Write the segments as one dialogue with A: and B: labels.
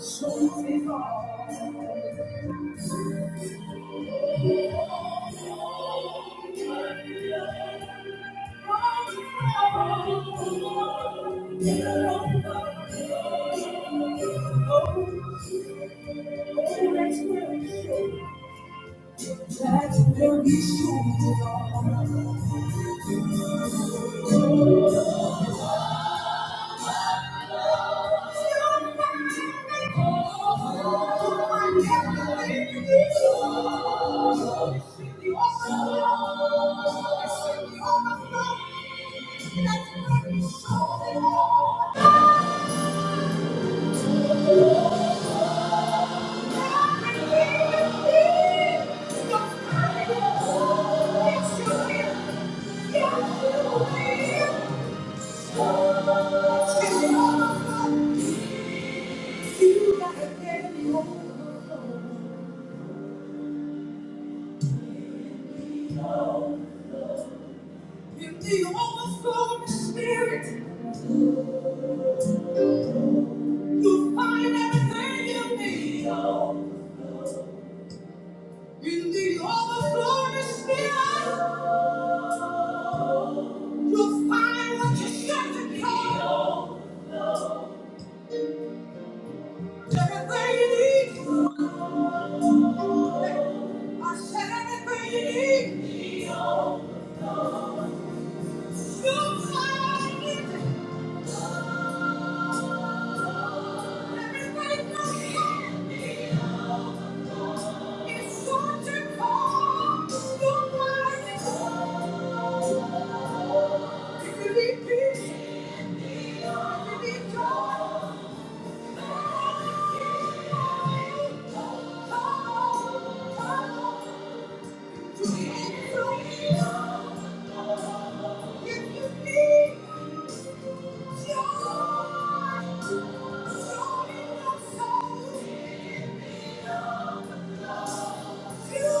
A: That's where we should belong. You Thank you. In the overflowing spirit, you find everything you need. In the overflowing spirit, you'll find what you set to go. Everything you need. I said everything you need. You'll find it. Everything you need. If you. need joy, joy in your soul. It's you.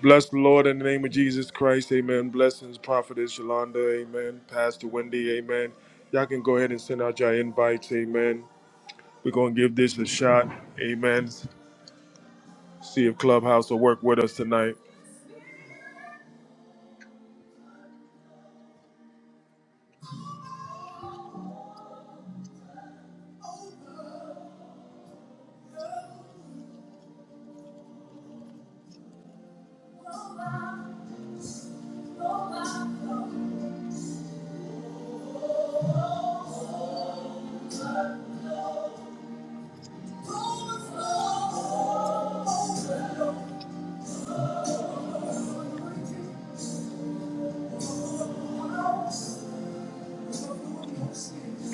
A: Bless the Lord in the name of Jesus Christ. Amen. Blessings, Prophetess Yolanda. Amen. Pastor Wendy. Amen. Y'all can go ahead and send out your invites. Amen. We're going to give this a shot. Amen. See if Clubhouse will work with us tonight.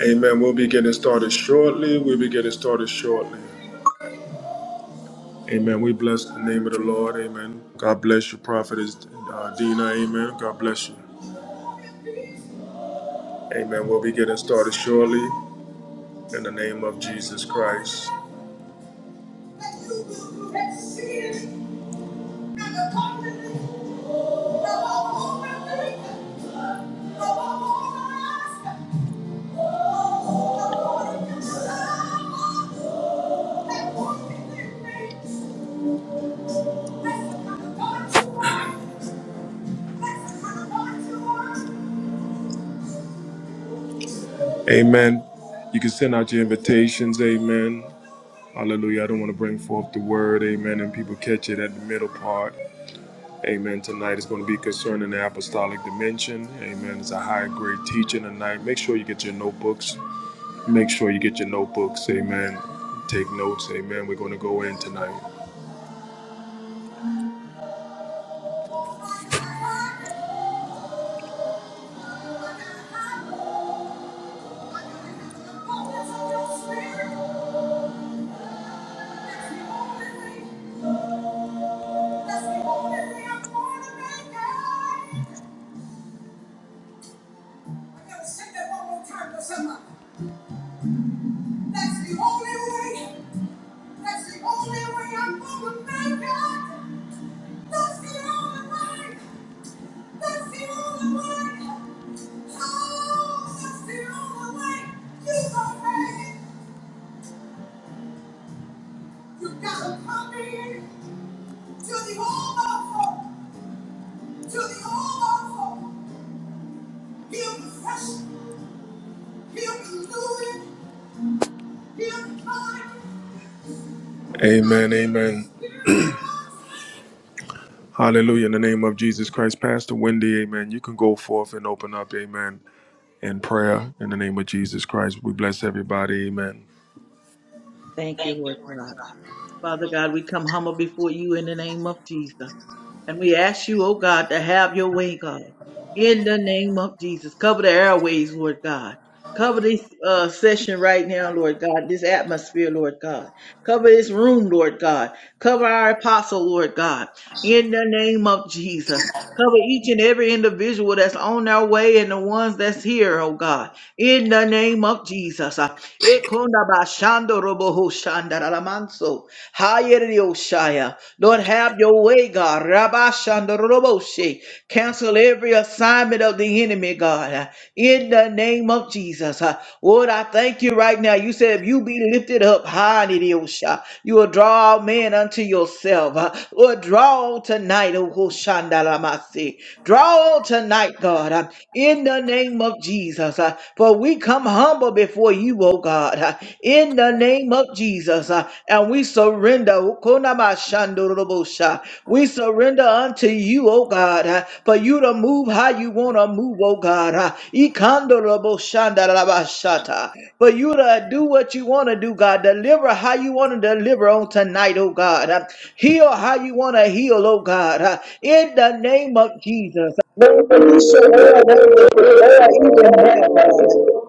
A: Amen. We'll be getting started shortly. We'll be getting started shortly. Amen. We bless the name of the Lord. Amen. God bless you, Prophetess uh, Dina. Amen. God bless you. Amen. We'll be getting started shortly in the name of Jesus Christ. Amen. You can send out your invitations. Amen. Hallelujah. I don't want to bring forth the word. Amen. And people catch it at the middle part. Amen. Tonight is going to be concerning the apostolic dimension. Amen. It's a high grade teaching tonight. Make sure you get your notebooks. Make sure you get your notebooks. Amen. Take notes. Amen. We're going to go in tonight. Let's go. That's the only way. That's the only way I'm gonna make it. That's the only way. That's the only way. Oh, that's the only way. You gonna make it. You gotta come in to the overflow. To the overflow. He'll be fresh. He'll be looted. He'll be coming. Amen. Amen. Hallelujah. In the name of Jesus Christ, Pastor Wendy, amen. You can go forth and open up, amen, in prayer in the name of Jesus Christ. We bless everybody, amen.
B: Thank you, Lord God. Father God, we come humble before you in the name of Jesus. And we ask you, oh God, to have your way, God. In the name of Jesus. Cover the airways, Lord God. Cover this uh, session right now, Lord God, this atmosphere, Lord God. Cover this room, Lord God. Cover our apostle, Lord God, in the name of Jesus. Cover each and every individual that's on their way and the ones that's here, oh God, in the name of Jesus. Uh, Ekondabashandorobohoshandaramanso. Hayarioshaya. Lord, have your way, God. Rabashandoroboshe. Cancel every assignment of the enemy, God. In the name of Jesus. Lord, I thank you right now. You said if you be lifted up high, Nidiosha, you will draw all men unto yourself. Lord, draw on tonight, O Hoshandalamasi. Draw on tonight, God, in the name of Jesus. For we come humble before you, O God in the name of Jesus. uh, And we surrender. Okonamashandorobosha. We surrender unto you, oh God, uh, for you to move how you want to move, oh God. uh, Ikandoroboshandarabashata. For you to do what you want to do, God. Deliver how you want to deliver on tonight, oh God. uh, Heal how you want to heal, oh God. uh, In the name of Jesus. Lord, We surrender, we even now, God,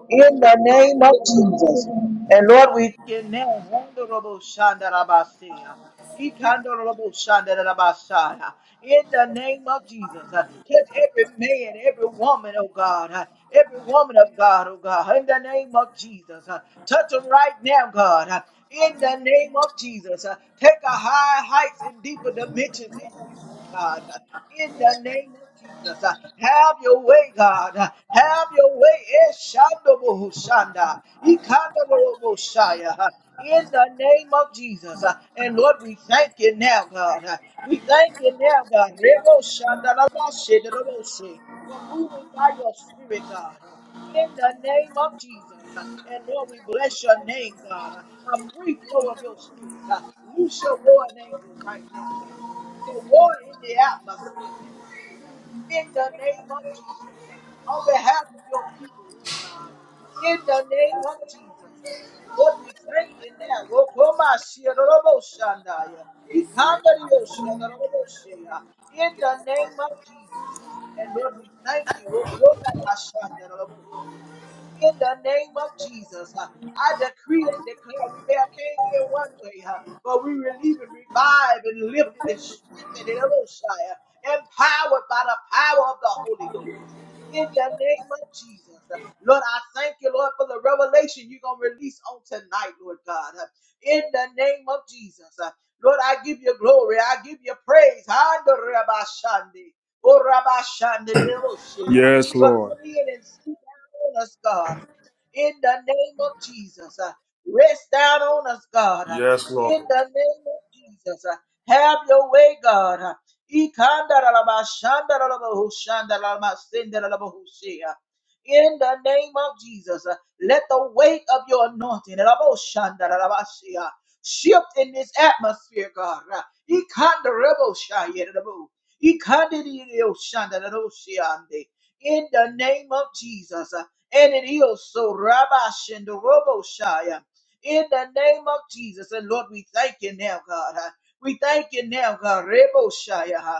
B: in the name of Jesus. And Lord, we can now Honorable Shandarabasia. Ikandorobo Shandarabasaya. In the name of Jesus, uh, touch every man, every woman, oh God, uh, every woman of God, oh God, in the name of Jesus, uh, touch them right now, God, uh, in the name of Jesus, uh, take a high heights and deeper dimensions in you, oh God, uh, in the name of Jesus. Uh, Have your way, God. Uh, Have your way. Eshandobohushanda, Ikandoroboshaya, uh, In the name of Jesus. Uh, And Lord, we thank you now, God. Uh, We thank you now, God. Reboshandarabashidoroboshe, For moving by your spirit, God. Uh, In the name of Jesus. Uh, And Lord, we bless your name, God. Uh, a free flow of your spirit. Uh, loose your warring angels right now, God. Uh, to war in the atmosphere now, God. Uh, in the name of Jesus, uh, on behalf of your people, oh God. Uh, In the name of Jesus. Uh, and Lord, we thank you now. Wokomashiroboshandaya, ikandarioshandarobosea, In the name of Jesus. huh? And Lord, we thank you. Wokomabashandarabohoya, In the name of Jesus. Uh, I decree and declare we may have came in one way, huh, but we were leaving revived and lifted and strengthened and Eloshia, empowered by the power of the Holy Ghost in the name of Jesus. Lord, I thank you, Lord, for the revelation you're going to release on tonight, Lord God. In the name of Jesus. Lord, I give you glory. I give you praise. Handorabashande, orabashandereboshea.
A: Yes,
B: Lord,
A: Lord.
B: come in and sit down on us, God. In the name of Jesus. Rest down on us, God.
A: Yes, Lord.
B: In the name of Jesus. Have your way, God. Ikandarabashandarabahushandarabasindarabahushia. In the name of Jesus, uh, let the weight of your anointing raboshandarabashia, shift in this atmosphere, God. Uh, Ikandaraboshayabu. Ikandirioshandaraboshiande. In the name of Jesus, uh, and it is so Rabashandaraboshiah in the name of Jesus. And Lord, we thank you now, God. We thank you now, God. Rebo Shaya.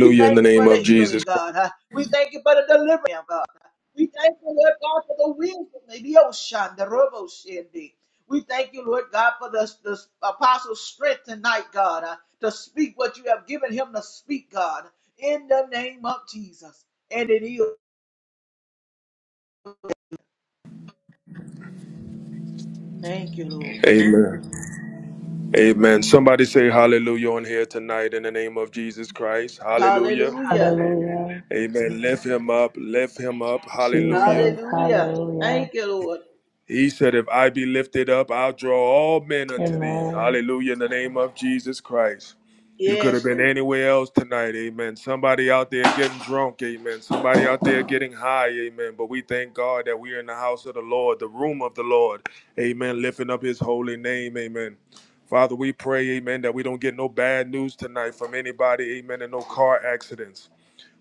B: We
A: In the
B: thank you
A: name
B: for the
A: of
B: healing,
A: Jesus Christ.
B: God. huh? We thank you for the deliverance, now, God. We thank you, Lord God, for the wisdom, the ocean, the robo shindy. We thank you, Lord God, for the, the apostle's strength tonight, God, uh, to speak what you have given him to speak, God, in the name of Jesus. And it is. Thank you, Lord.
A: Amen. Amen. Somebody say hallelujah on here tonight in the name of Jesus Christ. Hallelujah.
B: Hallelujah.
C: Hallelujah.
A: Amen. Lift him up. Lift him up. Hallelujah.
C: Jesus.
B: Hallelujah.
C: Hallelujah.
B: Thank you, Lord.
A: He said, If I be lifted up, I'll draw all men unto thee.
C: Amen.
A: Hallelujah, in the name of Jesus Christ. You could have
B: Yes,
A: been
B: Lord.
A: anywhere else tonight, amen. Somebody out there getting drunk, amen. Somebody out there getting high, amen. But we thank God that we are in the house of the Lord, the room of the Lord, amen. Lifting up his holy name, amen. Father, we pray, amen, that we don't get no bad news tonight from anybody, amen, and no car accidents.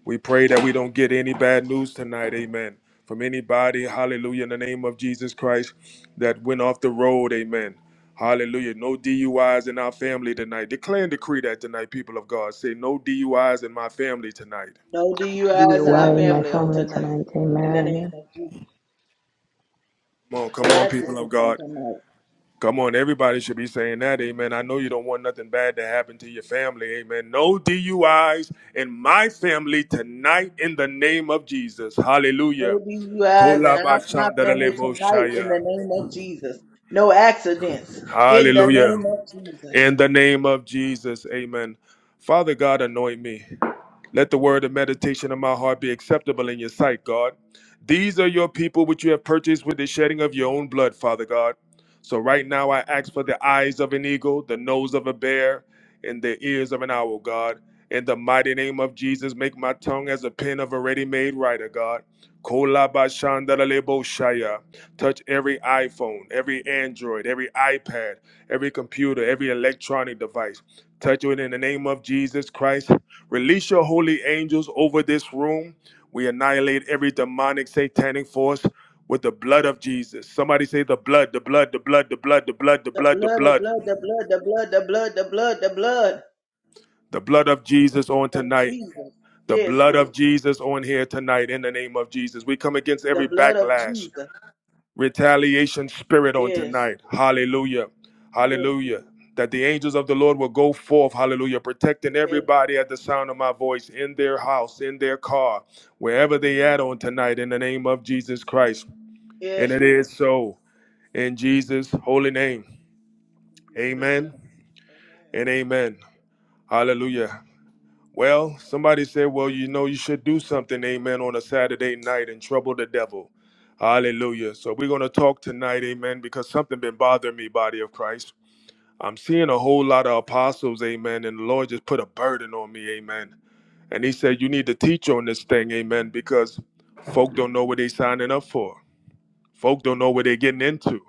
A: We pray that we don't get any bad news tonight, amen. From anybody, hallelujah, in the name of Jesus Christ that went off the road, amen. Hallelujah. No DUIs in our family tonight. Declare and decree that tonight, people of God. Say, no DUIs in my family tonight.
B: No DUIs in our
C: DUI in my
B: family on
C: family
B: tonight.
C: tonight.
B: In the name
C: Amen.
B: of Jesus.
A: Come on, come
B: No
A: on, people of
B: accidents on
A: God.
B: tonight.
A: Come on, everybody should be saying that, amen. I know you don't want nothing bad to happen to your family, amen. No DUIs in my family tonight in the name of Jesus. Hallelujah.
B: No DUIs in our, my family tonight in
A: Kolabashandareleboshaya.
B: the name of Jesus. No accidents in the
A: Hallelujah.
B: name of Jesus.
A: In the name of Jesus, amen. Father God, anoint me. Let the word and meditation of my heart be acceptable in your sight, God. These are your people which you have purchased with the shedding of your own blood, Father God. So right now I ask for the eyes of an eagle, the nose of a bear, and the ears of an owl, God. In the mighty name of Jesus, make my tongue as a pen of a ready-made writer, God. Kolabashandalalebo shaya. Touch every iPhone, every Android, every iPad, every computer, every electronic device. Touch it in the name of Jesus Christ. Release your holy angels over this room. We annihilate every demonic, satanic force with the blood of Jesus. Somebody say the blood, the blood, the blood, the blood, the blood, the
B: The
A: blood, the
B: blood, the
A: blood.
B: blood, the blood, the blood, the blood, the blood, the blood
A: The blood of Jesus on
B: of
A: tonight.
B: Jesus.
A: The
B: Yes,
A: blood of
B: Lord.
A: Jesus on here tonight in the name of Jesus. We come against
B: The
A: every
B: blood of
A: backlash.
B: Jesus.
A: retaliation spirit on
B: Yes.
A: tonight. Hallelujah.
B: Yes,
A: Hallelujah.
B: Lord.
A: That the angels of the Lord will go forth, hallelujah, protecting
B: Yes,
A: everybody at the sound of my voice, in their house, in their car, wherever they at on tonight, in the name of Jesus Christ. And
B: yes
A: it
B: Lord.
A: is so in Jesus' holy name.
B: In Jesus' name.
A: Amen and
B: Amen.
A: amen. Hallelujah. Well, somebody said, well, you know, you should do something, amen, on a Saturday night and trouble the devil. Hallelujah. So we're going to talk tonight, amen, because something been bothering me, body of Christ. I'm seeing a whole lot of apostles, amen, and the Lord just put a burden on me, amen. And he said, you need to teach on this thing, amen, because folk don't know what they signing up for. Folk don't know what they're getting into.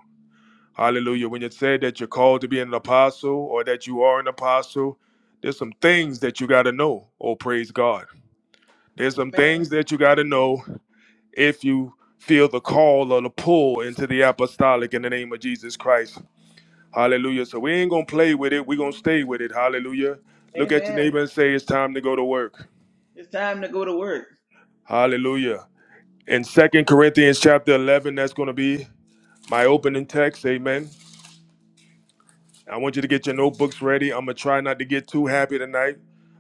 A: Hallelujah. When you said that you're called to be an apostle or that you are an apostle, there's some things that you got to know. Oh, praise God. There's some things that you got to know if you feel the call or the pull into the apostolic in the name of Jesus Christ. Hallelujah. So we ain't going to play with it. we going to stay with it. Hallelujah.
B: Amen.
A: Look at your
B: Amen.
A: neighbor and say, it's time to go to work.
B: It's time to go to work.
A: Hallelujah. In Second Corinthians chapter 11, that's going to be my opening text. Amen. I want you to get your notebooks ready. I'm going to try not to get too happy tonight.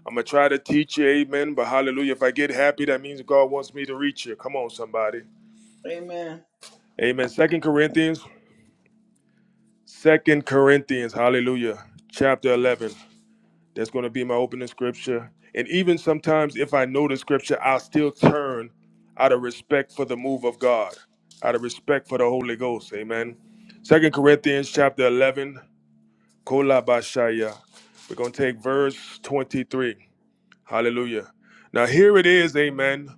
A: I'm going to try to teach you. Amen. But hallelujah. If I get happy, that means God wants me to reach you. Come on, somebody.
B: Amen.
A: Amen. Second Corinthians Second Corinthians, hallelujah, chapter 11. That's going to be my opening scripture. And even sometimes, if I know the scripture, I'll still turn out of respect for the move of God, out of respect for the Holy Ghost. Amen. Second Corinthians, chapter 11, Kolabashaya. We're going to take verse 23. Hallelujah. Now, here it is. Amen.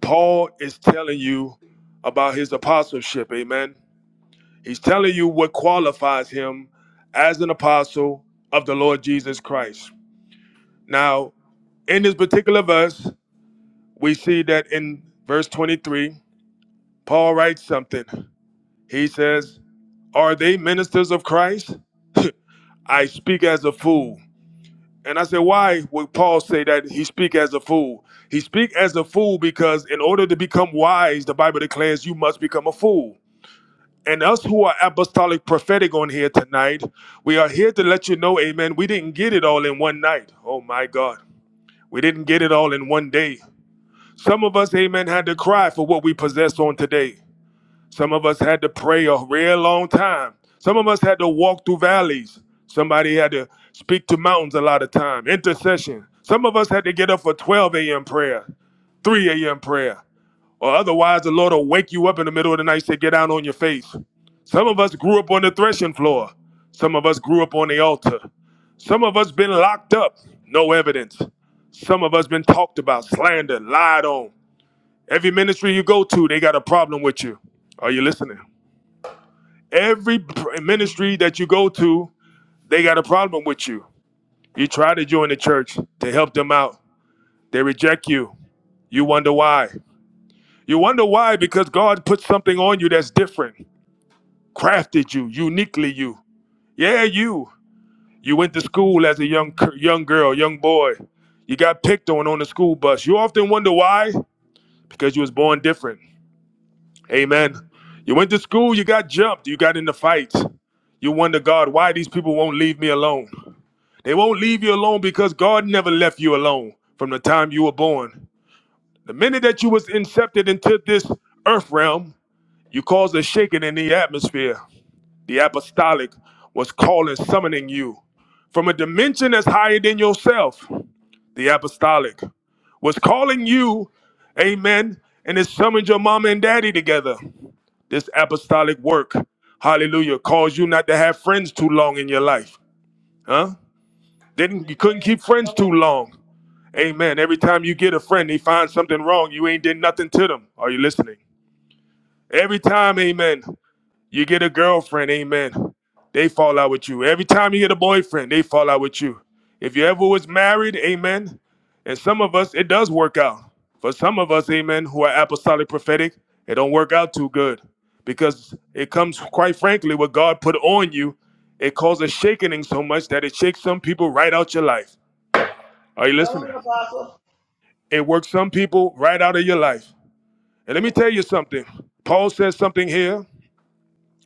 A: Paul is telling you about his apostleship. Amen. He's telling you what qualifies him as an apostle of the Lord Jesus Christ. Now, in this particular verse, we see that in verse 23, Paul writes something. He says, Are they ministers of Christ? I speak as a fool. And I said, why would Paul say that he speak as a fool? He speak as a fool because in order to become wise, the Bible declares you must become a fool. And us who are apostolic prophetic on here tonight, we are here to let you know, amen, we didn't get it all in one night. Oh my God. We didn't get it all in one day. Some of us, amen, had to cry for what we possess on today. Some of us had to pray a real long time. Some of us had to walk through valleys. Somebody had to speak to mountains a lot of time. Intercession. Some of us had to get up for 12 a.m. prayer, 3 a.m. prayer or otherwise the Lord will wake you up in the middle of the night and say, Get down on your face. Some of us grew up on the threshing floor. Some of us grew up on the altar. Some of us been locked up, no evidence. Some of us been talked about, slandered, lied on. Every ministry you go to, they got a problem with you. Are you listening? Every pr- ministry that you go to, they got a problem with you. You try to join the church to help them out. They reject you. You wonder why. You wonder why because God put something on you that's different. crafted you, uniquely you. Yeah, you. You went to school as a young young girl, young boy. You got picked on on the school bus. You often wonder why? Because you was born different. Amen. You went to school, you got jumped, you got into fights. You wonder, God, why these people won't leave me alone. They won't leave you alone because God never left you alone from the time you were born. The minute that you was incepted into this earth realm, you caused a shaking in the atmosphere. The apostolic was calling, summoning you from a dimension that's higher than yourself. The apostolic was calling you, amen, and it summoned your mama and daddy together. This apostolic work, hallelujah, caused you not to have friends too long in your life, huh? Didn't you couldn't
B: Amen.
A: keep friends
B: Come
A: too
B: on.
A: long, amen. Every time you get a friend, they find something wrong. You ain't did nothing to them. Are you listening? Every time, amen. You get a girlfriend, amen. They fall out with you. Every time you get a boyfriend, they fall out with you. If you ever was married, amen. And some of us, it does work out. For some of us, amen, who are apostolic prophetic, it don't work out too good. Because it comes, quite frankly, what God put on you, it causes shaking so much that it shakes some people right out your life. Are you
B: Come
A: listening?
B: on, Apostle.
A: It works some people right out of your life. And let me tell you something. Paul says something here.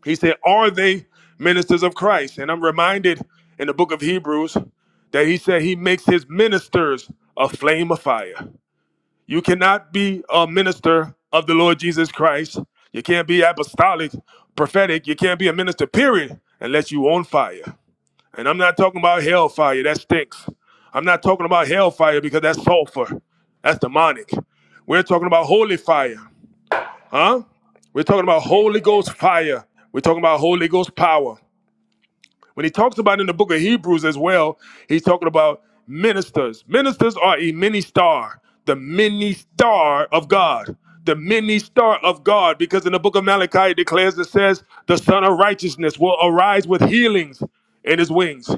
A: He said, Are they ministers of Christ? And I'm reminded in the book of Hebrews that he said he makes his ministers a flame of fire. You cannot be a minister of the Lord Jesus Christ. You can't be apostolic, prophetic. You can't be a minister, period, unless you are on fire. And I'm not talking about hellfire, that stinks. I'm not talking about hellfire because that's sulfur, that's demonic. We're talking about holy fire. Huh? We're talking about Holy Ghost fire. We're talking about Holy Ghost power. When he talks about in the book of Hebrews as well, he's talking about ministers. Ministers are a mini star, the mini star of God. The mini star of God, because in the book of Malachi it declares it says, the Son of Righteousness will arise with healings in his wings.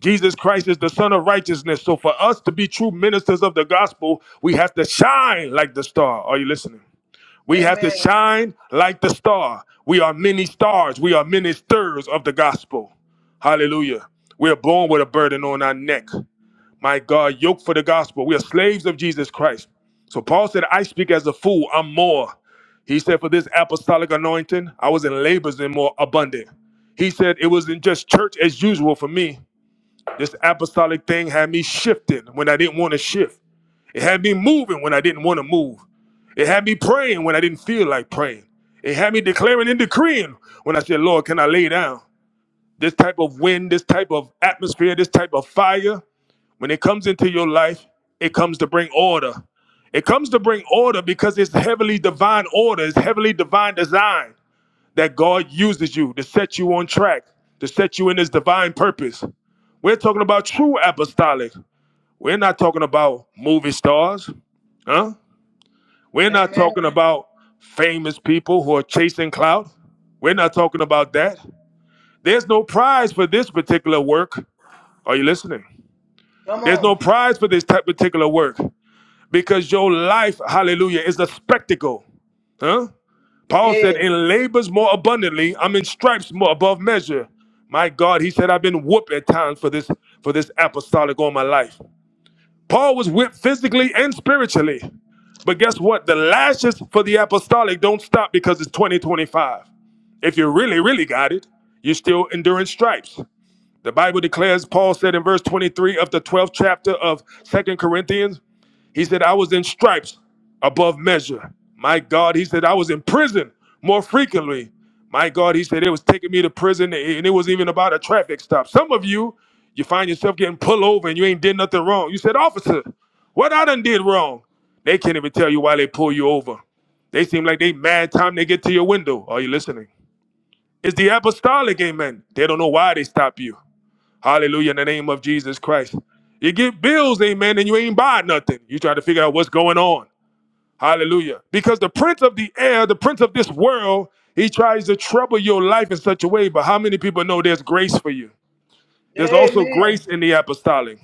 A: Jesus Christ is the Son of Righteousness. So for us to be true ministers of the gospel, we have to shine like the star. Are you listening? We have to
B: Amen.
A: shine like the star. We are many stars. We are ministers of the gospel. Hallelujah. We are born with a burden on our neck. My God, yoke for the gospel. We are slaves of Jesus Christ. So Paul said, I speak as a fool. I'm more. He said, For this apostolic anointing, I was in labors and more abundant. He said, It wasn't just church as usual for me. This apostolic thing had me shifting when I didn't want to shift. It had me moving when I didn't want to move. It had me praying when I didn't feel like praying. It had me declaring and decreeing when I said, Lord, can I lay down? This type of wind, this type of atmosphere, this type of fire, when it comes into your life, it comes to bring order. It comes to bring order because it's heavily divine order, it's heavily divine design that God uses you to set you on track, to set you in his divine purpose. We're talking about true apostolic. We're not talking about movie stars, huh? We're not
B: Amen.
A: talking about famous people who are chasing clout. We're not talking about that. There's no prize for this particular work. Are you listening?
B: Come
A: There's
B: on.
A: no prize for this type particular work because your life, hallelujah, is a spectacle. Huh? Paul
B: Yes.
A: said, In labors more abundantly, I'm in stripes more above measure. My God, he said, I've been whooped at times for this for this apostolic all my life. Paul was whipped physically and spiritually. But guess what? The lashes for the apostolic don't stop because it's 2025. If you really, really got it, you're still enduring stripes. The Bible declares, Paul said in verse 23 of the 12th chapter of Second Corinthians, he said, I was in stripes above measure. My God, he said, I was in prison more frequently. My God, he said, it was taking me to prison and it was even about a traffic stop. Some of you, you find yourself getting pulled over and you ain't did nothing wrong. You said, Officer, what I done did wrong? They can't even tell you why they pull you over. They seem like they mad time they get to your window. Are you listening? It's the apostolic amen. They don't know why they stop you. Hallelujah in the name of Jesus Christ. You get bills, amen, and you ain't buy nothing. You try to figure out what's going on. Hallelujah. Because the prince of the air, the prince of this world, he tries to trouble your life in such a way. But how many people know there's grace for you? There's also grace
B: Amen.
A: in the apostolic.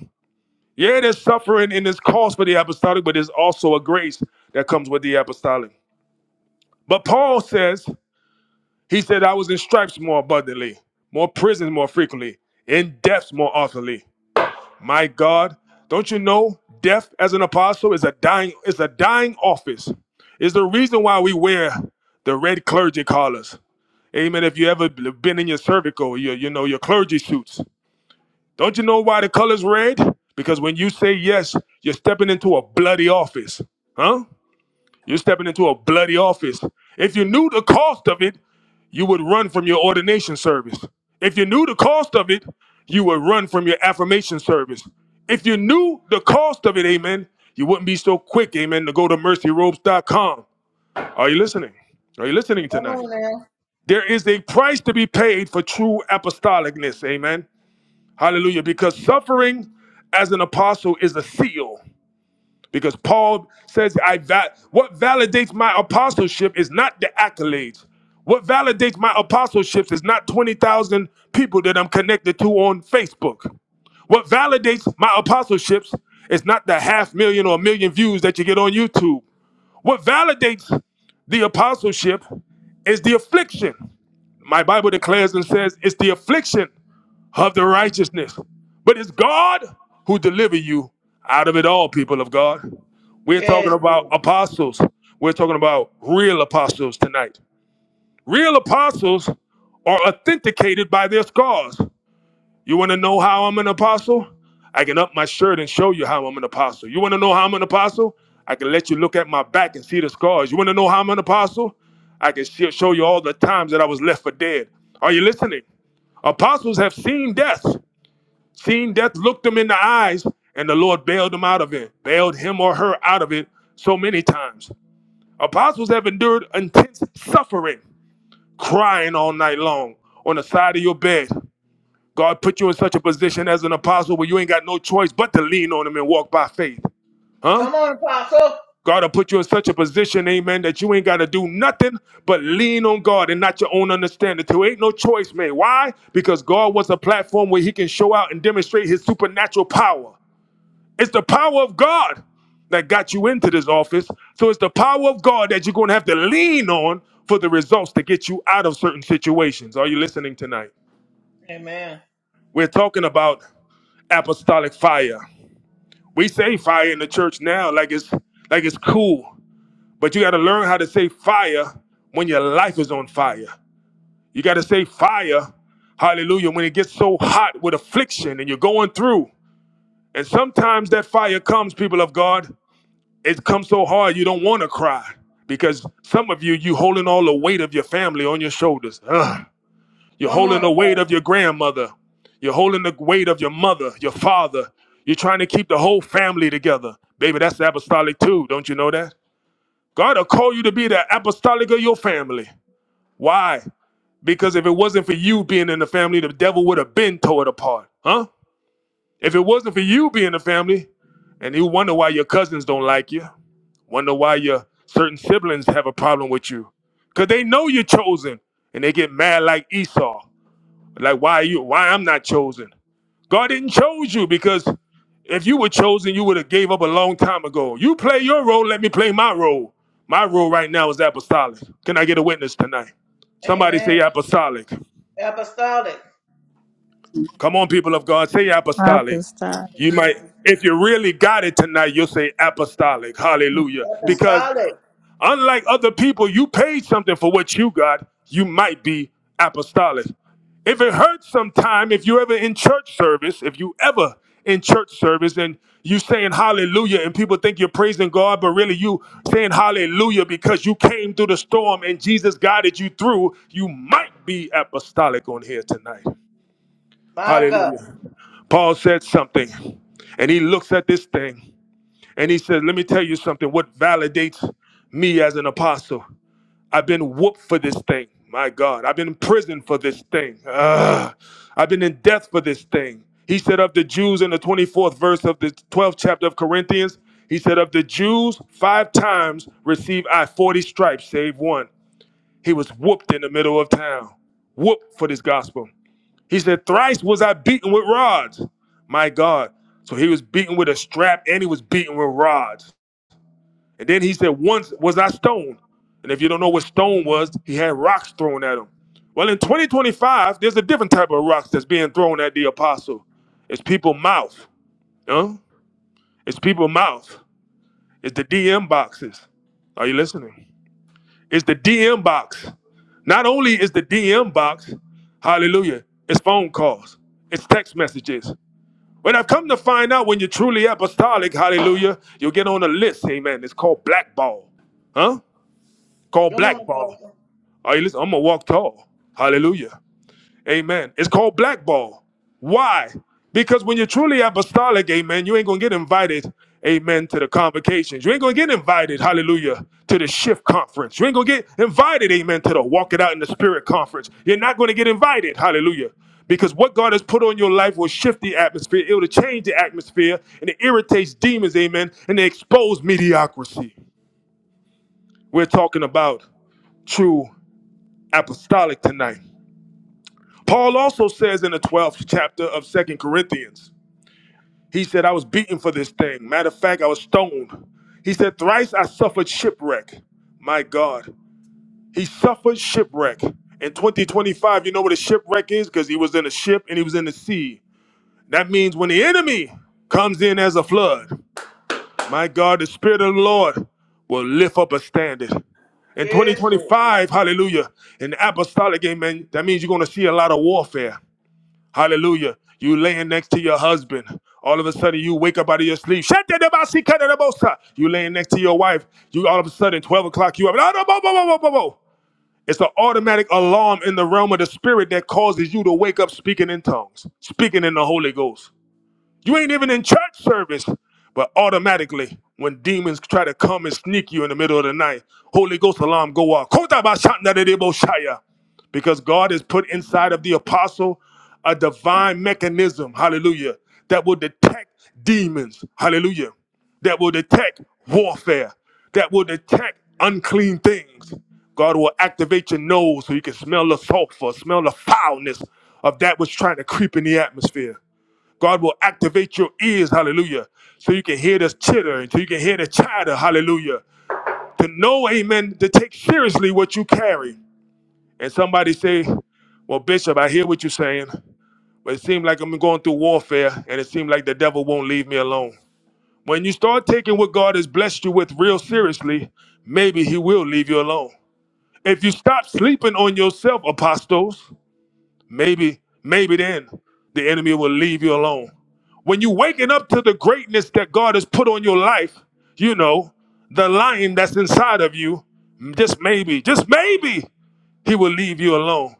A: Yeah, there's suffering in this cause for the apostolic, but there's also a grace that comes with the apostolic. But Paul says, he said, I was in stripes more abundantly, more prisons more frequently, in deaths more oftenly. My God, don't you know death as an apostle is a dying is a dying office. Is the reason why we wear the red clergy collars. Amen. If you ever been in your cervical, your you know your clergy suits. Don't you know why the color's red? Because when you say yes, you're stepping into a bloody office. Huh? You're stepping into a bloody office. If you knew the cost of it, you would run from your ordination service. If you knew the cost of it, you would run from your affirmation service. If you knew the cost of it, amen, you wouldn't be so quick, amen, to go to mercyrobes.com. Are you listening? Are you listening
B: Come
A: tonight?
B: on now.
A: There is a price to be paid for true apostolicness, amen. Hallelujah. Because suffering as an apostle is a seal. Because Paul says, I va- what validates my apostleship is not the accolades. What validates my apostleship is not 20,000 people that I'm connected to on Facebook. What validates my apostleships is not the half million or million views that you get on YouTube. What validates the apostleship is the affliction. My Bible declares and says it's the affliction of the righteousness. But it's God who deliver you out of it all, people of God. We're talking
B: Yes,
A: about
B: Lord.
A: apostles. We're talking about real apostles tonight. Real apostles are authenticated by their scars. You want to know how I'm an apostle? I can up my shirt and show you how I'm an apostle. You want to know how I'm an apostle? I can let you look at my back and see the scars. You want to know how I'm an apostle? I can sh- show you all the times that I was left for dead. Are you listening? Apostles have seen death. Seeing death looked him in the eyes, and the Lord bailed him out of it, bailed him or her out of it so many times. Apostles have endured intense suffering, crying all night long on the side of your bed. God put you in such a position as an apostle where you ain't got no choice but to lean on him and walk by faith. Huh?
B: Come on, Apostle.
A: God will put you in such a position, amen, that you ain't got to do nothing but lean on God and not your own understanding. There ain't no choice, man. Why? Because God wants a platform where he can show out and demonstrate his supernatural power. It's the power of God that got you into this office. So it's the power of God that you're going to have to lean on for the results to get you out of certain situations. Are you listening tonight?
B: Amen.
A: We're talking about apostolic fire. We say fire in the church now like it's like it's cool, but you got to learn how to say fire when your life is on fire. You got to say fire, hallelujah, when it gets so hot with affliction and you're going through. And sometimes that fire comes, people of God. it comes so hard you don't want to cry because some of you you holding all the weight of your family on your shoulders Ugh. you're
B: Come on,
A: holding the weight of your
B: Apostle.
A: grandmother you're holding the weight of your mother your father you're trying to keep the whole family together baby that's apostolic too don't you know that god will call you to be the apostolic of your family why because if it wasn't for you being in the family the devil would have been tore it apart huh if it wasn't for you being in the family and you wonder why your cousins don't like you Wonder why your certain siblings have a problem with you. Cause they know you're chosen and they get mad like Esau. Like why you why I'm not chosen. God didn't chose you because if you were chosen, you would have gave up a long time ago. You play your role, let me play my role. My role right now is apostolic. Can I get a witness tonight? Somebody
B: Amen.
A: say apostolic.
B: Apostolic.
A: Come on, people of God, say apostolic.
D: Apostolic.
A: You might, if you really got it tonight, you'll say apostolic. Hallelujah. Because
B: Apostolic.
A: Unlike other people, you paid something for what you got. You might be apostolic. If it hurts sometime, if you ever in church service, if you ever in church service and you saying hallelujah and people think you're praising God, but really you saying hallelujah because you came through the storm and Jesus guided you through, you might be apostolic on here tonight.
B: My God.
A: Hallelujah. Paul said something and he looks at this thing and he says, Let me tell you something. What validates me as an apostle? I've been whooped for this thing. My God, I've been in prison for this thing. Ugh. I've been in death for this thing. He said of the Jews in the 24th verse of the 12th chapter of Corinthians, he said, Of the Jews, five times received I 40 stripes, save one. He was whooped in the middle of town, whooped for this gospel. He said, Thrice was I beaten with rods. My God. So he was beaten with a strap and he was beaten with rods. And then he said, Once was I stoned. And if you don't know what stone was, he had rocks thrown at him. Well, in 2025, there's a different type of rocks that's being thrown at the apostle. It's people mouth. Huh? It's people mouth. It's the DM boxes. Are you listening? It's the DM box. Not only is the DM box, hallelujah, it's phone calls, it's text messages. When I've come to find out when you're truly apostolic, hallelujah, you'll get on a list, amen. It's called blackball. Huh? called
B: Come on,
A: blackball.
B: Apostle.
A: Are you listening? I'm gonna walk tall. Hallelujah. Amen. It's called blackball. Why? Because when you're truly apostolic, amen, you ain't gonna get invited, amen, to the convocations. You ain't gonna get invited, hallelujah, to the shift conference. You ain't gonna get invited, amen, to the walk it out in the spirit conference. You're not gonna get invited, hallelujah. Because what God has put on your life will shift the atmosphere, it will change the atmosphere, and it irritates demons, amen, and they expose mediocrity. We're talking about true apostolic tonight. Paul also says in the 12th chapter of Second Corinthians, he said, I was beaten for this thing. Matter of fact, I was stoned. He said, Thrice I suffered shipwreck. My God. He suffered shipwreck. In 2025, you know what a shipwreck is? Because he was in a ship and he was in the sea. That means when the enemy comes in as a flood, my God, the Spirit of the Lord will lift up a standard. In
B: Yes, Lord.
A: 2025, hallelujah, in the apostolic amen, that means you're going to see a lot of warfare. Hallelujah. You laying next to your husband. All of a sudden you wake up out of your sleep. Shatadabasikadadabosa. You laying next to your wife. You all of a sudden 12 o'clock you up. No, no, bo, bo, bo, bo, bo, bo. It's an automatic alarm in the realm of the spirit that causes you to wake up speaking in tongues, speaking in the Holy Ghost. You ain't even in church service. But automatically, when demons try to come and sneak you in the middle of the night, Holy Ghost alarm go off. Kotabashanadedeboshaya. Because God has put inside of the apostle a divine mechanism, hallelujah, that will detect demons, hallelujah, that will detect warfare, that will detect unclean things. God will activate your nose so you can smell the sulfur, smell the foulness of that which trying to creep in the atmosphere. God will activate your ears, hallelujah, so you can hear this chitter and so you can hear the chatter, hallelujah. To know, amen, to take seriously what you carry. And somebody say, Well, Bishop, I hear what you're saying, but it seems like I'm going through warfare and it seems like the devil won't leave me alone. When you start taking what God has blessed you with real seriously, maybe he will leave you alone. If you stop sleeping on yourself, apostles, Maybe, maybe then the enemy will leave you alone. When you waking up to the greatness that God has put on your life, you know, the lion that's inside of you, just maybe, just maybe he will leave you alone.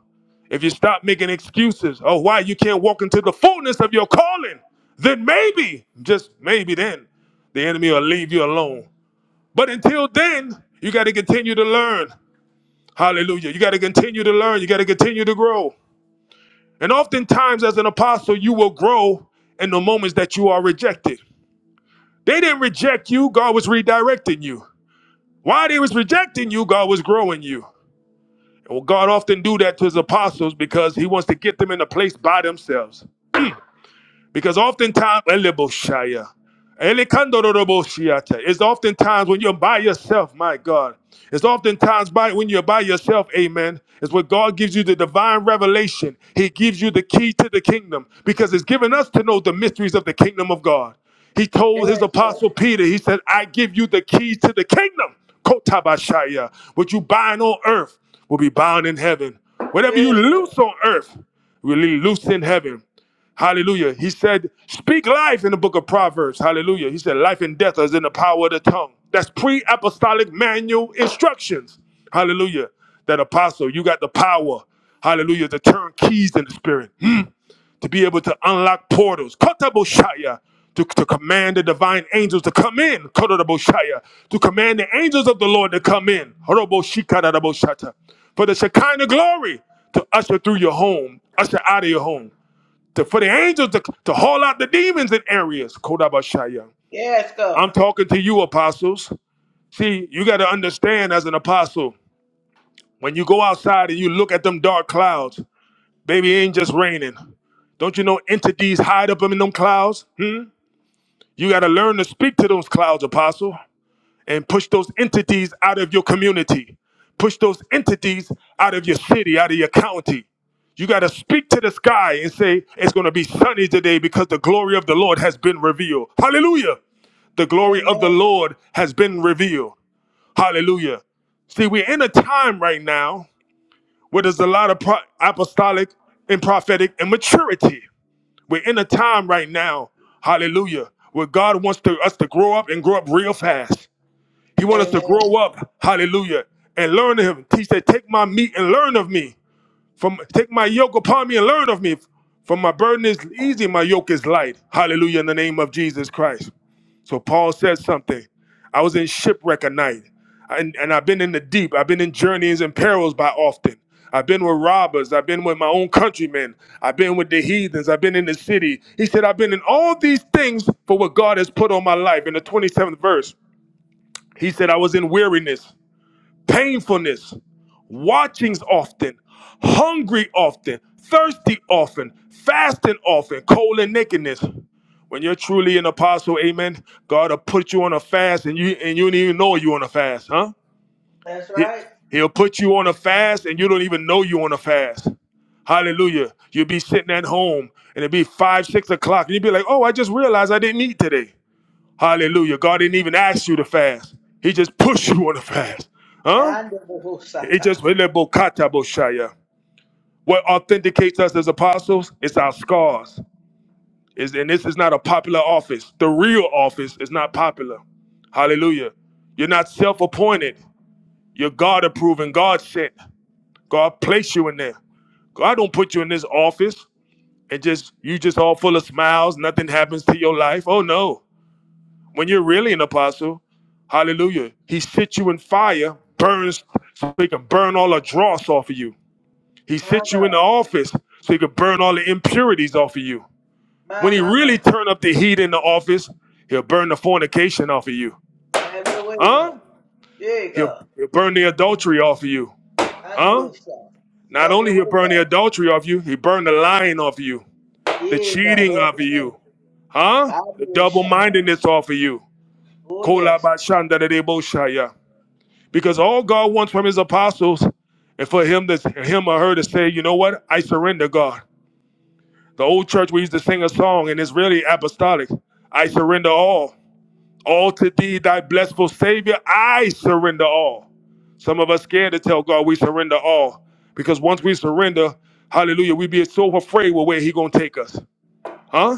A: If you stop making excuses of why you can't walk into the fullness of your calling, then maybe, just maybe then, the enemy will leave you alone. But until then, you got to continue to learn. Hallelujah. You got to continue to learn. You got to continue to grow. And oftentimes, as an apostle, you will grow in the moments that you are rejected. They didn't reject you, God was redirecting you. While they was rejecting you, God was growing you. And well, God often do that to his apostles because he wants to get them in a place by themselves. Because oftentimes, Eleboshaya, Elekandoroboshiata, it's oftentimes when you're by yourself, my God. It's oftentimes by when you're by yourself, amen. It's where God gives you the divine revelation. He gives you the key to the kingdom because it's given us to know the mysteries of the kingdom of God. He
B: Yes,
A: told his
B: Lord.
A: apostle Peter, he said, I give you the keys to the kingdom. Kotabashaya. What you bind on earth will be bound in heaven. Whatever you
B: Yes, Lord.
A: loose on earth will be loose in heaven. Hallelujah. He said, Speak life in the book of Proverbs. Hallelujah. He said, Life and death is in the power of the tongue. That's pre apostolic manual instructions. Hallelujah. That apostle, you got the power. Hallelujah. To turn keys in the spirit, Hmm. to be able to unlock portals. Kotaboshaya. To, to command the divine angels to come in. Kotaboshaya. To command the angels of the Lord to come in. Horoboshikaraboshata. For the Shekinah glory to usher through your home, usher out of your home to, for the angels to, to haul out the demons in areas. Kodabashaya.
B: Yes,
A: I'm
B: God.
A: talking to you, apostles. See, you got to understand as an apostle, when you go outside and you look at them dark clouds, baby, it ain't just raining. Don't you know entities hide up in them clouds? Hmm? You got to learn to speak to those clouds, apostle. and push those entities out of your community. Push those entities out of your city, out of your county. You got to speak to the sky and say, It's going to be sunny today because the glory of the Lord has been revealed. Hallelujah. The glory of the
B: Amen.
A: Lord has been revealed. Hallelujah. See, we're in a time right now where there's a lot of pro- apostolic and prophetic immaturity. We're in a time right now, hallelujah, where God wants to, us to grow up and grow up real fast. He want us to
B: Amen.
A: grow up, hallelujah, and learn of him. He said, take my meat and learn of me. From take my yoke upon me and learn of me. For my burden is easy, my yoke is light. Hallelujah in the name of Jesus Christ. So Paul says something. I was in shipwreck a night. And, and I've been in the deep. I've been in journeys and perils by often. I've been with robbers. I've been with my own countrymen. I've been with the heathens. I've been in the city. He said, I've been in all these things for what God has put on my life. In the 27th verse, he said, I was in weariness painfulness, watchings often, hungry often, thirsty often, fasting often, cold and nakedness. When you're truly an apostle, amen, God will put you on a fast and you and you don't even know you're on a fast, huh?
B: That's
A: He,
B: right.
A: he'll put you on a fast and you don't even know you're on a fast. Hallelujah. You'll be sitting at home and it'll be five, six o'clock, and you'll be like, oh, I just realized I didn't eat today. Hallelujah. God didn't even ask you to fast. He just pushed you on a fast. Huh?
B: And the
A: It
B: Satan.
A: just Boshaya. What authenticates us as apostles is our scars. Is and this is not a popular office. The real office is not popular. Hallelujah. You're not self-appointed. You're God approved and God sent. God placed you in there. God don't put you in this office and just you just all full of smiles, nothing happens to your life. Oh no. When you're really an apostle, hallelujah, he sits you in fire, burns so he can burn all the dross off of you. He
B: My
A: sits
B: God.
A: you in the office so he could burn all the impurities off of you.
B: My,
A: When he
B: my,
A: really
B: my.
A: turn up the heat in the office, he'll burn the fornication off of you.
B: Have your way, God.
A: Huh?
B: Yeah,
A: He'll,
B: God.
A: he'll burn the adultery off of you.
B: I need
A: Huh?
B: your shot.
A: Not
B: Have
A: only
B: your
A: he'll
B: way,
A: burn the
B: God.
A: adultery off you, he burn the lying off of you, the
B: Yeah, God. Have
A: cheating
B: your
A: off of you.
B: way.
A: Huh?
B: I
A: The
B: need shot
A: double-mindedness off of you.
B: Oh, yes.
A: Kolabashandadadeboshaya. Because all God wants from his apostles and for him to him or her to say, you know what? I surrender, God. The old church, we used to sing a song, and it's really apostolic. I surrender all. All to thee, thy blessful Savior, I surrender all. Some of us scared to tell God we surrender all. Because once we surrender, hallelujah, we be so afraid with where he gonna take us. Huh?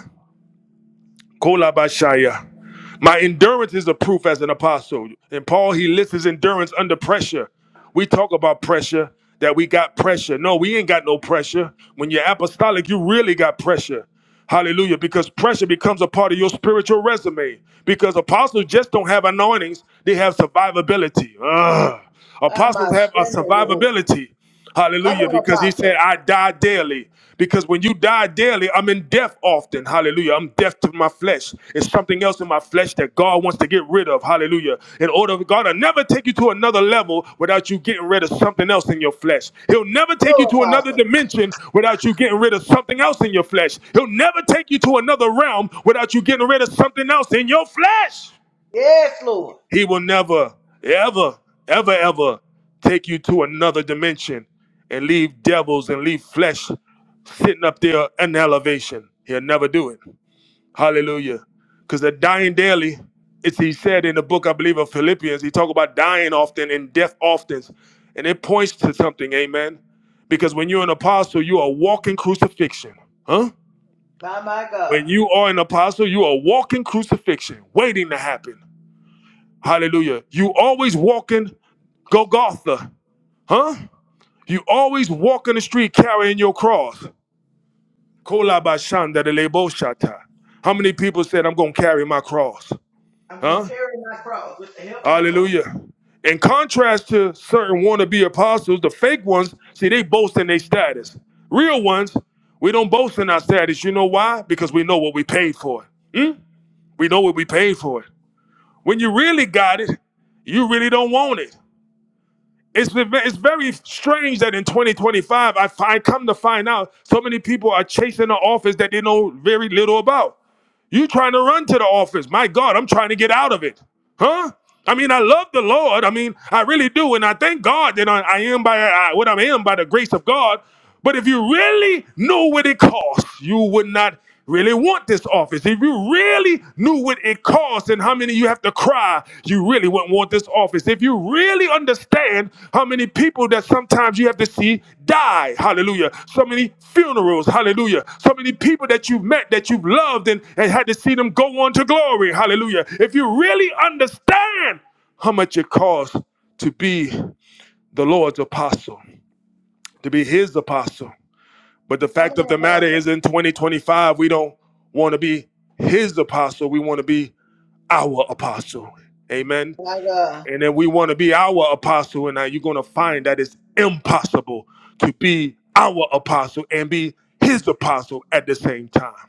A: Kolabashaya. My endurance is a proof as an apostle. And Paul, he lists his endurance under pressure. We talk about pressure, that we got pressure. No, we ain't got no pressure. When you're apostolic, you really got pressure. Hallelujah. Because pressure becomes a part of your spiritual resume. Because apostles just don't have anointings, they have survivability. Ugh.
B: I'm
A: Apostles
B: a
A: have a
B: spend over who.
A: survivability.
B: Come
A: Hallelujah.
B: on,
A: Because he said,
B: Apostle.
A: I die daily. Because when you die daily, I'm in death often. Hallelujah. I'm death to my flesh. It's something else in my flesh that God wants to get rid of. Hallelujah. In order for God to never take you to another level without you getting rid of something else in your flesh. He'll never take you
B: Yo,
A: to another
B: Apostle.
A: dimension without you getting rid of something else in your flesh. He'll never take you to another realm without you getting rid of something else in your flesh.
B: Yes, Lord.
A: He will never, ever, ever,
B: Mm.
A: ever take you to another dimension and leave devils and leave flesh sitting up there in elevation. He'll never do it. Hallelujah. Because the dying daily, it's he said in the book, I believe, of Philippians, he talked about dying often and death often. And it points to something, amen. Because when you're an apostle, you are walking crucifixion. Huh?
B: My, my God.
A: When you are an apostle, you are walking crucifixion, waiting to happen. Hallelujah. You always walking Golgotha, huh? You always walking the street carrying your cross. Kolabashanda de leboshata. How many people said, I'm going to carry my cross?
B: I'm going
A: Huh?
B: to carry my cross with the help of the Lord.
A: Hallelujah. In contrast to certain wannabe apostles, the fake ones, see, they boast in their status. Real ones, we don't boast in our status. You know why? Because we know what we paid for. We know what we paid for. When you really got it, you really don't want it. It's it's very strange that in 2025, I, fi- I come to find out so many people are chasing the office that they know very little about. You trying to run to the office? My God, I'm trying to get out of it, huh? I mean, I love the Lord. I mean, I really do, and I thank God that I, I am by I, what I am by the grace of God. But if you really knew what it costs, you would not really want this office. If you really knew what it costs and how many you have to cry, you really wouldn't want this office. If you really understand how many people that sometimes you have to see die, hallelujah. So many funerals, hallelujah. So many people that you've met, that you've loved, and, and had to see them go on to glory, hallelujah. If you really understand how much it costs to be the Lord's apostle, to be his apostle. But the
B: Come
A: fact
B: on,
A: of the matter
B: Apostle.
A: is, in 2025, we don't want to be his apostle. We want to be our apostle. Amen.
B: My God.
A: And then we want to be our apostle, and now you're going to find that it's impossible to be our apostle and be his apostle at the same time.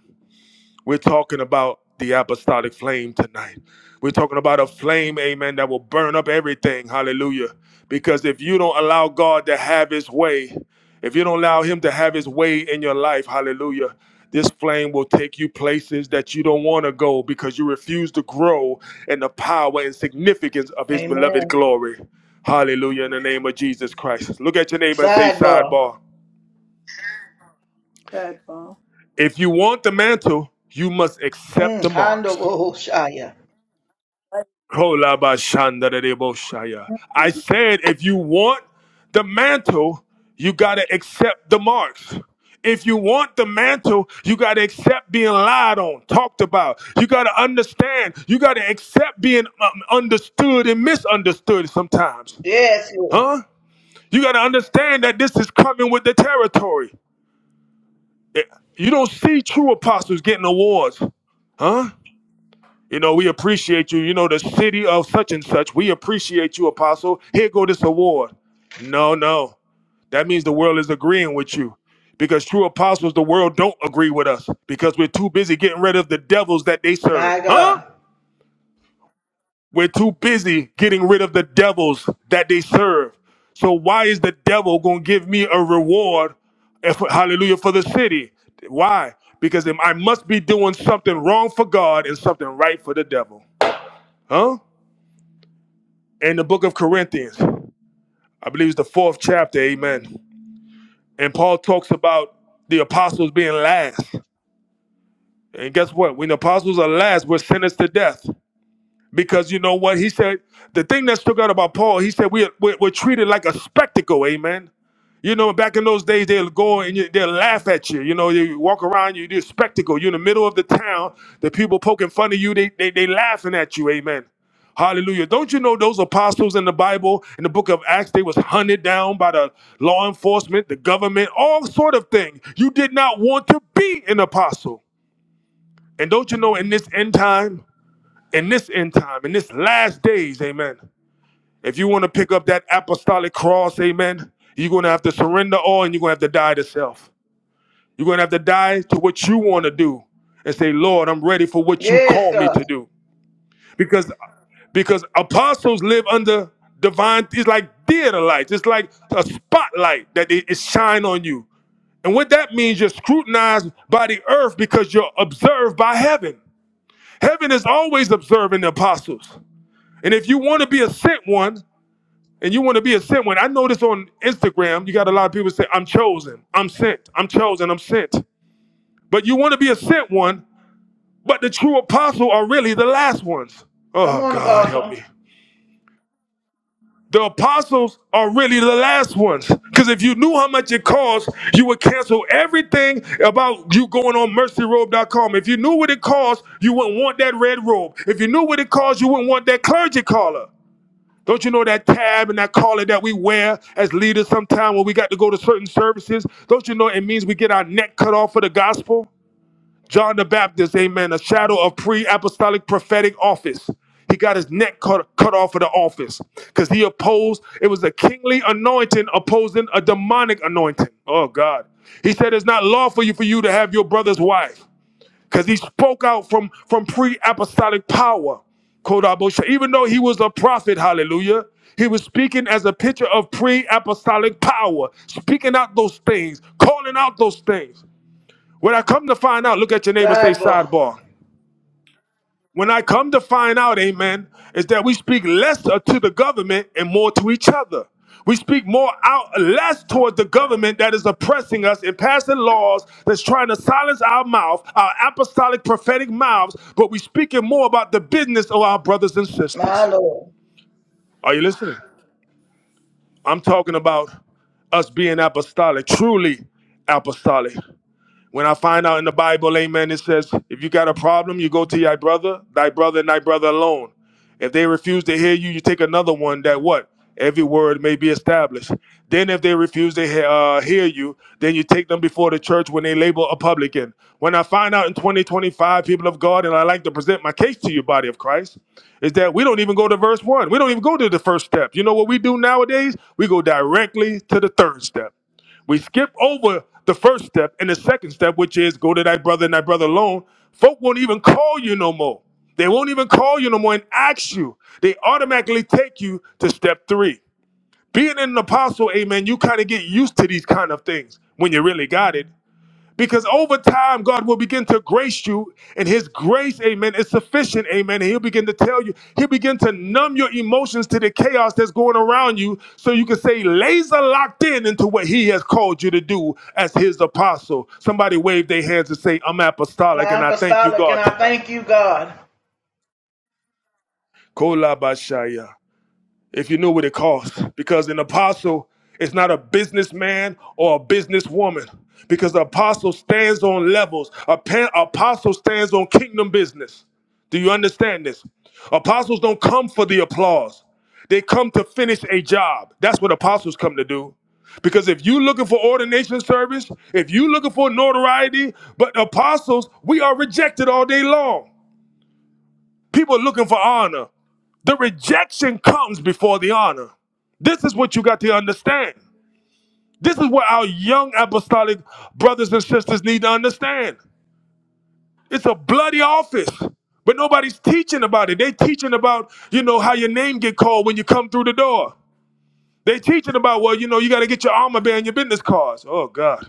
A: We're talking about the apostolic flame tonight. We're talking about a flame, amen, that will burn up everything. Hallelujah. Because if you don't allow God to have his way, if you don't allow him to have his way in your life, hallelujah, this flame will take you places that you don't want to go because you refuse to grow in the power and significance of his beloved
B: Amen.
A: glory. Hallelujah, in the name of Jesus Christ. Look at your neighbor and say,
B: Sidebar.
A: sidebar.
D: Sidebar.
A: If you want the mantle, you must accept
B: Mm.
A: the marks.
B: Hondo Shaya.
A: I said, if you want the mantle, you got to accept the marks. If you want the mantle, you got to accept being lied on, talked about. You got to understand. You got to accept being um, understood and misunderstood sometimes.
B: Yes, Lord.
A: Huh? You got to understand that this is coming with the territory. Eh, You don't see true apostles getting awards. Huh? You know, we appreciate you. You know, the city of such and such, we appreciate you, Apostle. Here go this award. No, no. That means the world is agreeing with you. Because true apostles, the world don't agree with us because we're too busy getting rid of the devils that they serve.
B: My
A: Huh?
B: God.
A: We're too busy getting rid of the devils that they serve. So why is the devil going to give me a reward if, hallelujah for the city. Why? Because I must be doing something wrong for God and something right for the devil. Huh? in the book of Corinthians, I believe it's the fourth chapter, amen. And Paul talks about the apostles being last. And guess what? When the apostles are last, we're sentenced to death. Because you know what? He said, the thing that stuck out about Paul, he said, we're, we're, we're treated like a spectacle, amen. You know, back in those days, they'll go and you, they'll laugh at you. You know, you walk around, you do a spectacle. You're in the middle of the town, the people poking fun of you, they, they, they laughing at you, amen. Hallelujah. Don't you know those apostles in the Bible, in the book of Acts, they was hunted down by the law enforcement, the government, all sort of things. You did not want to be an apostle. And don't you know in this end time, in this end time, in this last days, amen. If you want to pick up that apostolic cross, amen, you're going to have to surrender all and you're going to have to die to self. You're going to have to die to what you want to do and say, Lord, I'm ready for what you
B: Yes,
A: call me
B: God.
A: to do. Because because apostles live under divine it's like theater lights it's like a spotlight that it, it shine on you and what that means you're scrutinized by the earth because you're observed by heaven heaven is always observing the apostles and if you want to be a sent one, and you want to be a sent one, I notice on Instagram, you got a lot of people say, I'm chosen, I'm sent, I'm chosen, I'm sent. But you want to be a sent one, but the true apostles are really the last ones.
B: Come
A: Oh,
B: on,
A: God, help
B: Apostle.
A: me. The apostles are really the last ones. Because if you knew how much it costs, you would cancel everything about you going on mercyrobe.com. If you knew what it costs, you wouldn't want that red robe. If you knew what it costs, you wouldn't want that clergy collar. Don't you know that tab and that collar that we wear as leaders sometimes when we got to go to certain services? Don't you know it means we get our neck cut off for the gospel? John the Baptist, amen, a shadow of pre apostolic prophetic office. He got his neck cut, cut off for the office because he opposed, it was a kingly anointing opposing a demonic anointing. Oh, God. He said, It's not lawful for you to have your brother's wife because he spoke out from from pre-apostolic power Kodabosha. even though he was a prophet hallelujah he was speaking as a picture of pre-apostolic power speaking out those things calling out those things when i come to find out look at your neighbor say
B: Sidebar.
A: sidebar when I come to find out, amen, is that we speak less uh, to the government and more to each other. We speak more out less towards the government that is oppressing us and passing laws that's trying to silence our mouth, our apostolic prophetic mouths, but we speaking more about the business of our brothers and
B: My
A: sisters.
B: Lord.
A: Are you listening? I'm talking about us being apostolic, truly apostolic. When I find out in the Bible, amen, it says, if you got a problem, you go to thy brother, thy brother, and thy brother alone. If they refuse to hear you, you take another one that what? Every word may be established. Then, if they refuse to hear, uh, hear you, then you take them before the church when they label a publican. When I find out in 2025, people of God, and I like to present my case to you, body of Christ, is that we don't even go to verse one. We don't even go to the first step. You know what we do nowadays? We go directly to the third step. We skip over the first step and the second step, which is go to thy brother and thy brother alone. Folk won't even call you no more. They won't even call you no more and ask you. They automatically take you to step three. Being an apostle, amen, you kind of get used to these kind of things when you really got it. Because over time, God will begin to grace you, and His grace, amen, is sufficient, amen. And He'll begin to tell you, He'll begin to numb your emotions to the chaos that's going around you so you can say, laser locked in into what He has called you to do as His apostle. Somebody wave their hands and say, I'm apostolic, and
B: I'm
A: I thank you,
B: apostolic and
A: God,
B: I
A: tonight.
B: thank you, God.
A: Kolabashaya. if you knew what it costs. Because an apostle is not a businessman or a businesswoman. Because the apostle stands on levels. A pa- apostle stands on kingdom business. Do you understand this? Apostles don't come for the applause. They come to finish a job. That's what apostles come to do. Because if you looking for ordination service, if you looking for notoriety, but apostles, we are rejected all day long. People are looking for honor. The rejection comes before the honor. This is what you got to understand. This is what our young apostolic brothers and sisters need to understand. It's a bloody office, but nobody's teaching about it. They teaching about, you know, how your name get called when you come through the door. They teaching about, well, you know, you got to get your armor bearer and your business cards. Oh God.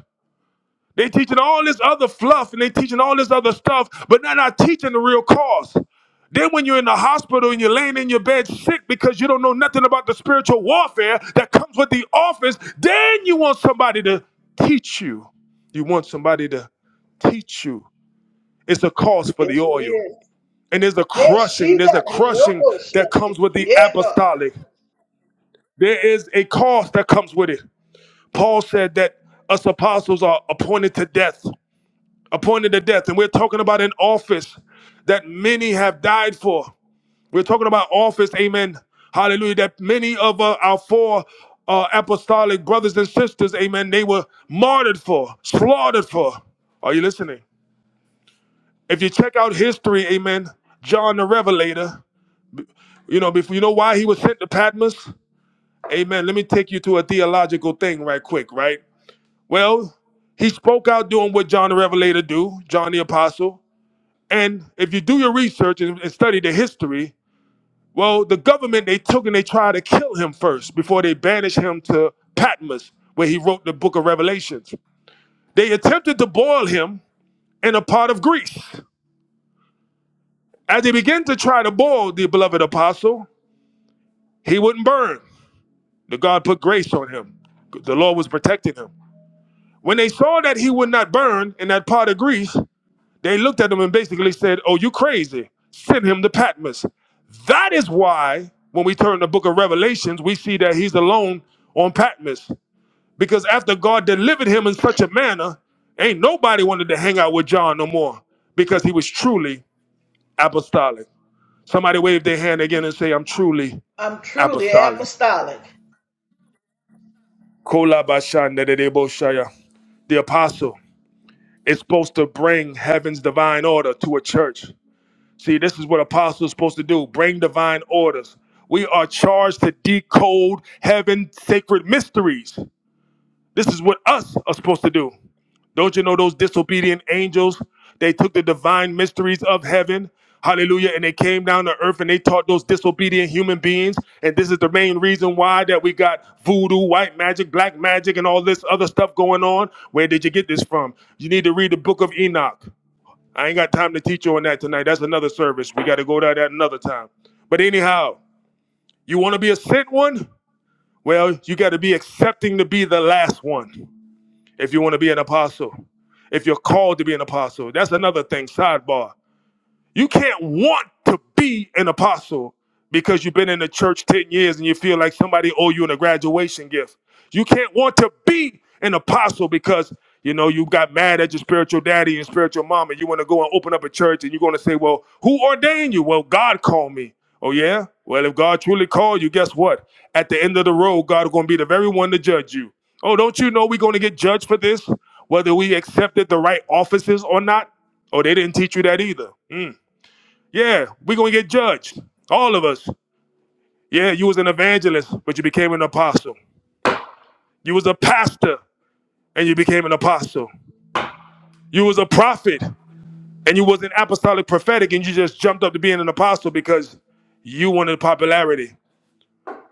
A: They teaching all this other fluff and they teaching all this other stuff, but they're not teaching the real cause. Then when you're in the hospital and you're laying in your bed sick because you don't know nothing about the spiritual warfare that comes with the office, then you want somebody to teach you. You want somebody to teach you. It's a cause for the
B: Yes, it
A: oil.
B: is.
A: And there's a
B: Yes,
A: crushing,
B: she
A: there's
B: got
A: a
B: it.
A: crushing
B: Yoko
A: that comes
B: shit.
A: with the
B: Yeah, God.
A: apostolic. There is a cost that comes with it. Paul said that us apostles are appointed to death appointed to death. And we're talking about an office that many have died for. We're talking about office, amen. Hallelujah. That many of uh, our four uh, apostolic brothers and sisters, amen, they were martyred for, slaughtered for. Are you listening? If you check out history, amen, John the Revelator, you know, before you know why he was sent to Patmos, amen. Let me take you to a theological thing right quick, right? Well, he spoke out doing what John the Revelator do, John the Apostle. And if you do your research and, and study the history, well, the government they took and they tried to kill him first before they banished him to Patmos, where he wrote the book of Revelations. They attempted to boil him in a pot of grease. As they began to try to boil the beloved apostle, he wouldn't burn. The God put grace on him. The Lord was protecting him. When they saw that he would not burn in that pot of grease, They looked at him and basically said, Oh, you crazy. Send him to Patmos. That is why, when we turn the book of Revelations, we see that he's alone on Patmos. Because after God delivered him in such a manner, ain't nobody wanted to hang out with John no more because he was truly apostolic. Somebody wave their hand again and say, I'm truly
B: I'm truly
A: apostolic.
B: apostolic.
A: Kolabashandedeboshaya. The apostle is supposed to bring heaven's divine order to a church. See, this is what apostles are supposed to do bring divine orders. We are charged to decode heaven's sacred mysteries. This is what us are supposed to do. Don't you know those disobedient angels? They took the divine mysteries of heaven, hallelujah, and they came down to earth and they taught those disobedient human beings. And this is the main reason why that we got voodoo, white magic, black magic, and all this other stuff going on. Where did you get this from? You need to read the book of Enoch. I ain't got time to teach you on that tonight. That's another service. We got to go to that another time. But anyhow, you want to be a sent one? Well, you got to be accepting to be the last one if you want to be an apostle. If you're called to be an apostle, that's another thing. Sidebar. You can't want to be an apostle because you've been in the church 10 years and you feel like somebody owe you in a graduation gift. You can't want to be an apostle because you know you got mad at your spiritual daddy and spiritual mom and you want to go and open up a church and you're going to say, "Well, who ordained you?" "Well, God called me." "Oh yeah? Well, if God truly called you, guess what? At the end of the road, God is going to be the very one to judge you." "Oh, don't you know we're going to get judged for this, whether we accepted the right offices or not?" "Oh, they didn't teach you that either." Mm. Yeah, we're gonna get judged. All of us. Yeah, you was an evangelist, but you became an apostle. You was a pastor and you became an apostle. You was a prophet and you was an apostolic prophetic and you just jumped up to being an apostle because you wanted popularity.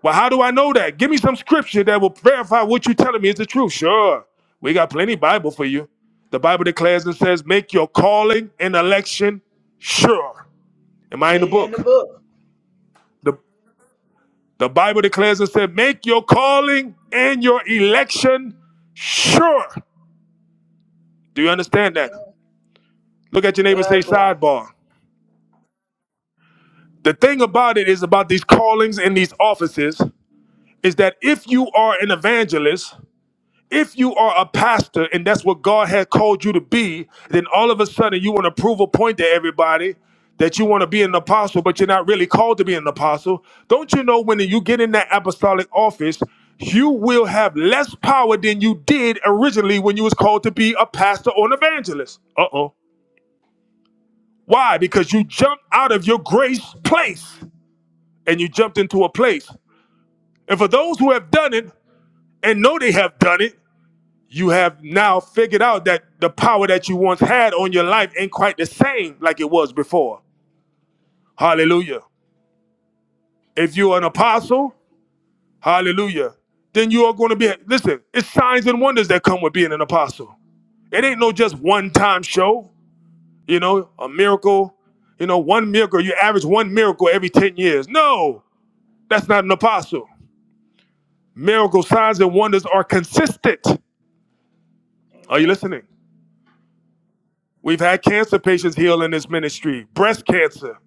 A: Well, how do I know that? Give me some scripture that will verify what you're telling me is the truth. Sure. We got plenty Bible for you. The Bible declares and says, make your calling and election sure. Am I in
B: Yeah,
A: the
B: you in the
A: book?
B: book.
A: The Bible declares and said, make your calling and your election sure. Do you understand that?
B: Amen.
A: Look at your neighbor and say
B: Sidebar.
A: sidebar. The thing about it is about these callings and these offices is that if you are an evangelist If you are a pastor and that's what God has called you to be, then all of a sudden you want to prove a point to everybody that you want to be an apostle, but you're not really called to be an apostle. Don't you know when you get in that apostolic office, you will have less power than you did originally when you was called to be a pastor or an evangelist. Uh-oh. Why? Because you jumped out of your grace place and you jumped into a place. And for those who have done it and know they have done it, you have now figured out that the power that you once had on your life ain't quite the same like it was before. Hallelujah. If you're an apostle, hallelujah, then you are going to be, listen, it's signs and wonders that come with being an apostle. It ain't no just one time show, you know, a miracle, you know, one miracle. You average one miracle every 10 years. No, that's not an apostle. Miracle signs and wonders are consistent. Are you
B: Amen.
A: listening? We've had cancer patients heal in this ministry, breast cancer.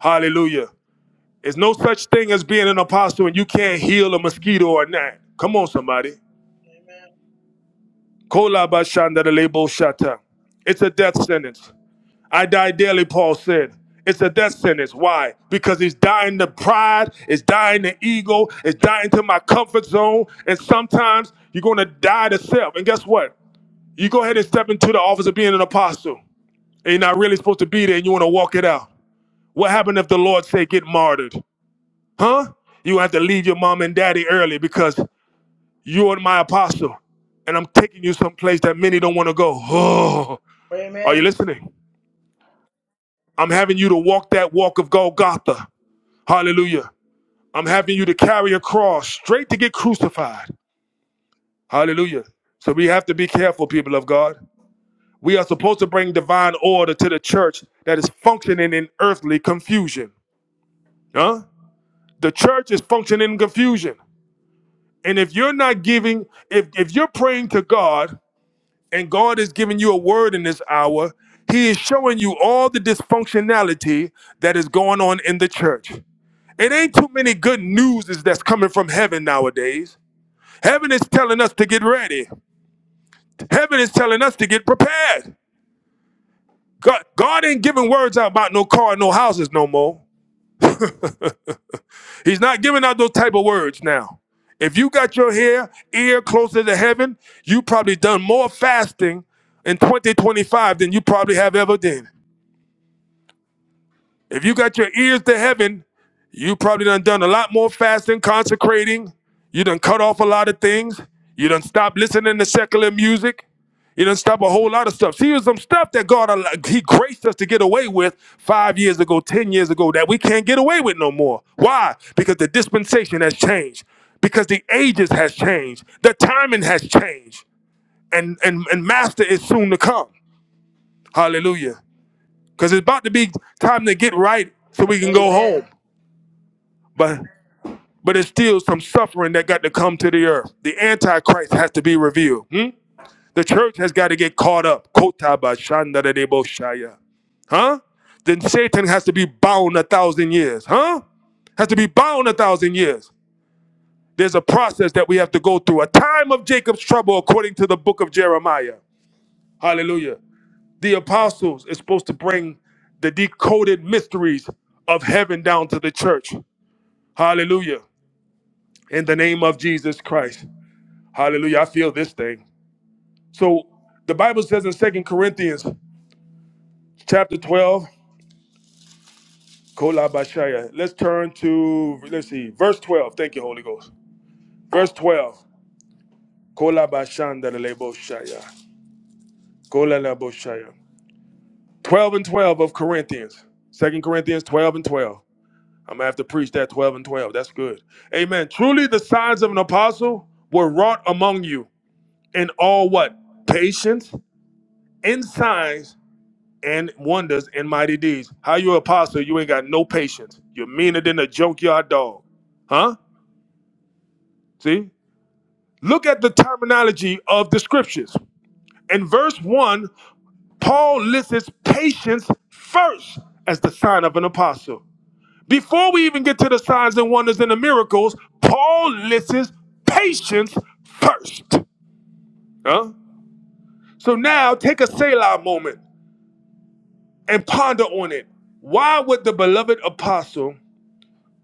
A: Hallelujah. There's no such thing as being an apostle and you can't heal a mosquito or not. Come on, somebody. Kola ba lebo shata. It's a death sentence. I die daily, Paul said. It's a death sentence. Why? Because he's dying to pride, it's dying to ego, it's dying to my comfort zone. And sometimes you're going to die to self. And guess what? You go ahead and step into the office of being an apostle and you're not really supposed to be there and you want to walk it out. What happened if the Lord say get martyred? Huh? You have to leave your mom and daddy early because you're my apostle and I'm taking you someplace that many don't want to go.
B: Amen.
A: Oh, are you
B: Amen.
A: listening? I'm having you to walk that walk of Golgotha. Hallelujah. I'm having you to carry a cross straight to get crucified. Hallelujah. So we have to be careful, people of God. We are supposed to bring divine order to the church that is functioning in earthly confusion. Huh? The church is functioning in confusion. And if you're not giving, if, if you're praying to God and God is giving you a word in this hour, He is showing you all the dysfunctionality that is going on in the church. It ain't too many good newses that's coming from heaven nowadays. Heaven is telling us to get ready. Heaven is telling us to get prepared. God, God ain't giving words out about no car, no houses no more. He's not giving out those type of words now. If you got your hair, ear closer to heaven, you probably done more fasting in 2025 than you probably have ever done. If you got your ears to heaven, you probably done done a lot more fasting, consecrating. You done cut off a lot of things. You done stopped listening to secular music. You done stopped a whole lot of stuff. See, there's some stuff that God al- He graced us to get away with five years ago, ten years ago that we can't get away with no more. Why? Because the dispensation has changed. Because the ages has changed. The timing has changed. And and and Master is soon to come. Hallelujah. Because it's about to be time to get right so we can go
B: Amen.
A: home. But but it's still some suffering that got to come to the earth. The Antichrist has to be revealed. hmm? The church has got to get caught up. Kota ba shanda da debo shaya. Huh? Then Satan has to be bound a thousand years. Huh? Has to be bound a thousand years. There's a process that we have to go through. A time of Jacob's trouble, according to the book of Jeremiah. Hallelujah. The apostles is supposed to bring the decoded mysteries of heaven down to the church. Hallelujah. in the name of Jesus Christ. Hallelujah. I feel this thing. So the Bible says in Second Corinthians chapter 12, Kolabashaya. Let's turn to let's see, verse 12. Thank you, Holy Ghost. Verse 12. Kolabashandareleboshaya. Kolaleboshaya. 12 and 12 of Corinthians. Second Corinthians 12 and 12. I'm gonna have to preach that 12 and 12. That's good. Amen. Truly the signs of an apostle were wrought among you in all what? Patience and signs and wonders and mighty deeds. How you apostle? You ain't got no patience. You're meaner than a junkyard dog. Huh? See? Look at the terminology of the scriptures. In verse 1, Paul lists patience first as the sign of an apostle. Before we even get to the signs and wonders and the miracles, Paul lists patience first. Huh? So now take a Selah moment and ponder on it. Why would the beloved apostle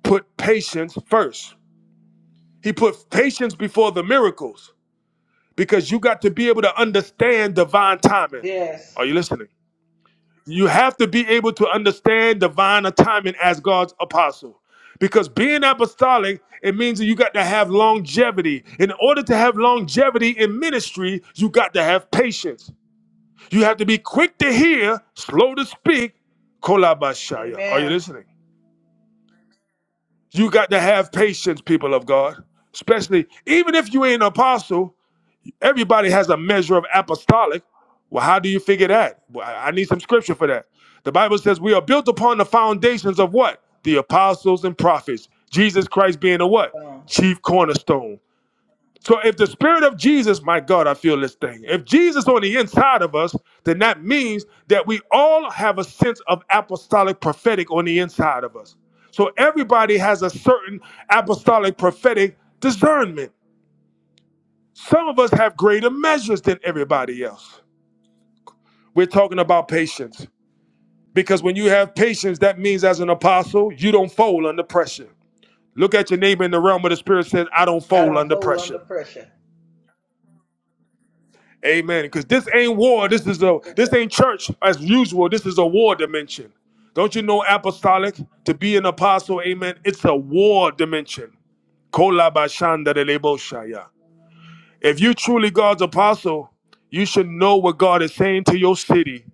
A: put patience first. He put patience before the miracles because you got to be able to understand divine timing.
B: Yes.
A: Are you listening? You have to be able to understand divine timing as God's apostle. Because being apostolic, it means that you got to have longevity. In order to have longevity in ministry, you got to have patience. You have to be quick to hear, slow to speak. Kolabashaya. Are you
B: Amen.
A: listening? You got to have patience, people of God. Especially, even if you ain't an apostle, everybody has a measure of apostolic. Well, how do you figure that? Well, I I need some scripture for that. The Bible says we are built upon the foundations of what? The apostles and prophets. Jesus Christ being a what?
B: Um,
A: Chief cornerstone. So if the spirit of Jesus, my God, I feel this thing. If Jesus on the inside of us, then that means that we all have a sense of apostolic prophetic on the inside of us. So everybody has a certain apostolic prophetic discernment. Some of us have greater measures than everybody else. We're talking about patience. Because when you have patience, that means as an apostle, you don't fold under pressure. Look at your neighbor in the realm of the spirit says, I don't
B: I
A: fold
B: don't
A: under
B: fold under
A: pressure.
B: pressure.
A: Amen. Because this ain't war. This is a this ain't church as usual. This is a war dimension. Don't you know apostolic to be an apostle? Amen. It's a war dimension. Kolabashanda de leboshaya. If you truly God's apostle, you should know what God is saying to your city.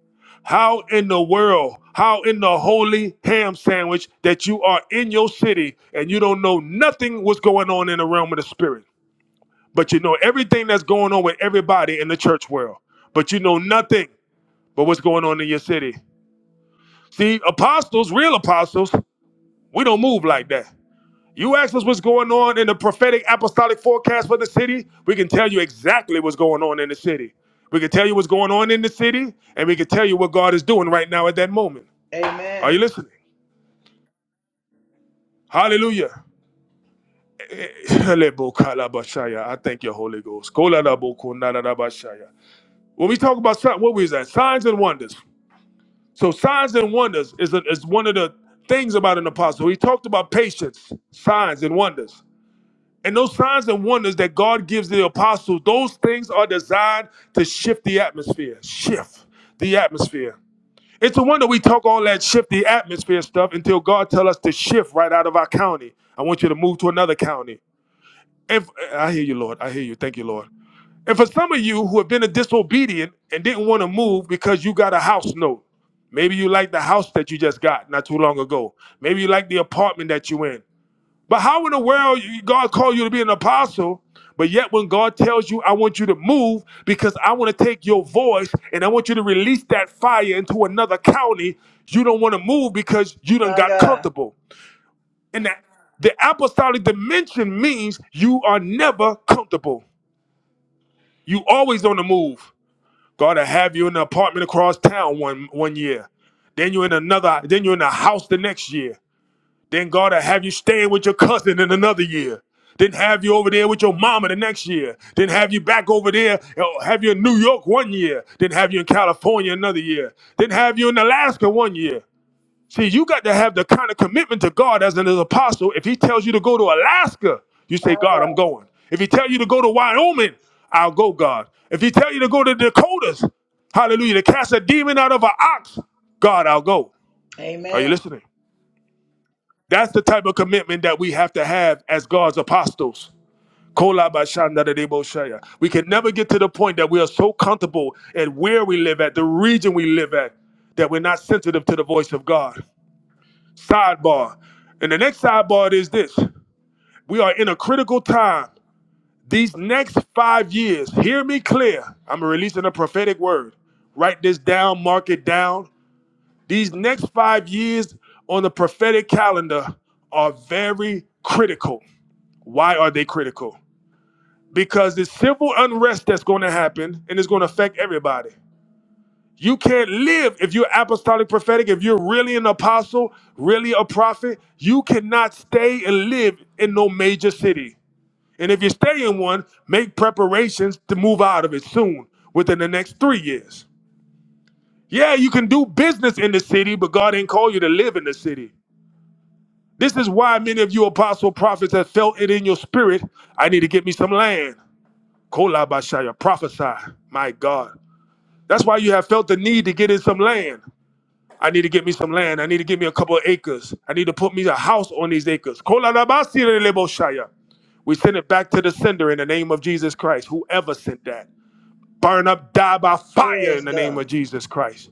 A: How in the world, how in the holy ham sandwich that you are in your city and you don't know nothing what's going on in the realm of the spirit? but you know everything that's going on with everybody in the church world, but you know nothing but what's going on in your city. See, apostles, real apostles, we don't move like that. You ask us what's going on in the prophetic apostolic forecast for the city, we can tell you exactly what's going on in the city. We can tell you what's going on in the city, and we can tell you what God is doing right now at that moment. Are
B: Amen.
A: you listening? Hallelujah. Eh, Lebukalabashaya. I thank you, Holy Ghost. Koladabukunadadabashaya. When we talk about sign- what was that? Signs and wonders. So signs and wonders is, a, is one of the things about an apostle. He talked about patience, signs and wonders. And those signs and wonders that God gives the apostles, those things are designed to shift the atmosphere. Shift the atmosphere. It's a wonder we talk all that shift the atmosphere stuff until God tell us to shift right out of our county. I want you to move to another county. If, I hear you, Lord. I hear you. Thank you, Lord. And for some of you who have been a disobedient and didn't want to move because you got a house note, maybe you like the house that you just got not too long ago. Maybe you like the apartment that you're in. But how in the world God called you to be an apostle, but yet when God tells you, I want you to move because I want to take your voice and I want you to release that fire into another county, you don't want to move because you done
B: My
A: got
B: God.
A: comfortable. And that the apostolic dimension means you are never comfortable. You always on the move. God will have you in an apartment across town one one year. Then you're in another, then you're in a house the next year. Then God will have you staying with your cousin in another year. Then have you over there with your mama the next year. Then have you back over there, you know, have you in New York one year. Then have you in California another year. Then have you in Alaska one year. See, you got to have the kind of commitment to God as an apostle. If he tells you to go to Alaska, you
B: My
A: say, God, I'm
B: God.
A: going. If he tells you to go to Wyoming, I'll go, God. If he tells you to go to Dakotas, hallelujah, to cast a demon out of an ox, God, I'll go. Are you
B: Amen.
A: listening? That's the type of commitment that we have to have as God's apostles. Kolabashandadadeboshaya. We can never get to the point that we are so comfortable at where we live at, the region we live at, that we're not sensitive to the voice of God. Sidebar. And the next sidebar is this. We are in a critical time. These next five years, hear me clear. I'm releasing a prophetic word. Write this down, mark it down. These next five years on the prophetic calendar are very critical. Why are they critical? Because this civil unrest that's going to happen and it's going to affect everybody. You can't live if you're apostolic prophetic, if you're really an apostle, really a prophet. You cannot stay and live in no major city. And if you stay in one, make preparations to move out of it soon, within the next three years. Yeah, you can do business in the city, but God ain't call you to live in the city. This is why many of you apostle prophets have felt it in your spirit. I need to get me some land. Kolabashaya, prophesy. My God. That's why you have felt the need to get in some land. I need to get me some land. I need to get me a couple of acres. I need to put me a house on these acres. Kolalabasireleboshaya. We send it back to the sender in the name of Jesus Christ. Whoever sent that, burn up, die by fire
B: Yes,
A: in the name
B: God.
A: of Jesus Christ.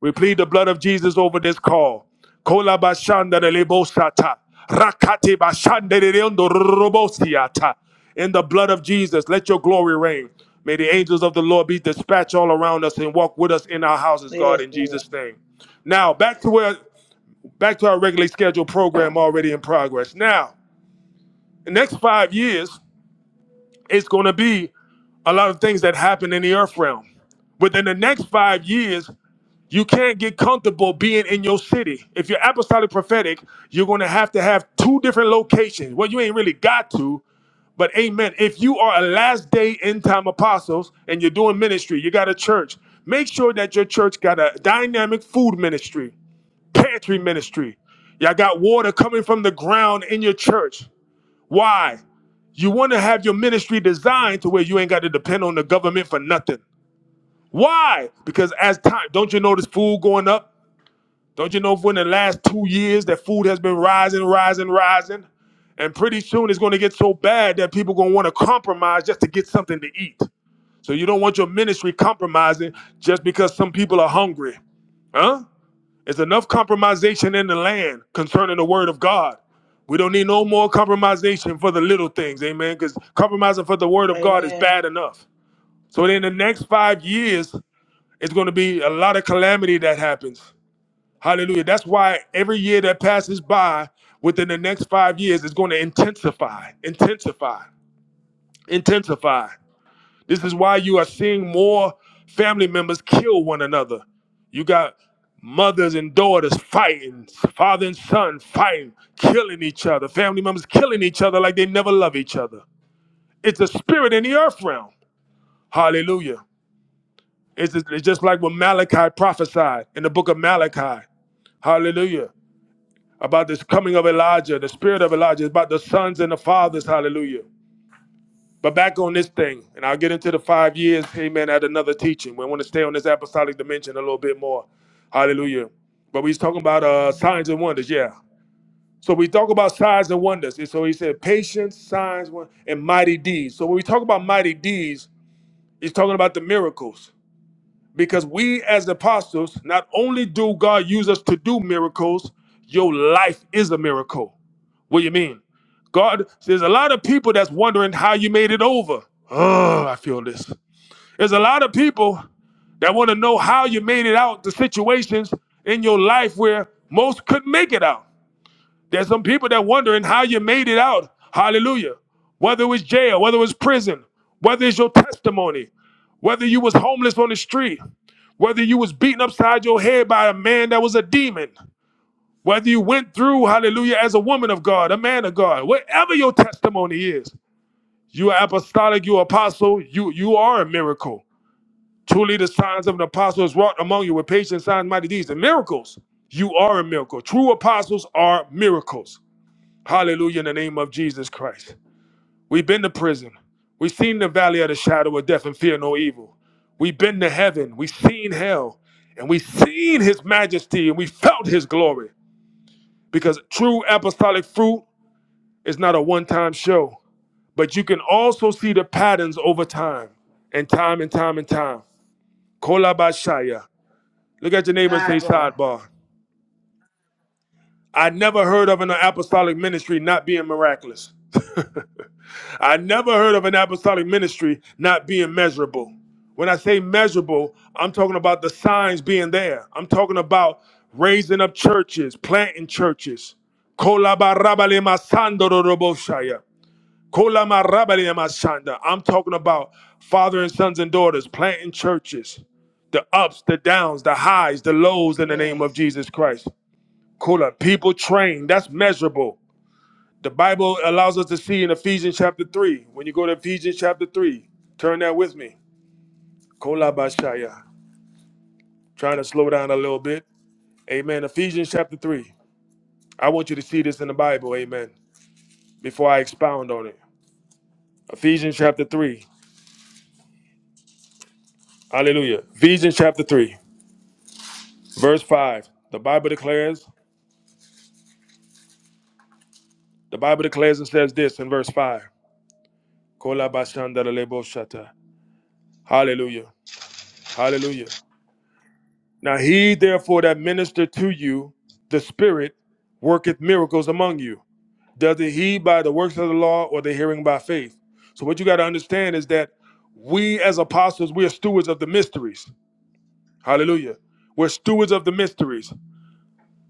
A: We plead the blood of Jesus over this call. Kola bashanda de lebosata. Rakate bashanda de leondo robosiata. In the blood of Jesus, let your glory reign. May the angels of the Lord be dispatched all around us and walk with us in our houses, God,
B: Yes,
A: in
B: Lord.
A: Jesus' name. Now back to where back to our regularly scheduled program already in progress. Now, the next five years, it's gonna be a lot of things that happen in the earth realm. Within the next five years, you can't get comfortable being in your city. If you're apostolic prophetic, you're going to have to have two different locations. Well, you ain't really got to, but amen. If you are a last day end time apostles and you're doing ministry, you got a church, make sure that your church got a dynamic food ministry, pantry ministry. Y'all got water coming from the ground in your church. Why? You want to have your ministry designed to where you ain't got to depend on the government for nothing. Why? Because as time, don't you notice food going up? Don't you know for in the last two years that food has been rising, rising, rising? And pretty soon it's gonna get so bad that people gonna wanna compromise just to get something to eat. So you don't want your ministry compromising just because some people are hungry. Huh? There's enough compromisation in the land concerning the word of God. We don't need no more compromisation for the little things, amen? Because compromising for the word of God is
B: Amen.
A: bad enough. So in the next five years, it's going to be a lot of calamity that happens. Hallelujah. That's why every year that passes by within the next five years is going to intensify, intensify, intensify. This is why you are seeing more family members kill one another. You got mothers and daughters fighting, father and son fighting, killing each other, family members killing each other like they never love each other. It's a spirit in the earth realm. Hallelujah. It's just, it's just like what Malachi prophesied in the book of Malachi. Hallelujah. about this coming of Elijah, the spirit of Elijah, it's about the sons and the fathers, hallelujah. But back on this thing, and I'll get into the five years, amen, at another teaching. We want to stay on this apostolic dimension a little bit more, hallelujah. But we was talking about uh, signs and wonders, yeah. So we talk about signs and wonders. And so he said patience, signs, won- and mighty deeds. So when we talk about mighty deeds, he's talking about the miracles. Because we as apostles, not only do God use us to do miracles, your life is a miracle. What do you mean? God, there's a lot of people that's wondering how you made it over. Oh, I feel this. There's a lot of people that want to know how you made it out the situations in your life where most couldn't make it out. There's some people that wondering how you made it out. Hallelujah. Whether it was jail, whether it was prison, whether it's your testimony, whether you was homeless on the street, whether you was beaten upside your head by a man that was a demon, whether you went through, hallelujah, as a woman of God, a man of God, whatever your testimony is, you are apostolic, you are apostle, you you are a miracle. Truly the signs of an apostle is wrought among you with patience, signs, mighty deeds, and miracles. You are a miracle. True apostles are miracles. Hallelujah in the name of Jesus Christ. We've been to prison. We've seen the valley of the shadow of death and fear no evil. We've been to heaven. We've seen hell. And we've seen his majesty and we felt his glory. Because true apostolic fruit is not a one time show, but you can also see the patterns over time and time and time and time. Kolabashaya. Look at your neighbor and say
B: Sidebar.
A: sidebar. I never heard of an apostolic ministry not being miraculous. I never heard of an apostolic ministry not being measurable. When I say measurable, I'm talking about the signs being there. I'm talking about raising up churches, planting churches. Kolabarabale masando doroboshaya. Kolamarabale masanda. I'm talking about father and sons and daughters planting churches. The ups, the downs, the highs, the lows in the name of
B: Yes.
A: Jesus Christ. Kola, people trained. That's measurable. The Bible allows us to see in Ephesians chapter 3. When you go to Ephesians chapter 3, turn that with me. Kolabashaya. Trying to slow down a little bit. Amen. Ephesians chapter 3. I want you to see this in the Bible. Amen. Before I expound on it. Ephesians chapter 3. Hallelujah. Ephesians chapter 3, verse 5. The Bible declares, the Bible declares and says this in verse 5. Kolabashandaleboshata. Hallelujah. Hallelujah. Now he therefore that ministered to you the Spirit worketh miracles among you. Does it he by the works of the law or the hearing by faith? So what you got to understand is that we as apostles, we are stewards of the mysteries. Hallelujah. We're stewards of the mysteries.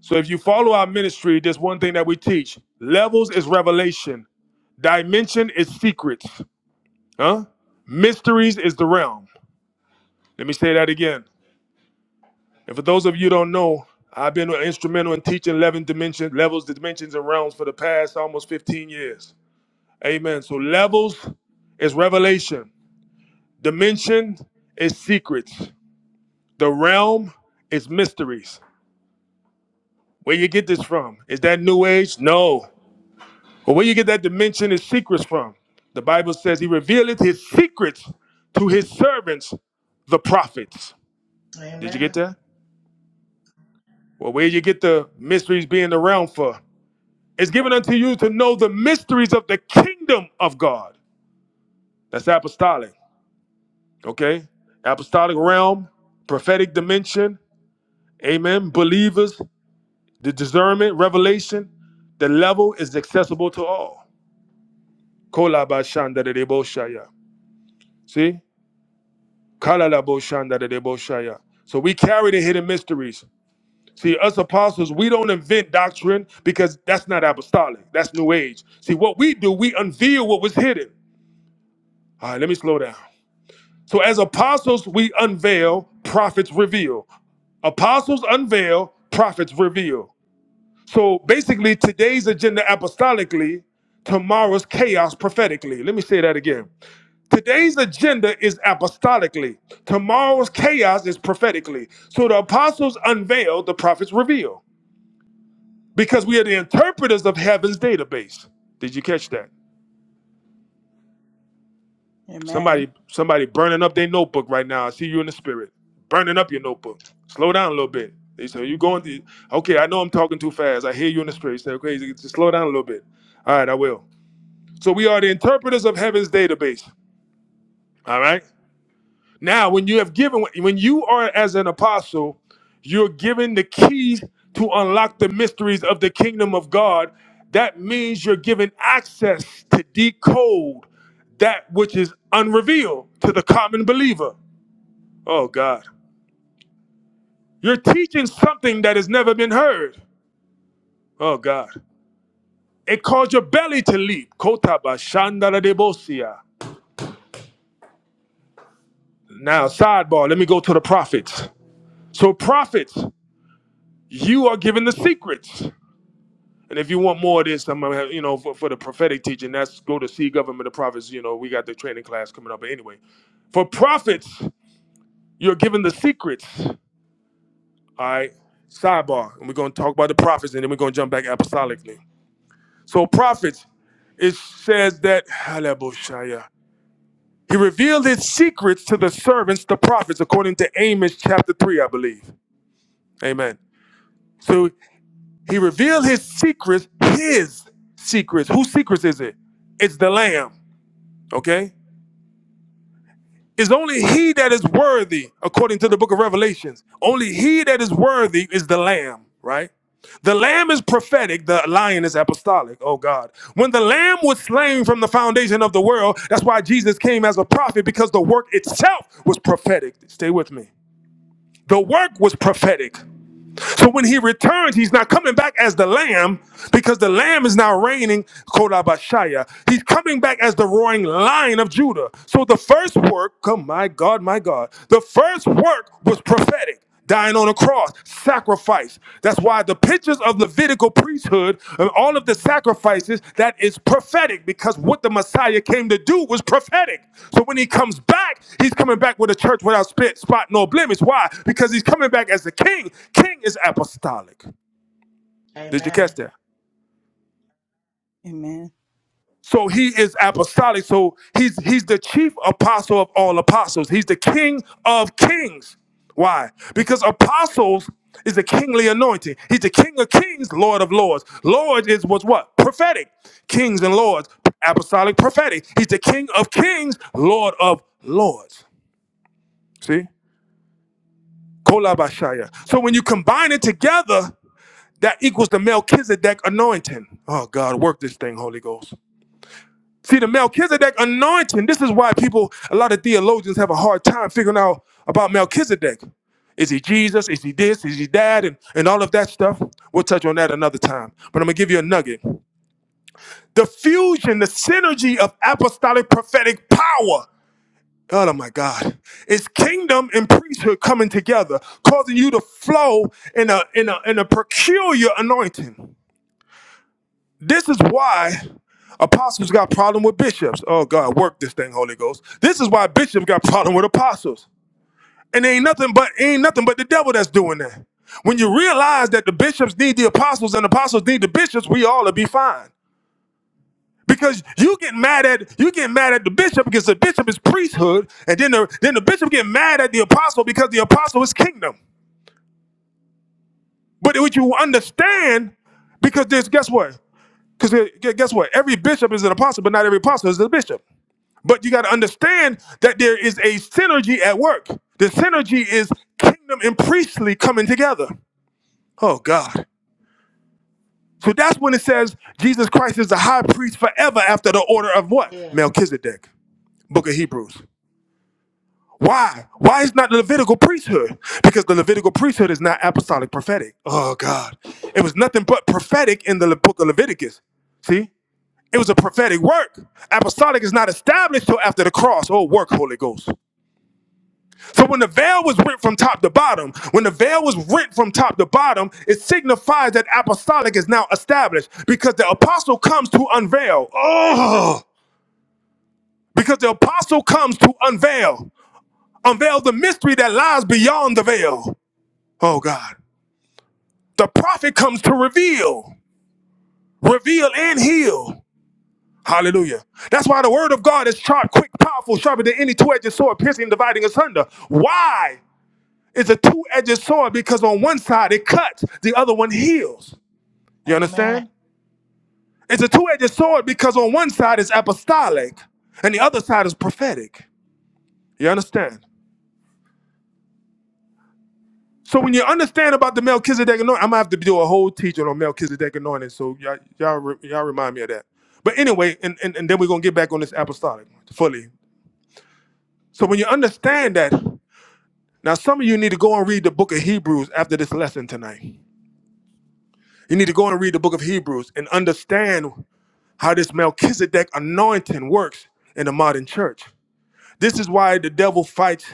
A: So if you follow our ministry, there's one thing that we teach. Levels is revelation. Dimension is secrets. Huh? Mysteries is the realm. Let me say that again. And for those of you who don't know, I've been instrumental in teaching 11 dimensions, levels, dimensions, and realms for the past almost 15 years. Amen. So levels is revelation. Dimension is secrets. The realm is mysteries. Where you get this from? Is that new age? No. But where you get that dimension is secrets from. The Bible says he revealeth his secrets to his servants, the prophets. Did you get
B: Amen.
A: that? Well, where you get the mysteries being the realm for? is given unto you to know the mysteries of the kingdom of God. That's apostolic, okay? Apostolic realm, prophetic dimension, amen. Believers, the discernment, revelation, the level is accessible to all. Kolabashandadadeboshaya. See? Kalalaboshandadadeboshaya. So we carry the hidden mysteries. See, us apostles, we don't invent doctrine because that's not apostolic. That's new age. See, what we do, we unveil what was hidden. All right, let me slow down. So, as apostles, we unveil, prophets reveal. Apostles unveil, prophets reveal. So, basically, today's agenda apostolically, tomorrow's chaos prophetically. Let me say that again. Today's agenda is apostolically, tomorrow's chaos is prophetically. So, the apostles unveil, the prophets reveal, because we are the interpreters of heaven's database. Did you catch that?
B: Amen.
D: Amen.
A: Somebody, somebody burning up their notebook right now. I see you in the spirit, burning up your notebook. Slow down a little bit. They say you going to. Okay, I know I'm talking too fast. I hear you in the spirit. You say, okay, just slow down a little bit. All right, I will. So we are the interpreters of heaven's database. All right. Now, when you have given, when you are as an apostle, you're given the keys to unlock the mysteries of the kingdom of God. That means you're given access to decode that which is unrevealed to the common believer. Oh, God. You're teaching something that has never been heard. Oh, God. It caused your belly to leap. Kotaba shandara debosia. Now, sidebar, let me go to the prophets. So, prophets, you are given the secrets. And if you want more of this, I'm gonna have, you know, for, for the prophetic teaching, that's go to see government of prophets. You know, we got the training class coming up. But anyway, for prophets, you're given the secrets. All right. Sidebar. And we're gonna talk about the prophets and then we're gonna jump back apostolically. So prophets, it says that Halabushaya. He revealed his secrets to the servants, the prophets, according to Amos chapter 3, I believe. Amen. So he revealed his secrets, his secrets. Whose secrets is it? It's the Lamb. okay it's only he that is worthy according to the book of revelations only he that is worthy is the lamb right the lamb is prophetic the lion is apostolic oh god when the lamb was slain from the foundation of the world that's why jesus came as a prophet because the work itself was prophetic stay with me the work was prophetic so when he returns, he's not coming back as the lamb because the lamb is now reigning, Kodabashaya. He's coming back as the roaring lion of Judah. So the first work, come, my God, my God, the first work was prophetic, dying on a cross, sacrifice. That's why the pictures of Levitical priesthood and all of the sacrifices that is prophetic because what the Messiah came to do was prophetic. So when he comes back, he's coming back with a church without spit, spot, nor blemish. Why? Because he's coming back as the king. King is apostolic. Did you catch
B: Amen.
A: that?
D: Amen.
A: So he is apostolic. So he's he's the chief apostle of all apostles. He's the king of kings. Why? Because apostles is a kingly anointing. He's the king of kings, lord of lords. Lord is was what? Prophetic. Kings and lords, apostolic prophetic. He's the king of kings, lord of lords. See? Kolabashaya. So when you combine it together, that equals the Melchizedek anointing. Oh God, work this thing, Holy Ghost. See, the Melchizedek anointing, this is why people, a lot of theologians have a hard time figuring out about Melchizedek. Is he Jesus? Is he this? Is he that? And, and all of that stuff. We'll touch on that another time. But I'm going to give you a nugget. The fusion, the synergy of apostolic prophetic power. Oh my God. It's kingdom and priesthood coming together, causing you to flow in a, in a, in a peculiar anointing. This is why apostles got problem with bishops. Oh God, work this thing, Holy Ghost. This is why bishops got problem with apostles. And ain't nothing but ain't nothing but the devil that's doing that. When you realize that the bishops need the apostles and apostles need the bishops, we all will be fine. Because you get mad at you get mad at the bishop because the bishop is priesthood, and then the then the bishop get mad at the apostle because the apostle is kingdom. But would you understand, because there's guess what? Because guess what? Every bishop is an apostle, but not every apostle is a bishop. But you got to understand that there is a synergy at work. The synergy is kingdom and priestly coming together. Oh God. So that's when it says Jesus Christ is the high priest forever after the order of what?
B: Yeah.
A: Melchizedek, book of Hebrews. Why? Why is not the Levitical priesthood? Because the Levitical priesthood is not apostolic prophetic. Oh God. It was nothing but prophetic in the Le- book of Leviticus. See? It was a prophetic work. Apostolic is not established till after the cross. Oh, work, Holy Ghost. So when the veil was rent from top to bottom, when the veil was rent from top to bottom, it signifies that apostolic is now established because the apostle comes to unveil. Oh, because the apostle comes to unveil, unveil the mystery that lies beyond the veil. Oh God. The prophet comes to reveal, reveal and heal. Hallelujah. That's why the word of God is sharp, quick, powerful, sharper than any two-edged sword, piercing, dividing asunder. Why? It's a two-edged sword because on one side it cuts, the other one heals. You
B: Amen.
A: understand? It's a two-edged sword because on one side is apostolic and the other side is prophetic. You understand? So when you understand about the Melchizedek anointing, I'm gonna have to do a whole teaching on Melchizedek anointing. So y'all, y'all, re- y'all remind me of that. But anyway, and, and, and then we're gonna get back on this apostolic fully. So when you understand that, now some of you need to go and read the book of Hebrews after this lesson tonight. You need to go and read the book of Hebrews and understand how this Melchizedek anointing works in the modern church. This is why the devil fights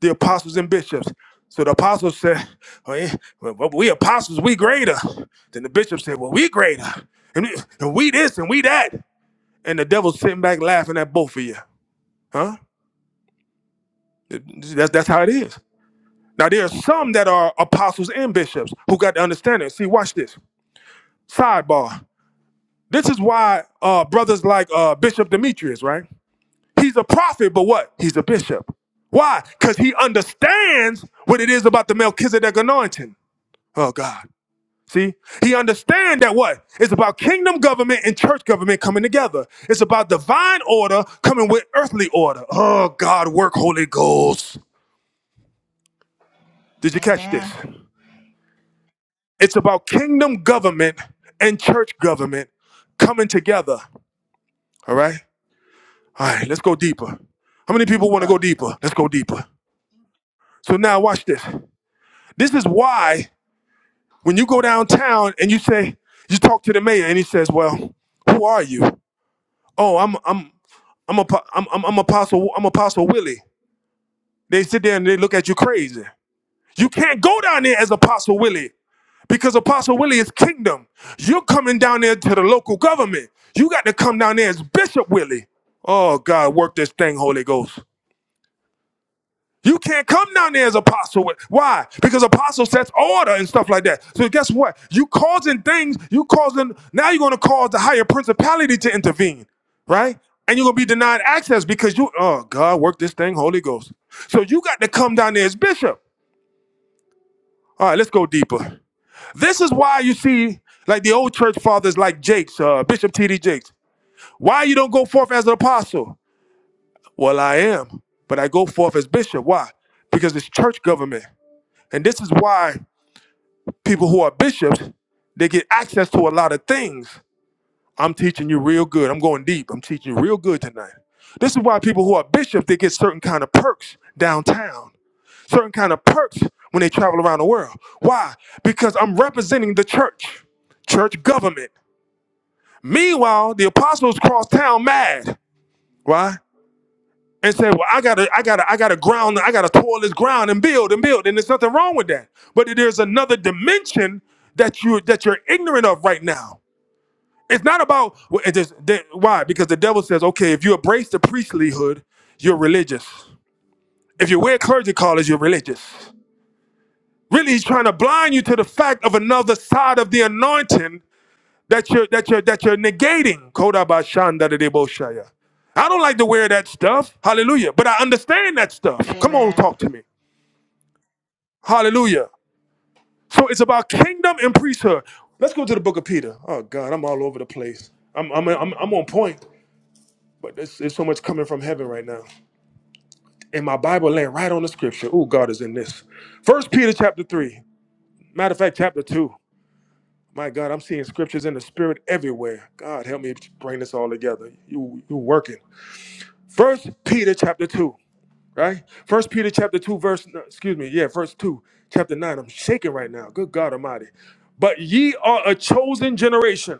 A: the apostles and bishops. So the apostles said, "Oh, yeah, well, well, we apostles, we greater. Then the bishop said, well, we greater. And we, and we this and we that. And the devil's sitting back laughing at both of you. Huh? That's, that's how it is. Now, there are some that are apostles and bishops who got the understanding. See, watch this. Sidebar. This is why uh, brothers like uh, Bishop Demetrius, right? He's a prophet, but what? He's a bishop. Why? Because he understands what it is about the Melchizedek anointing. Oh God. See, he understands that what? It's about kingdom government and church government coming together. It's about divine order coming with earthly order. Oh God, work Holy Ghost. Did you catch this?
B: Amen.
A: It's about kingdom government and church government coming together. All right? All right, let's go deeper. How many people want to go
B: Deeper.
A: deeper? Let's go deeper. So now watch this. This is why When you go downtown and you say, you talk to the mayor and he says, well, who are you? Oh, I'm, I'm, I'm, a, I'm, I'm, I'm Apostle, I'm Apostle Willie. They sit there and they look at you crazy. You can't go down there as Apostle Willie because Apostle Willie is kingdom. You're coming down there to the local government. You got to come down there as Bishop Willie. Oh God, work this thing, Holy Ghost. You can't come down there as apostle. with- Why? Because apostle sets order and stuff like that. So guess what? You causing things. You causing. Now you're going to cause the higher principality to intervene, right? And you're going to be denied access because you. Oh God, work this thing, Holy Ghost. So you got to come down there as bishop. All right, let's go deeper. This is why you see like the old church fathers like Jakes, uh, Bishop T.D. Jakes. Why you don't go forth as an apostle? Well, I am, but I go forth as bishop. Why? Because it's church government. And this is why people who are bishops, they get access to a lot of things. I'm teaching you real good. I'm going deep. I'm teaching you real good tonight. This is why people who are bishops, they get certain kind of perks downtown, certain kind of perks when they travel around the world. Why? Because I'm representing the church, church government. Meanwhile, the apostles cross town mad. Why? and say, "Well, I gotta, I gotta, I gotta ground, I gotta toil this ground and build and build." And there's nothing wrong with that. But there's another dimension that you that you're ignorant of right now. It's not about well, it is- that- why because the devil says, "Okay, if you embrace the priestlyhood, you're religious. If you wear clergy collars, you're religious." Really, he's trying to blind you to the fact of another side of the anointing that you're that you're that you're negating Kodabashanda de Deboshaya. I don't like to wear that stuff. Hallelujah. But I understand that stuff. Come on,
B: Amen.
A: talk to me. Hallelujah. So it's about kingdom and priesthood. Let's go to the book of Peter. Oh God, I'm all over the place. I'm I'm I'm, I'm on point, but there's, there's so much coming from heaven right now. And my Bible laying right on the scripture. Oh, God is in this. First Peter chapter three. Matter of fact, chapter two. My God, I'm seeing scriptures in the spirit everywhere. God help me bring this all together. You you working. First Peter chapter two, right? First Peter chapter two, verse no, excuse me, yeah, verse two, chapter nine. I'm shaking right now. Good God Almighty! But ye are a chosen generation,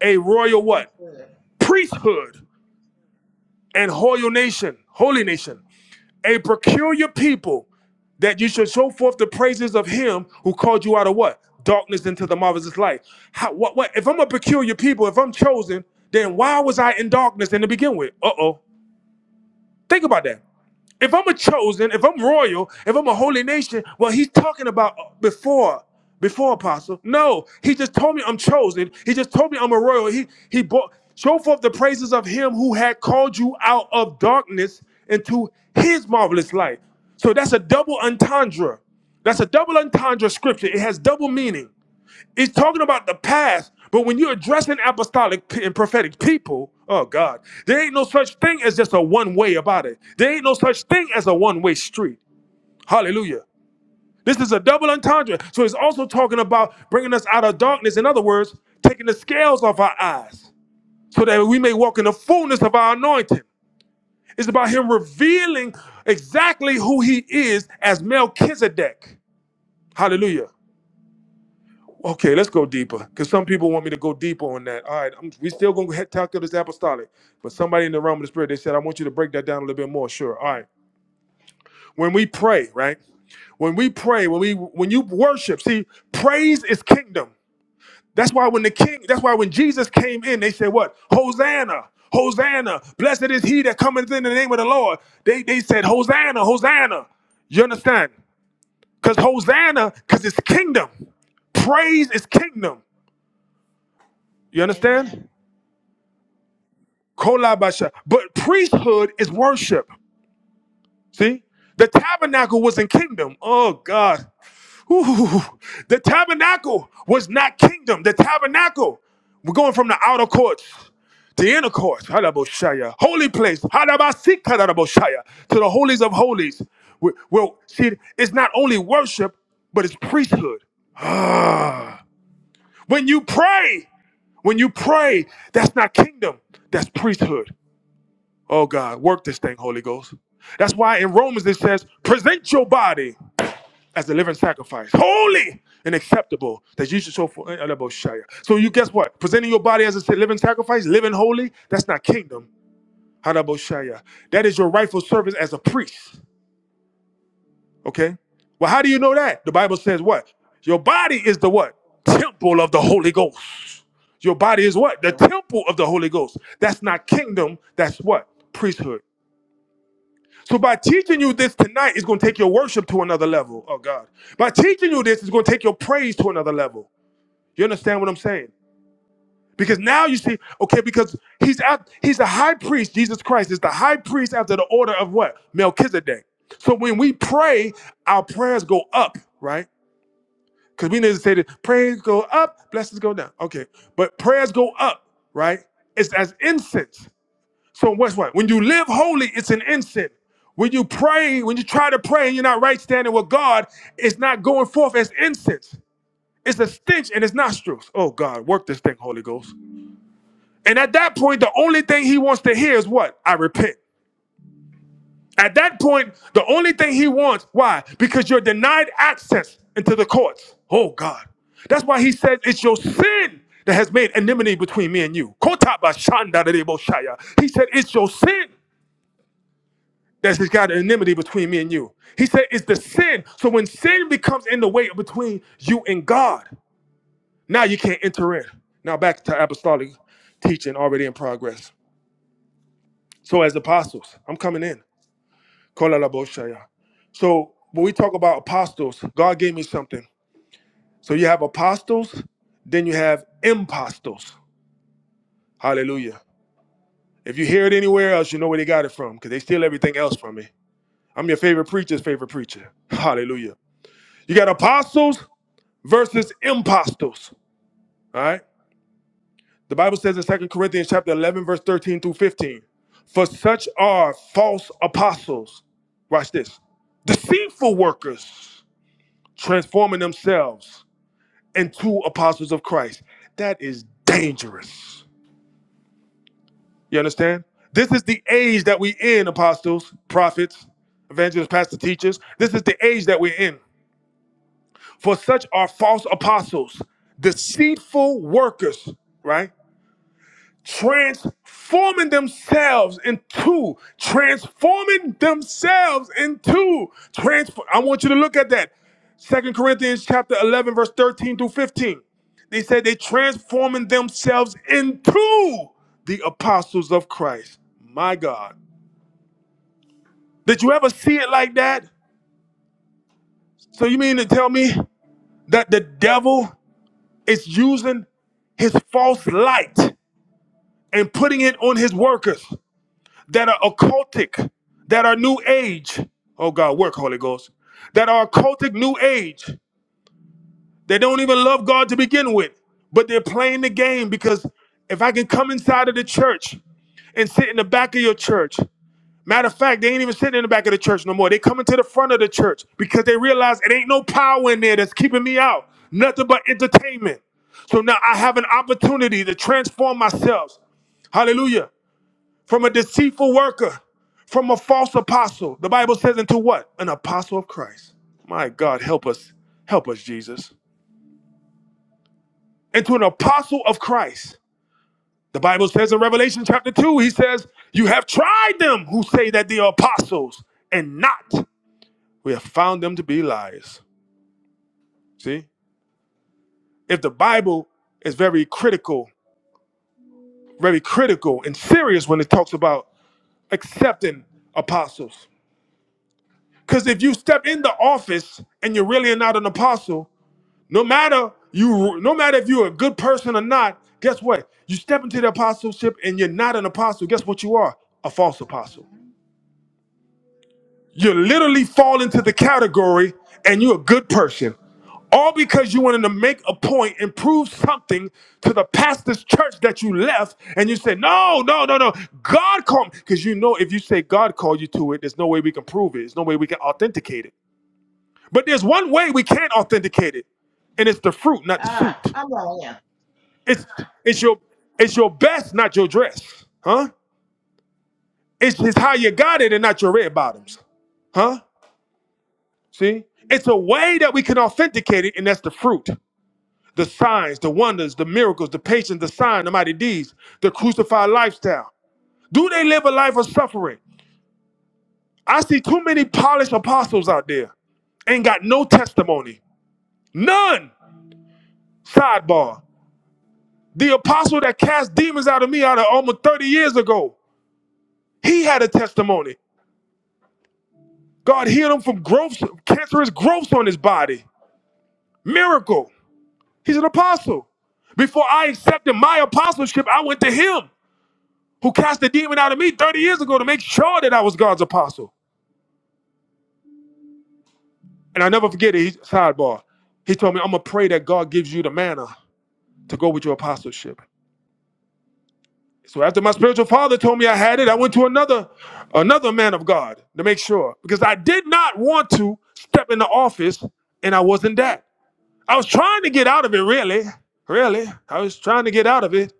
A: a royal
B: He's
A: what?
B: good.
A: Priesthood and holy nation, holy nation, a peculiar people, that you should show forth the praises of Him who called you out of what? Darkness into the marvelous light. How, what, what? If I'm a peculiar people, if I'm chosen, then why was I in darkness in the begin with? Uh oh. Think about that. If I'm a chosen, if I'm royal, if I'm a holy nation, well, he's talking about uh, before, before apostle. No, he just told me I'm chosen. He just told me I'm a royal. He he bought show forth the praises of him who had called you out of darkness into his marvelous light. So that's a double entendre. That's a double entendre scripture. It has double meaning. It's talking about the past, but when you're addressing apostolic p- and prophetic people, oh God, there ain't no such thing as just a one way about it. There ain't no such thing as a one way street. Hallelujah. This is a double entendre. So it's also talking about bringing us out of darkness. In other words, taking the scales off our eyes so that we may walk in the fullness of our anointing. It's about Him revealing exactly who He is as Melchizedek. Hallelujah. Okay, let's go deeper because some people want me to go deeper on that. All right, I'm, we still gonna tackle this apostolic, but somebody in the realm of the spirit they said I want you to break that down a little bit more. Sure. All right. When we pray, right? When we pray, when we when you worship, see, praise is kingdom. That's why when the king, that's why when Jesus came in, they said what? Hosanna, Hosanna! Blessed is he that cometh in the name of the Lord. They they said Hosanna, Hosanna. You understand? Because Hosanna, because it's kingdom. Praise is kingdom. You
B: Amen.
A: understand? Kolabasha. But priesthood is worship. See? The tabernacle was in kingdom. Oh God. Ooh. The tabernacle was not kingdom. The tabernacle. We're going from the outer courts to the inner courts. Hadaboshaya. Holy place. Hadabasikadadaboshaya. To the holies of holies. We- Well, see, it's not only worship, but it's priesthood. Ah. When you pray, when you pray, that's not kingdom, that's priesthood. Oh God, work this thing, Holy Ghost. That's why in Romans it says, present your body as a living sacrifice, holy and acceptable, that you should show for uh, uh, So you guess what? Presenting your body as a si-, living sacrifice, living holy, that's not kingdom. Hanaboshaya. That is your rightful service as a priest. Okay? Well, how do you know that? The Bible says what? Your body
B: Thank
A: is the
B: you,
A: what?
B: Lord. Holy Ghost.
A: Temple of the Holy Ghost. Your body is
B: Holy
A: what? The
B: Ghost.
A: temple of the Holy Ghost. That's not kingdom. That's what? Priesthood. So by teaching you this tonight, it's going to take your worship to another level. Oh God. By teaching you this, it's going to take your praise to another level. You understand what I'm saying? Because now you see, okay, because he's out, he's a high priest. Jesus Christ is the high priest after the order of what? Melchizedek. So when we pray, our prayers go up, right? Because we need to say that prayers go up, blessings go down. Okay. But prayers go up, right? It's as incense. So what's what? When you live holy, it's an incense. When you pray, when you try to pray and you're not right standing with God, it's not going forth as incense. It's a stench in his nostrils. Oh God, work this thing, Holy Ghost. And at that point, the only thing he wants to hear is what? I repent. At that point, the only thing he wants, why? Because you're denied access into the courts. Oh God. That's why he says it's your sin that has made enmity between me and you. Kotabashandadadeboshaya. He said it's your sin. that has got an enmity between me and you. He said it's the sin. So when sin becomes in the way between you and God, now you can't enter in. Now back to apostolic teaching already in progress. So as apostles, I'm coming in. Kolalaboshaya. So when we talk about apostles, God gave me something. So you have apostles, then you have impostors. Hallelujah. If you hear it anywhere else, you know where they got it from because they steal everything else from me. I'm your favorite preacher's favorite preacher. Hallelujah. You got apostles versus impostors. All right. The Bible says in Second Corinthians chapter 11, verse 13 through 15, for such are false apostles. Watch this. Deceitful workers transforming themselves into apostles of Christ. That is dangerous. You understand? This is the age that we in, apostles, prophets, evangelists, pastors, teachers. This is the age that we're in. For such are false apostles, deceitful workers, right? transforming themselves into transforming themselves into transform i want you to look at that second corinthians chapter 11 verse 13 through 15 they said they transforming themselves into the apostles of christ my god did you ever see it like that so you mean to tell me that the devil is using his false light and putting it on his workers that are occultic, that are new age. Oh God, work, Holy Ghost. That are occultic new age. They don't even love God to begin with, but they're playing the game because if I can come inside of the church and sit in the back of your church, matter of fact, they ain't even sitting in the back of the church no more. They coming to the front of the church because they realize it ain't no power in there that's keeping me out. Nothing but entertainment. So now I have an opportunity to transform myself. Hallelujah from a deceitful worker, from a false apostle. The Bible says, into what? An apostle of Christ. My God, help us. Help us, Jesus. Into an apostle of Christ. The Bible says in Revelation chapter 2, he says, You have tried them who say that they are apostles and not. We have found them to be liars. See? If the Bible is very critical, very critical and serious when it talks about accepting apostles. Because if you step in the office and you really are not an apostle, No matter you, no matter if you're a good person or not, guess what? You step into the apostleship and you're not an apostle. Guess what you are? A false apostle.
B: Mhm.
A: You literally fall into the category and you're a good person. All because you wanted to make a point and prove something to the pastor's church that you left, and you said, No, no, no, no. God called me. Because you know, if you say God called you to it, there's no way we can prove it. There's no way we can authenticate it. But there's one way we can authenticate it, and it's the fruit, not the
B: Ah,
A: suit.
B: come on here.
A: It's it's your it's your best, not your dress, huh? It's it's how you got it and not your red
B: hmm
A: bottoms, huh? See, it's a way that we can authenticate it, and that's the fruit, the signs, the wonders, the miracles, the patience, the sign, the mighty deeds, the crucified lifestyle. Do they live a life of suffering? I see too many polished apostles out there ain't got no testimony. None. Sidebar. The apostle that cast demons out of me out of almost 30 years ago, he had a testimony. God healed him from growths, cancerous growths on his body. Miracle. He's an apostle. Before I accepted my apostleship, I went to him who cast the demon out of me 30 years ago to make sure that I was God's apostle. And I never forget it. He, sidebar. He told me, I'm going to pray that God gives you the manna to go with your apostleship. So after my spiritual father told me I had it, I went to another another man of God to make sure because I did not want to step into office and I wasn't that. I was trying to get out of it, really. Really. I was trying to get out of it.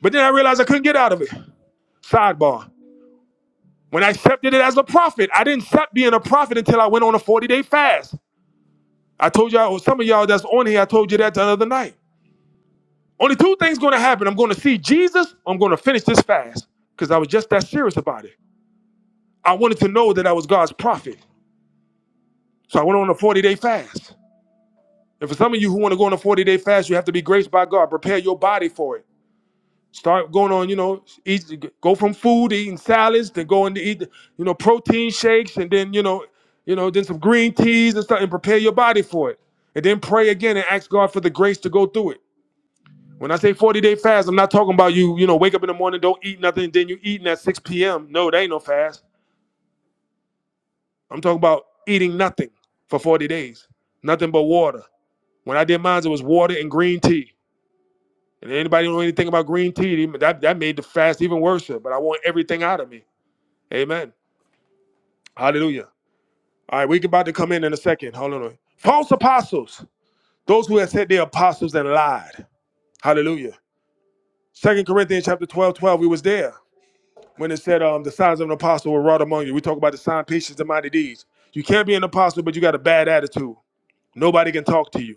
A: But then I realized I couldn't get out of it. Sidebar. When I accepted it as a prophet, I didn't accept being a prophet until I went on a 40 day fast. I told y'all, or some of y'all that's on here, I told you that the other night. Only two things going to happen I'm going to see Jesus, I'm going to finish this fast. Because I was just that serious about it. I wanted to know that I was God's prophet. So I went on a 40 day fast. And for some of you who want to go on a 40 day fast, you have to be graced by God. Prepare your body for it. Start going on, you know, eat, go from food to eating salads to going to eat, you know, protein shakes and then, you know, you know, then some green teas and stuff and prepare your body for it. And then pray again and ask God for the grace to go through it. When I say 40 day fast, I'm not talking about you, you know, wake up in the morning, don't eat nothing, and then you eating at 6 p.m. No, that ain't no fast. I'm talking about eating nothing for 40 days, nothing but water. When I did mine, it was water and green tea. And anybody know anything about green tea, that, that made the fast even worse. But I want everything out of me. Amen. Hallelujah. All right, we're about to come in in a second. Hold on. False apostles, those who have said they're apostles and lied. Hallelujah. Second Corinthians chapter 12, 12. we was there when it said um, the signs of an apostle were wrought among you. We talk about the sign, patience, and mighty deeds. You can't be an apostle, but you got a bad attitude. Nobody can talk to you.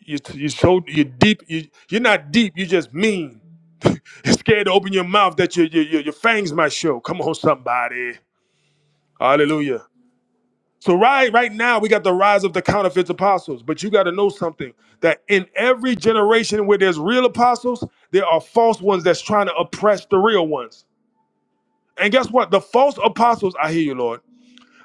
A: You you so you deep. You you're not deep. You just mean. You're scared to open your mouth that your your your your fangs might show. Come on, somebody. Hallelujah. So right right now we got the rise of the counterfeit apostles, but you got to know something that in every generation where there's real apostles, there are false ones that's trying to oppress the real ones. And guess what? The false apostles, I hear you, Lord.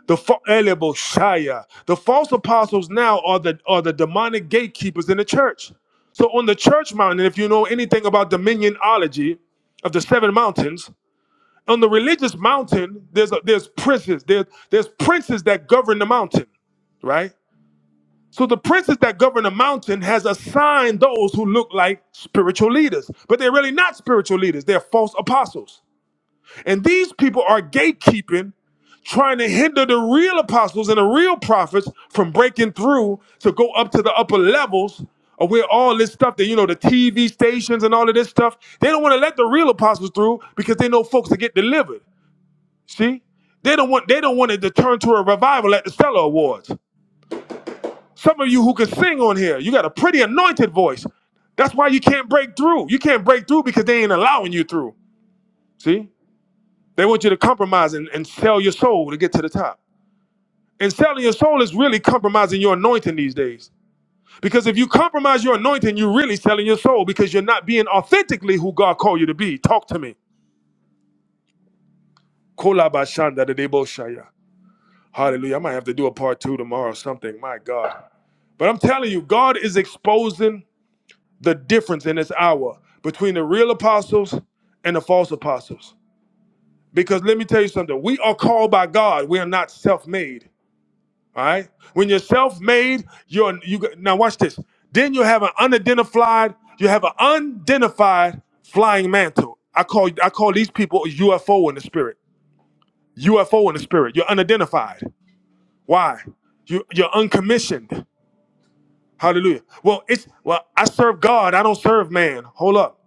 A: The fa- Elebo Shaya. The false apostles now are the are the demonic gatekeepers in the church. So on the church mountain, if you know anything about dominionology of the seven mountains, on the religious mountain, there's a, there's princes, there's there's princes that govern the mountain right? So the princes that govern a mountain has assigned those who look like spiritual leaders, but they're really not spiritual leaders. They're false apostles. And these people are gatekeeping, trying to hinder the real apostles and the real prophets from breaking through to go up to the upper levels of where all this stuff that you know the TV stations and all of this stuff, they don't want to let the real apostles through because they know folks that get delivered. See? They don't want they don't want it to turn to a revival at the Stellar Awards. Some of you who can sing on here, you got a pretty anointed voice. That's why you can't break through. You can't break through because they ain't allowing you through. See? They want you to compromise and, and sell your soul to get to the top. And selling your soul is really compromising your anointing these days. Because if you compromise your anointing, you're really selling your soul because you're not being authentically who God called you to be. Talk to me. Kolabashanda Hallelujah. I might have to do a part two tomorrow or something. My God. But I'm telling you, God is exposing. the difference in this hour between the real apostles and the false apostles. Because let me tell you something, we are called by God. We are not self-made. All right. When you're self-made, you're you now watch this. Then you have an unidentified, you have an unidentified flying mantle. I call I call these people UFO in the spirit. UFO in the spirit. You're unidentified. Why? You you're uncommissioned. Hallelujah. Well, it's well, I serve God, I don't serve man. Hold up.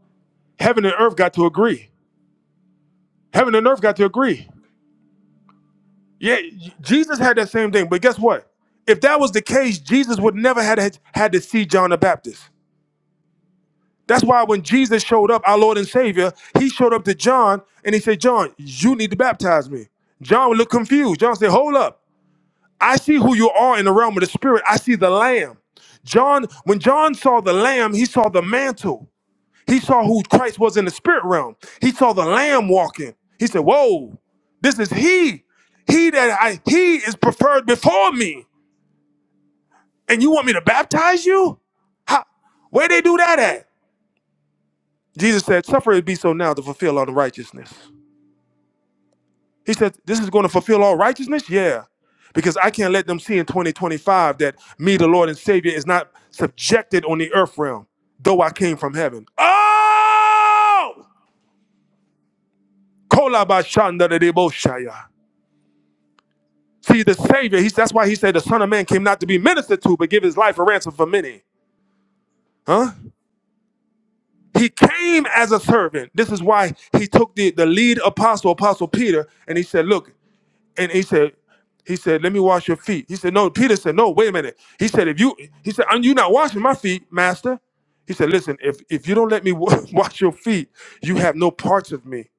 A: Heaven and earth got to agree. Heaven and earth got to agree. Yeah, Jesus had that same thing. But guess what? If that was the case, Jesus would never had had to see John the Baptist. That's why when Jesus showed up, our Lord and Savior, he showed up to John and he said, John, you need to baptize me. John would look confused. John said, Hold up. I see who you are in the realm of the spirit. I see the lamb. John, when John saw the lamb, he saw the mantle. He saw who Christ was in the spirit realm. He saw the lamb walking. He said, Whoa, this is he. He that I he is preferred before me. And you want me to baptize you? How, where they do that at? Jesus said, Suffer it be so now to fulfill all the righteousness. He said, This is going to fulfill all righteousness? Yeah. Because I can't let them see in 2025 that me, the Lord and Savior, is not subjected on the earth realm, though I came from heaven. Oh! Kolabashandadedeboshaya. See, the Savior, he's, that's why he said the Son of Man came not to be ministered to, but give his life a ransom for many. Huh? He came as a servant. This is why he took the, the lead apostle, Apostle Peter, and he said, Look, and he said, he said, Let me wash your feet. He said, No, Peter said, No, wait a minute. He said, If you he said, You're not washing my feet, Master. He said, Listen, if if you don't let me wa- wash your feet, you have no parts of me.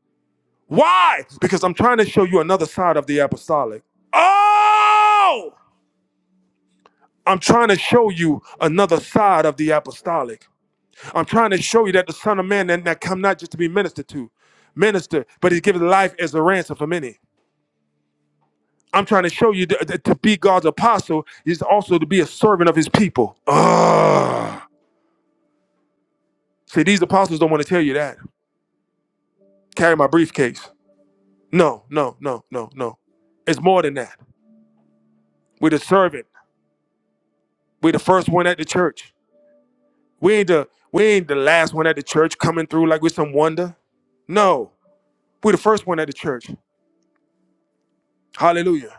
A: Why? Because I'm trying to show you another side of the apostolic. Oh! I'm trying to show you another side of the apostolic. I'm trying to show you that the Son of Man that, that come not just to be ministered to, minister, but He's given life as a ransom for many. I'm trying to show you that, that to be God's apostle is also to be a servant of his people. Ah. See, these apostles don't want to tell you that. Carry my briefcase. No, no, no, no, no. It's more than that. We're the servant. We're the first one at the church. We ain't the we ain't the last one at the church coming through like we're some wonder. No. We're the first one at the church. Hallelujah.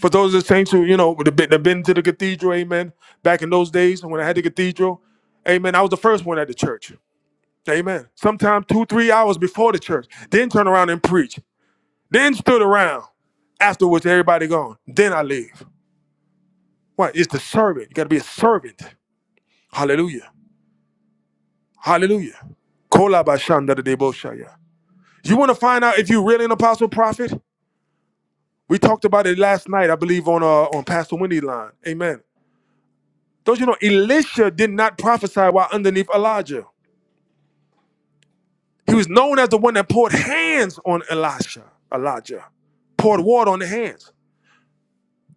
A: For those of the saints who, you know, would have been, have been to the cathedral, amen. Back in those days when I had the cathedral, amen, I was the first one at the church. Amen. Sometimes two, three hours before the church. Then turn around and preach. Then stood around. Afterwards, everybody gone. Then I leave. What? It's the servant. You got to be a servant. Hallelujah. Hallelujah. Kolabashandadadeboshaya. You want to find out if you're really an apostle prophet? We talked about it last night, I believe, on uh, on Pastor Wendy's line. Amen. Don't you know Elisha did not prophesy while underneath Elijah? He was known as the one that poured hands on Elisha. Elijah poured water on the hands.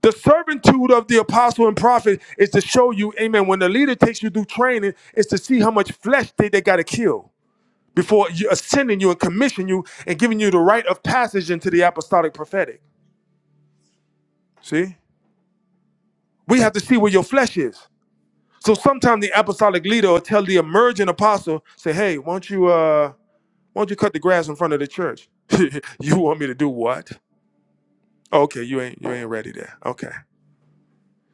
A: The servitude of the apostle and prophet is to show you, amen, when the leader takes you through training, is to see how much flesh they, they got to kill before you ascending you and commission you and giving you the rite of passage into the apostolic prophetic. See? We have to see where your flesh is. So sometimes the apostolic leader will tell the emerging apostle, say, hey, won't you uh Why don't you cut the grass in front of the church? you want me to do what? Okay, you ain't you ain't ready there. Okay.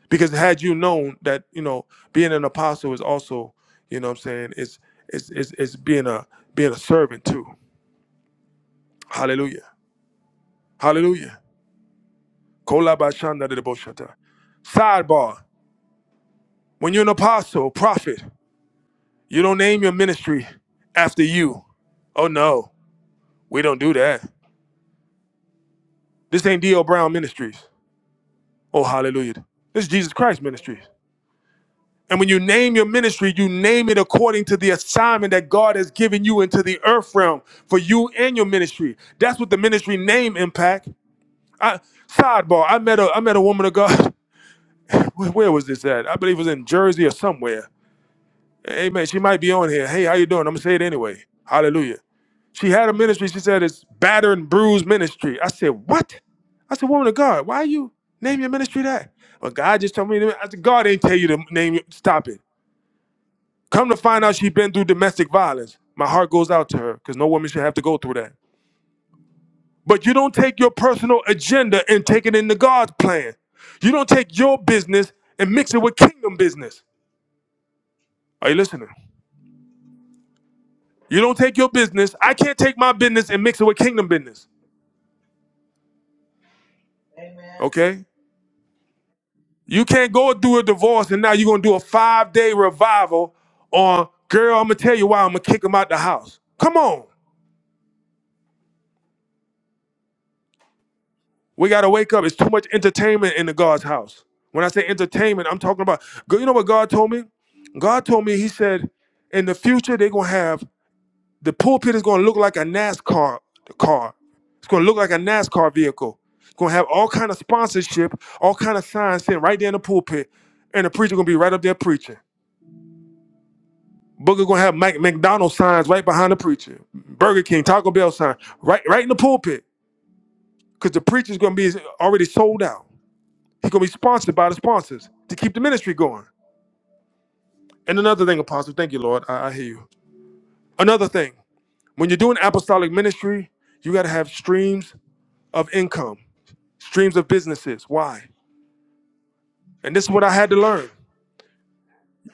A: Because had you known that, you know, being an apostle is also, you know what I'm saying, it's it's it's, it's being a being a servant too. Hallelujah. Hallelujah. Kolabashanda de deboshata. Sidebar. When you're an apostle, prophet, you don't name your ministry after you. Oh no, we don't do that. This ain't D. L. Brown Ministries. Oh hallelujah. This is Jesus Christ Ministries.
B: Amen.
A: And when you name your ministry, you name it according to the assignment that God has given you into the earth realm for you and your ministry. That's what the ministry name impact. I, sidebar: I met a I met a woman of God. Where where was this at? I believe it was in Jersey or somewhere. Amen. She might be on here. Hey, how you doing? I'm gonna say it anyway. Hallelujah. She had a ministry. She said it's battered, and bruise ministry. I said what? I said woman of God, why you name your ministry that? Well, God just told me. To, I said God ain't tell you to name. your Stop it. Come to find out she's been through domestic violence. My heart goes out to her because no woman should have to go through that. But you don't take your personal agenda and take it into God's plan. You don't take your business and mix it with kingdom business. Are you listening? You don't take your business. I can't take my business and mix it with kingdom business.
B: Amen.
A: Okay? You can't go do a divorce and now you're gonna do a five day revival on girl, I'm gonna tell you why I'm gonna kick him out the house. Come on. We gotta wake up. It's too much entertainment in the God's house. When I say entertainment, I'm talking about you know what God told me? God told me, He said, in the future, they're gonna have the pulpit is gonna look like a NASCAR car. It's gonna look like a NASCAR vehicle. It's gonna have all kind of sponsorship, all kind of signs sitting right there in the pulpit, and the preacher gonna be right up there preaching. Booker gonna have Mac- McDonald's signs right behind the preacher, Burger King, Taco Bell sign, right, right in the pulpit, cause the preacher's gonna be already sold out. He's going to be sponsored by the sponsors to keep the ministry going. And another thing, Apostle, thank you, Lord. I, I hear you. Another thing, when you're doing apostolic ministry, you got to have streams of income, streams of businesses. Why? And this is what I had to learn.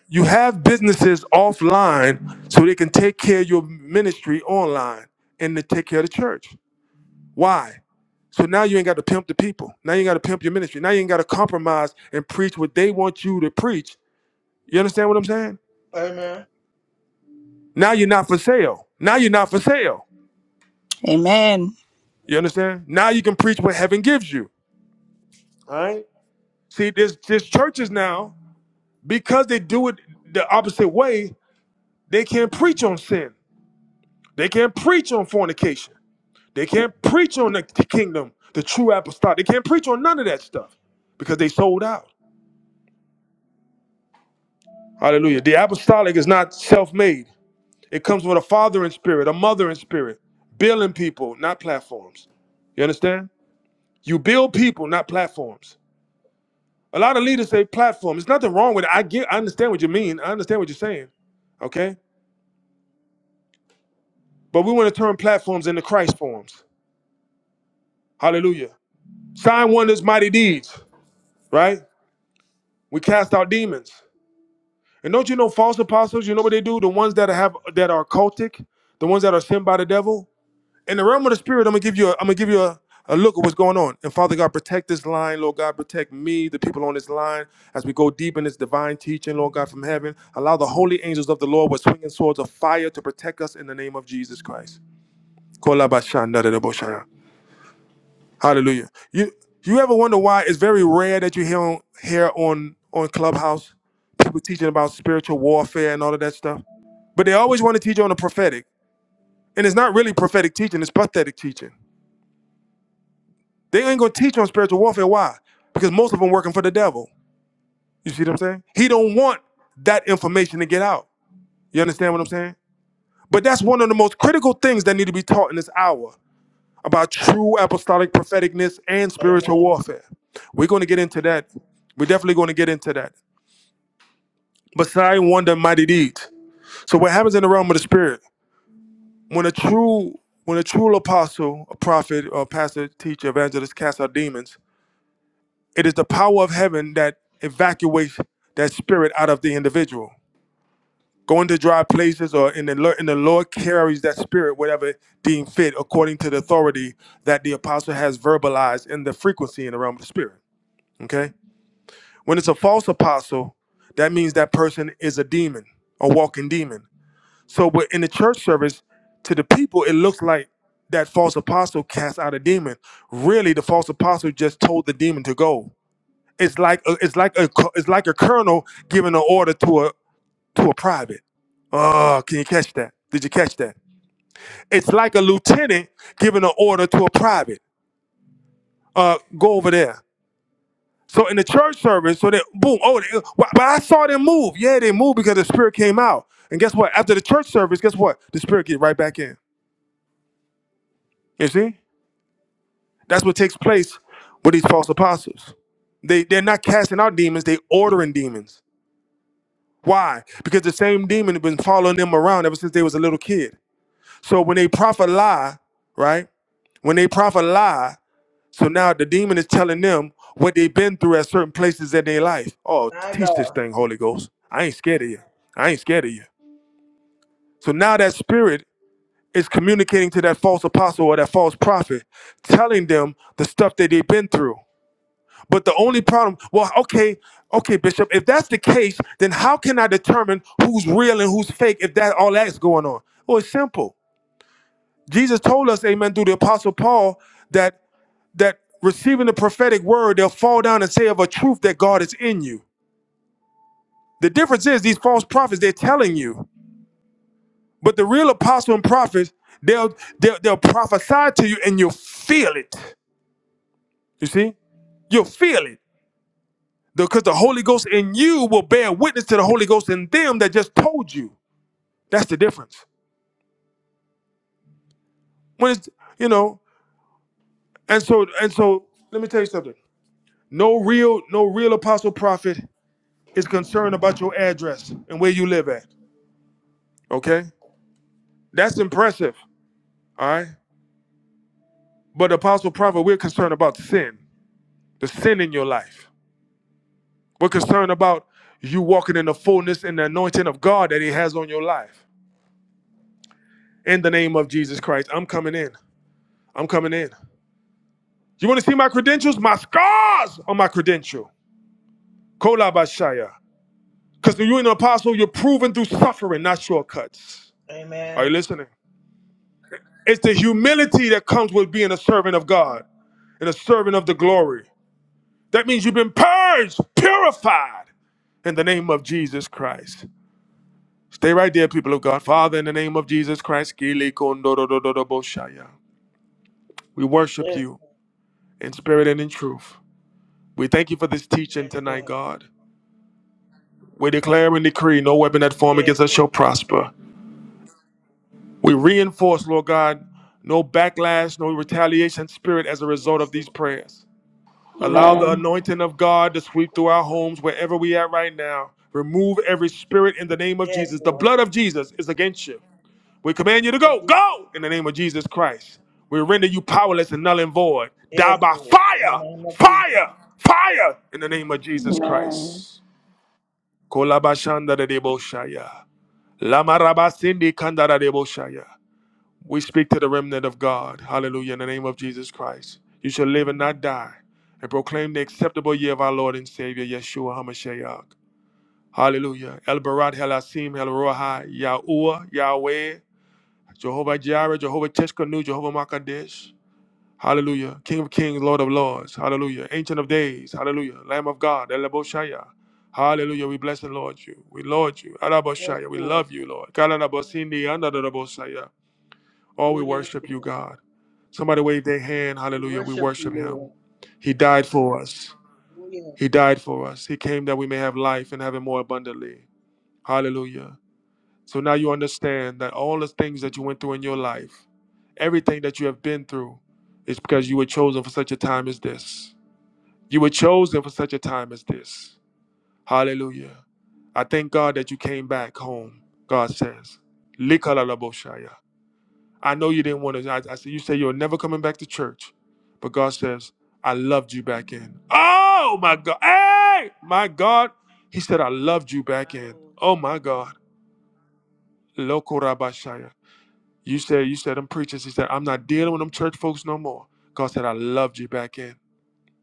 A: You have businesses offline so they can take care of your ministry online and to take care of the church. Why? So now you ain't got to pimp the people. Now you ain't got to pimp your ministry. Now you ain't got to compromise and preach what they want you to preach. You understand what I'm saying?
B: Amen.
A: Now you're not for sale. Now you're not for sale.
D: Amen.
A: You understand? Now you can preach what heaven gives you. All right. See, there's there's churches now because they do it the opposite way. They can't preach on sin. They can't preach on fornication. They can't preach on the kingdom, the true apostolic. They can't preach on none of that stuff because they sold out. Hallelujah. The apostolic is not self-made. It comes with a father in spirit, a mother in spirit, building people, not platforms. You understand? You build people, not platforms. A lot of leaders say platform. There's nothing wrong with it. I get I understand what you mean. I understand what you're saying. Okay? But we want to turn platforms into Christ forms. Hallelujah. Sign wonders, mighty deeds, right? We cast out demons. And don't you know false apostles? You know what they do? The ones that have that are cultic, the ones that are sent by the devil. in the realm of the spirit, I'm gonna give you. A, I'm gonna give you a, a look at what's going on. And Father God, protect this line, Lord God, protect me, the people on this line, as we go deep in this divine teaching, Lord God, from heaven. Allow the holy angels of the Lord with swinging swords of fire to protect us in the name of Jesus Christ. Hallelujah. You you ever wonder why it's very rare that you hear on, hear on on Clubhouse people teaching about spiritual warfare and all of that stuff, but they always want to teach you on the prophetic, and it's not really prophetic teaching; it's pathetic teaching. They ain't gonna teach on spiritual warfare. Why? Because most of them working for the devil. You see what I'm saying? He don't want that information to get out. You understand
B: hmm
A: what I'm saying? But that's one of the most critical things that need to be taught in this hour about true apostolic propheticness and spiritual
B: Amen.
A: warfare. We're gonna get into that. We're definitely gonna get into that. But sign wonder mighty deeds. So what happens in the realm of the spirit? When a true when a true apostle, a prophet, or pastor, teacher, evangelist casts out demons, It is the power of heaven that evacuates that spirit out of the individual. Going to dry places or in the Lord, and the Lord carries that spirit, whatever deemed fit, according to the authority that the apostle has verbalized in the frequency in the realm of the spirit. Okay? When it's a false apostle, that means that person is a demon, a walking demon. So but in the church service, to the people, it looks like that false apostle cast out a demon. Really, the false apostle just told the demon to go it's like a, it's like a co- it's like a colonel giving an order to a to a private. Oh, can you catch that? Did you catch that? It's like a lieutenant giving an order to a private. Uh, go over there. So in the church service, so that boom, oh, they, but but I saw them move. Yeah, they moved because the spirit came out. And guess what? After the church service, guess what? The spirit get right back in. You see, that's what takes place with these false apostles. They they're not casting out demons; they ordering demons. Why? Because the same demon had been following them around ever since they was a little kid. So when they prophet lie, right? When they prophet lie, so now the demon is telling them what they've been through at certain places in their life. Oh,
B: My
A: teach this
B: God.
A: thing, Holy Ghost. I ain't scared of you. I ain't scared of you. So now that spirit is communicating to that false apostle or that false prophet, telling them the stuff that they've been through. But the only problem, well, okay, okay, Bishop, if that's the case, then how can I determine who's real and who's fake if that all that's going on? Well, it's simple. Jesus told us, amen, through the apostle Paul, that that receiving the prophetic word, they'll fall down and say of a truth that God is in you. The difference is these false prophets, they're telling you. But the real apostle and prophets, they'll they'll, they'll prophesy to you and you'll feel it. You see? You'll feel it. Because the Holy Ghost in you will bear witness to the Holy Ghost in them that just told you. That's the difference. When it's, you know, and so and so let me tell you something. No real, no real apostle prophet is concerned about your address and where you live at. Okay? That's impressive. All right. But apostle prophet, we're concerned about sin, the sin in your life. We're concerned about you walking in the fullness and the anointing of God that He has on your life. In the name of Jesus Christ, I'm coming in. I'm coming in. You want to see my credentials? My scars are my credential. Kolabashaya. Because when you're an apostle, you're proven through suffering, not shortcuts. Are
B: Amen.
A: you listening? It's the humility that comes with being a servant of God and a servant of the glory. That means you've been purged, purified in the name of Jesus Christ. Stay right there, people of God. Father, in the name of Jesus Christ, Kili Kondododododoboshaya. we worship
B: Yes,
A: you
B: Lord.
A: in spirit and in truth. We thank you for this teaching
B: Yes,
A: tonight,
B: Lord.
A: God. We declare and decree no weapon that form
B: Yes,
A: against us shall
B: Lord.
A: prosper. We reinforce, Lord God, no backlash, no retaliation spirit as a result of
B: Yes,
A: these
B: Lord.
A: prayers. Allow the
C: Amen.
A: anointing of God to sweep through our homes wherever we are right now. Remove every spirit in the name of
B: Yes,
A: Jesus. The
B: Lord.
A: blood of Jesus is against you. We command you to
B: Name of
A: go,
B: Jesus.
A: go in the name of Jesus Christ. We render you powerless and null and void. Die
B: Yes,
A: by
B: Lord. In the
A: fire,
B: name of Jesus.
A: fire, fire in the name of Jesus
C: Amen.
A: Christ. Kolabashanda de deboshaya. Lamarabasindi kandarabosaya. We speak to the remnant of God. Hallelujah. In the name of Jesus Christ. You shall live and not die and proclaim the acceptable year of our Lord and Savior, Yeshua HaMashiach. Hallelujah. El Barat, El Asim, El Rohai, Yahuwah, Yahweh, Jehovah Jireh, Jehovah Teshkanu, Jehovah Makadesh. Hallelujah. King of kings, Lord of lords. Hallelujah. Ancient of days. Hallelujah. Lamb of God. Eleboshaya. Hallelujah. We bless and Lord you. We Lord you.
B: Yes,
A: Araboshaya. We
B: Lord.
A: love you, Lord.
B: Mm.
A: Kalanabosindi andadadaboshaya. Oh, we
B: Oh, yes,
A: worship you,
B: Lord.
A: God. Somebody wave their hand.
B: We
A: Hallelujah. We
B: worship you,
A: worship him.
B: Lord.
A: He died for us.
B: Oh, yes,
A: He died for us. He came that we may have life and have it more abundantly. Hallelujah. So now you understand that all the things that you went through in your life, everything that you have been through, is because you were chosen for such a time as this. You were chosen for such a time as this. Hallelujah. I thank God that you came back home, God says. Likalalaboshaya. I know you didn't want to. I, I said, You say you're never coming back to church, but God says, I loved you back in. Oh my God. Hey, my God. He said, I loved you back
B: my
A: in.
B: Lord.
A: Oh my God. Lokorabashaya. You said you said them preachers. He said I'm not dealing with them church folks no more. God said I loved you back in.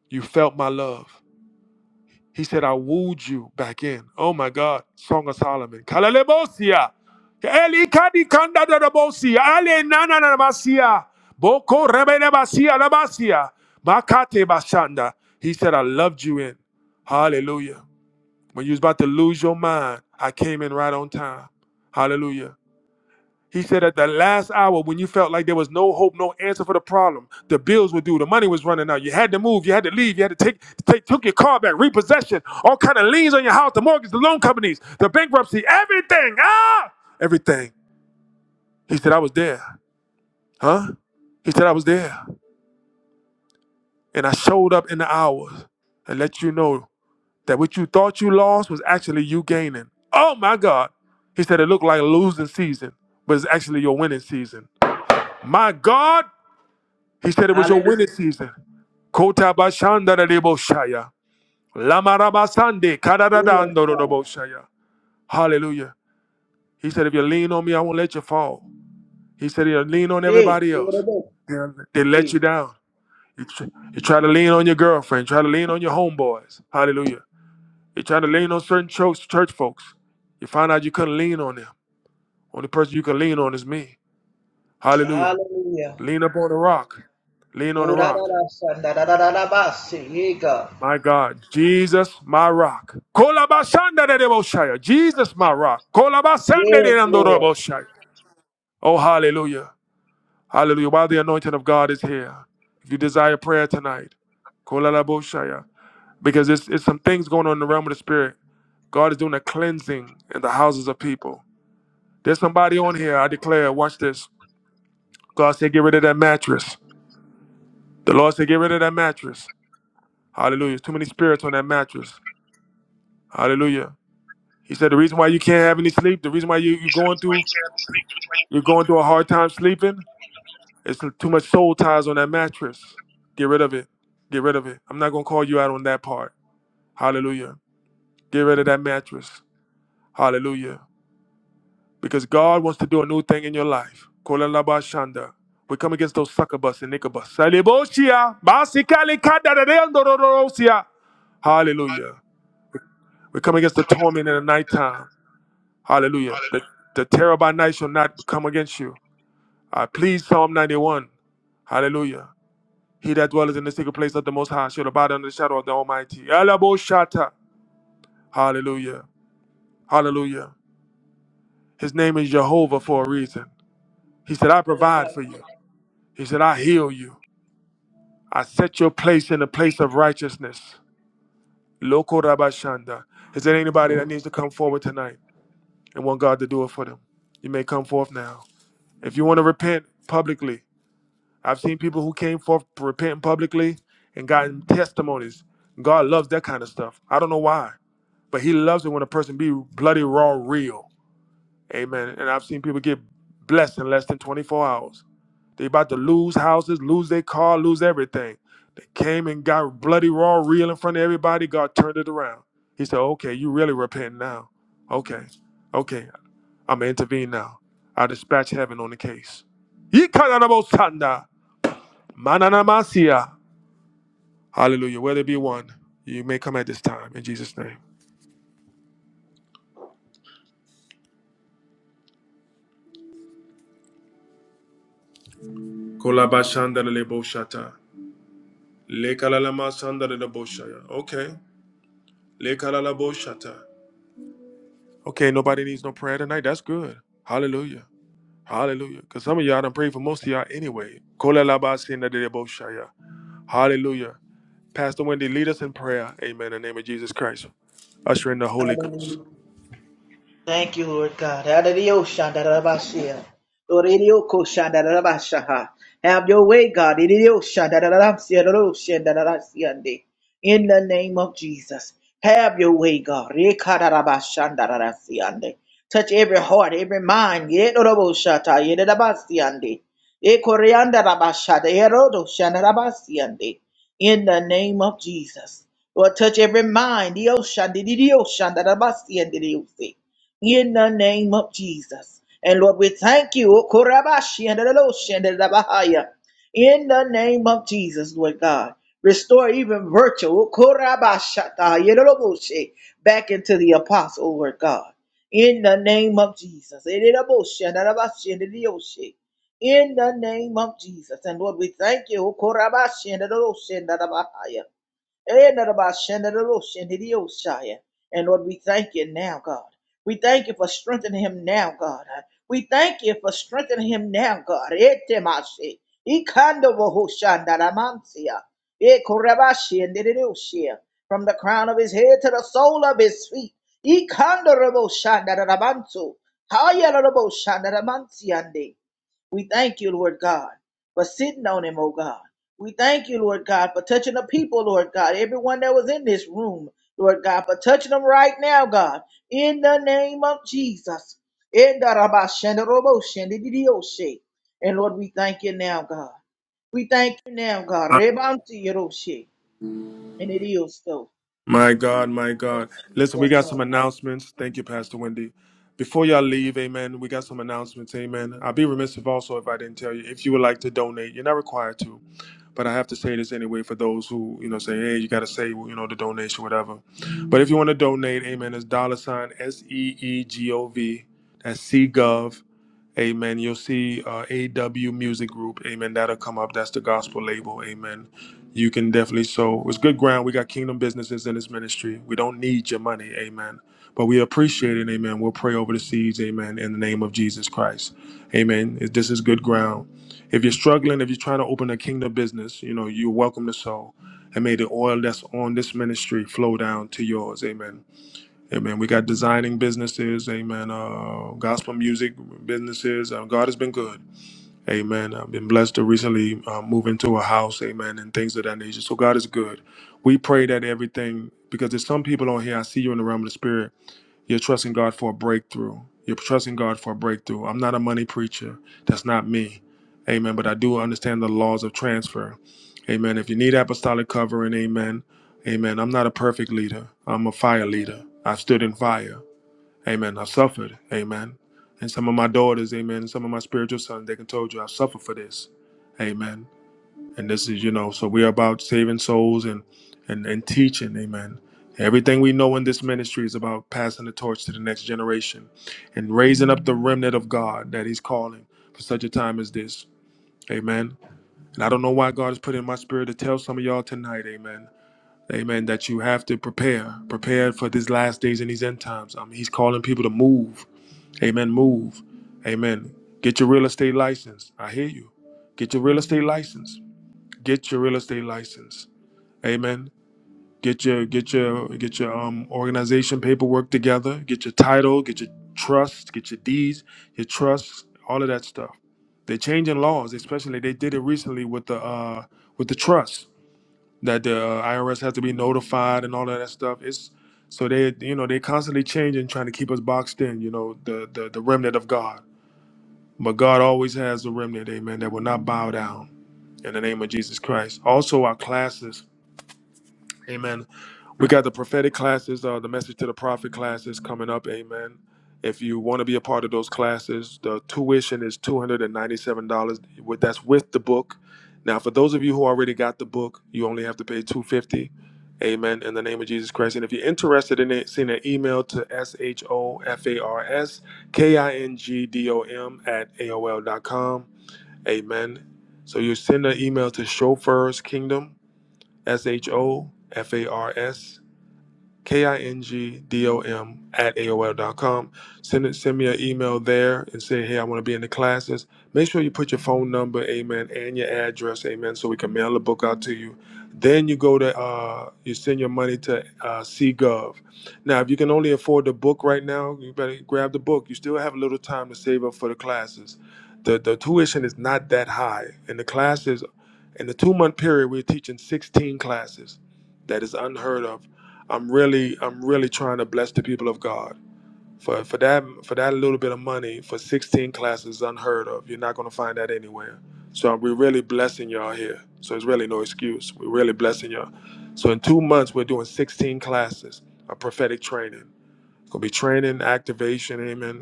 A: You felt my love. He said I wooed you back in. Oh my God, Song of Solomon. Kalalebosia. Elikadikandadadabosia. Alenananabasia. Boko rebenebasia labasia. Makate bashanda. He said I loved you in. Hallelujah. When you was about to lose your mind, I came in right on time. Hallelujah. He said at the last hour when you felt like there was no hope, no answer for the problem, the bills were due, the money was running out. You had to move, you had to leave, you had to take, take took your car back, repossession, all kind of liens on your house, the mortgage, the loan companies, the bankruptcy, everything. Ah, everything. He said I was there, huh? He said I was there, and I showed up in the hours and let you know that what you thought you lost was actually you gaining. Oh my God. He said it looked like a losing season, but it's actually your winning season. My God, He said it was your
B: Hallelujah.
A: winning season. Kota bashanda da debo shaya. Lama raba sande kada da
B: Oh,
A: da
B: yes,
A: ando do
B: God.
A: dobo shaya. Hallelujah. He said, if you lean on me, I won't let you fall. He said, if you lean on
B: Hey,
A: everybody else,
B: Lord, oh,
A: they'll- they let
B: yes.
A: you down. You, tr- you try to lean on your girlfriend, try to lean on your homeboys. Hallelujah. You try to lean on certain church, church folks. You find out you couldn't lean on them. Only person you can lean on is me. Hallelujah.
B: Hallelujah.
A: Lean up on the rock. Lean on the
B: Oh, da, da,
A: rock.
B: da, son, da, da, da, da, da, ba, si. Hey, God.
A: My God, Jesus, my rock. Kolabasanda de Deboshaya. Jesus, my rock. Kolabasanda de
B: Yes, Lord.
A: Deboshaya. Oh, hallelujah. Hallelujah. While the anointing of God is here, if you desire prayer tonight, Kolalaboshaya. because it's, it's some things going on in the realm of the spirit. God is doing a cleansing in the houses of people. There's somebody on here, I declare, watch this. God said, get rid of that mattress. The Lord said, get rid of that mattress. Hallelujah. There's too many spirits on that mattress. Hallelujah. He said the reason why you can't have any sleep, the reason why you, you're going through you're going through a hard time sleeping, it's too much soul ties on that mattress. Get rid of it. Get rid of it. I'm not gonna call you out on that part. Hallelujah. Get rid of that mattress. Hallelujah. Because God wants to do a new thing in your life. Kolalabashanda. We come against those sucker bus and nickel bus. Saleboshia, basikali kadadadendorororosia. Hallelujah. We come against the torment in the nighttime. Hallelujah. The, the terror by night shall not come against you. Uh, please, Psalm 91. Hallelujah. He that dwelleth in the secret place of the Most High shall abide under the shadow of the Almighty. Elaboshata. Hallelujah. Hallelujah. His name is Jehovah for a reason. He said, I provide
B: Hallelujah.
A: for you. He said, I heal you. I set your place in a place of righteousness. Loko Rabashanda. Is there anybody that needs to come forward tonight and want God to do it for them? You may come forth now. If you want to repent publicly, I've seen people who came forth repenting publicly and gotten testimonies. God loves that kind of stuff. I don't know why, but He loves it when a person be bloody raw real. Amen. And I've seen people get blessed in less than 24 hours. They about to lose houses, lose their car, lose everything. They came and got bloody raw real in front of everybody. God turned it around. He said, "Okay, you really repent now. Okay, okay, I'm gonna intervene now. I dispatch heaven on the case." Yee kanada bo sanda. Mananamasia. Hallelujah. Where there be one, you may come at this time in Jesus' name. Kolabashandareleboshata. Lekalalamashandareleboshaya. Okay. Lekalalaboshata. Okay, nobody needs no prayer tonight. That's good. Hallelujah. Hallelujah. Because some of y'all done prayed for most of y'all anyway. Kolalabasandareleboshaya. Hallelujah. Pastor Wendy, lead us in prayer. Amen. In the name of Jesus Christ. Usher in the Holy Ghost.
B: Hallelujah. Thank you, Lord God. Adidiyoshandarabashia. Doriyokoshandarabashaha. Have your way, God. Idiyoshandarabasiyadaroshandarabasiyande. In the name of Jesus. Have your way, God. Rekadarabashandarabasiyande. Touch every heart, every mind. Yedorobosata, yedorabasiyande. Ekoriandarabashada, erodoshandarabasiyande. In the name of Jesus. Lord, touch every mind. Diyoshandidiyoshandarabasiyandidiyose in the name of Jesus. And Lord, we thank you. O Korabashi and the Loshi and the Dabahaya. In the name of Jesus, Lord God. Restore even virtual Korabashata Yeroboshi back into the apostle, Lord God. In the name of Jesus. Ereroboshi and Dabashi and the Yoshi. In the name of Jesus. And Lord, we thank you. O Korabashi and the Loshi and the Dabahaya. Eh, nada más, shanda da lo, shanda di o, shaya. And Lord, we thank you now, God. We thank you for strengthening him now, God. We thank you for strengthening him now, God. Eh, te masi. Ikando wo ho shanda da mansia. Eh, korabashi, and did o, shia. From the crown of his head to the sole of his feet. Ikando rabo shanda da da bantu. Haya da shanda da mansiande. We thank you, Lord God, for sitting on him, oh God. We thank you, Lord God, for touching the people, Lord God, everyone that was in this room, Lord God, for touching them right now, God, in the name of Jesus. In the Rabba Shanda Robo Shanda Didi And Lord, we thank you now, God. We thank you now, God. Rebanti Yeroshe. And it is so.
A: My God, my
B: In
A: God. Listen, we
B: Jesus'
A: got some
B: name.
A: announcements. Thank you, Pastor Wendy. Before y'all leave, amen, we got some announcements, amen. I'd be remiss if also if I didn't tell you, if you would like to donate, you're not required to, but I have to say this anyway for those who, you know, say, hey, you got to say, you know, the donation, whatever. But if you want to donate, amen, it's dollar sign S E E G O V, that's C Gov Amen. You'll see uh, AW Music Group. Amen. That'll come up. That's the gospel label. Amen. You can definitely sow. It's good ground. We got kingdom businesses in this ministry. We don't need your money. Amen. But we appreciate it. Amen. We'll pray over the seeds. Amen. In the name of Jesus Christ. Amen. If This is good ground. If you're struggling, if you're trying to open a kingdom business, you know, you're welcome to sow. And may the oil that's on this ministry flow down to yours. Amen. Amen. we got designing businesses, amen. Uh, gospel music businesses. Uh, God has been good, amen. I've been blessed to recently uh, move into a house, amen, and things of that nature. So God is good. We pray that everything, because there's some people on here. I see you in the realm of the spirit. You're trusting God for a breakthrough. You're trusting God for a breakthrough. I'm not a money preacher. That's not me. Amen. But I do understand the laws of transfer. Amen. If you need apostolic covering, amen. Amen. I'm not a perfect leader. I'm a fire leader. I've stood in fire. Amen. I've suffered. Amen. And some of my daughters, amen, and some of my spiritual sons, they can told you I've suffered for this. Amen and this is you know so we're about saving souls and and and teaching amen everything we know in this ministry is about passing the torch to the next generation and raising up the remnant of god that he's calling for such a time as this amen and i don't know why god has put in my spirit to tell some of y'all tonight amen amen that you have to prepare prepare for these last days and these end times i mean he's calling people to move amen move amen get your real estate license i hear you get your real estate license get your real estate license. Amen. Get your get your get your um organization paperwork together. Get your title. Get your trust. Get your deeds. Your trusts. All of that stuff. They're changing laws, especially they did it recently with the uh with the trust that the uh, IRS has to be notified and all of that stuff. It's so they you know they constantly changing, trying to keep us boxed in. You know the the the remnant of God. But God always has a remnant, amen, that will not bow down in the name of Jesus Christ. Also, our classes Amen. We got the prophetic classes, uh, the message to the prophet classes coming up. Amen. If you want to be a part of those classes, the tuition is two hundred and ninety-seven dollars. That's with the book. Now, for those of you who already got the book, you only have to pay two fifty. Amen. In the name of Jesus Christ. And if you're interested in it, send an email to s h o f a r s k i n g d o m at aol dot com. Amen. So you send an email to Chauffeurs Kingdom S H O F A R S K-I-N-G-D-O-M at AOL.com. Send it, send me an email there and say, hey, I want to be in the classes. Make sure you put your phone number, amen, and your address, amen, so we can mail the book out to you. Then you go to, uh, you send your money to uh, C Gov. Now, if you can only afford the book right now, you better grab the book. You still have a little time to save up for the classes. The, the tuition is not that high. And the classes, in the two month period, we're teaching 16 classes. That is unheard of I'm really I'm really trying to bless the people of God. For for that for that little bit of money for 16 classes is unheard of. You're not going to find that anywhere. So we're really blessing y'all here. So it's really no excuse. We're really blessing y'all. So in two months we're doing 16 classes of prophetic training. It's gonna be training, activation, amen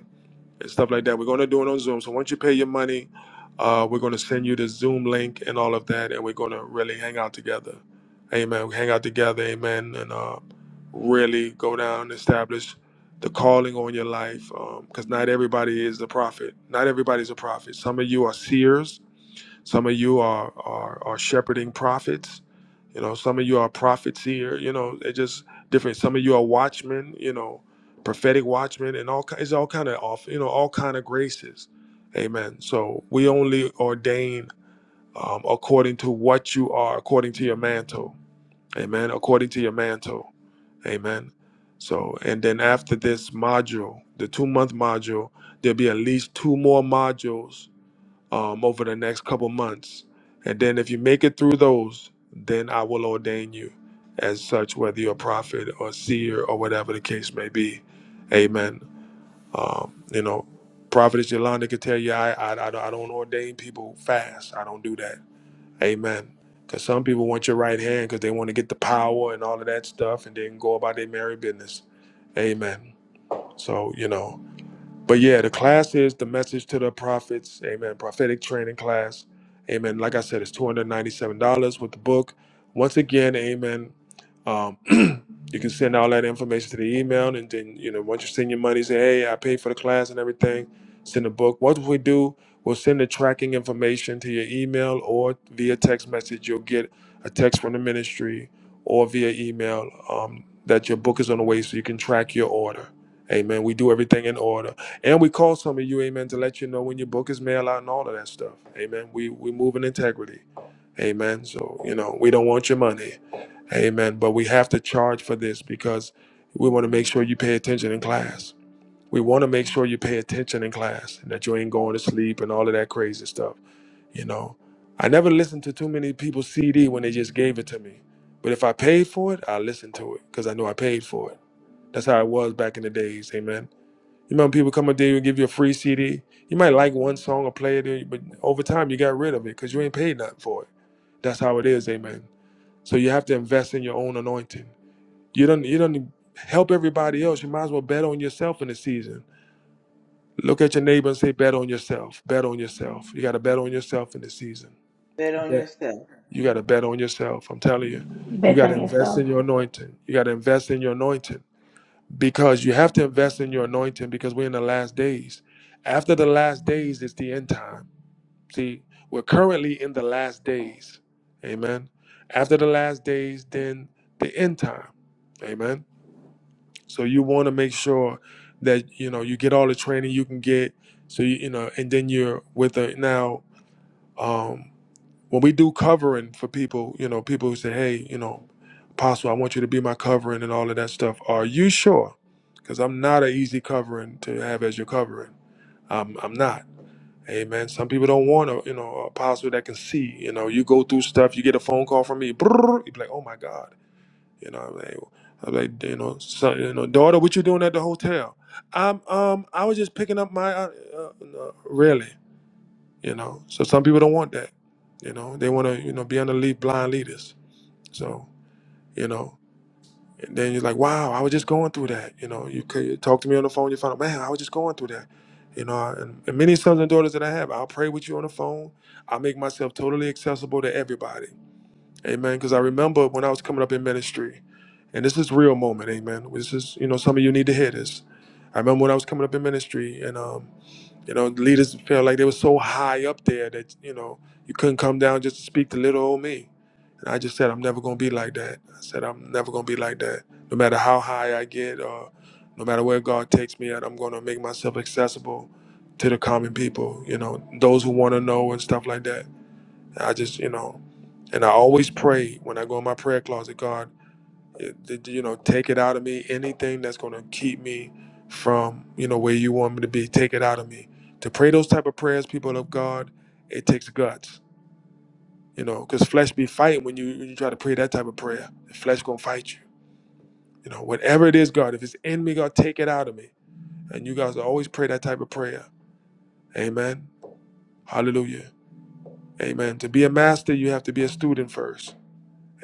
A: and stuff like that. We're going to do it on Zoom. So once you pay your money, uh, we're going to send you the Zoom link and all of that, and we're going to really hang out together. Amen. We hang out together. Amen. And uh, really go down and establish the calling on your life because not everybody is a prophet. Not everybody's a prophet. Some of you are seers. Some of you are, are are shepherding prophets. You know, some of you are prophets here. You know, it just different. Some of you are watchmen. You know, prophetic watchmen, and all ki- it's all kind of off. You know, all kind of graces. Amen. So we only ordain um, according to what you are, according to your mantle. Amen. According to your mantle. Amen. So, and then after this module, the two month module, there'll be at least two more modules um, over the next couple months. And then if you make it through those, then I will ordain you as such, whether you're a prophet or seer or whatever the case may be. Amen. Um, you know, Prophetess Yolanda could tell you, I, I, I don't I don't ordain people fast. I don't do that. Amen. Because some people want your right hand because they want to get the power and all of that stuff and then go about their merry business. Amen. So, you know, but yeah, the class is the message to the prophets. Amen. Prophetic training class. Amen. Like I said, it's $297 with the book. Once again, amen. Um, you can send all that information to the email. And then, you know, once you send your money, say, hey, I paid for the class and everything, send the book. Once we do, we'll send the tracking information to your email or via text message. You'll get a text from the ministry or via email um, that your book is on the way so you can track your order. Amen. We do everything in order. And we call some of you, amen, to let you know when your book is mail out and all of that stuff. Amen. We we move in integrity. Amen. So, you know, we don't want your money. Amen. But we have to charge for this because we want to make sure you pay attention in class. We want to make sure you pay attention in class and that you ain't going to sleep and all of that crazy stuff. You know, I never listened to too many people's CD when they just gave it to me. But if I paid for it, I listened to it because I know I paid for it. That's how it was back in the days. Amen. You remember people come up there and give you a free CD. You might like one song or play it, but over time you got rid of it because you ain't paid nothing for it. That's how it is, amen. So you have to invest in your own anointing. You don't you don't help everybody else. You might as well bet on yourself in the season. Look at your neighbor and say, bet on yourself. Bet on yourself. You gotta bet on yourself in the season.
B: Bet on
A: Yeah.
B: yourself.
A: You gotta bet on yourself. I'm telling you. You
C: Bet
A: gotta
C: on
A: invest
C: yourself.
A: in your anointing. You gotta invest in your anointing. because you have to invest in your anointing because we're in the last days. After the last days is the end time. See, we're currently in the last days. Amen. After the last days, then the end time. Amen. So you want to make sure that you know you get all the training you can get. So you you know, and then you're with a now. um, when we do covering for people, you know, people who say, "Hey, you know, Apostle, I want you to be my covering and all of that stuff." Are you sure? Because I'm not an easy covering to have as your covering. I'm, I'm not. Amen. Some people don't want a, you know, apostle that can see. You know, you go through stuff. You get a phone call from me. Brrr, you be like, "Oh my God," you know. I'm like, I'm like, you know, son, you know, daughter, what you doing at the hotel? I'm, um, I was just picking up my, uh, uh, no, really you know. So some people don't want that, you know. They want to, you know, be under lead blind leaders. So you know, and then you're like, wow, I was just going through that, you know. You could you talk to me on the phone, you find out, man, I was just going through that, you know. And, and many sons and daughters that I have, I'll pray with you on the phone. I make myself totally accessible to everybody, amen. Because I remember when I was coming up in ministry, and this is real moment, amen. This is, you know, some of you need to hear this. I remember when I was coming up in ministry, and um you know, the leaders felt like they were so high up there that, you know, you couldn't come down just to speak to little old me. And I just said, I'm never going to be like that. I said, I'm never going to be like that. No matter how high I get or no matter where God takes me at, I'm going to make myself accessible to the common people, you know, those who want to know and stuff like that. I just, you know, and I always pray when I go in my prayer closet, God, you know take it out of me anything that's going to keep me from you know where you want me to be take it out of me to pray those type of prayers people of god it takes guts you know because flesh be fighting when you when you try to pray that type of prayer the flesh gonna fight you you know whatever it is god if it's in me god take it out of me and you guys always pray that type of prayer amen hallelujah amen to be a master you have to be a student first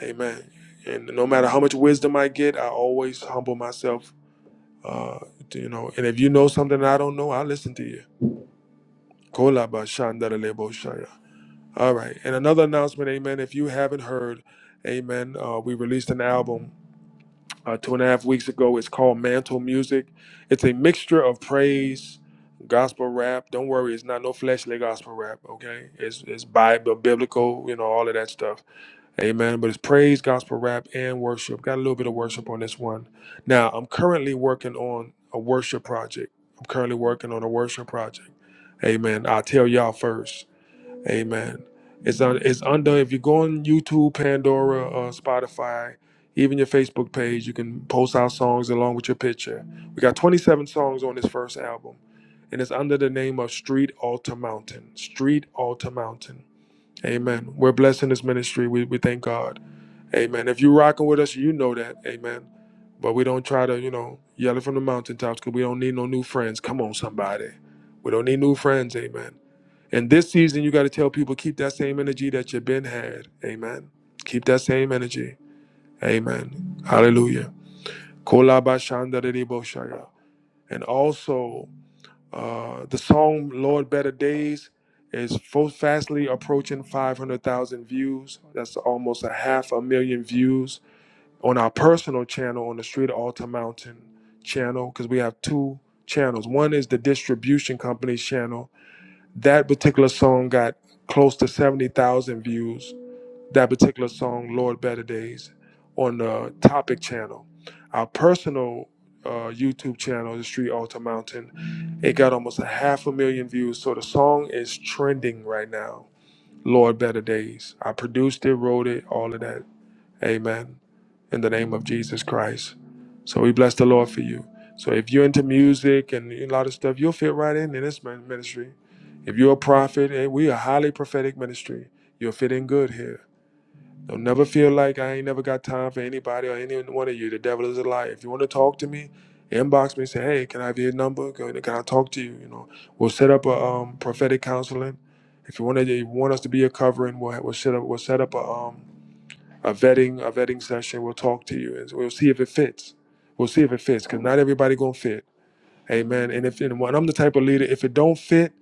A: amen and no matter how much wisdom i get i always humble myself Uh, you know, and if you know something I don't know, I'll listen to you. Kolaba shandarelebo shaya. All right. And another announcement, amen. If you haven't heard, amen, uh, we released an album uh, two and a half weeks ago. It's called Mantle Music. It's a mixture of praise, gospel rap. Don't worry, it's not no fleshly gospel rap, okay? It's, it's Bible, biblical, you know, all of that stuff Amen. But it's praise, gospel rap, and worship. Got a little bit of worship on this one. Now, I'm currently working on a worship project. I'm currently working on a worship project. Amen. I'll tell y'all first. Amen. It's on. It's under. If you go on YouTube, Pandora, uh, Spotify, even your Facebook page, you can post our songs along with your picture. We got 27 songs on this first album, and it's under the name of Street Altar Mountain. Street Altar Mountain. Amen. We're blessing this ministry. We we thank God. Amen. If you're rocking with us, you know that. Amen. But we don't try to, you know, yell it from the mountaintops because we don't need no new friends. Come on, somebody. We don't need new friends. Amen. And this season, you got to tell people keep that same energy that you've been had. Amen. Keep that same energy. Amen. Hallelujah. And also, uh, the song Lord Better Days is fastly approaching 500,000 views. That's almost a half a million views on our personal channel on the Street of Alta Mountain channel because we have two channels. One is the distribution company's channel. That particular song got close to 70,000 views. That particular song, Lord Better Days, on the Topic channel. Our personal uh, YouTube channel, the Street Alta Mountain, it got almost a half a million views. So the song is trending right now. Lord Better Days. I produced it, wrote it, all of that. Amen in the name of Jesus Christ. So we bless the Lord for you. So if you're into music and a lot of stuff, you'll fit right in in this min- ministry. If you're a prophet, eh, we are a highly prophetic ministry. You'll fit in good here. Don't never feel like I ain't never got time for anybody or any one of you. The devil is a liar. If you want to talk to me, inbox me. Say, hey, can I have your number? Can can I talk to you? You know, we'll set up a um, prophetic counseling. If you want to, you want us to be a covering, we'll, we'll set up, we'll set up a um, a vetting a vetting session. We'll talk to you and we'll see if it fits. We'll see if it fits because not everybody gonna fit. Amen. And if and when I'm the type of leader, if it don't fit,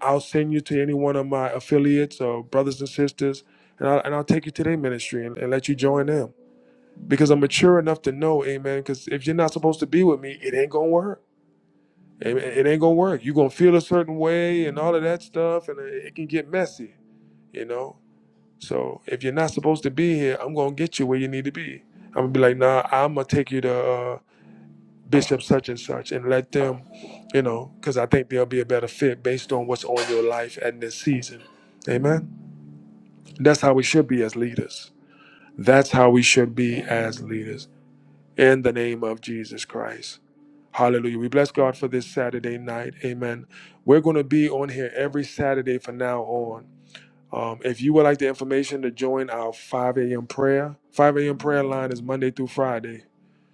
A: I'll send you to any one of my affiliates or brothers and sisters, and I'll, and I'll take you to their ministry and, and let you join them because I'm mature enough to know, Amen. Because if you're not supposed to be with me, it ain't gonna work. Amen. It ain't gonna work. You're gonna feel a certain way and all of that stuff, and it it can get messy, you know. So if you're not supposed to be here, I'm gonna get you where you need to be. I'm gonna be like, nah, I'm gonna take you to uh, Bishop such and such and let them, you know, because I think they'll be a better fit based on what's on your life at this season. Amen. That's how we should be as leaders. That's how we should be as leaders in the name of Jesus Christ. Hallelujah. We bless God for this Saturday night. Amen. We're going to be on here every Saturday from now on. Um, if you would like the information to join our 5 a.m. prayer, 5 a.m. prayer line is Monday through Friday.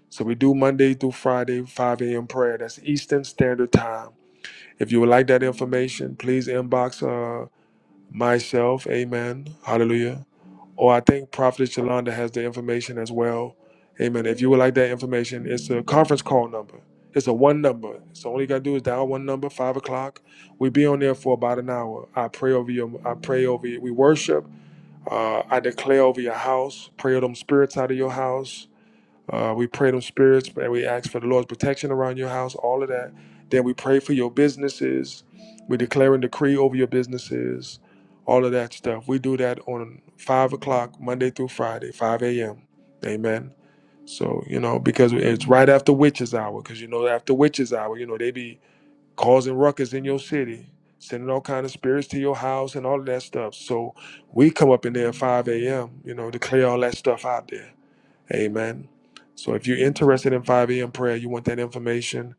A: So we do Monday through Friday, 5 a.m. prayer. That's Eastern Standard Time. If you would like that information, please inbox uh, myself. Amen. Hallelujah. Or I think Prophet Shalonda has the information as well. Amen. If you would like that information, it's a conference call number. It's a one number. So all you gotta do is dial one number, five o'clock. We be on there for about an hour. I pray over you. I pray over you. We worship. Uh, I declare over your house, pray them spirits out of your house. Uh, we pray them spirits, and we ask for the Lord's protection around your house, all of that. Then we pray for your businesses. We declare and decree over your businesses, all of that stuff. We do that on 5 o'clock, Monday through Friday, 5 a.m. Amen. So, you know, because it's right after witches hour, because, you know, after witches hour, you know, they be causing ruckus in your city, sending all kind of spirits to your house and all of that stuff. So we come up in there at 5 a.m., you know, to clear all that stuff out there. Amen. So if you're interested in 5 a.m. prayer, you want that information,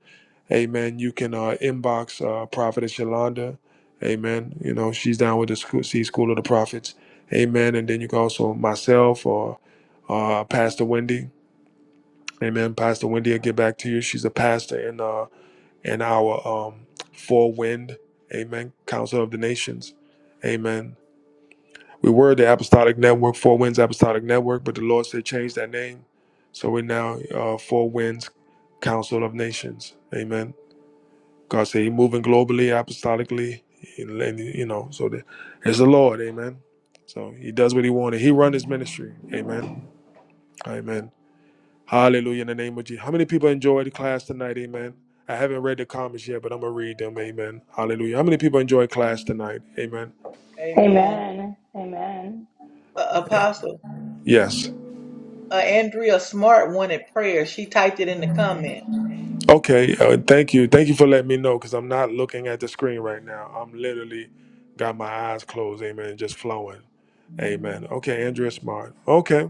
A: amen, you can uh, inbox uh, Prophetess Yolanda. Amen. You know, she's down with the school, C School of the Prophets. Amen. And then you can also myself or uh, Pastor Wendy. Amen. Pastor Wendy will get back to you. She's a pastor in uh, and our um, four wind, amen, council of the nations, amen. We were the apostolic network, four winds apostolic network, but the Lord said change that name. So we're now uh, four winds council of nations, amen. God said He moving globally, apostolically, and, and, you know, so that it's the Lord, amen. So he does what he wanted. He run his ministry. Amen. Amen. Hallelujah in the name of Jesus. How many people enjoyed the class tonight? Amen. I haven't read the comments yet, but I'm going to read them. Amen. Hallelujah. How many people enjoyed class tonight? Amen.
B: Amen.
C: Amen. Amen.
B: Uh, Apostle,
A: Yes.
B: uh, Andrea Smart wanted prayer. She typed it in the comments.
A: Okay. Uh, thank you. Thank you for letting me know because I'm not looking at the screen right now. I'm literally got my eyes closed. Amen. Just flowing. Amen. Okay. Andrea Smart. Okay.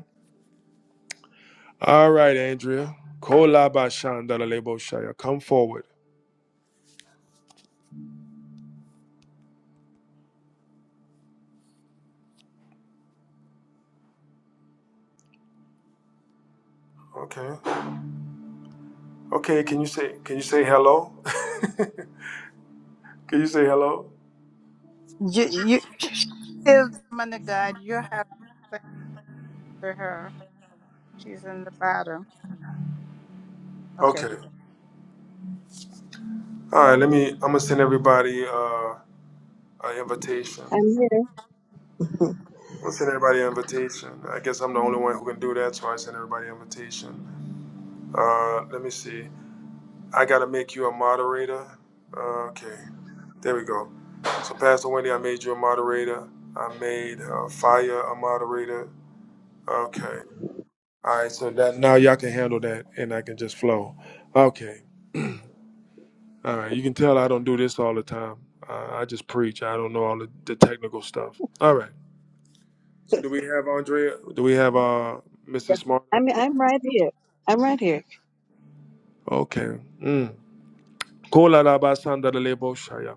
A: All right, Andrea. Kolaba Shandalalebo Shaya. Come forward. Okay. Okay. Can you say, can you say hello? can you say hello?
D: You, you, she's still the man of God. You have to thank for her. She's in the bottom. Okay.
A: Okay. All right, let me. I'm gonna send everybody uh, an invitation.
E: I'm here.
A: I'll send everybody an invitation. I guess I'm the only one who can do that, so I send everybody an invitation. Uh, let me see. I gotta make you a moderator. Uh, okay, there we go. So, Pastor Wendy, I made you a moderator. I made uh, Fire a moderator. Okay. All right. So that now y'all can handle that, and I can just flow. Okay. All right. You can tell I don't do this all the time. Uh, I just preach. I don't know all the, the technical stuff. All right. So do we have Andrea? Do we have uh Mr. Smart up?
E: I'm I'm right here. I'm right here.
A: Okay. Mm. Kola la ba sanda la lebo shaya.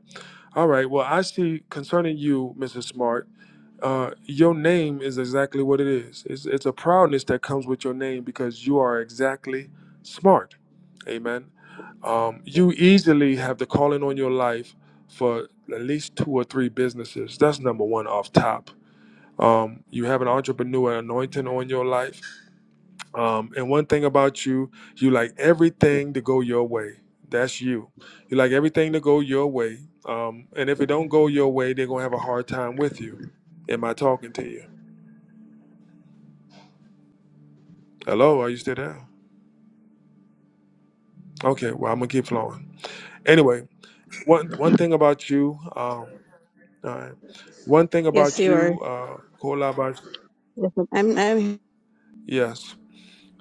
A: All right. Well, I see concerning you, Mr. Smart, uh, your name is exactly what it is. It's, it's a proudness that comes with your name because you are exactly smart. Amen. Um, you easily have the calling on your life for at least two or three businesses. That's number one off top. Um, you have an entrepreneur anointing on your life Um, and one thing about you, you like everything to go your way. That's you. You like everything to go your way. Um, and if it don't go your way, they're gonna have a hard time with you. Am I talking to you? Hello, are you still there? Okay, well I'm gonna keep flowing. Anyway, one one thing about you, um, all right. one thing
E: Yes,
A: about
E: you are.
A: you, uh, Kolaba.
E: I'm I'm
A: Yes.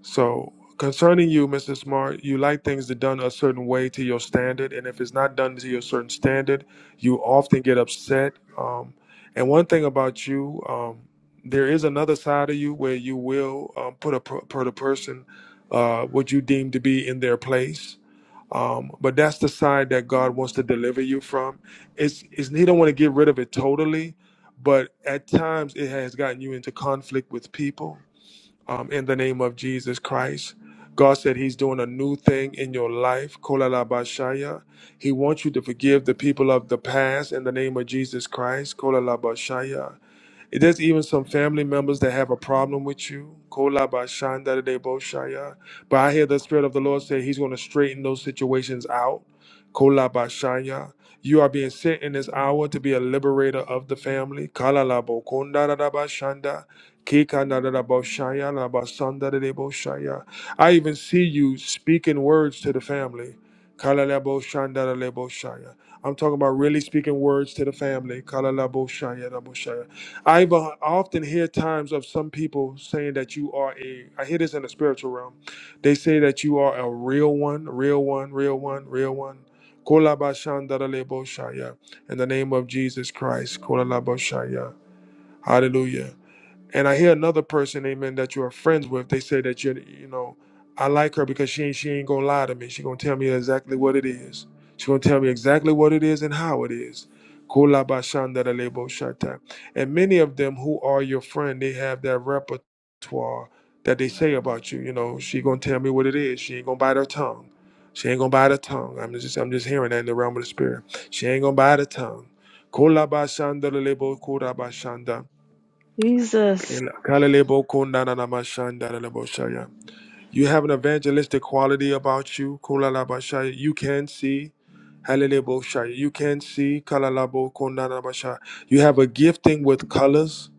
A: So, concerning you, Mr. Smart, you like things to done a certain way to your standard, and if it's not done to your certain standard, you often get upset. Um, and one thing about you, um, there is another side of you where you will um, put a per, put a person uh, what you deem to be in their place. Um, but that's the side that God wants to deliver you from. It's, it's He don't want to get rid of it totally, but at times it has gotten you into conflict with people um, in the name of Jesus Christ. God said He's doing a new thing in your life. Kolalabashaya. He wants you to forgive the people of the past in the name of Jesus Christ. Kolalabashaya. There's even some family members that have a problem with you. Kola ba shanda de bo shaya. But I hear the Spirit of the Lord say He's going to straighten those situations out. Kola ba shaya. You are being sent in this hour to be a liberator of the family. Kala la bo konda da da ba shanda. Kika na da da bo shaya la ba sanda de de bo shaya. I even see you speaking words to the family. Kala la bo shanda da le bo shaya. I'm talking about really speaking words to the family. Kala la bo shaya da bo shaya. I've uh, often hear times of some people saying that you are a. I hear this in the spiritual realm. They say that you are a real one, real one, real one, real one. Kolabashandaraleboshaya. In the name of Jesus Christ. Kolalabashaya. Hallelujah. And I hear another person, amen, that you are friends with. They say that you, you know, I like her because she ain't she ain't gonna lie to me. She gonna tell me exactly what it is. She gonna tell me exactly what it is and how it is. Kula ba shanda da lebo shata. And many of them who are your friend, they have that repertoire that they say about you. You know, she gonna tell me what it is. She ain't gonna bite her tongue. She ain't gonna bite her tongue. I'm just I'm just hearing that in the realm of the spirit. She ain't gonna bite her tongue. Kula ba shanda da lebo kura ba shanda.
E: Jesus.
A: You have an evangelistic quality about you. Kulalaba You can see. Halalebo You can see. Kalalabo kondana You have a gifting with colors.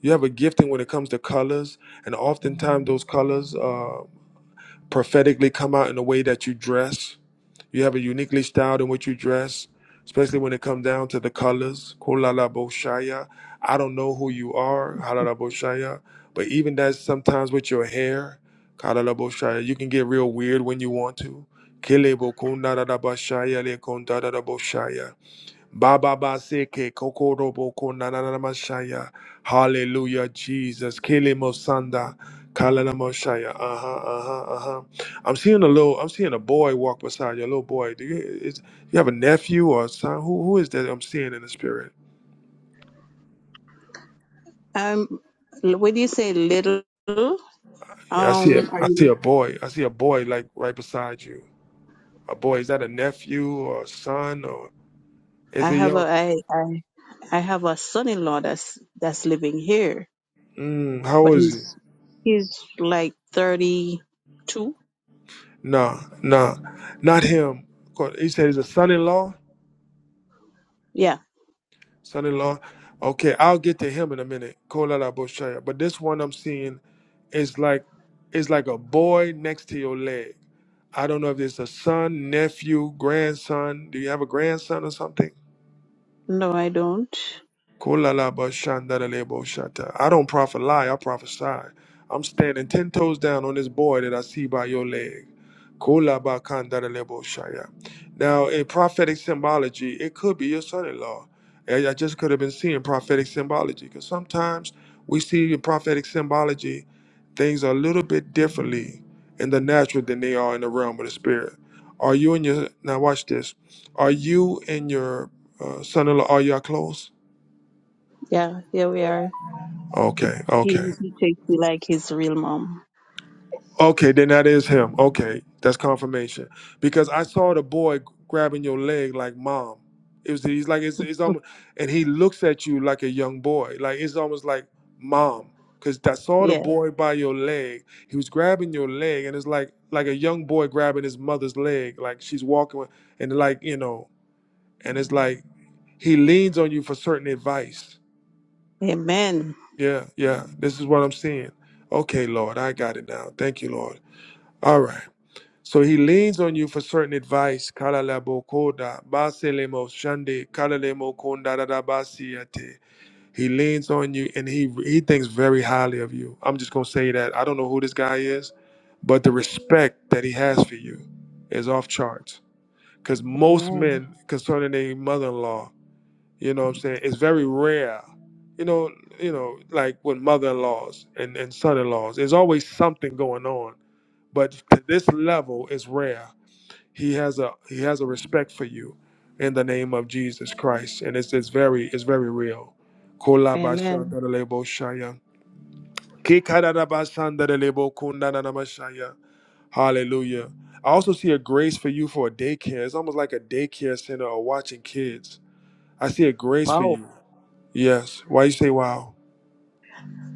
A: You have a gifting when it comes to colors. And oftentimes those colors uh, prophetically come out in the way that you dress. You have a uniquely styled in which you dress, especially when it comes down to the colors. Kolala Boshaya. I don't know who you are, Halala Boshaya. But even that sometimes with your hair, Kalala Boshaya, you can get real weird when you want to. Kele Bokunda Boshaya Le Konda Boshaya. Baba baseke kokoro boko nanana mashaya. Hallelujah, Jesus. Kele mosanda kalana mashaya. Uh huh, uh huh, uh huh. I'm seeing a little. I'm seeing a boy walk beside you. A little boy. Do you is you have a nephew or a son? Who who is that I'm seeing in the spirit?
E: I'm when you say little,
A: Yeah, I see a
E: um, are
A: I see
E: you?
A: a boy. I see a boy like right beside you. A boy. Is that a nephew or a son or is
E: I
A: it
E: have a
A: your?
E: I I I have a son-in-law that's that's living here,
A: Mm, how
E: but
A: old is he?
E: he's he's like thirty-two.
A: Nah, nah, not him. 'Cause He said he's a son-in-law.
E: Yeah.
A: son-in-law. Okay, I'll get to him in a minute. Kola la boshaya. But this one I'm seeing is like is like a boy next to your leg. I don't know if it's a son, nephew, grandson. Do you have a grandson or something?
E: No, I don't.
A: Kolalabashandareleboshata. I don't prophet lie, I prophesy. I'm standing ten toes down on this boy that I see by your leg. Kolabakandareleboshaya. Now, in prophetic symbology, it could be your son-in-law. I I just could have been seeing prophetic symbology because sometimes we see in prophetic symbology things are a little bit differently in the natural than they are in the realm of the spirit. Are you in your now? Watch this. Are you and your uh, son-in-law? Are y'all close?
E: Yeah. Here we are.
A: Okay, okay.
E: He he takes me like his real mom.
A: Okay, then that is him. Okay, that's confirmation. Because I saw the boy grabbing your leg like mom. It was he's like it's, it's almost and he looks at you like a young boy. Like it's almost like mom. Cause I saw the
E: Yeah.
A: boy by your leg. He was grabbing your leg and it's like like a young boy grabbing his mother's leg. Like she's walking with- and like, you know, and it's like he leans on you for certain advice.
E: Amen.
A: Yeah, yeah. This is what I'm seeing. Okay, Lord, I got it now. Thank you, Lord. All right. So he leans on you for certain advice. Kalalabo koda, baselemo shande, kalalemo konda basiate. He leans on you and he he thinks very highly of you. I'm just gonna say that. I don't know who this guy is, but the respect that he has for you is off charts. Because most
E: Amen.
A: men concerning their mother-in-law, you know what I'm saying, it's very rare. You know, you know, like with mother-in-laws and, and son-in-laws, there's always something going on but to this level is rare. He has a he has a respect for you in the name of Jesus Christ, and it's it's very it's very real. Kola
E: Amen.
A: bashandarelebo shaya. Kikadadabashandarelebo kundananamashaya. Hallelujah. I also see a grace for you for a daycare. It's almost like a daycare center or watching kids. I see a grace for
E: Wow.
A: you. Yes. Why you say wow?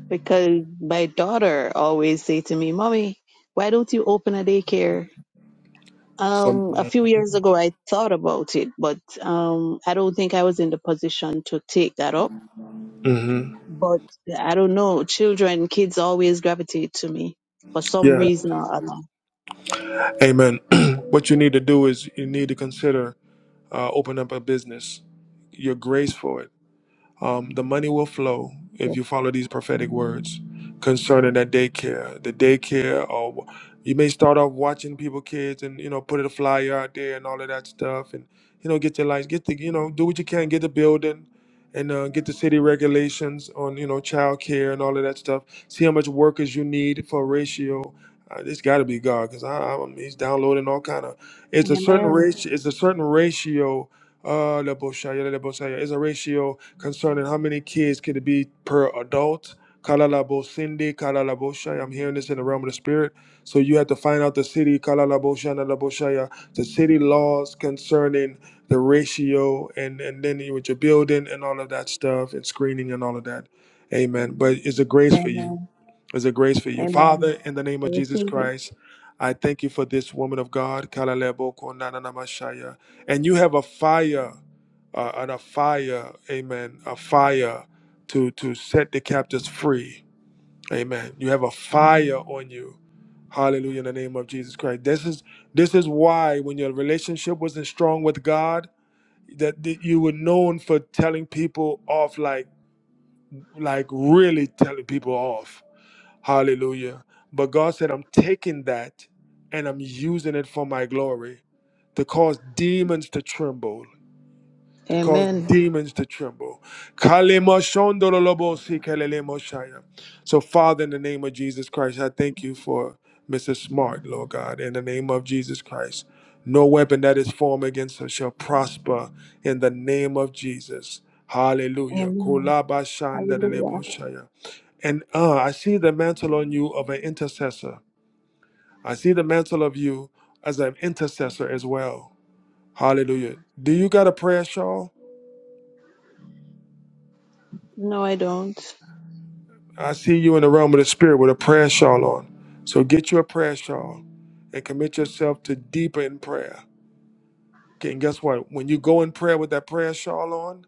E: because my daughter always say to me, "Mommy, why don't you open a daycare?"
A: Some.
E: Um, a few years ago, I thought about it, but um, I don't think I was in the position to take that up.
A: hmm
E: But I don't know, children, kids always gravitate to me for some
A: Yeah.
E: reason or other.
A: Amen. what you need to do is you need to consider uh, open up a business. You're graced for it. Um, the money will flow if
E: So,
A: you follow these prophetic words concerning that daycare. The daycare, or you may start off watching people, kids, and you know, put a flyer out there and all of that stuff, and you know, get your lights, get the, you know, do what you can, get the building, and uh, get the city regulations on you know, childcare and all of that stuff. See how much workers you need for a ratio. Uh, this got to be God, because I, I, I'm he's downloading all kind of. It's a certain
E: Amen.
A: ratio. It's a certain ratio uh, la boshaya, la boshaya is a ratio concerning how many kids can it be per adult. Kala la bosindi, kala la boshaya. I'm hearing this in the realm of the spirit. So you have to find out the city, kala la boshana la boshaya, the city laws concerning the ratio and, and then you with your building and all of that stuff and screening and all of that. Amen. But it's a grace for you.
E: Amen.
A: It's a grace for you.
E: Amen.
A: Father, in the name
E: I
A: of Jesus
E: receive it.
A: Christ, I thank you for this woman of God, kala la boko na na na mashaya. and you have a fire uh, and a fire, amen, a fire to to set the captives free. Amen. You have a fire on you. Hallelujah in the name of Jesus Christ. This is this is why when your relationship wasn't strong with God, that that you were known for telling people off like like really telling people off. Hallelujah. But God said, I'm taking that and I'm using it for my glory to cause demons to tremble to cause
E: Amen.
A: demons to tremble. Kalemashondololobosikelemoshaya. So, Father, in the name of Jesus Christ, I thank you for Mrs. Smart, Lord God, in the name of Jesus Christ. No weapon that is formed against her shall prosper in the name of Jesus. Hallelujah.
E: Amen. Hallelujah.
A: Kolabashandololoboshaya. And uh, I see the mantle on you of an intercessor. I see the mantle of you as an intercessor as well. Hallelujah. Do you got a prayer, Shawl?
E: No, I don't.
A: I see you in the realm of the spirit with a prayer shawl on. So get you a prayer shawl and commit yourself to deeper in prayer. Okay, and guess what? When you go in prayer with that prayer shawl on,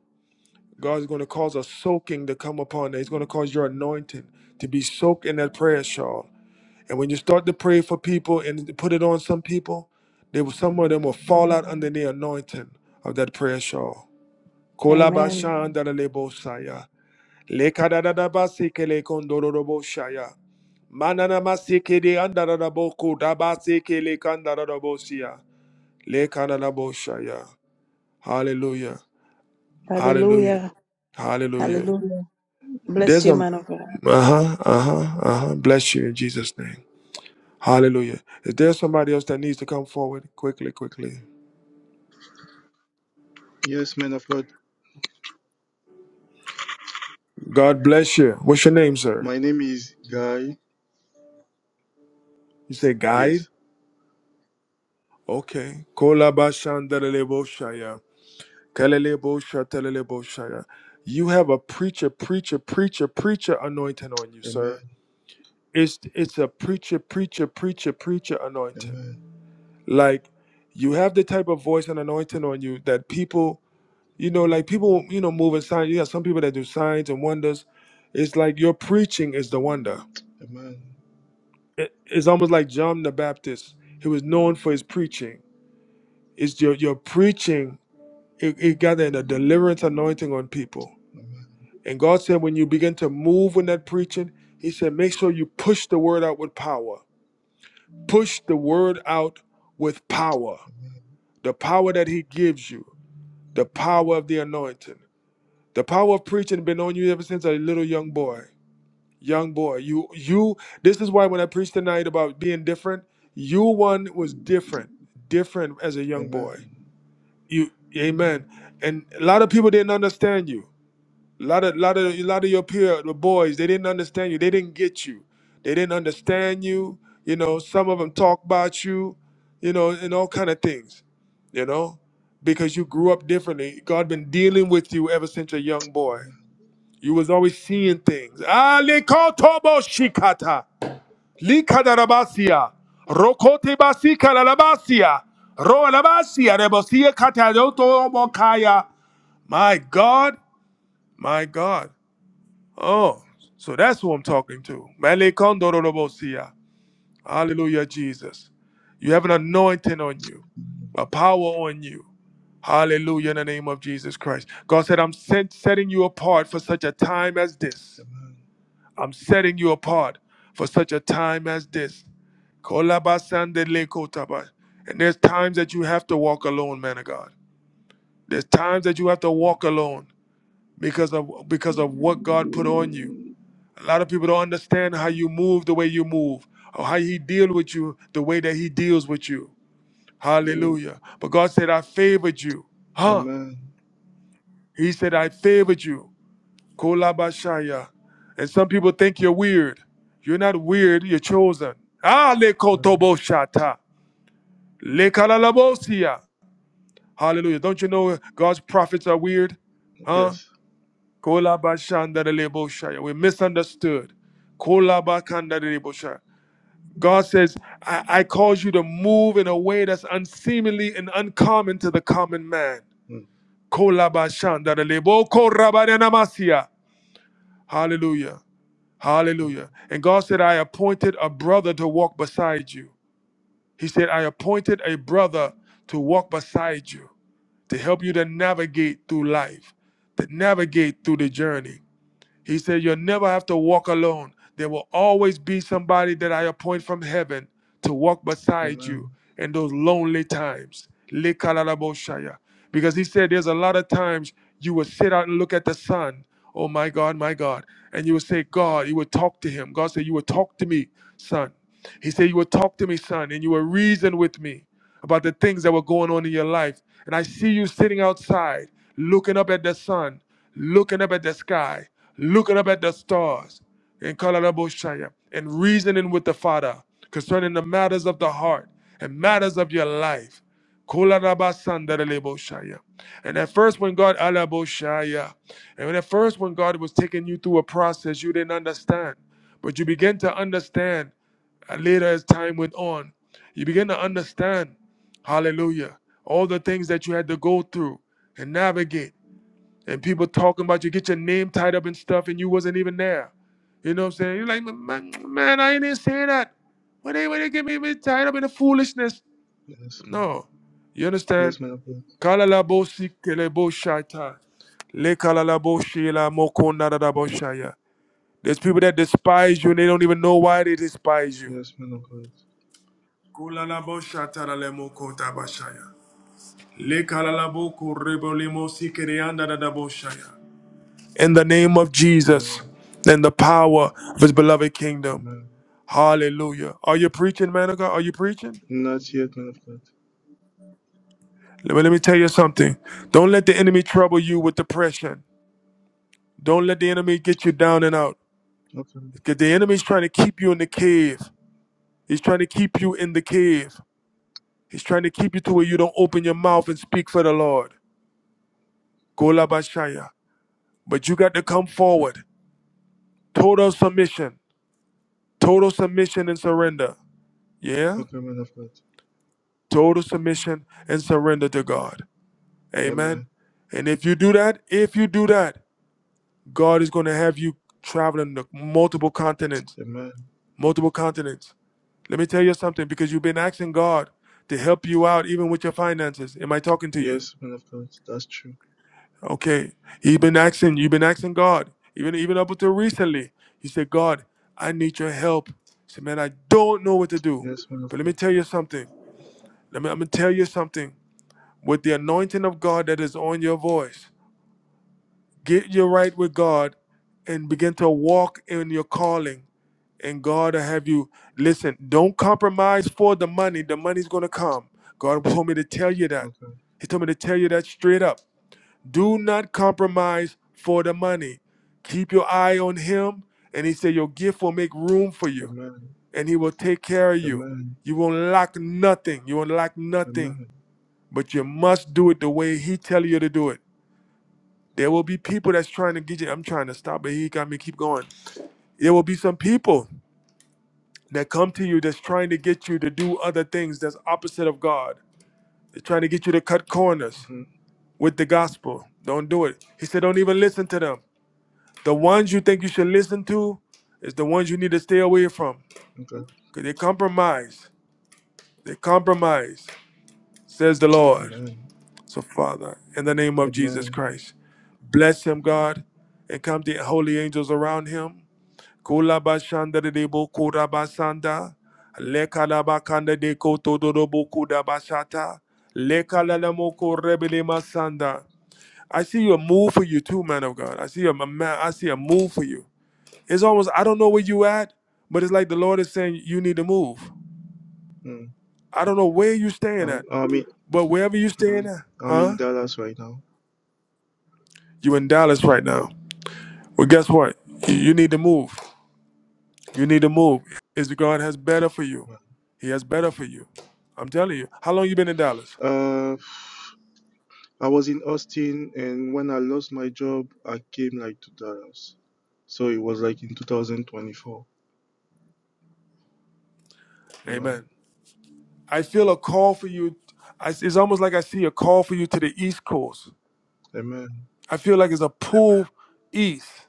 A: God's going to cause a soaking to come upon it. He's going to cause your anointing to be soaked in that prayer shawl. And when you start to pray for people and to put it on some people, they will, some of them will fall out under the anointing of that prayer shawl.
E: Amen.
A: Kolabashandaralebosaya. Lekadadadabasekele kondororobo shaya. Mananamasekele andaradaboko dabasekele kandaradabosia. Lekanadabo shaya. Hallelujah. Hallelujah.
E: Hallelujah.
A: Hallelujah.
E: Hallelujah. Bless
A: There's
E: you,
A: a
E: man of God.
A: uh-huh, uh-huh, uh-huh. Bless you in Jesus' name. Hallelujah. Is there somebody else that needs to come forward? Quickly, quickly.
F: Yes, man of God.
A: God bless you. What's your name, sir?
F: My name is Guy.
A: You say guide?
F: Yes.
A: Okay. Kolabashandarelebo shaya. Kalelebo shatelelebo shaya. You have a preacher, preacher, preacher, preacher anointing on you,
F: Amen.
A: sir. It's it's a preacher, preacher, preacher, preacher
F: Amen.
A: anointing. Like you have the type of voice and anointing on you that people, you know, like people, you know, moving signs. You have some people that do signs and wonders. It's like your preaching is the wonder.
F: Amen.
A: It- It's almost like John the Baptist. He was known for his preaching. It's your your preaching. It, it got a deliverance anointing on people
F: Amen.
A: And God said, when you begin to move in that preaching, He said, make sure you push the word out with power. Push the word out with power.
F: Amen.
A: The power that He gives you, the power of the anointing. The power of preaching been on you ever since a little young boy. Young boy, you you this is why when I preached tonight about being different, you one was different, different as a young boy.
F: Amen.
A: You amen. And a lot of people didn't understand you. A lot of, lot of, lot of your peer, the boys, they didn't understand you. They didn't get you. They didn't understand you. You know, some of them talk about you. You know, and all kind of things. You know, because you grew up differently. God been dealing with you ever since you're a young boy. You was always seeing things. Ali kotobo shikata, likadarabasia, rokote basika lalabasia, ro labasia rebosia kata yoto mokaya. My God, my God. Oh, so that's who I'm talking to. Male kondororobosia. Hallelujah, Jesus. You have an anointing on you, a power on you. Hallelujah, in the name of Jesus Christ. God said, I'm set, setting you apart for such a time as this. I'm setting you apart for such a time as this. Kolabasandelekotaba. And there's times that you have to walk alone, man of God. There's times that you have to walk alone because of because of what God put on you. A lot of people don't understand how you move the way you move, or how he deal with you the way that he deals with you. Hallelujah. But God said, I favored you. Huh?
F: Amen.
A: He said, I favored you. Kolabashaya. And some people think you're weird. You're not weird, you're chosen. Ah,
F: Amen.
A: lekotoboshata. Lekalalabosia. Hallelujah. Don't you know God's prophets are weird? Huh?
F: Yes.
A: Kolabashandareleboshaya. We're misunderstood. Kolabakandadeboshaya. God says, I, I cause you to move in a way that's unseemly and uncommon to the common man.
F: Mm.
A: Kolabashandarelebo korabarenamasia. Hallelujah. Hallelujah. And God said, I appointed a brother to walk beside you. He said, I appointed a brother to walk beside you, to help you to navigate through life, to navigate through the journey. He said, You'll never have to walk alone. There will always be somebody that I appoint from heaven to walk beside
F: Amen.
A: you in those lonely times. Lekalalaboshaya. Because he said, There's a lot of times you will sit out and look at the sun. Oh my God, my God. And you will say, God, you will talk to him. God said, You will talk to me, son. He said, You will talk to me, son, and you will reason with me about the things that were going on in your life. And I see you sitting outside looking up at the sun looking up at the sky, looking up at the stars, and Kalaraboshaya, and reasoning with the Father concerning the matters of the heart and matters of your life. Kolarabasandareleboshaya. And at first, when God, Alaboshaya, and at first, when God was taking you through a process, you didn't understand. But you begin to understand uh, later as time went on. You begin to understand, hallelujah, all the things that you had to go through and navigate and people talking about you get your name tied up and stuff and you wasn't even there you know what i'm saying you're like man, man i didn't say that why they, why they get me me tied up in the foolishness
F: Yes, man.
A: no you understand
F: Yes, man of God.
A: Kalalabo sikelebo shaita. Lekalalabo shela mokondadadabo shaya. there's people that despise you and they don't even know why they despise you
F: Yes, man of God.
A: Kulalabo shataralemo kotabashaya. Lekalalabo korebo lemo sikereandadadabo shaya. Le kala la bo ko rebo le mo si kere anda da da bo shaya. in the name of
F: Amen.
A: Jesus and the power of his beloved kingdom.
F: Amen.
A: Hallelujah. Are you preaching, man of God? Are you preaching?
F: Not yet, man of God.
A: Let me, let me tell you something. Don't let the enemy trouble you with depression. Don't let the enemy get you down and out.
F: Okay.
A: Because the enemy's trying to keep you in the cave. He's trying to keep you in the cave. He's trying to keep you to where you don't open your mouth and speak for the Lord. Golabashaya. But you got to come forward. Total submission. Total submission and surrender. Yeah?
F: Okay, man of God.
A: total submission and surrender to God. Amen.
F: Amen.
A: And if you do that, if you do that, God is going to have you traveling the multiple continents,
F: Amen.
A: multiple continents. Let me tell you something because you've been asking God to help you out even with your finances. Am I talking to you?
F: Yes, man of God. That's true.
A: Okay. You've been asking, you've been asking God, even even up until recently. You said, God, I need your help. He said, man, I don't know what to do.
F: Yes, man of
A: But let me
F: God.
A: tell you something. Let me, I'm gonna tell you something. with the anointing of God that is on your voice. Get your right with God and begin to walk in your calling. And God will have you listen, don't compromise for the money. The money's going to come. God told me to tell you that.
F: Okay.
A: He told me to tell you that straight up. Do not compromise for the money. Keep your eye on Him. And He said, Your gift will make room for you,
F: Amen.
A: and He will take care of you.
F: Amen.
A: You won't lack nothing. You won't lack nothing.
F: Amen.
A: But you must do it the way He tell you to do it. There will be people that's trying to get you. I'm trying to stop, but he got me keep going. There will be some people that come to you that's trying to get you to do other things that's opposite of God. They're trying to get you to cut corners
F: Mm-hmm.
A: with the gospel. Don't do it. He said, don't even listen to them. The ones you think you should listen to is the ones you need to stay away from
F: Okay.
A: because they compromise. They compromise, says the Lord.
F: Amen.
A: So, Father, in the name of Jesus
F: Amen.
A: Christ, bless him, God, and come the holy angels around him Kulabashanda de Bokura Basanda, Lekalabakanda de Kotodo Basata, Lekalalamoko Rebele Masanda. I see a move for you too, man of God. I see a a man, I see a move for you. It's almost I don't know where you at, but it's like the Lord is saying you need to move.
F: Mm.
A: I don't know where you staying
F: Um,
A: at,
F: I mean,
A: but wherever you staying
F: Mm,
A: at,
F: I'm in
A: huh?
F: Dallas right now.
A: You in Dallas
F: Yeah.
A: right now. Well, guess what? You you need to move. You need to move. It's God has better for you.
F: Wow.
A: He has better for you. I'm telling you. How long you been in Dallas?
F: Uh, I was in Austin, and when I lost my job, I came like to Dallas. So it was like in 2024. Amen.
A: Amen. I feel a call for you. I- It's almost like I see a call for you to the East Coast.
F: Amen.
A: I feel like it's a pull east.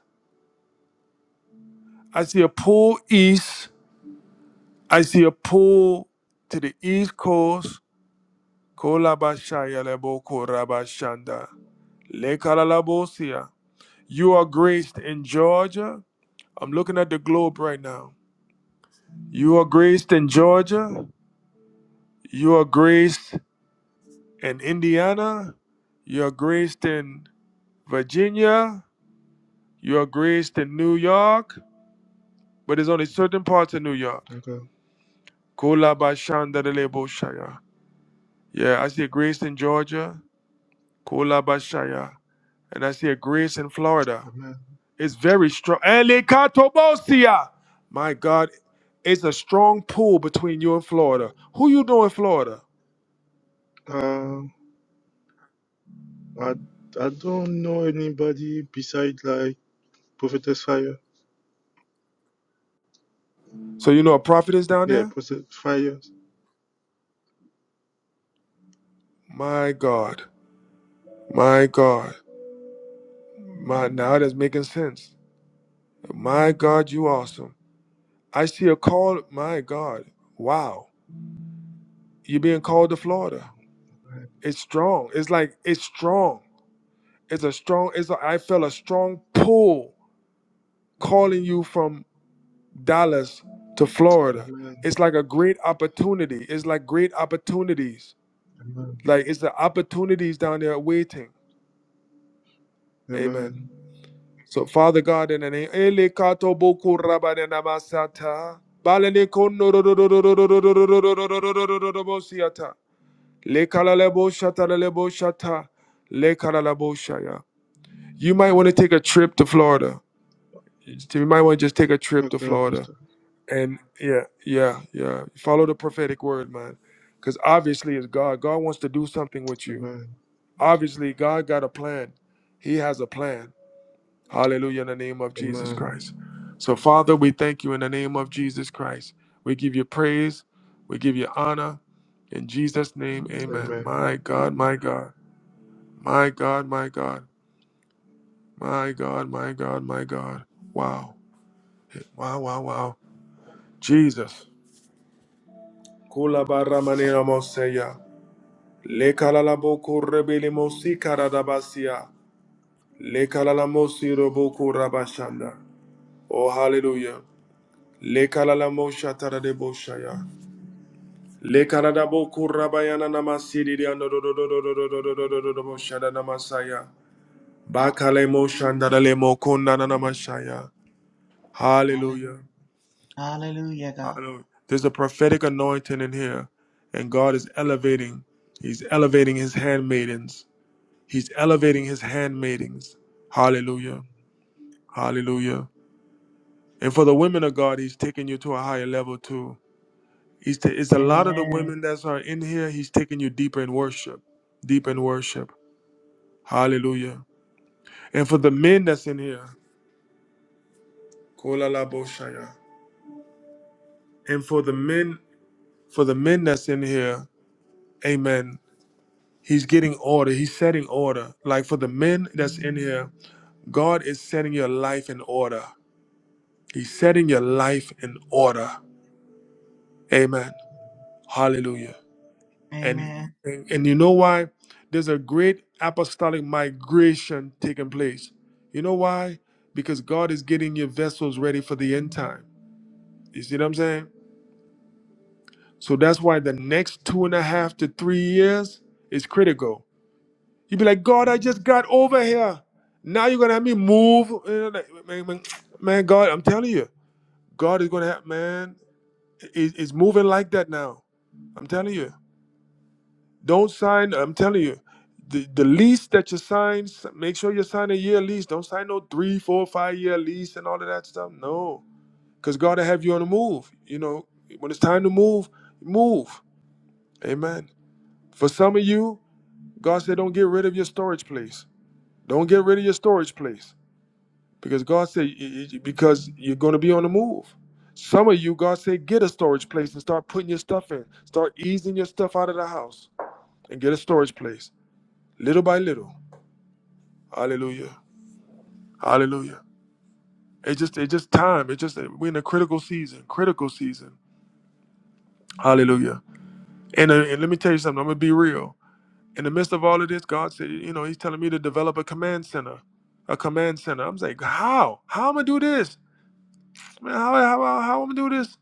A: I see a pull east. I see a pull to the East Coast. Kolabashayalebo korabashanda. Lekalalabosia. You are graced in Georgia. I'm looking at the globe right now. You are graced in Georgia. You are graced in Indiana. You are graced in Virginia. You are graced in New York. But there's only certain parts of New York.
F: Okay.
A: Kola Bashandaleboshaya. Yeah, I see a grace in Georgia. Kola Bashaya. And I see a grace in Florida.
F: Amen.
A: It's very strong. Elekatobosia. My God, it's a strong pull between you and Florida. Who you know in Florida?
F: Uh, I I don't know anybody besides like Prophetess Fire.
A: So you know a prophet is down
F: Yeah,
A: there?
F: Prophet Fire.
A: My God. My God. My now that's making sense. My God, you awesome. I see a call. My God, wow. You're being called to Florida.
F: Right.
A: It's strong. It's like it's strong. It's a strong. It's a, I felt a strong pull calling you from Dallas to Florida.
F: Amen.
A: It's like a great opportunity. It's like great opportunities.
F: Amen.
A: Like it's the opportunities down there waiting.
F: Amen.
A: Amen. So, Father God, in the name, Ele boku raba namasata. Balene kono ro ro ro ro ro ro ro ro ro ro ro ro ro ro ro ro ro bo siata. Le kala le bo shata le le bo shata. Le kala la bo shaya. You might want to take a trip to Florida. You might want to just take a trip to
F: Okay,
A: Florida.
F: Apostle.
A: And yeah, yeah, yeah. Follow the prophetic word, man. Because obviously it's God. God wants to do something with you.
F: Amen.
A: Obviously, God got a plan. He has a plan Hallelujah, in the name of Jesus
F: Amen.
A: Christ. So, Father, we thank you in the name of Jesus Christ. We give you praise. We give you honor. In Jesus' name,
F: Amen.
A: amen. My God, my God, my God, my God, my God, my God, my God. Wow. Wow, wow, wow. Jesus. Kula barra manera moseya. Le kalala boku rebele mosi karadabasia. Le kalala mosi roboku rabashanda. Oh, hallelujah. Lekalalamo shatarabo shaya. Lekaradabo kurabayana namasiri diando do do do do do do do do do do do do do shada namasaya. Bakalemo shandaralemo kondana namashaya.
B: Hallelujah.
A: Hallelujah.
B: Hallelujah, God.
A: Hallelujah. There's a prophetic anointing in here, and God is elevating. He's elevating his handmaidens. He's elevating his handmaidens. Hallelujah. Hallelujah. And for the women of God, he's taking you to a higher level too. He's ta- it's a lot of the
B: Amen.
A: women that are in here. He's taking you deeper in worship, deeper in worship. Hallelujah. And for the men that's in here, Kolalaboshaya. and for the men, for the men that's in here, Amen. He's getting order. He's setting order. Like for the men that's in here, God is setting your life in order. He's setting your life in order. Amen. Hallelujah. And,
B: Amen.
A: and and you know why? There's a great apostolic migration taking place. You know why? Because God is getting your vessels ready for the end time. You see what I'm saying? So that's why the next two and a half to three years is critical. you be like, God, I just got over here. Now you're gonna have me move. You know, like, Man, man, man, God, I'm telling you, God is gonna have man is is moving like that now. I'm telling you. Don't sign. I'm telling you, the, the lease that you sign, s- make sure you sign a year lease. Don't sign no three, four, five year lease and all of that stuff. No, because God will have you on the move. You know, when it's time to move, move. Amen. For some of you, God said, don't get rid of your storage place. Don't get rid of your storage place because God said, y- y- because you're going to be on the move. Some of you, God said, get a storage place and start putting your stuff in. Start easing your stuff out of the house and get a storage place little by little Hallelujah. Hallelujah. It's just it's just time. It's just we're in a critical season. Critical season. Hallelujah. And, uh, and let me tell you something. I'm gonna be real. In the midst of all of this, God said, you know, He's telling me to develop a command center. A command center. I'm saying, how? How am I gonna do this? Man, how how how, how am I gonna do this?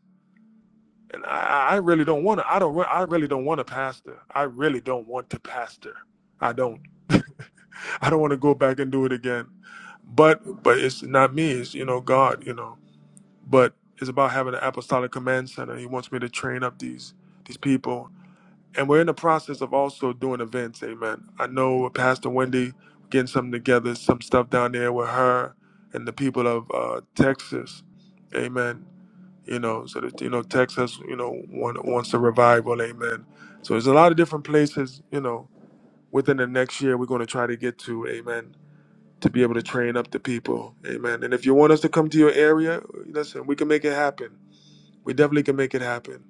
A: And I, I I really don't want to. I don't. re- I really don't want to pastor. I really don't want to pastor. I don't. I don't want to go back and do it again. But but it's not me. It's you know God. You know. but it's about having an apostolic command center. He wants me to train up these these people, and we're in the process of also doing events. Amen. I know Pastor Wendy getting something together, some stuff down there with her and the people of uh, Texas. Amen. You know, so that you know Texas, you know, want, wants a revival. Amen. So there's a lot of different places. You know, within the next year, we're going to try to get to. Amen. To be able to train up the people. Amen. And if you want us to come to your area, listen, we can make it happen we definitely can make it happen,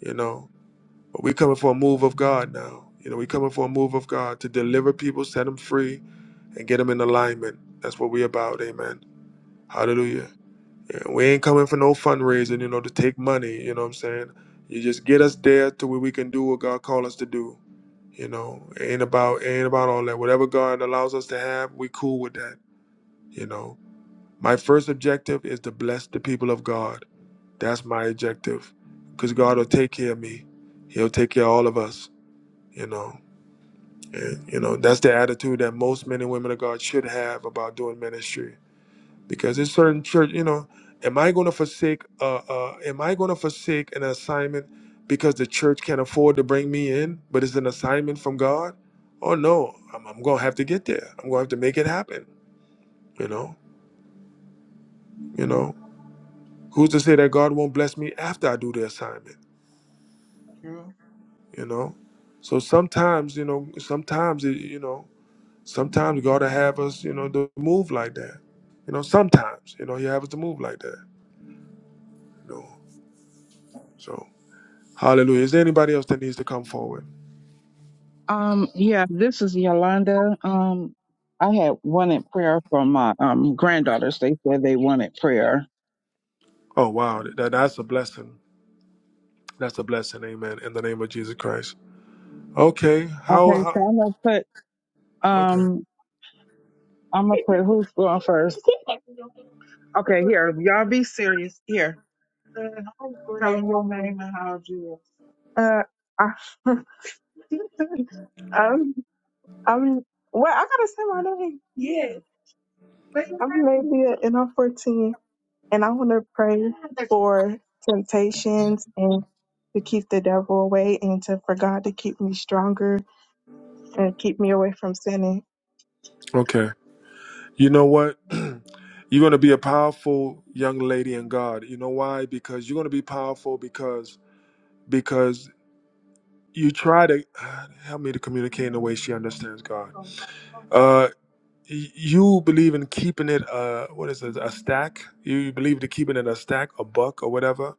A: you know. But we coming for a move of God now. You know, we coming for a move of God to deliver people, set them free, and get them in alignment. That's what we about, amen. Hallelujah. And we ain't
B: Amen.
A: coming for no fundraising, you know, to take money, you know what I'm saying? You just get us there to where we can do what God called us to do. You know, it ain't about it ain't about all that. Whatever God allows us to have, we cool with that. You know, my first objective is to bless the people of God that's my objective. Because God will take care of me. He'll take care of all of us, you know. And, you know, that's the attitude that most men and women of God should have about doing ministry. Because there's
B: True.
A: certain church, you know, am I going to forsake, uh, uh, am I going to forsake an assignment because the church can't afford to bring me in, but it's an assignment from God? Oh no, I'm, I'm going to have to get there. I'm going to have to make it happen, you know, you know. Who's to say that God won't bless me after I do the assignment?
B: True.
A: you know so sometimes you know sometimes it, you know sometimes god will have us you know to move like that you know sometimes you know he have us to move like that you know so hallelujah is there anybody else that needs to come forward oh wow that, that's a blessing that's a blessing amen in the name of jesus christ okay how, how okay okay you know what you're going to be a powerful young lady in god you know why because you're going to be powerful because because you try to help me to communicate in a way she understands God. Uh, y- you believe in keeping it, uh, what is it, a stack? You, you believe to keeping it a stack, a buck, or whatever.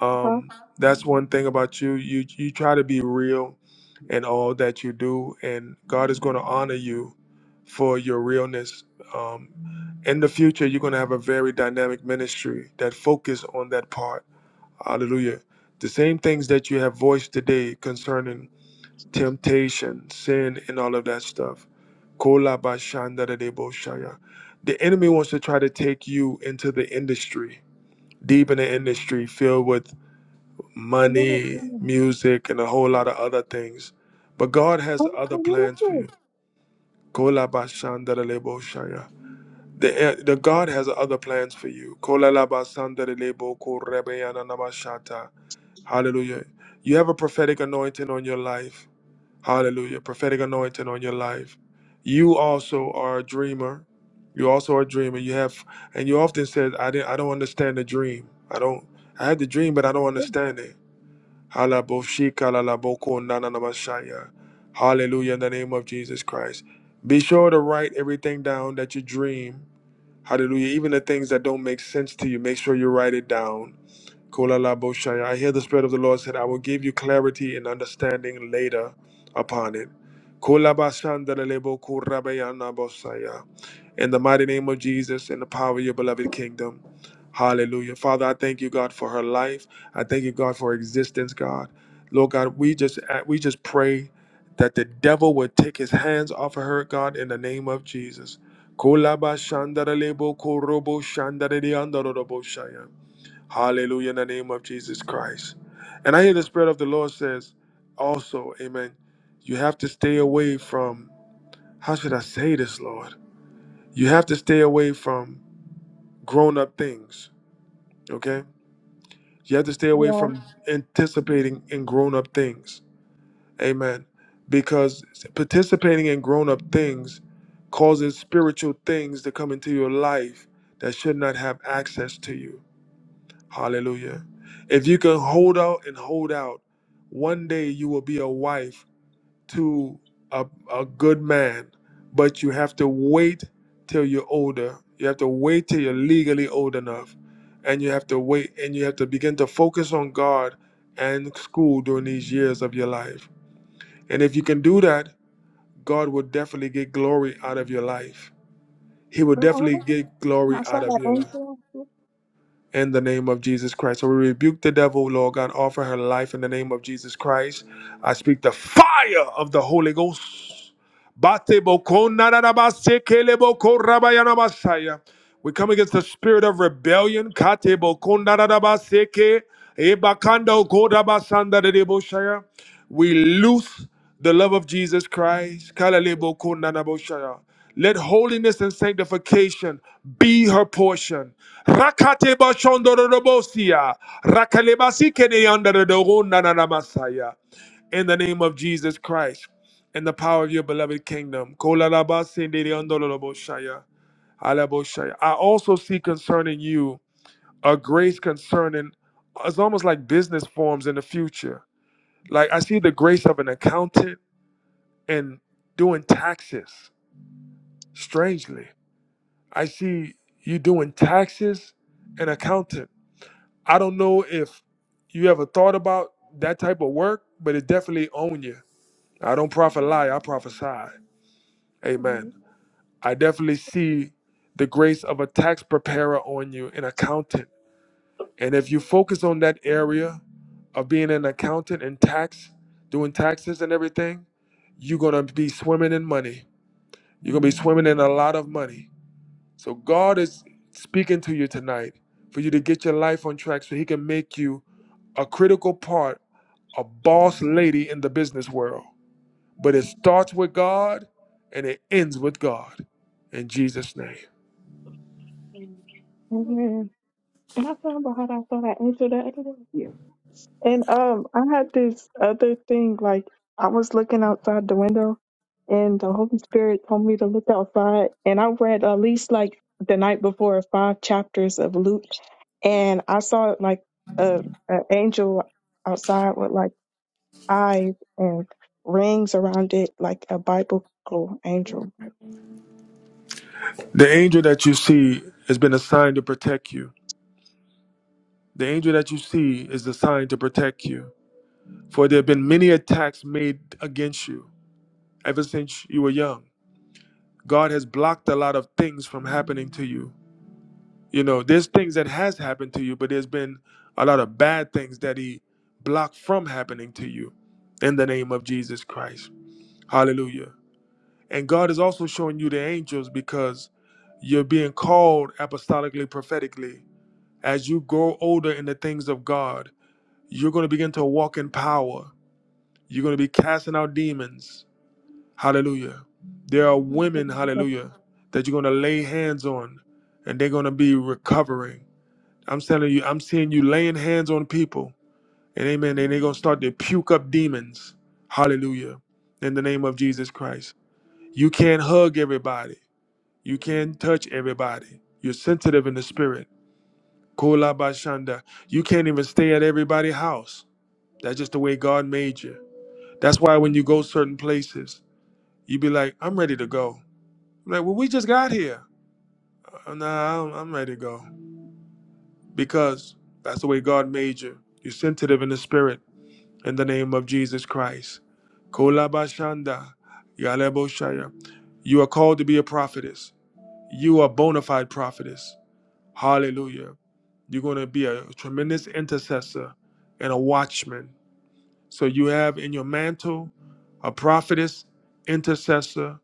A: Um, that's one thing about you. You you try to be real in all that you do, and God is going to honor you for your realness. Um, in the future, you're going to have a very dynamic ministry that focus on that part. Hallelujah. The same things that you have voiced today concerning temptation, sin, and all of that stuff. Kolabashandareboshaya. The enemy wants to try to take you into the industry, deep in the industry, filled with money, music, and a whole lot of other things. But God has other plans for you. Kolabashandareboshaya. The, eh, the God has other plans for you. Kolalabasandarelebokorebeyananamashata. Hallelujah. You have a prophetic anointing on your life. Hallelujah. Prophetic anointing on your life. You also are a dreamer. You also are a dreamer. You have, and you often said, I didn't, I don't understand the dream. I don't, I had the dream, but I don't understand it. Hala bo shika la la bo ko na na na ma Hallelujah. In the name of Jesus Christ. Be sure to write everything down that you dream. Hallelujah. Even the things that don't make sense to you, make sure you write it down. Kolala Boshaya. I hear the Spirit of the Lord said, I will give you clarity and understanding later upon it. Kolabashandarelebo Kurabayana Boshaya. In the mighty name of Jesus and the power of your beloved kingdom. Hallelujah. Father, I thank you, God, for her life. I thank you, God, for her existence, God. Lord God, we just uh, we just pray that the devil would take his hands off of her, God, in the name of Jesus. Kolabashandarelebo Korobo Shandareliandorobosaya. Hallelujah in the name of Jesus Christ. And I hear the Spirit of the Lord says also, Amen. You have to stay away from, how should I say this, Lord? You have to stay away from grown up things, okay? You have to stay away from anticipating in grown up things, Amen. Because participating in grown up things causes spiritual things to come into your life that should not have access to you. Hallelujah. If you can hold out and hold out, one day you will be a wife to a, a good man, but you have to wait till you're older. You have to wait till you're legally old enough. And you have to wait and you have to begin to focus on God and school during these years of your life. And if you can do that, God will definitely get glory out of your life. He will definitely get glory out of your life. in the name of Jesus Christ. So we rebuke the devil, Lord God, offer her life in the name of Jesus Christ. I speak the fire of the Holy Ghost. Bate boko narabase kele boko rabayana basaya. We come against the spirit of rebellion. Kate boko narabase ke ebakando kodabasanda de deboshaya. We loose the love of Jesus Christ. Kalele boko nanaboshaya. Let holiness and sanctification be her portion. Rakate bashondorobosia. Rakalebasi keneyandorodogo masaya. In the name of Jesus Christ in the power of your beloved kingdom. Kolalabasendeyandoroboshaya. Alaboshaya. I also see concerning you a grace concerning it's almost like business forms in the future. Like I see the grace of an accountant and doing taxes. Strangely, I see you doing taxes and accounting. I don't know if you ever thought about that type of work, but it definitely own you. I don't profit lie, I prophesy. Amen. I definitely see the grace of a tax preparer on you, an accountant. And if you focus on that area of being an accountant and tax, doing taxes and everything, you're gonna be swimming in money. You're gonna be swimming in a lot of money. So God is speaking to you tonight for you to get your life on track so he can make you a critical part a boss lady in the business world. But it starts with God and it ends with God in Jesus' name. The angel that you see has been assigned to protect you. The angel that you see is assigned to protect you. For there have been many attacks made against you ever since you were young. God has blocked a lot of things from happening to you. You know, there's things that has happened to you, but there's been a lot of bad things that he blocked from happening to you in the name of Jesus Christ. Hallelujah. And God is also showing you the angels because you're being called apostolically, prophetically. As you grow older in the things of God, you're going to begin to walk in power. You're going to be casting out demons. Hallelujah. There are women, hallelujah, that you're going to lay hands on and they're going to be recovering. I'm telling you, I'm seeing you laying hands on people. And amen. And they're going to start to puke up demons. Hallelujah. In the name of Jesus Christ. You can't hug everybody. You can't touch everybody. You're sensitive in the spirit. Kolabashanda. You can't even stay at everybody's house. That's just the way God made you. That's why when you go certain places, you be like, I'm ready to go. I'm like, well, we just got here. "Uh, Nah, I'm I'm ready to go. Because that's the way God made you. You're sensitive in the spirit in the name of Jesus Christ. Kolabashanda. Yaleboshaya. You are called to be a prophetess. You are bona fide prophetess. Hallelujah. You're going to be a tremendous intercessor and a watchman. So you have in your mantle a prophetess, intercessor,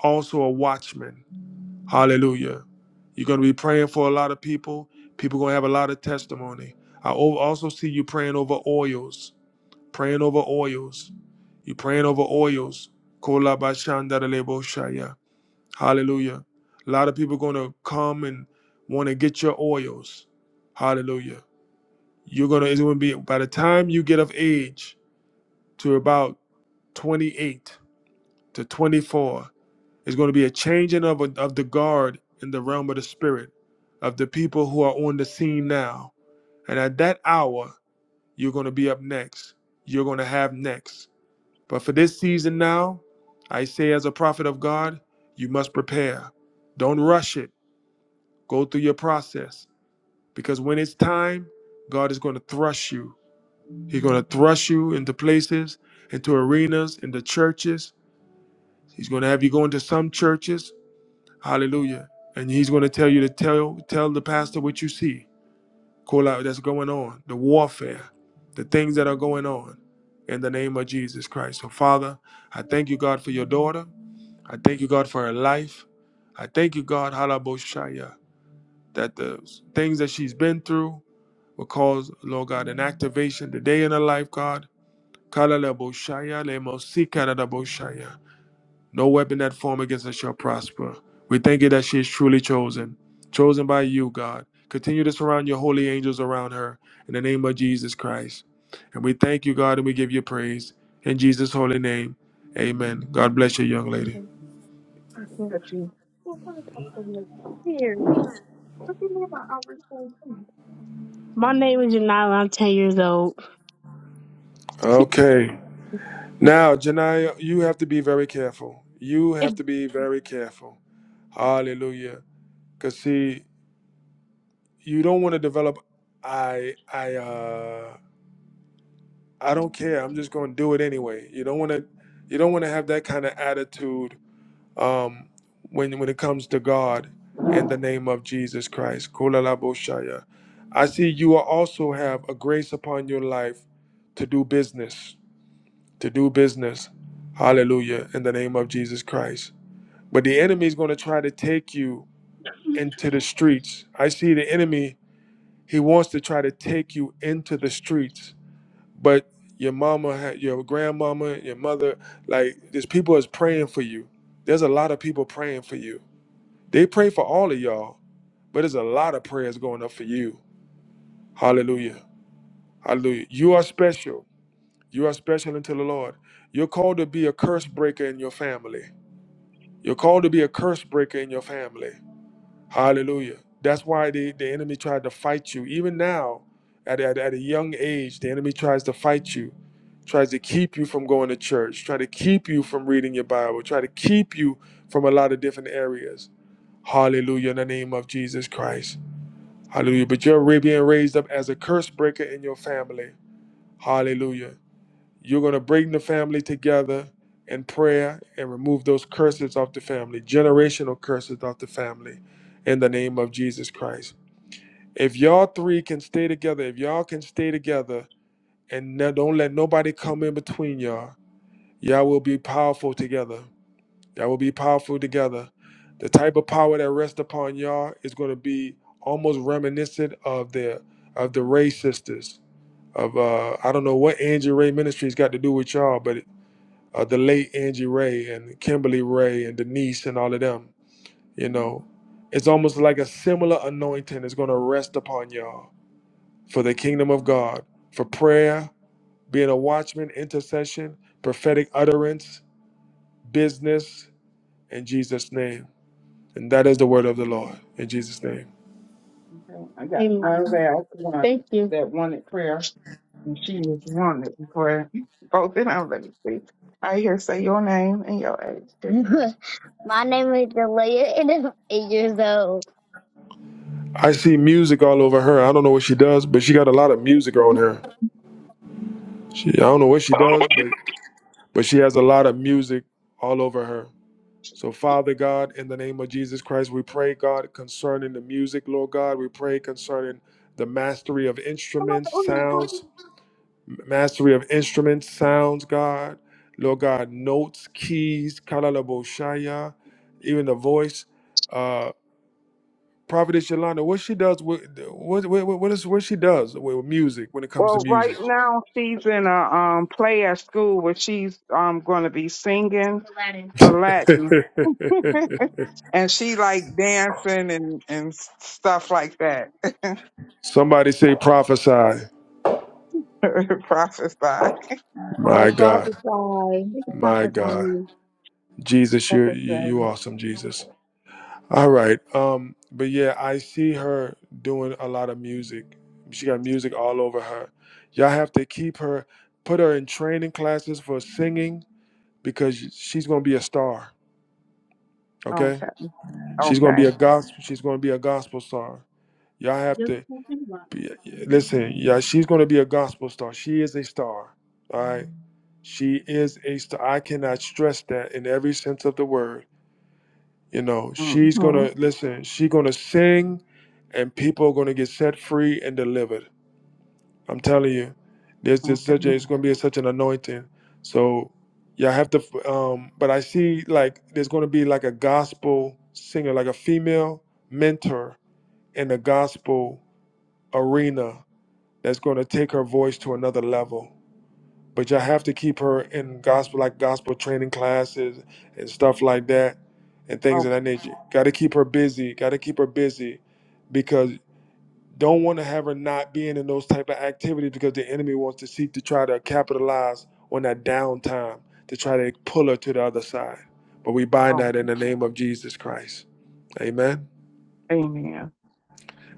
A: also a watchman. Hallelujah. You're going to be praying for a lot of people. People going to have a lot of testimony. I o- also see you praying over oils, praying over oils. You're praying over oils. Hallelujah. A lot of people going to come and want to get your oils. Hallelujah. You're going to, it's going to be, by the time you get of age to about 28 to 24, it's going to be a changing of, of the guard in the realm of the spirit of the people who are on the scene now. And at that hour, you're going to be up next. You're going to have next. But for this season now, I say as a prophet of God, you must prepare. Don't rush it. Go through your process because when it's time, God is going to thrust you. He's going to thrust you into places, into arenas, into churches. He's going to have you go into some churches. Hallelujah. And he's going to tell you to tell tell the pastor what you see. Call out that's going on, the warfare, the things that are going on in the name of Jesus Christ. So Father, I thank you God for your daughter. I thank you God for her life. I thank you God, Halaboshaya, that the things that she's been through, will cause, Lord God, an activation today in her life, God. Kalaleboshaya, lemosikadadaboshaya. No weapon that form against us shall prosper. We thank you that she is truly chosen, chosen by you, God. Continue to surround your holy angels around her in the name of Jesus Christ. And we thank you, God, and we give you praise. In Jesus' holy name, amen. God bless you, young lady.
G: My name is Janila. I'm 10 years old.
A: Okay. Now, Janaya, you have to be very careful. You have to be very careful. Hallelujah. Because, see, you don't want to develop i i uh i don't care i'm just going to do it anyway you don't want to you don't want to have that kind of attitude um when when it comes to god in the name of jesus christ Kulalaboshaya. i see you are also have a grace upon your life to do business to do business hallelujah in the name of jesus christ but the enemy is going to try to take you into the streets i see the enemy He wants to try to take you into the streets, but your mama, ha- your grandmama, your mother, like there's people is praying for you. There's a lot of people praying for you. They pray for all of y'all, but there's a lot of prayers going up for you. Hallelujah. Hallelujah. You are special. You are special unto the Lord. You're called to be a curse breaker in your family. You're called to be a curse breaker in your family. Hallelujah. That's why the, the enemy tried to fight you. Even now, at, at, at a young age, the enemy tries to fight you, tries to keep you from going to church, try to keep you from reading your Bible, try to keep you from a lot of different areas. Hallelujah in the name of Jesus Christ. Hallelujah. But you're being raised up as a curse breaker in your family. Hallelujah. You're going to bring the family together in prayer and remove those curses off the family, generational curses off the family, in the name of Jesus Christ. If y'all three can stay together, if y'all can stay together and no- don't let nobody come in between y'all, y'all will be powerful together. Y'all will be powerful together. The type of power that rests upon y'all is going to be almost reminiscent of the of the Ray sisters. Of uh, I don't know what Angie Ray Ministries got to do with y'all, but uh, the late Angie Ray and Kimberly Ray and Denise and all of them. You know, it's almost like a similar anointing is going to rest upon y'all for the kingdom of God, for prayer, being a watchman, intercession, prophetic utterance, business, in Jesus' name. And that is the word of the Lord in Jesus' name.
G: Amen. Thank you. My name is Delia, and I'm eight years old.
A: I see music all over her. I don't know what she does, but she got a lot of music on her. She, I don't know what she does, but but she has a lot of music all over her. So, Father God, in the name of Jesus Christ, we pray, God, concerning the music, Lord God. We pray concerning the mastery of instruments, sounds, mastery of instruments, sounds, God. Lord God, notes, keys, kalalabo shaya, even the voice. Uh, Prophetess Yolanda, what she does, with, what, what, what, is, what she does with music when it comes to music. Somebody say prophesy.
H: I
A: My God.
H: prophesy.
A: My God, Jesus, you're you, you
E: Prophesy.
A: awesome, Jesus. All right, um, but yeah, I see her doing a lot of music. She got music all over her. Y'all have to keep her, put her in training classes for singing because she's gonna be a star. Okay, she's gonna be a gospel. She's gonna be a gospel star. Y'all have to be, listen. Yeah, she's gonna be a gospel star. She is a star. All right, she is a star. I cannot stress that in every sense of the word You know, she's gonna listen, she's gonna sing and people are gonna get set free and delivered. I'm telling you. There's just such a it's gonna be such an anointing. So yeah, I have to um but I see like there's gonna be like a gospel singer, like a female mentor in the gospel arena that's gonna take her voice to another level but y'all have to keep her in gospel like gospel training classes and stuff like that and things of that nature got to keep her busy got to keep her busy because don't want to have her not being in those type of activities because the enemy wants to seek to try to capitalize on that downtime to try to pull her to the other side but we bind that in the name of jesus christ amen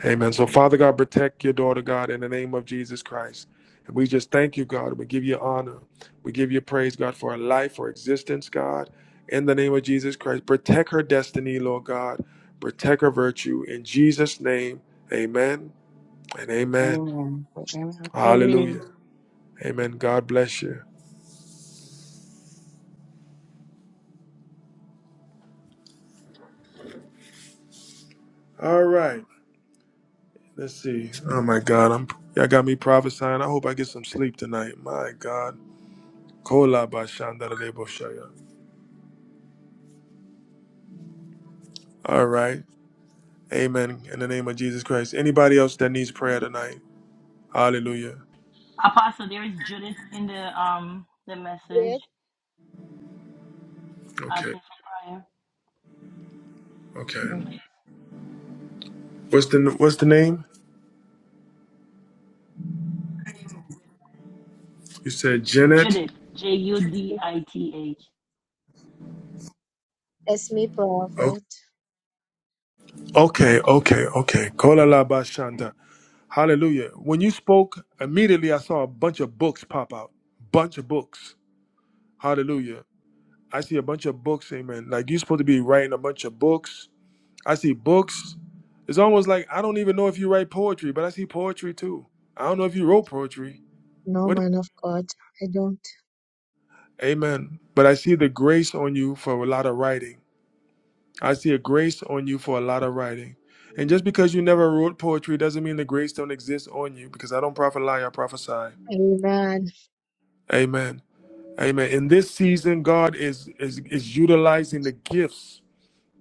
A: Amen. So, Father God, protect your daughter, God, in the name of Jesus Christ. And we just thank you, God. We give you honor. We give you praise, God, for her life, for existence, God, in the name of Jesus Christ. Protect her destiny, Lord God. Protect her virtue. In Jesus' name, amen and amen. Hallelujah. Amen. God bless you. All right. Let's see. Oh, my God. I'm. Y'all got me prophesying. I hope I get some sleep tonight. My God. Kola ba shandara lebo shaya. All right. Amen. In the name of Jesus Christ. Anybody else that needs prayer tonight? Hallelujah.
C: Apostle, there is Judith in the um the message
H: Great
A: Okay.
C: asking for prayer.
A: Okay. What's the What's the name? You said Janet.
C: Judith. J U D I T H.
H: As me
A: O-
H: prophet.
A: Okay. Okay. Okay. Kola la ba shanda. Hallelujah. When you spoke, immediately I saw a bunch of books pop out. Bunch of books. Hallelujah. I see a bunch of books. Amen. Like you're supposed to be writing a bunch of books. I see books. It's almost like I don't even know if you write poetry, but I see poetry too. I don't know if you wrote poetry.
H: No
A: What?
H: man of God. I don't.
A: Amen. But I see the grace on you for a lot of writing. I see a grace on you for a lot of writing. And just because you never wrote poetry doesn't mean the grace don't exist on you because I don't prophet lie, I prophesy.
H: Amen.
A: Amen. Amen. In this season, God is is is utilizing the gifts.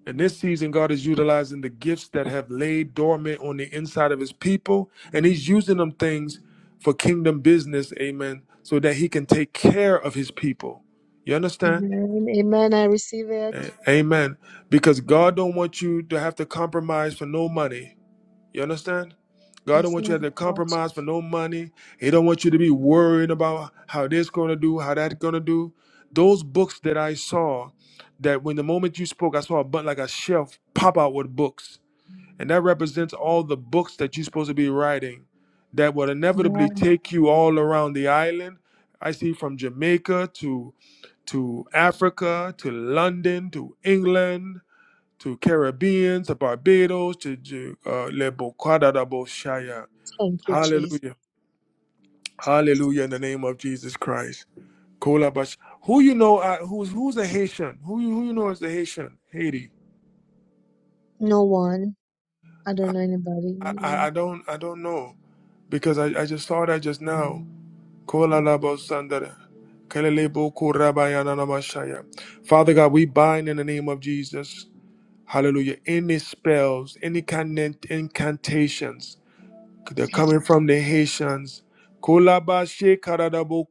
A: In this season, God is utilizing the gifts that have laid dormant on the inside of his people. And he's using them things for kingdom business, amen, so that he can take care of his people. You understand?
H: Amen. Amen. I receive it.
A: A- Amen. Because God don't want you to have to compromise for no money. You understand? God don't
H: Yes,
A: want you to have
H: man
A: to
H: of God.
A: compromise for no money. He don't want you to be worried about how this going to do, how that's going to do. Those books that I saw, that when the moment you spoke, I saw a button like a shelf pop out with books. And that represents all the books that you're supposed to be writing that will inevitably
H: Amen.
A: take you all around the island. I see from Jamaica to to Africa, to London, to England, to Caribbean, to Barbados, to Ju- uh, Le Bocada da Boshaya.
H: Thank you, Jesus.
A: Hallelujah. Hallelujah in the name of Jesus Christ. Kola Bash. Who you know uh, who's who's a Haitian? Who you who you know is the Haitian? Haiti.
H: No one. I don't know
A: I, I,
H: anybody.
A: I don't I don't know because I, I just saw that just now. Kola labo sandara. Kelelebo korabayana namashaya. Father God, we bind in the name of Jesus, hallelujah, any spells, any kind incantations that are
H: Thank
A: coming
H: you.
A: from the
H: prophet.
A: Haitians. Kolabashe karadabo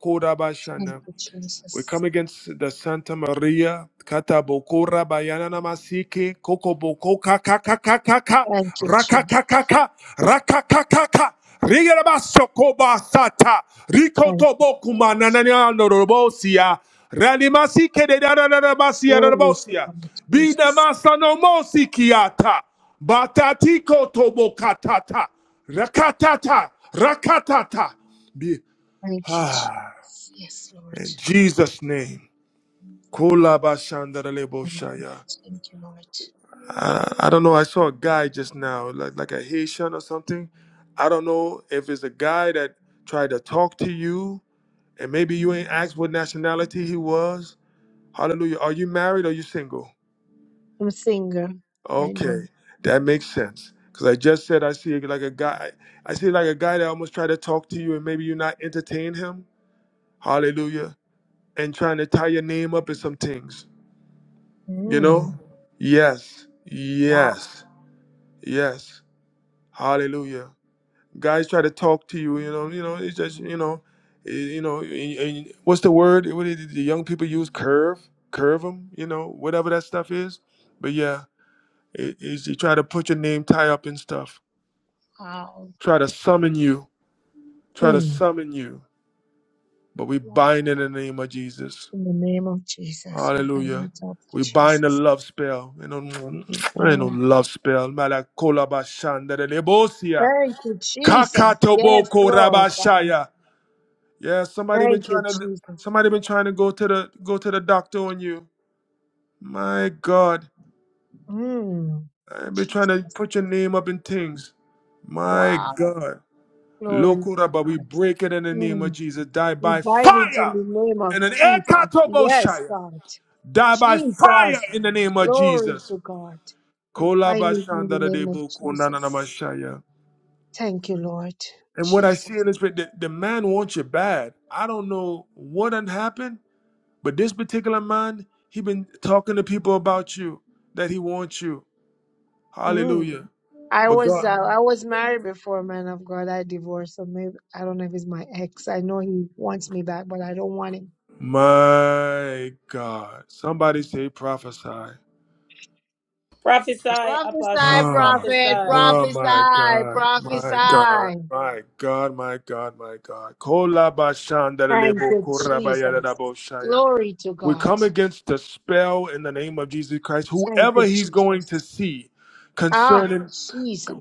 H: Thank you,
A: we
H: Jesus.
A: come against the Santa Maria, Katabokora, Bayanana Masike, Kokoboko, Kakakakaka,
H: Thank you, Jesus.
A: Rakakakaka, Rakakakaka, Rigarabasokoba Sata,
H: Thank you,
A: Rikotobokuma,
H: Jesus.
A: Nanania, Norobosia, Ranimasike, de Nananabasia,
H: Glory to
A: Norobosia,
H: God, Jesus.
A: Binamasa no Mosikiata, Batatiko Tobokatata, Rakatata, Rakatata, Be-
H: Thank you,
A: Ah,
H: Jesus. Yes, Lord.
A: in Jesus' name.
H: Amen.
A: Kolabashandaraleboshaya.
H: Thank you, Lord.
A: I, I don't know. I saw a guy just now, like like a Haitian or something. I don't know if it's a guy that tried to talk to you, and maybe you ain't asked what nationality he was. Hallelujah. Are you married or you single?
H: I'm a singer right now.
A: Okay, that makes sense. Cause I just said I see like a guy. I see like a guy that almost tried to talk to you, and maybe you're not entertaining him. Hallelujah. And trying to tie your name up in some things. You
H: Mm.
A: know? Yes.
H: Wow.
A: Yes. Yes. Hallelujah. Guys try to talk to you, you know, you know, it's just, you know, eh, you know, and, and what's the word? What did the young people use? Curve, curve them, you know, whatever that stuff is. But yeah, it is you try to put your name tie up in stuff.
H: Wow.
A: Try to summon you. Try to
H: Hmm.
A: summon you. But we
H: Wow.
A: bind in the name of Jesus.
H: In the name of Jesus, we bind
A: Hallelujah.
H: it up,
A: We bind the
H: Jesus.
A: love spell. You know, ain't no
H: Thank,
A: love spell. Malakola bashandere lebosia.
H: thank you, Jesus. Yes,
A: Kakatoboko
H: Lord God.
A: rabashaya. Yeah, somebody been
H: Thank you,
A: trying to
H: Jesus.
A: somebody been trying to go to the go to the doctor on you. My God,
H: Mm.
A: I've been trying to
H: Jesus.
A: put your name up in things. My
H: Wow.
A: God,
H: Glory to
A: Lokura, but
H: God.
A: we break it in the name of
H: Mm.
A: Jesus. Die
H: We
A: by
H: bind it in
A: fire,
H: the name of
A: and an
H: Jesus. Yes,
A: ekatoboshaya.
H: God.
A: Die by fire
H: Jesus.
A: in the name of
H: Glory
A: Jesus.
H: to God. We bind it in the name of
A: Kolabashandadadebo
H: Jesus.
A: kondananamashaya.
H: Thank you, Lord.
A: And what I see
H: Jesus.
A: in this, the, the man wants you bad. I don't know what done happened. But this particular man, he been talking to people about you that he wants you.
H: Mm.
A: Hallelujah.
H: I
A: But
H: was uh,
A: God,
H: I was married before, man of God. I divorced, so maybe I don't know if it's my ex. I know he wants me back, but I don't want him.
A: my God, somebody say prophesy.
C: Prophesy, Apostle.
H: Prophesy,
A: Ah,
H: prophet,
C: Prophesy.
A: oh my
H: prophesy,
A: God, my God,
H: prophesy.
A: my God, my God, my God.
H: Thank
A: Kolabashandarelebo
H: you, Jesus.
A: korabayadadaboshaya.
H: Glory to
A: We
H: God.
A: come against the spell in the name of Jesus Christ.
H: Thank you,
A: Whoever he's going to
H: Jesus.
A: see
H: Ah,
A: concerning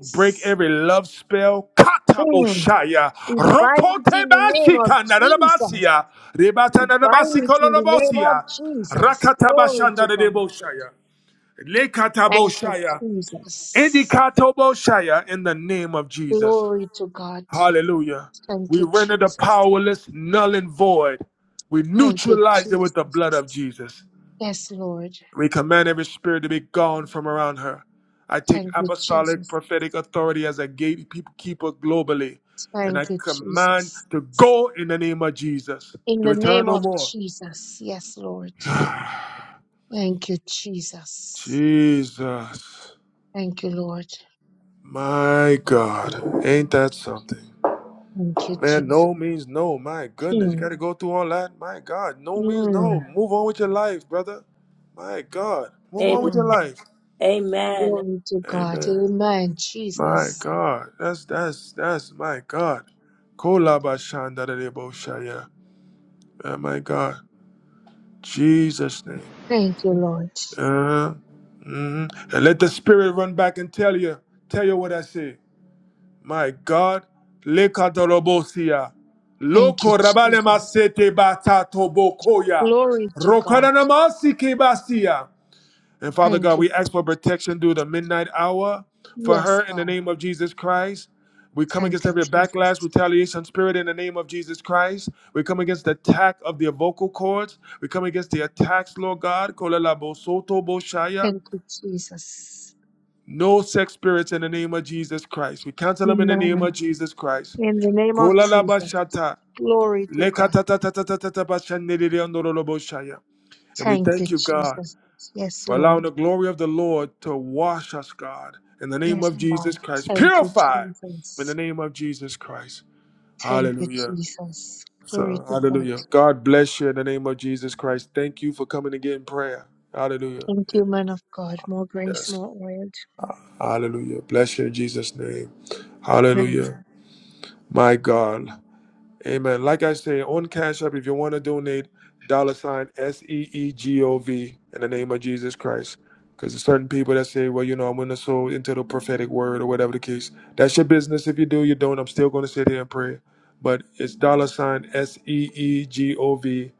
A: break every love spell.
H: Hmm.
A: Kataboshaya.
H: We bind it in the name of Jesus.
A: Rokotebashikanarabasia.
H: We bind it in the name of
A: Rebatanarabasikolorobosia.
H: Jesus. Glory to God.
A: Rakatabashandareboshaya.
H: Thank you,
A: Lekataboshaya.
H: Jesus.
A: Indikatoboshaya in the name of Jesus.
H: Glory to God.
A: Hallelujah.
H: Thank
A: We
H: you,
A: render the
H: Jesus.
A: powerless, null and void. We
H: Thank you,
A: neutralize it with the blood of
H: Jesus.
A: Jesus.
H: Yes, Lord.
A: We command every spirit to be gone from around her. I take
H: Thank you,
A: apostolic
H: Jesus.
A: prophetic authority as a gatekeeper globally, and I
H: Thank you,
A: command
H: Jesus.
A: to go in the name of Jesus,
H: In
A: to
H: the
A: return
H: name
A: no
H: of
A: more.
H: Jesus. Yes, Lord. Thank you, Jesus.
A: Jesus,
H: Thank you, Lord.
A: my God, ain't that something?
H: Thank you,
A: Man,
H: Jesus.
A: no means no. My goodness, you
H: Mm,
A: got to go through all that. My God, no means no.
H: mm,
A: Move on with your life, brother. My God, move on
C: Amen.
A: with your
H: mm.
A: life.
C: Amen.
H: Glory to God.
A: Amen.
H: Amen,
A: My
H: Jesus.
A: God, that's that's that's my God. Kolaba shandarebo shaya. Oh my God, Jesus name.
H: Thank you, Lord.
A: Uh, mhm. And let the spirit run back and tell you, tell you what I say. My God, lekatorobosia,
H: Thank you,
A: loko rabale
H: Jesus.
A: masete batato bokoya,
H: Glory to God.
A: rokanana masike basia. And Father
H: Thank
A: God,
H: you.
A: we ask for protection through the midnight hour for
H: Yes,
A: her in the
H: God.
A: name of Jesus Christ. We come against
H: Thank you,
A: every backlash,
H: Jesus.
A: retaliation spirit in the name of Jesus Christ. We come against the attack of the vocal cords. We come against the attacks, Lord God. Kolala bosoto boshaya.
H: Thank you, Jesus.
A: No sex spirits in the name of Jesus Christ. We cancel them in the name
H: Amen.
A: of Jesus Christ.
H: In the name of
A: Kolala
H: Jesus.
A: bashata.
H: Glory to God.
A: Lekatatatatatatata bashandedede andorolo boshaya. And we
H: Thank you,
A: thank you, God.
H: Jesus. Yes,
A: for
H: Lord.
A: allowing the glory of the Lord to wash us, God, in the name
H: Yes,
A: of
H: God.
A: Jesus Christ.
H: Thank you,
A: Purify in the
H: Jesus.
A: name of Jesus Christ.
H: Thank you,
A: Hallelujah.
H: Jesus. Glory
A: So,
H: to God.
A: hallelujah. God bless you in the name of Jesus Christ. Thank you for coming again in prayer. Hallelujah.
H: Thank
A: And-
H: you, man of God. More grace,
A: yes.
H: more oil.
A: Hallelujah. Bless you in Jesus' name.
H: Amen.
A: Hallelujah. My God. Amen. Like I say, on Cash App, if you want to donate, dollar sign S E E G O V in the name of Jesus Christ. Because there's certain people that say, well, you know, I'm going to sow into the prophetic word or whatever the case. That's your business. If you do, you don't. I'm still going to sit here and pray. But it's dollar sign S E E G O V.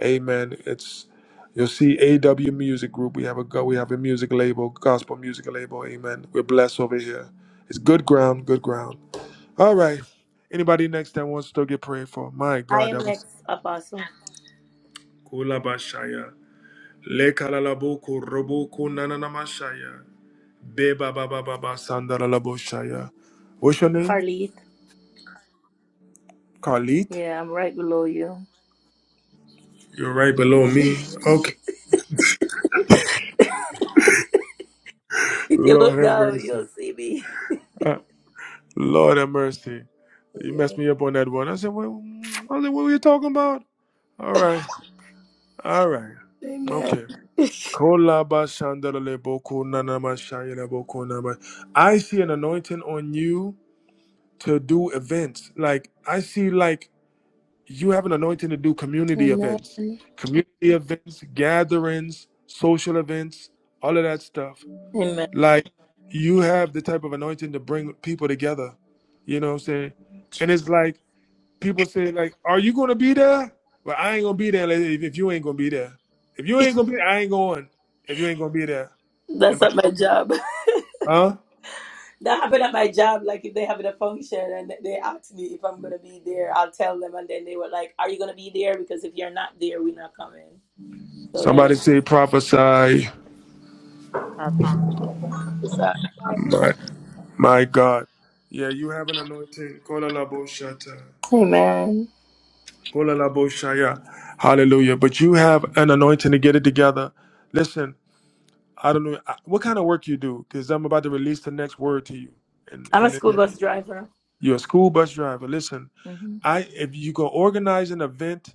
A: Amen. It's you'll see AW Music Group. We have a go- we have a music label, gospel music label. Amen. We're blessed over here. It's good ground, good ground. All right. Anybody next that wants to get prayed for? My
C: I
A: God,
C: am
A: that was
C: next, Apostle.
A: Kula Bashaya. Le Kalalaboko Roboko Nananamashaya. Beba Baba Baba Sandalalaboshaya. What's your name?
C: Carlith.
A: Khalid?
C: Yeah, I'm right below you.
A: You're right below me. Okay.
C: If you look
A: Lord have
C: down,
A: mercy.
C: you'll see me.
A: Uh, Lord have mercy.
C: Oh,
A: You
C: yeah.
A: messed me up on that one. I said, well, I said, what were you talking about? All right. All right.
C: Amen.
A: Okay. Kolaba shandalele boko nanama shayele boko nama. I see an anointing on you to do events. Like I see like you have an anointing to do community
C: Amen.
A: events. Community events, gatherings, social events, all of that stuff.
C: Amen.
A: Like you have the type of anointing to bring people together. You know what I'm saying? And it's like people say like, "Are you gonna be there?" Well, I ain't gonna be there like, if, you ain't gonna be there. If you ain't gonna be, there, I ain't going. If you ain't gonna be there,
C: That's
A: am I
C: at my
A: talking to? you?
C: job.
A: Huh?
C: That happened at my job. Like if they having a function and they ask me if I'm gonna be there, I'll tell them, and then they were like, "Are you gonna be there? Because if you're not there, we're not coming." So that is
A: Somebody say prophesy.
D: Prophet,
C: it's a profit.
A: My my God. Yeah, you have an anointing. Kola la bo shata.
C: Amen.
A: Kola la bo shaya. Hallelujah. But you have an anointing to get it together. Listen, I don't know I- what kind of work you do, because I'm about to release the next word to you. And,
C: I'm a
A: and
C: school
A: then-
C: bus driver.
A: You're a school bus driver. Listen,
C: hmm
A: I if you can organize an event,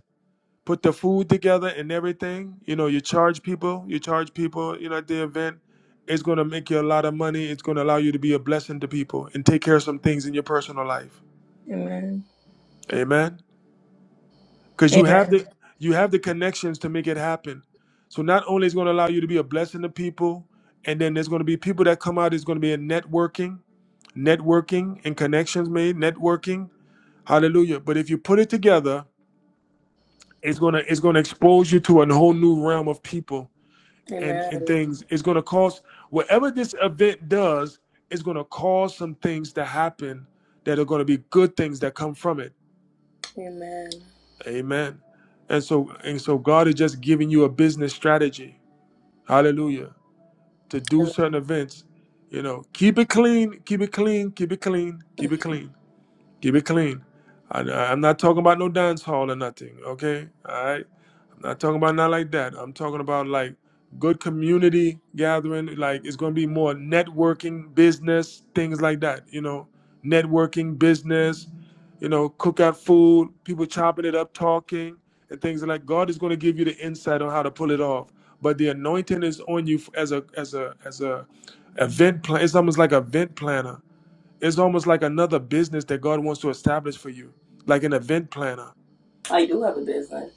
A: put the food together and everything, you know, you charge people, you charge people, you know, at the event, it's gonna make you a lot of money. It's gonna allow you to be a blessing to people and take care of some things in your personal life.
C: Amen.
A: Amen. Because you have
C: Amen.
A: the you have the connections to make it happen. So not only it's gonna allow you to be a blessing to people, and then there's gonna be people that come out, There's gonna be a networking, networking and connections made, networking Hallelujah. But if you put it together, it's gonna it's gonna expose you to a whole new realm of people and and
C: Amen.
A: things. It's gonna cause whatever this event does, it's gonna cause some things to happen that are gonna be good things that come from it.
C: Amen.
A: Amen. And so and so God is just giving you a business strategy. Hallelujah. To do
C: Amen.
A: certain events. You know, keep it clean, keep it clean, keep it clean, keep it clean, keep it clean. I, I'm not talking about no dance hall or nothing, okay? All right Not talking about not like that. I'm talking about like good community gathering. Like it's going to be more networking, business, things like that. You know, networking, business. You know, cookout food, people chopping it up, talking, and things like. God is going to give you the insight on how to pull it off. But the anointing is on you as a as a as a event plan. It's almost like an event planner. It's almost like another business that God wants to establish for you, like an event planner.
C: I do have a business.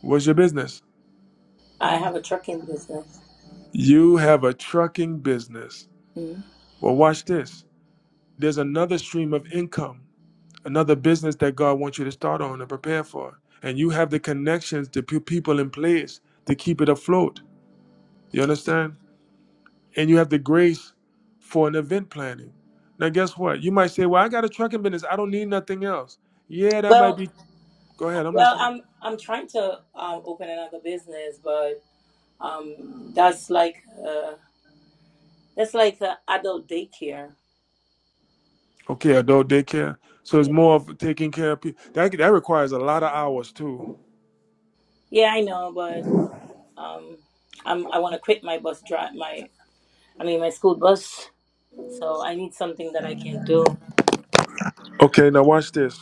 A: What's your business?
C: I have a trucking business.
A: You have a trucking business.
C: Mhm.
A: Well, watch this. There's another stream of income, another business that God wants you to start on and prepare for. And you have the connections, the pe- people in place to keep it afloat. You understand? And you have the grace for an event planning. Now, guess what? You might say, Well, I got a trucking business. I don't need nothing else. Yeah, that
C: Well,
A: might be. Go ahead. I'm
C: Well,
A: listening.
C: I'm I'm trying to um, open another business, but um, that's like uh, that's like the adult daycare.
A: Okay, adult daycare. So it's
C: Yeah,
A: more of taking care of people. That, that requires a lot of hours, too.
C: yeah, I know, but um, I'm I want to quit my bus drive my I mean my school bus, so I need something that I can do.
A: Okay, now watch this.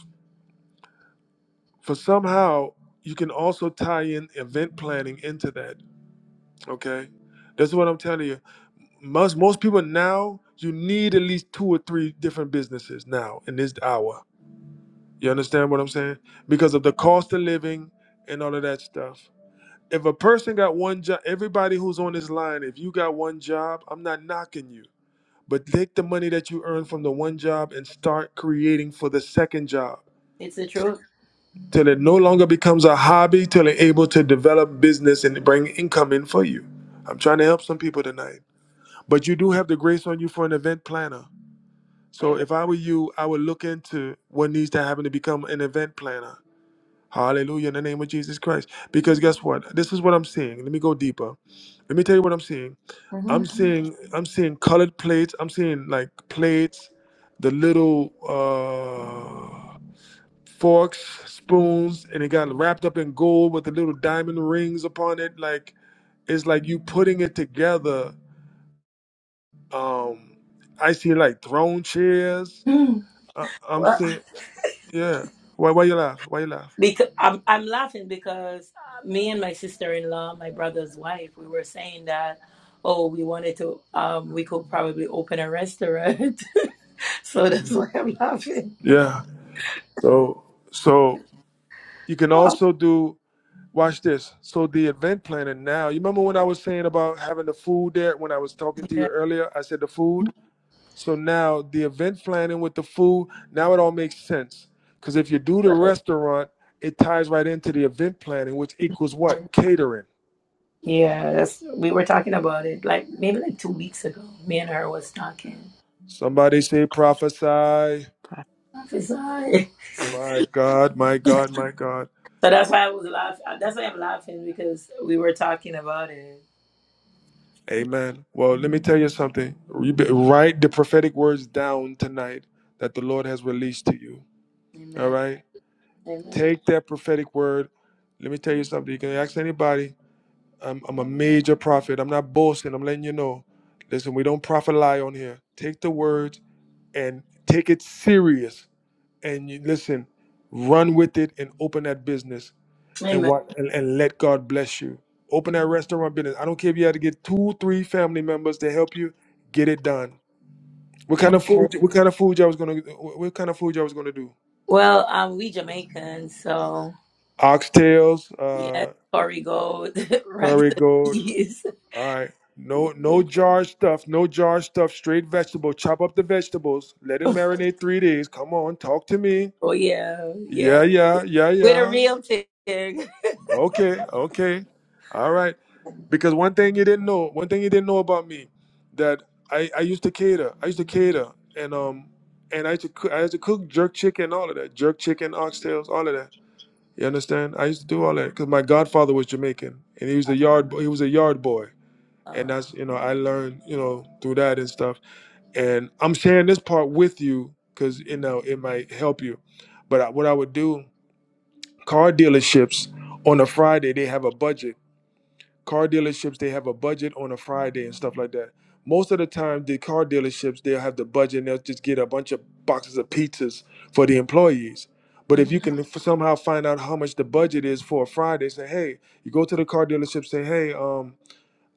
A: for somehow you can also tie in event planning into that. Okay, that's what I'm telling you. Most most people now you need at least two or three different businesses now in this hour. You understand what I'm saying? Because of the cost of living and all of that stuff. If a person got one job, everybody who's on this line, if you got one job, I'm not knocking you. But take the money that you earn from the one job and start creating for the second job
C: It's the truth.
A: till it no longer becomes a hobby, till they're able to develop business and bring income in for you. I'm trying to help some people tonight. But you do have the grace on you for an event planner. So if I were you, I would look into what needs to happen to become an event planner. Hallelujah in the name of Jesus Christ. Because guess what? This is what I'm seeing. Let me go deeper. Let me tell you what I'm seeing. I'm
C: Amen.
A: seeing I'm seeing colored plates. I'm seeing like plates, the little uh forks, spoons, and it got wrapped up in gold with the little diamond rings upon it. Like it's like you putting it together. Um, I see like throne chairs.
C: Mhm.
A: I, I'm
C: Well,
A: seeing, yeah. Why? Why you laugh? Why you laugh?
C: because I'm I'm laughing because uh, me and my sister-in-law, my brother's wife, we were saying that, oh, we wanted to um we could probably open a restaurant. So that's why I'm laughing.
A: Yeah. So, so you can
C: Oh,
A: also do. Watch this. So the event planning now. You remember when I was saying about having the food there? When I was talking to you
C: yeah,
A: earlier, I said the food. So now the event planning with the food, now it all makes sense. Because if you do the
C: right.
A: restaurant, it ties right into the event planning, which equals what? Catering.
C: Yeah, that's we were talking about it like maybe like two weeks ago. Me and her was talking.
A: Somebody say prophesy.
D: prophet,
C: Office eye.
A: My God, my God, my God.
C: So that's why I was laughing. That's why I'm laughing because we were talking about it.
A: Amen. Well, let me tell you something. You Write the prophetic words down tonight that the Lord has released to you. All
C: Amen.
A: right?
C: Amen.
A: Take that prophetic word. Let me tell you something. You can ask anybody I'm, I'm a major prophet. I'm not boasting. I'm letting you know. Listen, we don't prophet lie on here. Take the words and take it serious. And you listen, run with it and open that business and
C: Amen.
A: what and, and let God bless you. Open that restaurant business. I don't care if you had to get two, three family members to help you get it done. What kind of
C: Amen.
A: food? What kind of food y'all was gonna? What what kind of food y'all was gonna do?
C: Well, um, we Jamaicans, so
A: Oxtails,
C: yes,
A: uh,
C: Corey Gold, rice
A: curry
C: and
A: goat,
C: peas.
A: All right.
C: Yeah.
A: No, no jarred stuff. No jarred stuff. Straight vegetable. Chop up the vegetables. Let it marinate three days. Come on, talk to me.
C: Oh yeah, yeah.
A: Yeah, yeah, yeah,
C: With a
A: yeah.
C: real pig.
A: Okay, okay. All right. Because one thing you didn't know, one thing you didn't know about me, that I, I used to cater. I used to cater, and um, and I used to cook, I used to cook jerk chicken, all of that, jerk chicken, oxtails, all of that. You understand? I used to do all that because my godfather was Jamaican, and he was a yard boy. He was a yard boy. and
C: Um,
A: that's you know i learned you know through that and stuff and i'm sharing this part with you because you know it might help you but I- what i would do car dealerships on a friday they have a budget car dealerships they have a budget on a friday and stuff like that most of the time the car dealerships they'll have the budget and they'll just get a bunch of boxes of pizzas for the employees but if you
C: mhm,
A: can f- somehow find out how much the budget is for a friday say hey you go to the car dealership say hey um.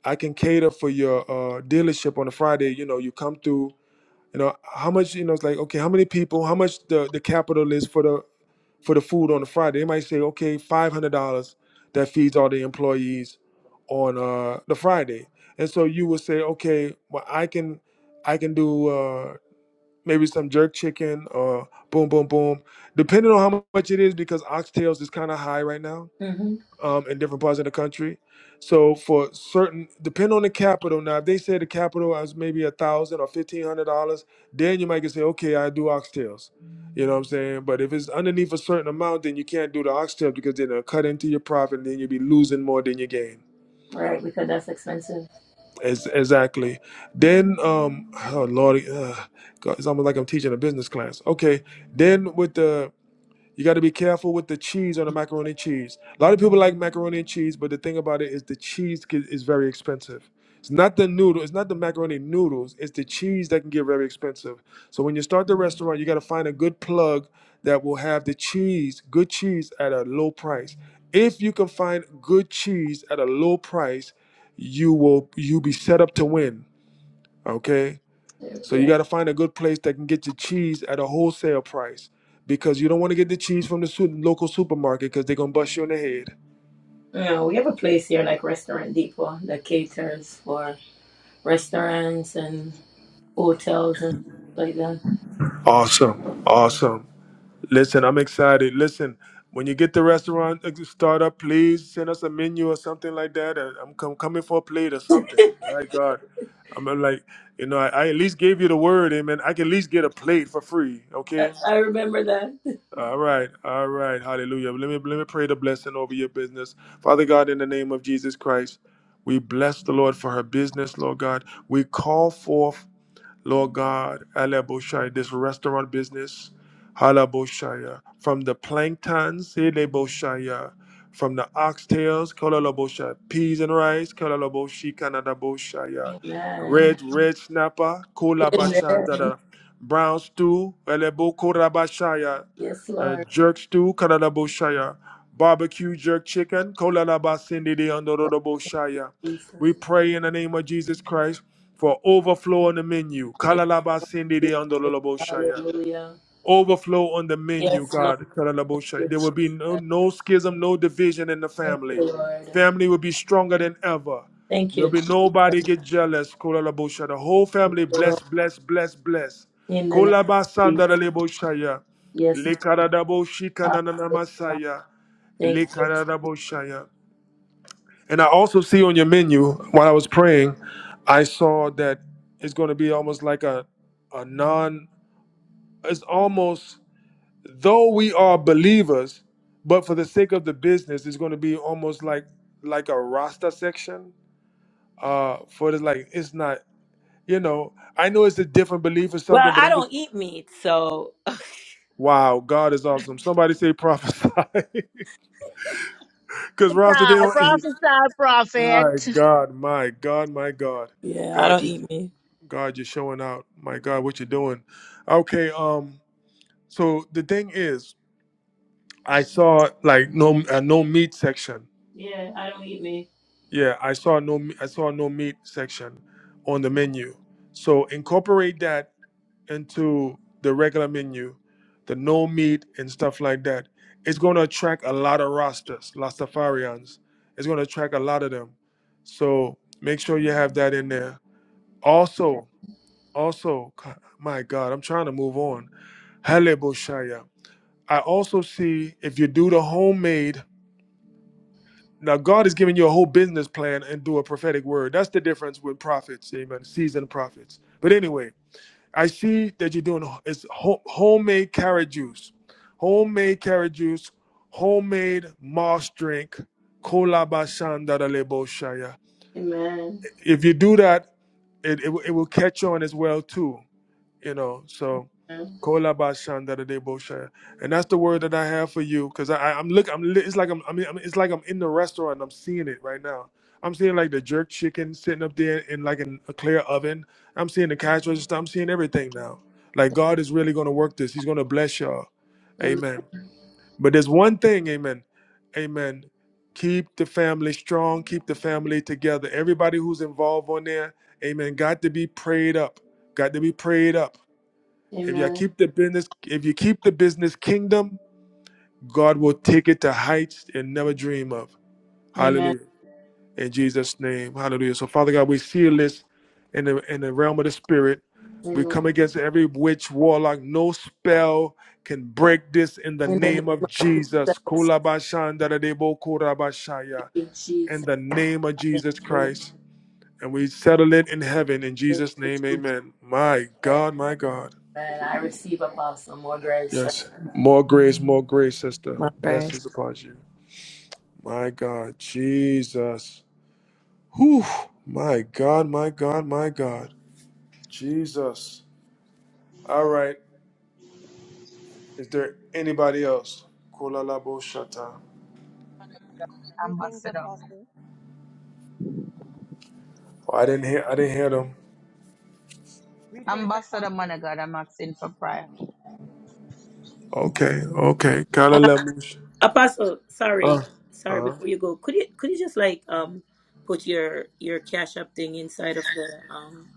A: I can cater for your uh, dealership on a Friday. You know, you come through. You know how much you know. It's like okay, how many people? How much the the capital is for the for the food on the Friday? They might say okay, five hundred dollars that feeds all the employees on uh, the Friday. And so you would say okay, well I can I can do uh, maybe some jerk chicken or boom boom boom, depending on how much it is because oxtails is kind of high right now
C: mhm.
A: um, in different parts of the country. So for certain, depend on the capital. Now, if they say the capital is maybe a thousand or fifteen hundred dollars, then you might can say, okay, I do oxtails. You know what I'm saying? But if it's underneath a certain amount, then you can't do the oxtail because then it'll cut into your profit, and then you'll be losing more than you gain.
C: Right, because that's expensive.
A: As, exactly. Then, um, oh Lord, uh, God, it's almost like I'm teaching a business class. Okay. Then with the you got to be careful with the cheese on the macaroni and cheese. A lot of people like macaroni and cheese, but the thing about it is the cheese ki- is very expensive. It's not the noodle, it's not the macaroni noodles, it's the cheese that can get very expensive. So when you start the restaurant, you got to find a good plug that will have the cheese, good cheese at a low price. If you can find good cheese at a low price, you will you be set up to win, okay? So you
C: Yeah.
A: got to find a good place that can get your cheese at a wholesale price because you don't want to get the cheese from the su- local supermarket because they're going to bust you in the head.
C: Yeah, we have a place here like Restaurant Depot that caters for restaurants and hotels and stuff like that.
A: Awesome. Awesome. Listen, I'm excited. Listen, when you get the restaurant uh, start up, please send us a menu or something like that. Uh, I'm com- coming for a plate or something. My God. I'm uh, like, you know, I, I at least gave you the word, amen. I can at least get a plate for free,
C: I,
A: okay?
C: I remember that.
A: All right, all right, hallelujah. Let me let me pray the blessing over your business, Father God. In the name of Jesus Christ, we bless the Lord for her business, Lord God. We call forth. Lord God, Alaboshaya, this restaurant business, Halaboshaya, from the planktons, Eleboshaya, from the oxtails, Kolalaboshaya, peas and rice, Kolalaboshi, Kanadaboshaya,
C: Amen.
A: red, red snapper,
C: Amen.
A: Kolabashandada, brown stew, Elebo Korabashaya,
C: Yes,
A: uh,
C: Lord.
A: jerk stew, Kanadaboshaya, barbecue jerk chicken, Kolalabasindidi, Andorodoboshaya. We pray in the name of Jesus Christ for overflow on the menu. Kalalaba sindi de andololobo shaya.
C: Hallelujah.
A: Overflow on the menu,
C: Yes, Lord.
A: God. Kalalabo
C: Thank
A: shaya.
C: you,
A: There
C: Jesus.
A: will be no, no schism, no division in the
C: Thank you,
A: family.
C: Lord.
A: Family will be stronger than ever.
C: Thank you,
A: There'll be nobody get jealous. Kalalabo shaya. The whole family
C: Jesus.
A: bless, bless, bless, bless.
C: In the name of
A: Kolaba
C: Jesus.
A: sandalalebo shaya.
C: Yes,
A: Lekaradabo
C: Hallelujah.
A: shikanananamasaya.
C: Thank you. Jesus.
A: Lekaradabo shaya. And I also see on your menu while I was praying, I saw that it's going to be almost like a a non it's almost though we are believers, but for the sake of the business, it's going to be almost like like a Rasta section uh for the like it's not you know, I know it's a different belief or
C: Well,
A: something, but
C: I
A: I'm just
C: don't eat meat, so
A: wow, God is awesome. Somebody say prophesy. Cuz Rasta they don't
H: Prophesy, prophesy,
A: my
H: prophet.
A: God, my God, my God.
C: yeah, I
A: God,
C: don't
A: you
C: eat meat.
A: God, you're showing out. My God, what you're doing. Okay, um, so the thing is, I saw like no a no meat section.
C: Yeah, I don't eat meat.
A: Yeah, I saw no me- I saw no meat section on the menu. So incorporate that into the regular menu, the no meat and stuff like that. It's gonna attract a lot of rastas, Rastafarians. It's gonna attract a lot of them. So make sure you have that in there. Also, also, my God, I'm trying to move on. Haleboshaya. I also see if you do the homemade, now God is giving you a whole business plan and do a prophetic word. That's the difference with prophets, amen, seasoned prophets. But anyway, I see that you're doing it's ho- homemade carrot juice, homemade carrot juice, homemade moss drink, kolabashandaraleboshaya.
C: Amen.
A: If you do that, it, it, will- it will catch on as well too. you know. So,
C: Amen.
A: Kolabashandaradebosha. and that's the word that I have for you, because I, I, I'm look, I'm, li- it's like I'm, I'm, I'm- it's like I'm in the restaurant. and I'm seeing it right now. I'm seeing like the jerk chicken sitting up there in like in a clear oven. I'm seeing the cash register. I'm seeing everything now. Like God is really going to work this. He's going to bless y'all. Amen. But there's one thing, amen. Amen. Keep the family strong. Keep the family together. Everybody who's involved on there, amen, got to be prayed up. Got to be prayed up. If you
C: Amen.
A: keep the business, if you keep the business kingdom, God will take it to heights and never dream of.
C: Amen.
A: Hallelujah. In Jesus' name. Hallelujah. So Father God, we seal this in the in the realm of the spirit. We
C: Amen.
A: come against every witch, warlock. No spell can break this in the
C: In the name
A: name of
C: of
A: Jesus.
C: Jesus, thank you, Jesus.
A: In the name of Jesus
C: Hallelujah.
A: Christ. And we settle it in heaven in
C: Thank
A: Jesus'
C: you,
A: name.
C: Jesus.
A: Amen. My
C: Amen.
A: God, my God.
C: Amen. I receive apostle more grace. sir.
A: Yes. More grace, more grace, sister.
C: More grace.
A: Blessings upon you. My God, Jesus. Whew. My God, my God, my God. Jesus. All right. Is there anybody else? Kola la shata.
I: Ambassador.
A: Oh, I didn't hear I didn't hear them.
I: Ambassador, man of God, I'm asking for prayer.
A: Okay, okay. Kala
C: Um,
A: la sh-
C: apostle,
A: Uh,
C: sorry, sorry.
A: uh,
C: Before you go, could you could you just like um put your your cash up thing inside of the um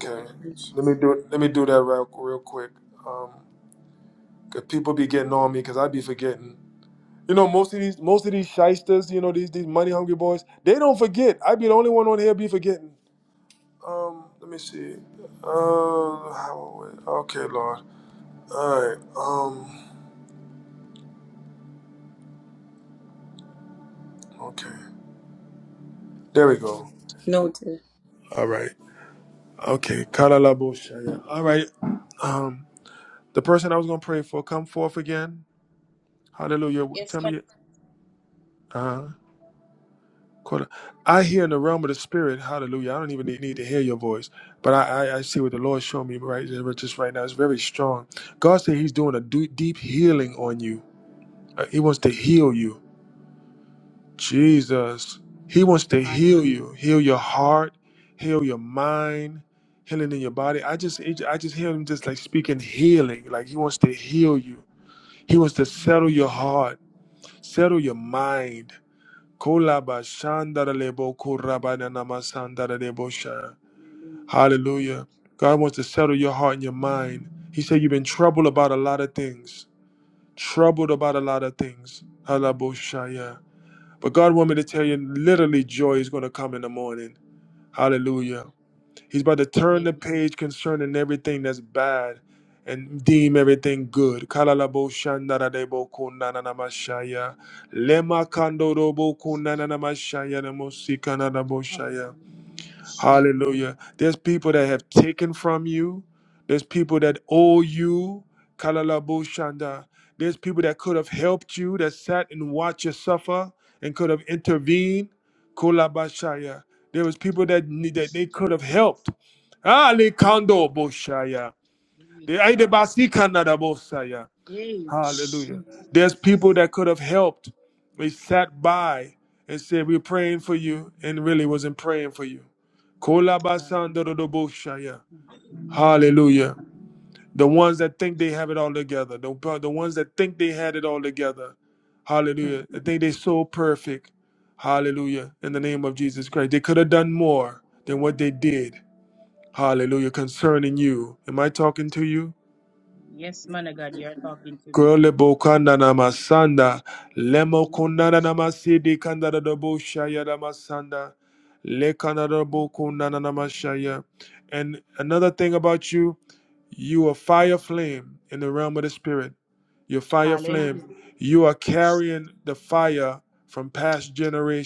C: the message
A: Let me do let me do that real, real quick. Um, 'cause people be getting on me because I be forgetting. You know, most of these most of these shysters, you know, these these money hungry boys, they don't forget. I be the only one on here be forgetting. Um, let me see. Um, how, okay, Lord. All right. Um, okay. There we go.
C: note?
A: All right. Okay. Kalalaboshaya. All right. Um, the person I was gonna pray for, come forth again. Hallelujah.
I: Yes,
A: Tell
I: man.
A: me. Uh. huh. Quarter. I hear in the realm of the spirit, hallelujah. I don't even need, need to hear your voice, but I, I, I see what the Lord showed me right just right now. It's very strong. God said He's doing a du- deep healing on you. Uh, He wants to heal you. Jesus. He wants to heal
I: Hallelujah.
A: you, heal your heart, heal your mind, healing in your body. I just I just hear him just like speaking healing. Like he wants to heal you. He wants to settle your heart, settle your mind. Hallelujah. God wants to settle your heart and your mind. He said you've been troubled about a lot of things. Troubled about a lot of things. Halabo But God want me to tell you, literally joy is going to come in the morning. Hallelujah. He's about to turn the
I: Hallelujah. Jesus.
A: page concerning everything that's bad and deem everything good. Kalalabo shandaradebo kunananamashaya. Lema kandorobo kunananamashaya namosi
I: Amen.
A: kanadaboshaya.
I: Hallelujah. Jesus.
A: Hallelujah. There's people that have taken from you. There's people that owe you. Kalalabo Shanda. There's people that could have helped you that sat and watched you suffer and could have intervened. Kolabashaya. There was people that need, that they could have helped. Ali
I: Mm.
A: Kando Boshaya.
I: My
A: The
I: God.
A: Aidebasi Kanada Bosaya.
I: Hey,
A: Hallelujah. There's people
I: Jesus.
A: that could have helped. They sat by and said, We're praying for you, and really wasn't praying for you.
I: God.
A: Kolabasandorodoboshaya.
I: Mm. God.
A: Hallelujah. The ones that think they have it all together, the, the ones that think they had it all together.
I: Mm.
A: Hallelujah. They think they're so perfect. Hallelujah. In the name of Jesus Christ. They could have done more than what they did. Hallelujah. Concerning you. Am I talking to you?
I: Yes, man of God, you're talking to me.
A: Kole bokanda na masanda, lemo
I: Hallelujah.
A: kundana na
I: Jesus.
A: masidi kandada do boshaya na masanda, le kandada bokundana na mashaya. And another thing about you, you are fire flame in the realm of the spirit. You're fire flame.
I: Hallelujah.
A: You are carrying the fire from past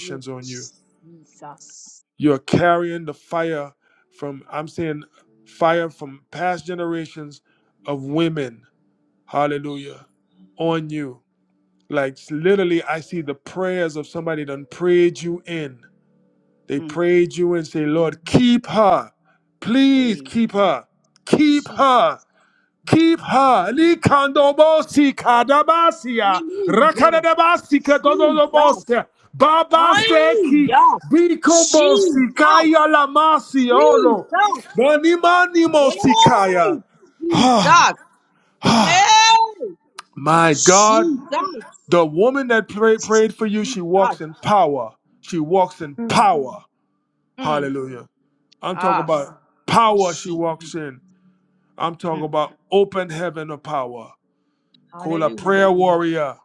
I: Hey,
A: on you.
I: Jesus.
A: You are carrying the fire from, I'm saying, fire from past generations of women. Hallelujah. On you. Like s- literally, I see the prayers of somebody done prayed you in. They
I: Mm.
A: prayed you and say, Lord, keep her. Please
I: Hey,
A: keep her. Keep
I: Jesus.
A: her. Keep her.
I: Hallelujah.
A: Likandobosi kadabasia.
I: Hallelujah.
A: Rakadabasi
I: Jesus.
A: kadodobosia. Babaseki.
I: Hallelujah.
A: Bikobosi
I: Jesus.
A: kaya lamasi olo.
I: Jesus.
A: Nanimani mosikaya.
I: Yay.
A: Ah,
I: Jesus. Hey.
A: my God.
I: Jesus.
A: The woman that pray, prayed for you, she
I: Jesus.
A: walks in power. She walks in
I: Mm.
A: power.
I: Mm.
A: Hallelujah. I'm talking
I: Ah.
A: about power she
I: She.
A: walks in. I'm talking
I: Mm.
A: about open heaven of power. Call a
I: Hallelujah.
A: prayer warrior.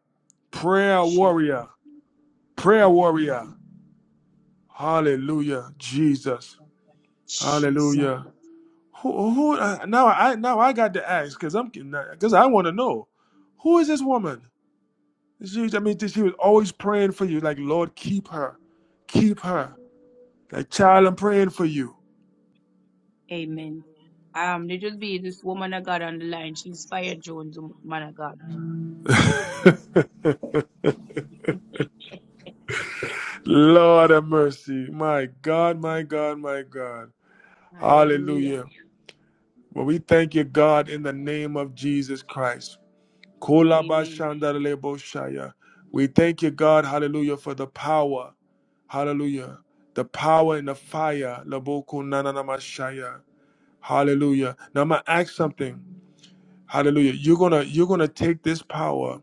A: Prayer
I: She.
A: warrior. Prayer warrior. Hallelujah. Jesus.
I: Jesus.
A: Hallelujah. Who, who uh, now I now I got to ask because I'm because I want to know who is this woman? She, I mean, she was always praying for you, like Lord, keep her, keep her. Like, child, I'm praying for you.
I: Amen. Um, let us be this woman of God on the line. She inspired Jones, man of God.
A: Lord have mercy. My God, my God, my God.
I: Hallelujah.
A: Hallelujah. Well, we thank you, God, in the name of Jesus Christ.
I: Amen.
A: Kolabashandarleboshaya. We thank you, God, hallelujah, for the power. Hallelujah. The power and the fire. Labokunananamashaya. Hallelujah. Now I'm gonna ask something. Hallelujah. You're gonna you're gonna take this power.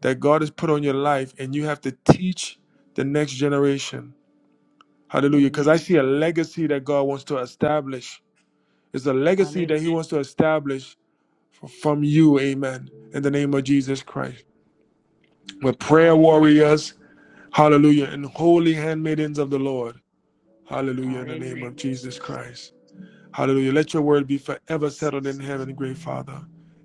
A: that God has put on your life, and you have to teach the next generation. Hallelujah. Because I
I: Amen.
A: see a legacy that God wants to establish. It's a legacy that
I: Hallelujah.
A: He wants to establish f- from you. Amen. In the name of Jesus Christ. We're prayer
I: Hallelujah.
A: warriors. Hallelujah. And holy handmaidens of the Lord. Hallelujah. In the name
I: Hallelujah,
A: of Jesus
I: Jesus.
A: Christ. Hallelujah. Let your word be forever settled in heaven, great Father.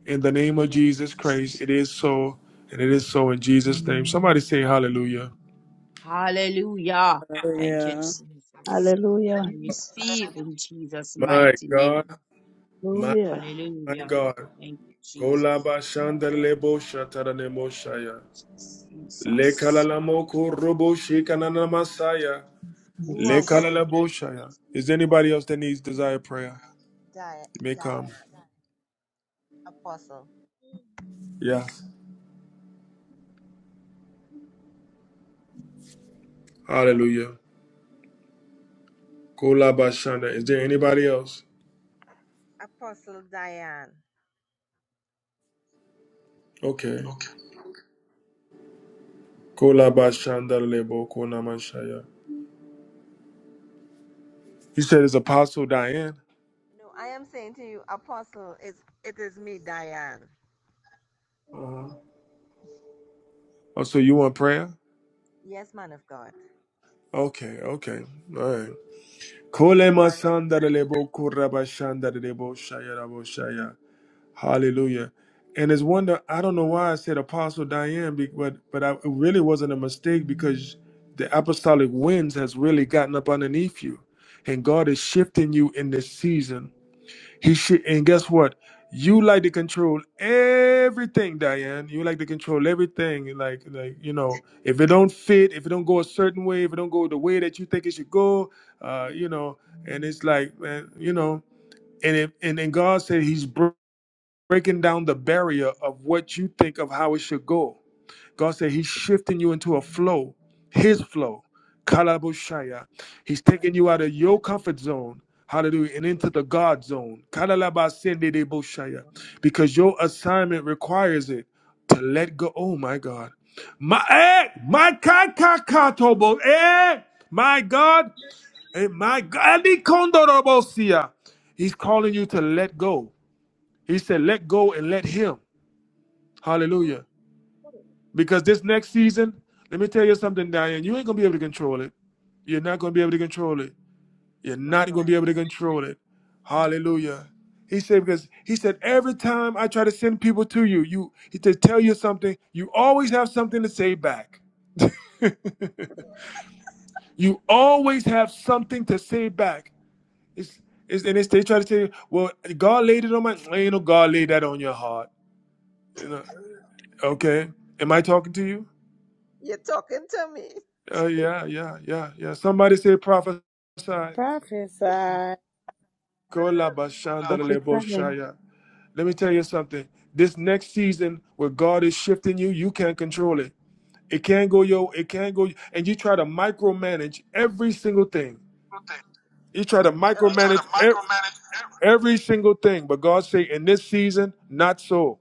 A: In the
I: In
A: name
I: the
A: of
I: name of
A: Jesus
I: Jesus.
A: Christ, it is so, and it is so in Jesus' name. Somebody say hallelujah.
I: Hallelujah. Thank you,
D: Hallelujah.
I: Jesus.
E: Hallelujah.
I: I receive in Jesus'
A: My
I: mighty
A: God,
I: name.
A: my
E: Hallelujah.
A: my
I: Hallelujah.
A: God.
I: Thank you,
A: Kolaba
I: Jesus.
A: shandelebo shataranemo shaya.
I: Jesus.
A: Lekalalamoko robo shikanana masaya.
I: You are
J: Jesus.
I: worthy.
A: Lekalalabo shaya. Is there anybody else that needs desire prayer? You may come. Yeah. Hallelujah. Kolaba shanda. Is there anybody else? Okay. Kolaba shandelebo konama shaya. He said it's Apostle Diane. Uh-huh. Oh, so you want prayer? Okay, okay. All right. Kole masandare kuraba shandare lebo shaya. Hallelujah. And it's wonder I don't know why I said Apostle Diane, be- but but I, it really wasn't a mistake because the apostolic winds has really gotten up underneath you, and God is shifting you in this season. He should, and guess what? You like to control everything, Diane. You like to control everything. Like, like you know, if it don't fit, if it don't go a certain way, if it don't go the way that you think it should go, uh, you know, and it's like, man, you know, and if and then God said He's br- breaking down the barrier of what you think of how it should go. God said He's shifting you into a flow, His flow. Kalabushaya. He's taking you out of your comfort zone. Hallelujah. And into the God zone. Kalalabasendedebushaya. Because your assignment requires it to let go. Oh my God. My eh, my kakakatobo. Eh, my God. And my God. Alikondorobosia. He's calling you to let go. He said, let go and let him. Hallelujah. Because this next season, let me tell you something, Diane, you ain't gonna be able to control it. You're not gonna be able to control it. You're not gonna be able to control it. Hallelujah. He said, because he said, every time I try to send people to you, you he to tell you something, you always have something to say back. You always have something to say back. It's, it's and it's, they try to say, well, God laid it on my ain't no God laid that on your heart. You know, okay. Am I talking to you? Oh yeah, yeah, yeah, yeah. Somebody say prophesy.
D: prophesy.
K: Hola, but
E: Prophesy.
A: Kolabashandaleboshaya. Let me tell you something. This next season where God is shifting you, you can't control it. It can't go yo, it can't go and you try to micromanage every single thing.
K: good thing.
A: You try to
K: Oh, You Oh, try okay. to
A: micromanage every,
K: micromanage every
A: every single thing, but God say in this season, not so.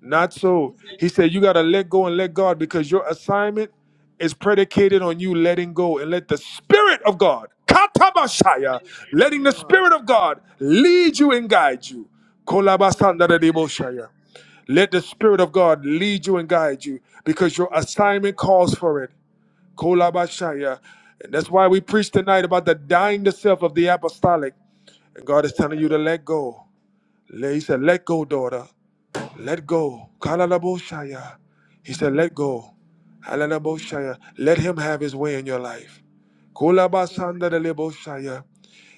A: Not so. He said, You got to let go and let God because your assignment is predicated on you letting go and let the Spirit of God, Katabashaya, letting the Spirit of God lead you and guide you. Kolabasandadadeboshaya. Let the Spirit of God lead you and guide you because your assignment calls for it. Kolabashaya. And that's why we preach tonight about the dying to self of the apostolic. And God is telling you to let go. Le- He said, Let go, daughter. Let go. Kalalaboshaya. He said, Let go. Halalaboshaya. Let him have his way in your life. Kulabasandaleboshaya.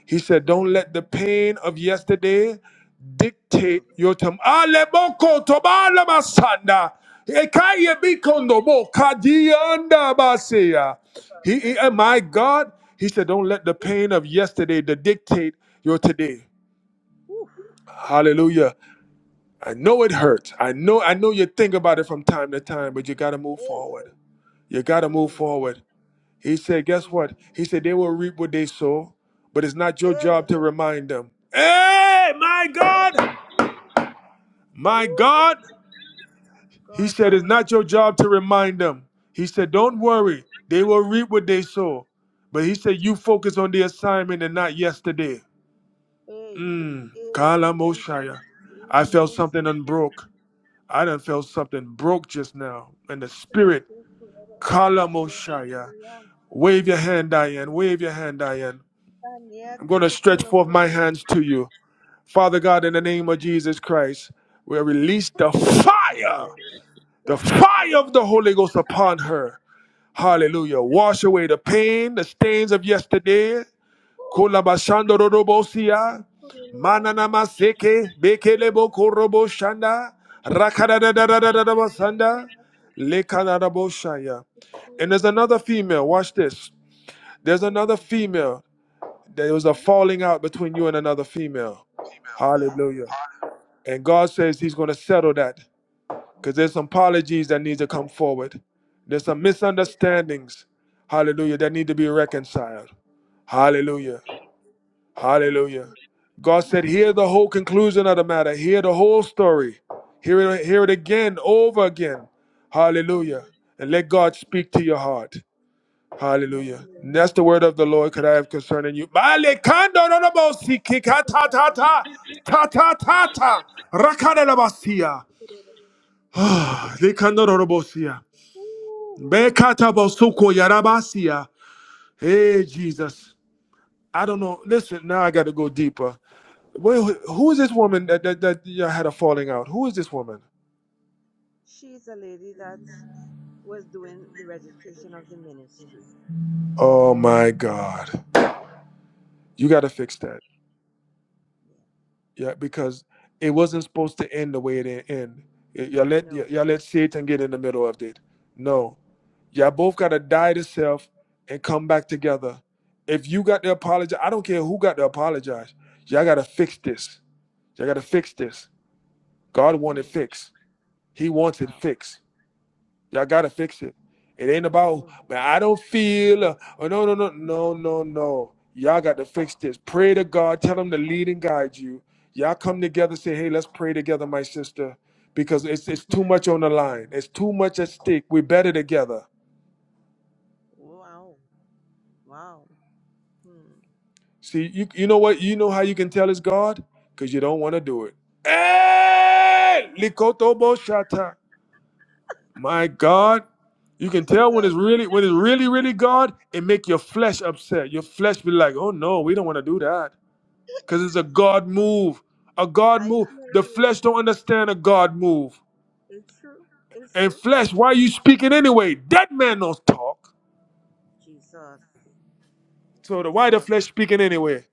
A: He said, Don't let the pain of yesterday dictate your tomorrow. Aleboko tobalamasanda. Ekaya bikondobo kadiyanda baseya. He, he- and my God, he said, Don't let the pain of yesterday to dictate your today. Hallelujah. I know it hurts. I know I know you think about it from time to time, but you gotta move forward. You gotta move forward. He said, guess what? He said they will reap what they sow, but it's not your job to remind them. Hey, my God! My God! He said it's not your job to remind them. He said, Don't worry, they will reap what they sow. But he said, You focus on the assignment and not yesterday. Mmm. Kala Moshaya. I felt something unbroke. I done felt something broke just now in the spirit. Kalamoshaya. Wave your hand, Diane. Wave your hand, Diane. I'm going to stretch forth my hands to you. Father God, in the name of Jesus Christ, we release the fire, the fire of the Holy Ghost upon her. Hallelujah. Wash away the pain, the stains of yesterday. Kolabashando Robosia, Mananama Seke, Bekelebo Korobo Shanda, Rakadadadadadadabasanda, Lekadadaboshaya. And there's another female, watch this. There's another female. There was a falling out between you and another female.
K: female.
A: Hallelujah.
K: right.
A: And God says He's going to settle that because there's some apologies that need to come forward. There's some misunderstandings, hallelujah, that need to be reconciled. Hallelujah. Hallelujah. God said, hear the whole conclusion of the matter. Hear the whole story. Hear it, hear it again, over again. Hallelujah. And let God speak to your heart. Hallelujah. And that's the word of the Lord could I have concerning you. Hey Jesus. I don't know. Listen, now I gotta go deeper. Well, who is this woman that that, that y'all had a falling out? Who is this woman? Oh my God! You got to fix that. Yeah, because it wasn't supposed to end the way it ended. Y'all let y- y'all let Satan get in the middle of it. No, y'all both got to die to self and come back together. If you got to apologize, I don't care who got to apologize. Y'all got to fix this. Y'all got to fix this. God wanted fix. He wants it fixed. Y'all gotta fix it. It ain't about man. I don't feel. uh, Oh no, no, no, no, no, no. Y'all got to fix this. Pray to God. Tell Him to lead and guide you. Y'all come together. Say, hey, let's pray together, my sister, because it's it's too much on the line. It's too much at stake. We're better together. See, you you know what? You know how you can tell it's God because you don't want to do it. Hey, likotobo shata. My God, you can tell when it's really when it's really really God, it make your flesh upset. Your flesh be like, "Oh no, we don't want to do that." Cuz it's a God move. A God move. The flesh don't understand a God move. And flesh, why you speaking anyway? Dead man don't talk. So the, why the flesh speaking anyway?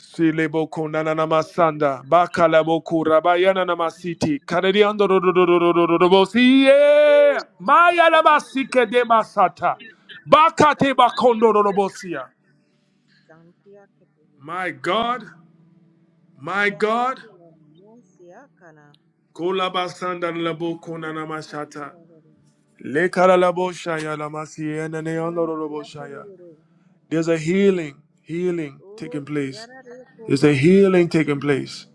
A: Sileboko nananamasanda, bakalaboko rabayana namasiti, karediando rodorodorodorodobosi, yeah! Maya lamasike de masata, bakate bakondo rodobosia. My God, my God, kolabasanda laboko nanamashata, lekaralaboshaya lamasiye naneandorodoboshaya. There's a healing, healing taking place. There's a healing taking place.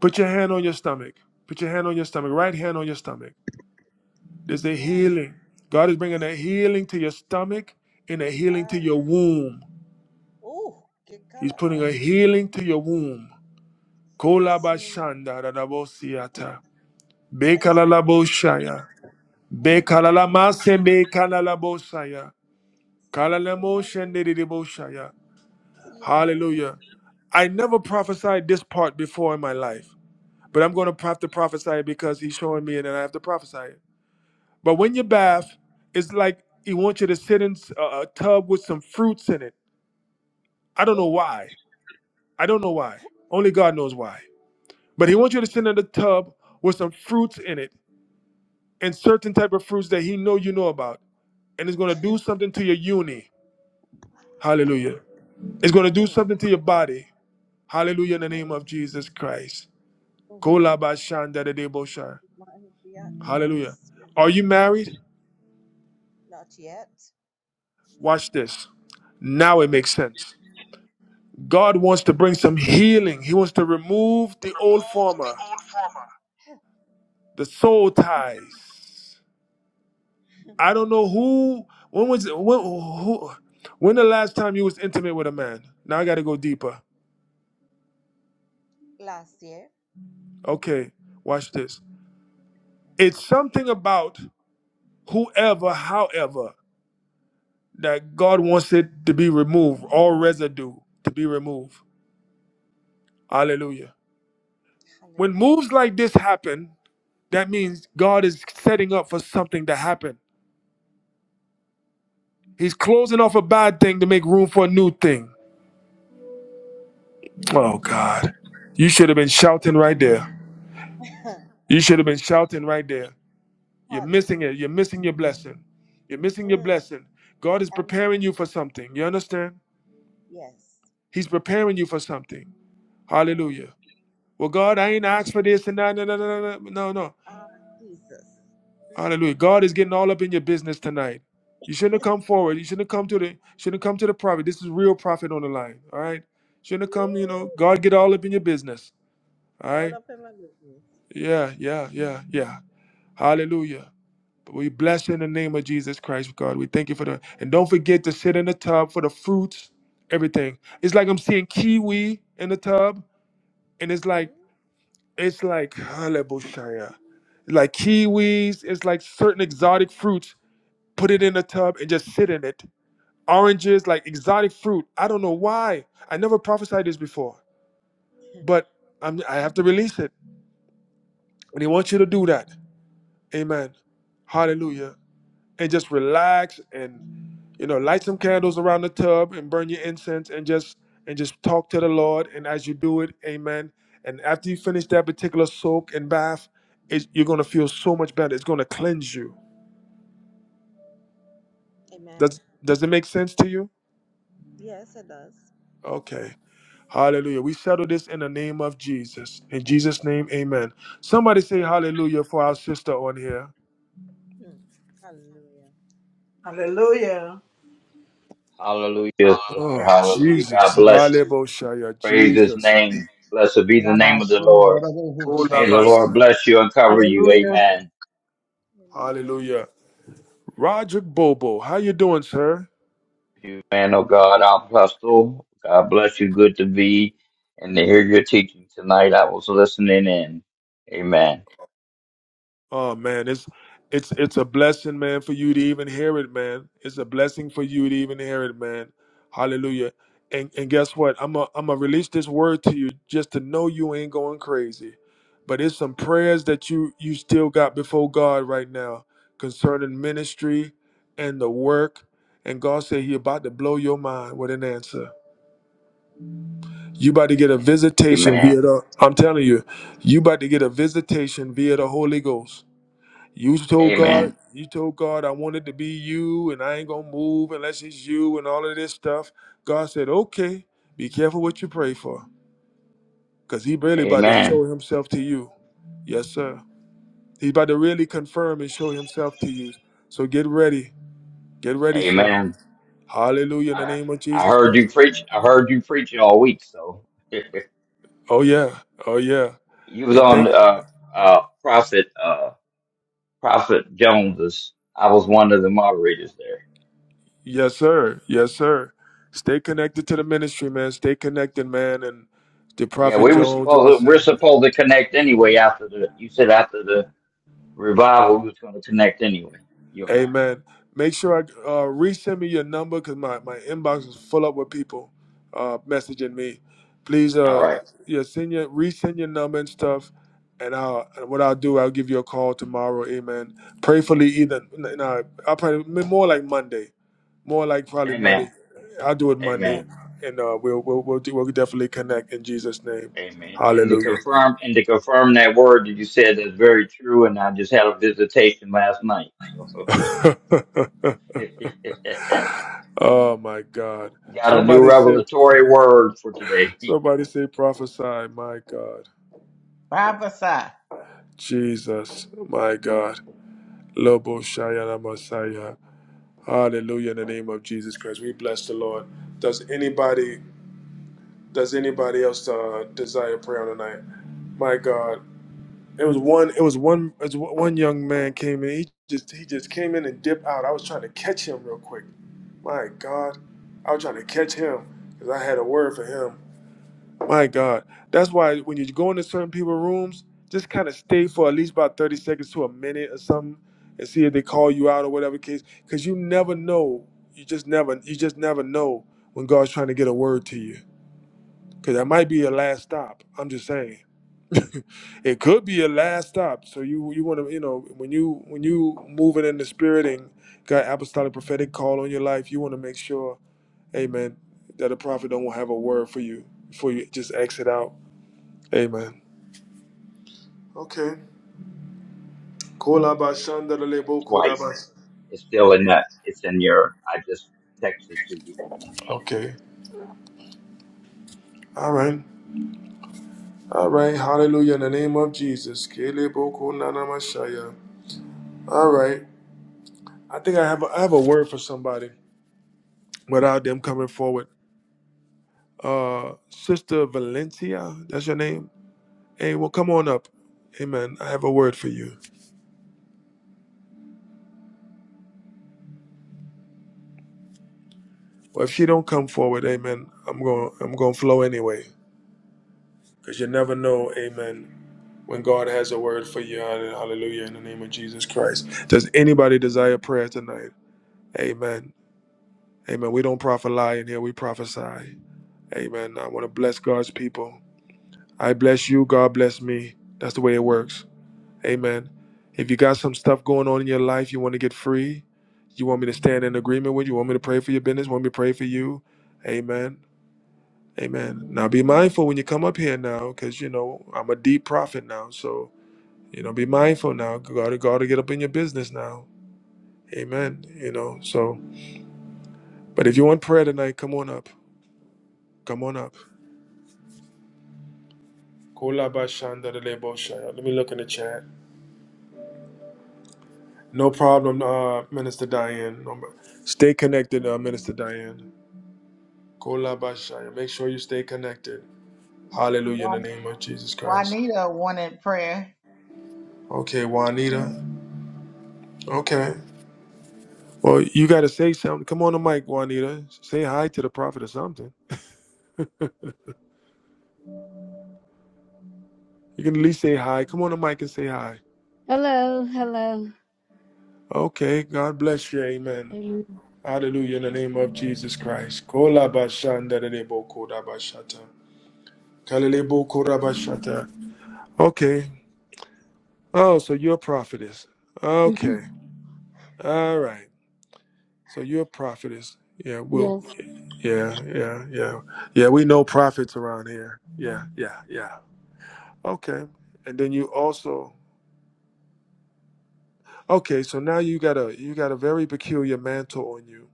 A: Put your hand on your stomach. Put your hand on your stomach. Right hand on your stomach. There's a healing. God is bringing a healing to your stomach and a healing to your womb. He's putting a healing to your womb. Kolabashanda radabosiata. Bekalalaboshaya. Bekalalamasende kalalabosaya. Kalalamoshende didiboshaya. Hallelujah. I never prophesied this part before in my life, but I'm going to have to prophesy it because he's showing me and then I have to prophesy it. But when you bath, it's like he wants you to sit in s- a a tub with some fruits in it. I don't know why. I don't know why. Only God knows why. But he wants you to sit in the tub with some fruits in it and certain type of fruits that he know you know about. And it's going to do something to your uni. Hallelujah. It's going to do something to your body. Hallelujah in the name of Jesus Christ. Kolabashandadadebosha. Hallelujah. Are you married? Watch this. Now it makes sense. God wants to bring some healing. He wants to remove the old
K: Remove the
A: former,
K: old former.
A: the soul ties. I don't know who. When was it, when? Who, when the last time you was intimate with a man? Now I got to go deeper. Okay, watch this. It's something about whoever, however, that God wants it to be removed, all residue to be removed. Hallelujah. When moves like this happen, that means God is setting up for something to happen He's closing off a bad thing to make room for a new thing. Oh, God. You should have been shouting right there. You should have been shouting right there. You're missing it. You're missing your blessing. You're missing your blessing. God is preparing you for something. You understand? He's preparing you for something. Hallelujah. Well, God, I ain't asked for this and that. No, no, no, no, no, no. no. Hallelujah. God is getting all up in your business tonight. You shouldn't have come forward. You shouldn't have come to the shouldn't have come to the prophet. This is real prophet on the line. All right. Shouldn't have come, you know, God get all up in your business. All right? Yeah, yeah, yeah, yeah. Hallelujah. we bless you in the name of Jesus Christ, God. We thank you for the and don't forget to sit in the tub for the fruits, everything. It's like I'm seeing kiwi in the tub, and it's like it's like hallelujah. Like kiwis, it's like certain exotic fruits. Put it in the tub and just sit in it. Oranges, like exotic fruit. I don't know why. I never prophesied this before, but I'm, I have to release it. And he wants you to do that. Amen. Hallelujah. and just relax and you know light some candles around the tub and burn your incense and just and just talk to the lord and as you do it amen and after you finish that particular soak and bath it, you're going to feel so much better it's going to cleanse you does does it make sense to you okay hallelujah we settle this in the name of jesus in jesus name amen somebody say hallelujah for our sister on here
D: Hallelujah.
L: Hallelujah, sister.
A: oh
K: Hallelujah.
L: Hallelujah. God
A: jesus
L: bless you.
A: hallelujah
L: Praise his
A: jesus
L: name. Blessed be the name of the Lord.
A: Ola
B: Rabashundarabuhusha.
L: May the Lord
A: basa.
L: bless you and cover you.
E: Hallelujah.
L: Amen.
A: Hallelujah. Roger Bobo, how you doing, sir?
L: You man of God, our apostle. God bless you. Good to be and to hear your teaching tonight. I was listening in. Amen.
A: Oh man, it's it's it's a blessing, man, for you to even hear it, man. It's a blessing for you to even hear it, man. Hallelujah. And and guess what? I'm a, I'm gonna release this word to you just to know you ain't going crazy. But it's some prayers that you you still got before God right now concerning ministry and the work. And God said He about to blow your mind with an answer. You about to get a
L: And
A: visitation
L: Amen.
A: via the. I'm telling you, you about to get a visitation via the Holy Ghost. You told God,
L: Amen.
A: you told God, I wanted to be you, and I ain't gonna move unless it's you, and all of this stuff. God said, okay, be careful what you pray for, cause He really about to
L: Amen.
A: show Himself to you. Yes, sir. He's about to really confirm and show Himself to you. So get ready, get ready, sir.
L: Amen.
A: Hallelujah in the
L: I,
A: name of
L: I
A: Jesus
L: heard
A: Christ.
L: you preach. I heard you preach all week. So
A: Oh yeah, oh yeah,
L: you was
A: and
L: on
A: thank
L: uh, uh, prophet. uh, Prophet Jones's. I was one of the moderators there.
A: Yes, sir. Yes, sir. Stay connected to the ministry, man. Stay connected, man, and to
L: Yeah,
A: Prophet
L: we were
A: Jones and
L: supposed to, we're
A: myself.
L: supposed to connect anyway after the you said after the revival we was going to connect anyway. You and I.
A: Amen. Make sure I uh, resend me your number because my, my inbox is full up with people uh, messaging me. Please,
L: All
A: uh,
L: right.
A: yeah, send your resend your number and stuff. And I'll and what I'll do, I'll give you a call tomorrow. Amen. Prayfully, either no, I'll probably more like Monday, more like probably Monday.
L: Amen.
A: I'll do it Monday,
L: Amen.
A: and uh, we'll we'll we'll, do, we'll definitely connect in Jesus' name.
L: Amen. And to
A: Hallelujah.
L: confirm and to confirm that word that you said is very true. And I just had a visitation last night. So
A: oh my God!
L: got a new
A: Somebody said.
L: revelatory word for today.
A: Somebody say prophesy, my God.
B: Prophesy.
A: Jesus, my God. Lobo Shayana Messiah. Hallelujah in the name of Jesus Christ. We bless the Lord. Does anybody does anybody else uh, desire prayer tonight? My God. It was one it was one it was one young man came in. He just he just came in and dipped out. I was trying to catch him real quick. My God. I was trying to catch him because I had a word for him My God. That's why when you go into certain people's rooms, just kind of stay for at least about 30 seconds to a minute or something and see if they call you out or whatever case. Cause you never know. You just never you just never know when God's trying to get a word to you. Cause that might be your last stop. I'm just saying. it could be your last stop. So you you wanna you know, when you when you moving in the spirit and got apostolic prophetic call on your life, you wanna make sure, amen, that a prophet don't have a word for you before you just exit out Amen. Okay.
L: Twice. It's still in that. It's in your. I just texted to you.
A: Okay. All right. All right. Hallelujah. In the name of Jesus. Kelebokonanamashaya. All right. I think I have a, I have a word for somebody without them coming forward. Uh, Sister Valencia, that's your name. Hey, well, come on up. Amen. I have a word for you. Well, if she don't come forward, Amen. I'm going. I'm going to flow anyway, because you never know. Amen. when God has a word for you. Hallelujah. In the name of Jesus Christ. Does anybody desire prayer tonight? Amen. Amen. We don't prophet lie in here, we prophesy. Amen. I want to bless God's people. I bless you. God bless me. That's the way it works. Amen. If you got some stuff going on in your life, you want to get free, you want me to stand in agreement with you, want me to pray for your business, want me to pray for you. Amen. Amen. Now be mindful when you come up here now, because you know I'm a deep prophet now. So You know, be mindful now. Gotta gotta get up in your business now. Amen. You know, so but if you want prayer tonight, come on up. Come on up. Kola ba shanda de shaya. Let me look in the chat. No problem, uh, Minister Diane. No, stay connected, uh, Minister Diane. Kola ba Make sure you stay connected. Hallelujah in the
B: Juan-
A: name of Jesus Christ.
B: Juanita wanted prayer.
A: Okay, Juanita. Okay. Well, you got to say something. Come on the mic, Juanita. Say hi to the prophet or something. You can at least say hi. Come on the mic and say hi.
M: Hello, hello.
A: Okay, God bless you. Amen.
M: Amen.
A: Hallelujah in the name of Jesus Christ. Kola bashanda de debo koda bashata. Kalelebo koda bashata. Okay. Oh, so you're a prophetess.
M: Mhm.
A: Okay. All right. So you're a prophetess. Yeah, we'll
M: yes,
A: yeah, yeah, yeah. Yeah, we know prophets around here. Yeah, yeah, yeah. Okay. And then you also okay, so now you got a you got a very peculiar mantle on you.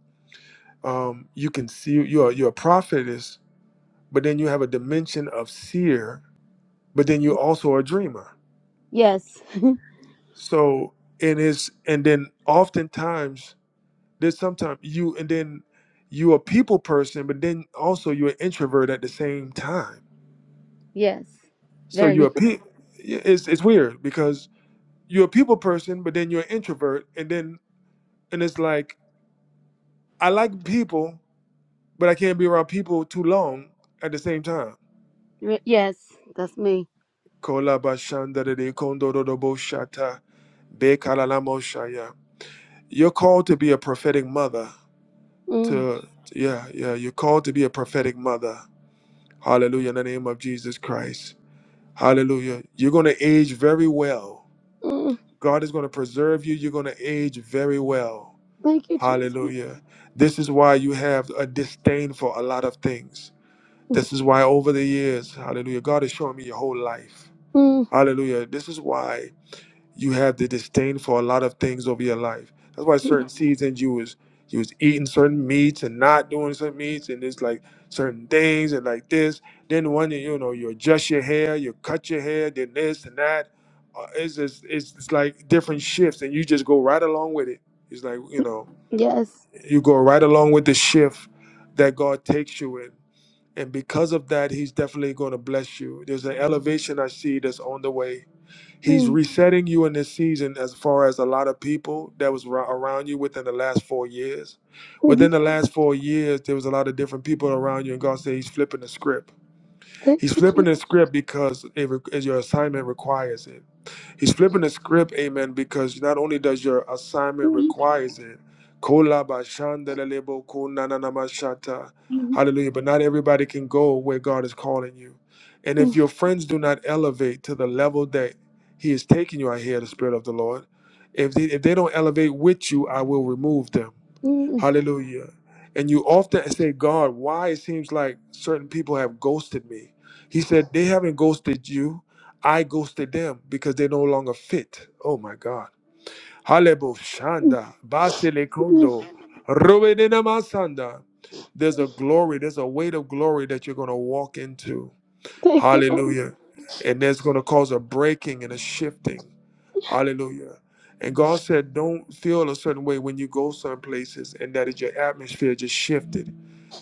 A: Um, you can see you are you're a prophetess but then you have a dimension of seer, but then you also are a dreamer.
M: yes,
A: So and it's and then oftentimes there's sometimes you and then you a people person, but then also you're an introvert at the same time.
M: yes.
A: So
M: Very
A: you're a
M: much.
A: pe- yeah, it's it's weird because you're a people person, but then you're an introvert, and then and it's like I like people, but I can't be around people too long at the same time.
M: Re- yes, that's me.
A: Kola bashanda de de kondo do do bo shata, be kala mo shaya. You're called to be a prophetic mother.
M: Mm,
A: To yeah, yeah. You're called to be a prophetic mother. Hallelujah. In the name of Jesus Christ. Hallelujah. You're gonna age very well.
M: mm,
A: God is gonna preserve you. You're gonna age very well.
M: thank you, Jesus.
A: Hallelujah. This is why you have a disdain for a lot of things. This is why over the years, hallelujah, God is showing me your whole life.
M: Mm,
A: Hallelujah. This is why. you have the disdain for a lot of things over your life. That's why certain seasons you was you was eating certain meats and not doing certain meats and it's like certain things and like this. Then one you know you adjust your hair, you cut your hair, then this and that. Uh, It's just it's, it's like different shifts and you just go right along with it. It's like you know
M: yes.
A: you go right along with the shift that God takes you in. And because of that, he's definitely going to bless you. There's an elevation I see that's on the way He's
M: Mm,
A: resetting you in this season as far as a lot of people that was ar- around you within the last four years.
M: mhm.
A: Within the last four years, there was a lot of different people around you, and God said He's flipping the script.
M: thank
A: He's
M: you,
A: flipping
M: Jesus.
A: the script because it, re- as your assignment requires it. He's flipping the script, amen, because not only does your assignment
M: Mm,
A: requires it, kolabashandelelebo kunananamashata.
M: mhm.
A: hallelujah, but not everybody can go where God is calling you. And
M: Mm,
A: if your friends do not elevate to the level that He is taking you, I hear the Spirit of the Lord. If they, if they don't elevate with you, I will remove them.
M: mm,
A: Hallelujah. And you often say, God, why it seems like certain people have ghosted me. He said, they haven't ghosted you. I ghosted them because they no longer fit. Oh my God. Halebo
M: mm,
A: shanda, basile kondo,
M: mm.
A: robenena masanda. There's a glory, there's a weight of glory that you're going to walk into.
M: Thank you, Lord.
A: Hallelujah. And that's going to cause a breaking and a shifting. Hallelujah. And God said, don't feel a certain way when you go some places and that is your atmosphere just shifted.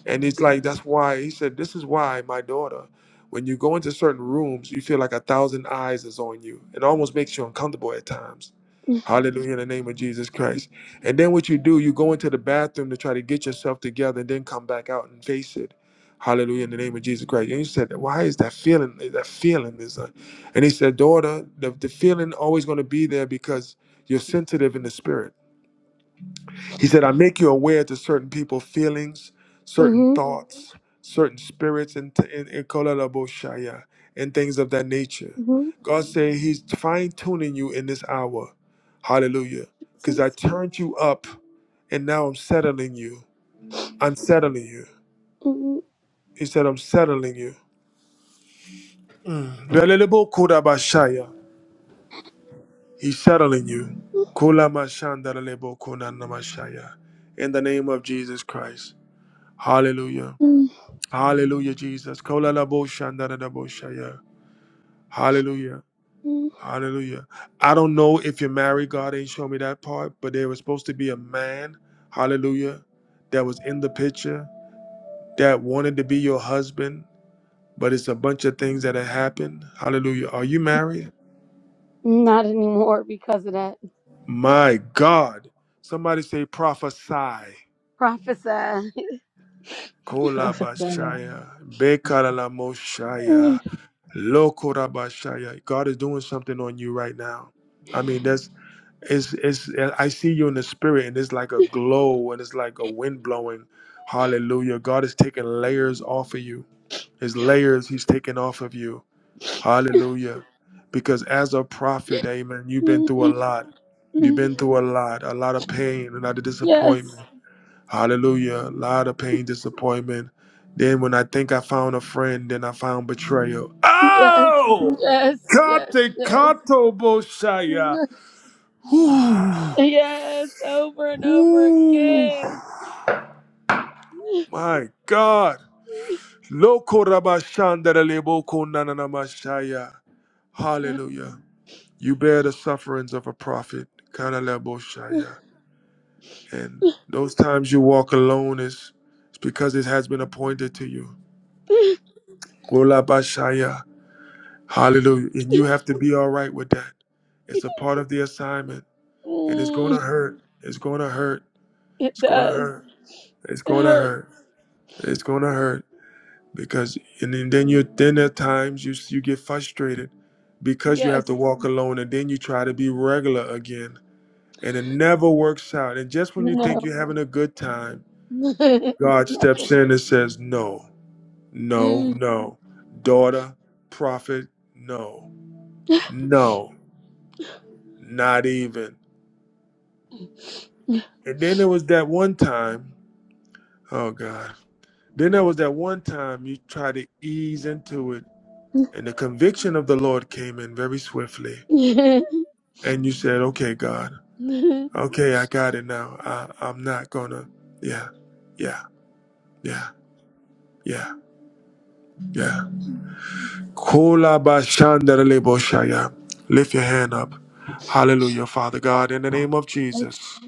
A: And it's like, that's why he said, This is why, my daughter, when you go into certain rooms, you feel like a thousand eyes is on you. It almost makes you uncomfortable at times. Hallelujah in the name of Jesus Christ. And then what you do, you go into the bathroom to try to get yourself together and then come back out and face it. Hallelujah in the name of Jesus Christ. And he said, Why is that feeling? That feeling is a and he said, Daughter, the, the feeling always gonna be there because you're sensitive in the spirit. He said, I make you aware to certain people feelings, certain
M: Mhm,
A: thoughts, certain spirits, and, and, and kolalaboshaya, and things of that nature.
M: mhm,
A: God said He's fine tuning you in this hour. Hallelujah. Because I
M: Jesus.
A: turned you up and now I'm settling you. I'm settling you.
M: Mm,
A: He said, I'm settling you. Lelelebo kodabashaya. He's settling you. Kolamashandarelebo konanamashaya. In the name of Jesus Christ. Hallelujah.
M: mm,
A: Hallelujah, Jesus. Kolalaboshandaradaboshaya. Hallelujah.
M: mm.
A: Hallelujah. I don't know if you're married. God ain't show me that part, but there was supposed to be a man, hallelujah, that was in the picture that wanted to be your husband, but it's a bunch of things that have happened. Hallelujah. Are you married?
M: Not anymore because of that.
A: My God. Somebody say prophesy.
M: Prophesy.
E: Prophesy.
A: Kolabashaya.
M: Mm,
A: Bekalamoshaya. Lokorabashaya. God is doing something on you right now. I mean, that's it's it's I see you in the spirit and it's like a glow and it's like a wind blowing. Hallelujah. God is taking layers off of you. His layers he's taking off of you. Hallelujah. Because as a prophet, amen, you've been
M: mm,
A: through a
M: mm,
A: lot. You've
M: mm.
A: been through a lot, a lot of pain, a lot of
M: Yes.
A: disappointment. Hallelujah. A lot of pain, disappointment. Then when I think I found a friend, then I found betrayal.
M: Yes,
A: Oh!
M: yes, yes,
A: Kate
M: yes.
A: kato boshaya. Ooh.
M: Yes, over and over
A: Ooh.
M: again.
A: My God. Loko rabashandere leboko nananamashaya. Hallelujah. You bear the sufferings of a prophet. kana leboshaya. And those times you walk alone is it's because it has been appointed to you. Golabashaya. Hallelujah. And you have to be all right with that. It's a part of the assignment. And it's going
M: Mm,
A: to hurt. It's going to hurt.
M: It
A: It's going to
M: does.
A: hurt. It's
M: It
A: going to
M: hurts.
A: hurt. It's going to hurt because and then then you then at times you you get frustrated because you
M: Yes.
A: have to walk alone and then you try to be regular again and it never works out. And just when you think
M: No.
A: you're having a good time, God steps in and says, "No. No,
M: Mm.
A: no. Daughter, prophet, no. No. Not even. And then there was that one time, oh God. Then there was that one time you tried to ease into it, and the conviction of the Lord came in very swiftly.
M: yes,
A: And you said, okay, God, okay, I got it now. I, I'm not gonna, yeah, yeah, yeah, yeah, yeah. Kolabashandareleboshaya. Lift your hand up. Hallelujah, Father God. In the name of Jesus,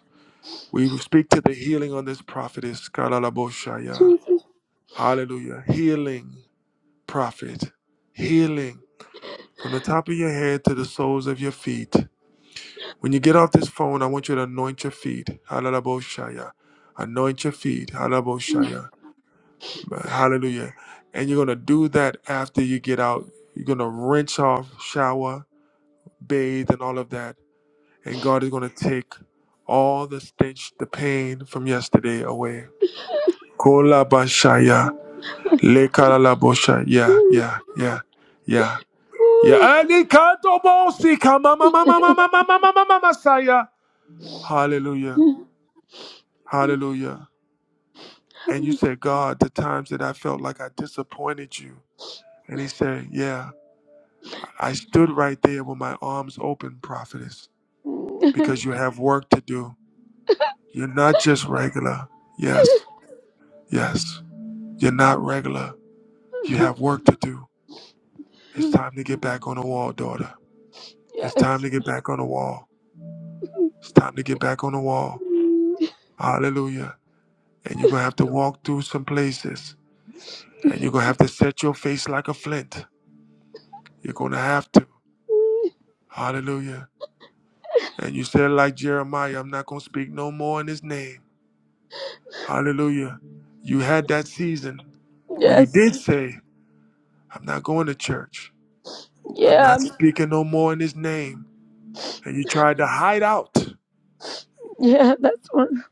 A: we speak to the healing on this prophetess. Kalalaboshaya.
M: Jesus.
A: Hallelujah. Healing. prophet, healing from the top of your head to the soles of your feet. When you get off this phone, I want you to anoint your feet. Hallelujah. Anoint your feet. Hallelujah. Hallelujah. And you're going to do that after you get out. You're going to rinse off, shower, bathe, and all of that. And God is going to take all the stench, the pain from yesterday away. Kola bashaya. Lekala la bosha. Yeah,
M: Ooh.
A: yeah, yeah, yeah. Yeah, any kanto bo si ka ma ma ma Hallelujah.
M: yes.
A: Hallelujah. And you said, God, the times that I felt like I disappointed you. And he said, Yeah, I stood right there with my arms open, prophetess, because you have work to do. You're not just regular. Yes, yes. You're not regular. You have work to do. It's time to get back on the wall, daughter. It's time to get back on the wall. It's time to get back on the wall. Hallelujah. and you're gonna have to walk through some places, and you're gonna have to set your face like a flint. You're gonna have to. Hallelujah. And you said, like Jeremiah, I'm not gonna speak no more in his name. Hallelujah. You had that season where you
M: Yes.
A: did say, I'm not going to church. I'm
M: Yeah.
A: not speaking no more in his name. And you tried to hide out.
M: Yeah, that's one.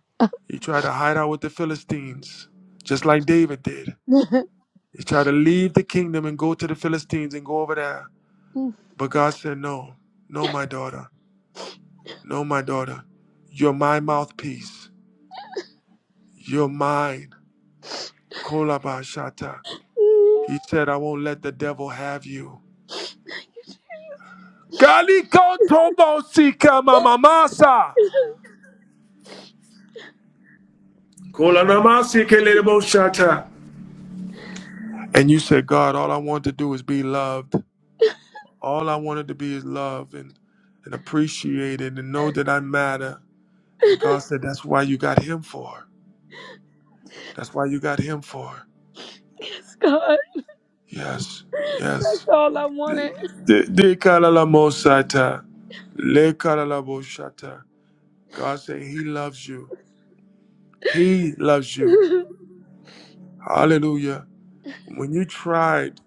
A: You tried to hide out with the Philistines, just like David did. You tried to leave the kingdom and go to the Philistines and go over there
M: Oof.
A: But God said, No, no, my daughter, no, my daughter. You're my mouthpiece. You're mine. Kolabashata.
M: Mm.
A: He said, I won't let the devil have you. Kaliko tobo sika mamamasa. Kolanamasi keleboshata. And you said, God, all I want to do is be loved. All I wanted to be is loved and, and appreciated and know that I matter. And God said, That's why you got him for. That's why you got him for.
M: yes, God.
A: Yes, yes.
M: That's all I wanted.
A: De de kalala mosata, le kalala boshata. God said He loves you. He loves you. Hallelujah. When you tried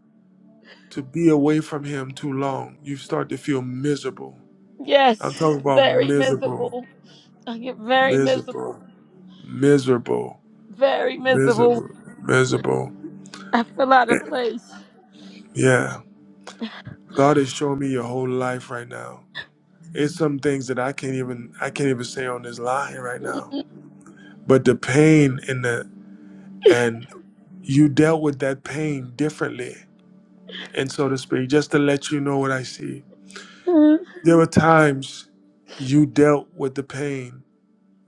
A: to be away from Him too long, you start to feel miserable.
M: yes,
A: I'm talking about
M: very
A: miserable,
M: miserable. I get very miserable.
A: miserable, miserable,
M: Very miserable.
A: miserable, miserable.
M: I feel out of place.
A: Yeah. God is showing me your whole life right now. It's some things that I can't even I can't even say on this line right
M: Mm,
A: now. But the pain and the and you dealt with that pain differently. And so to speak, just to let you know what I see, there were times you dealt with the pain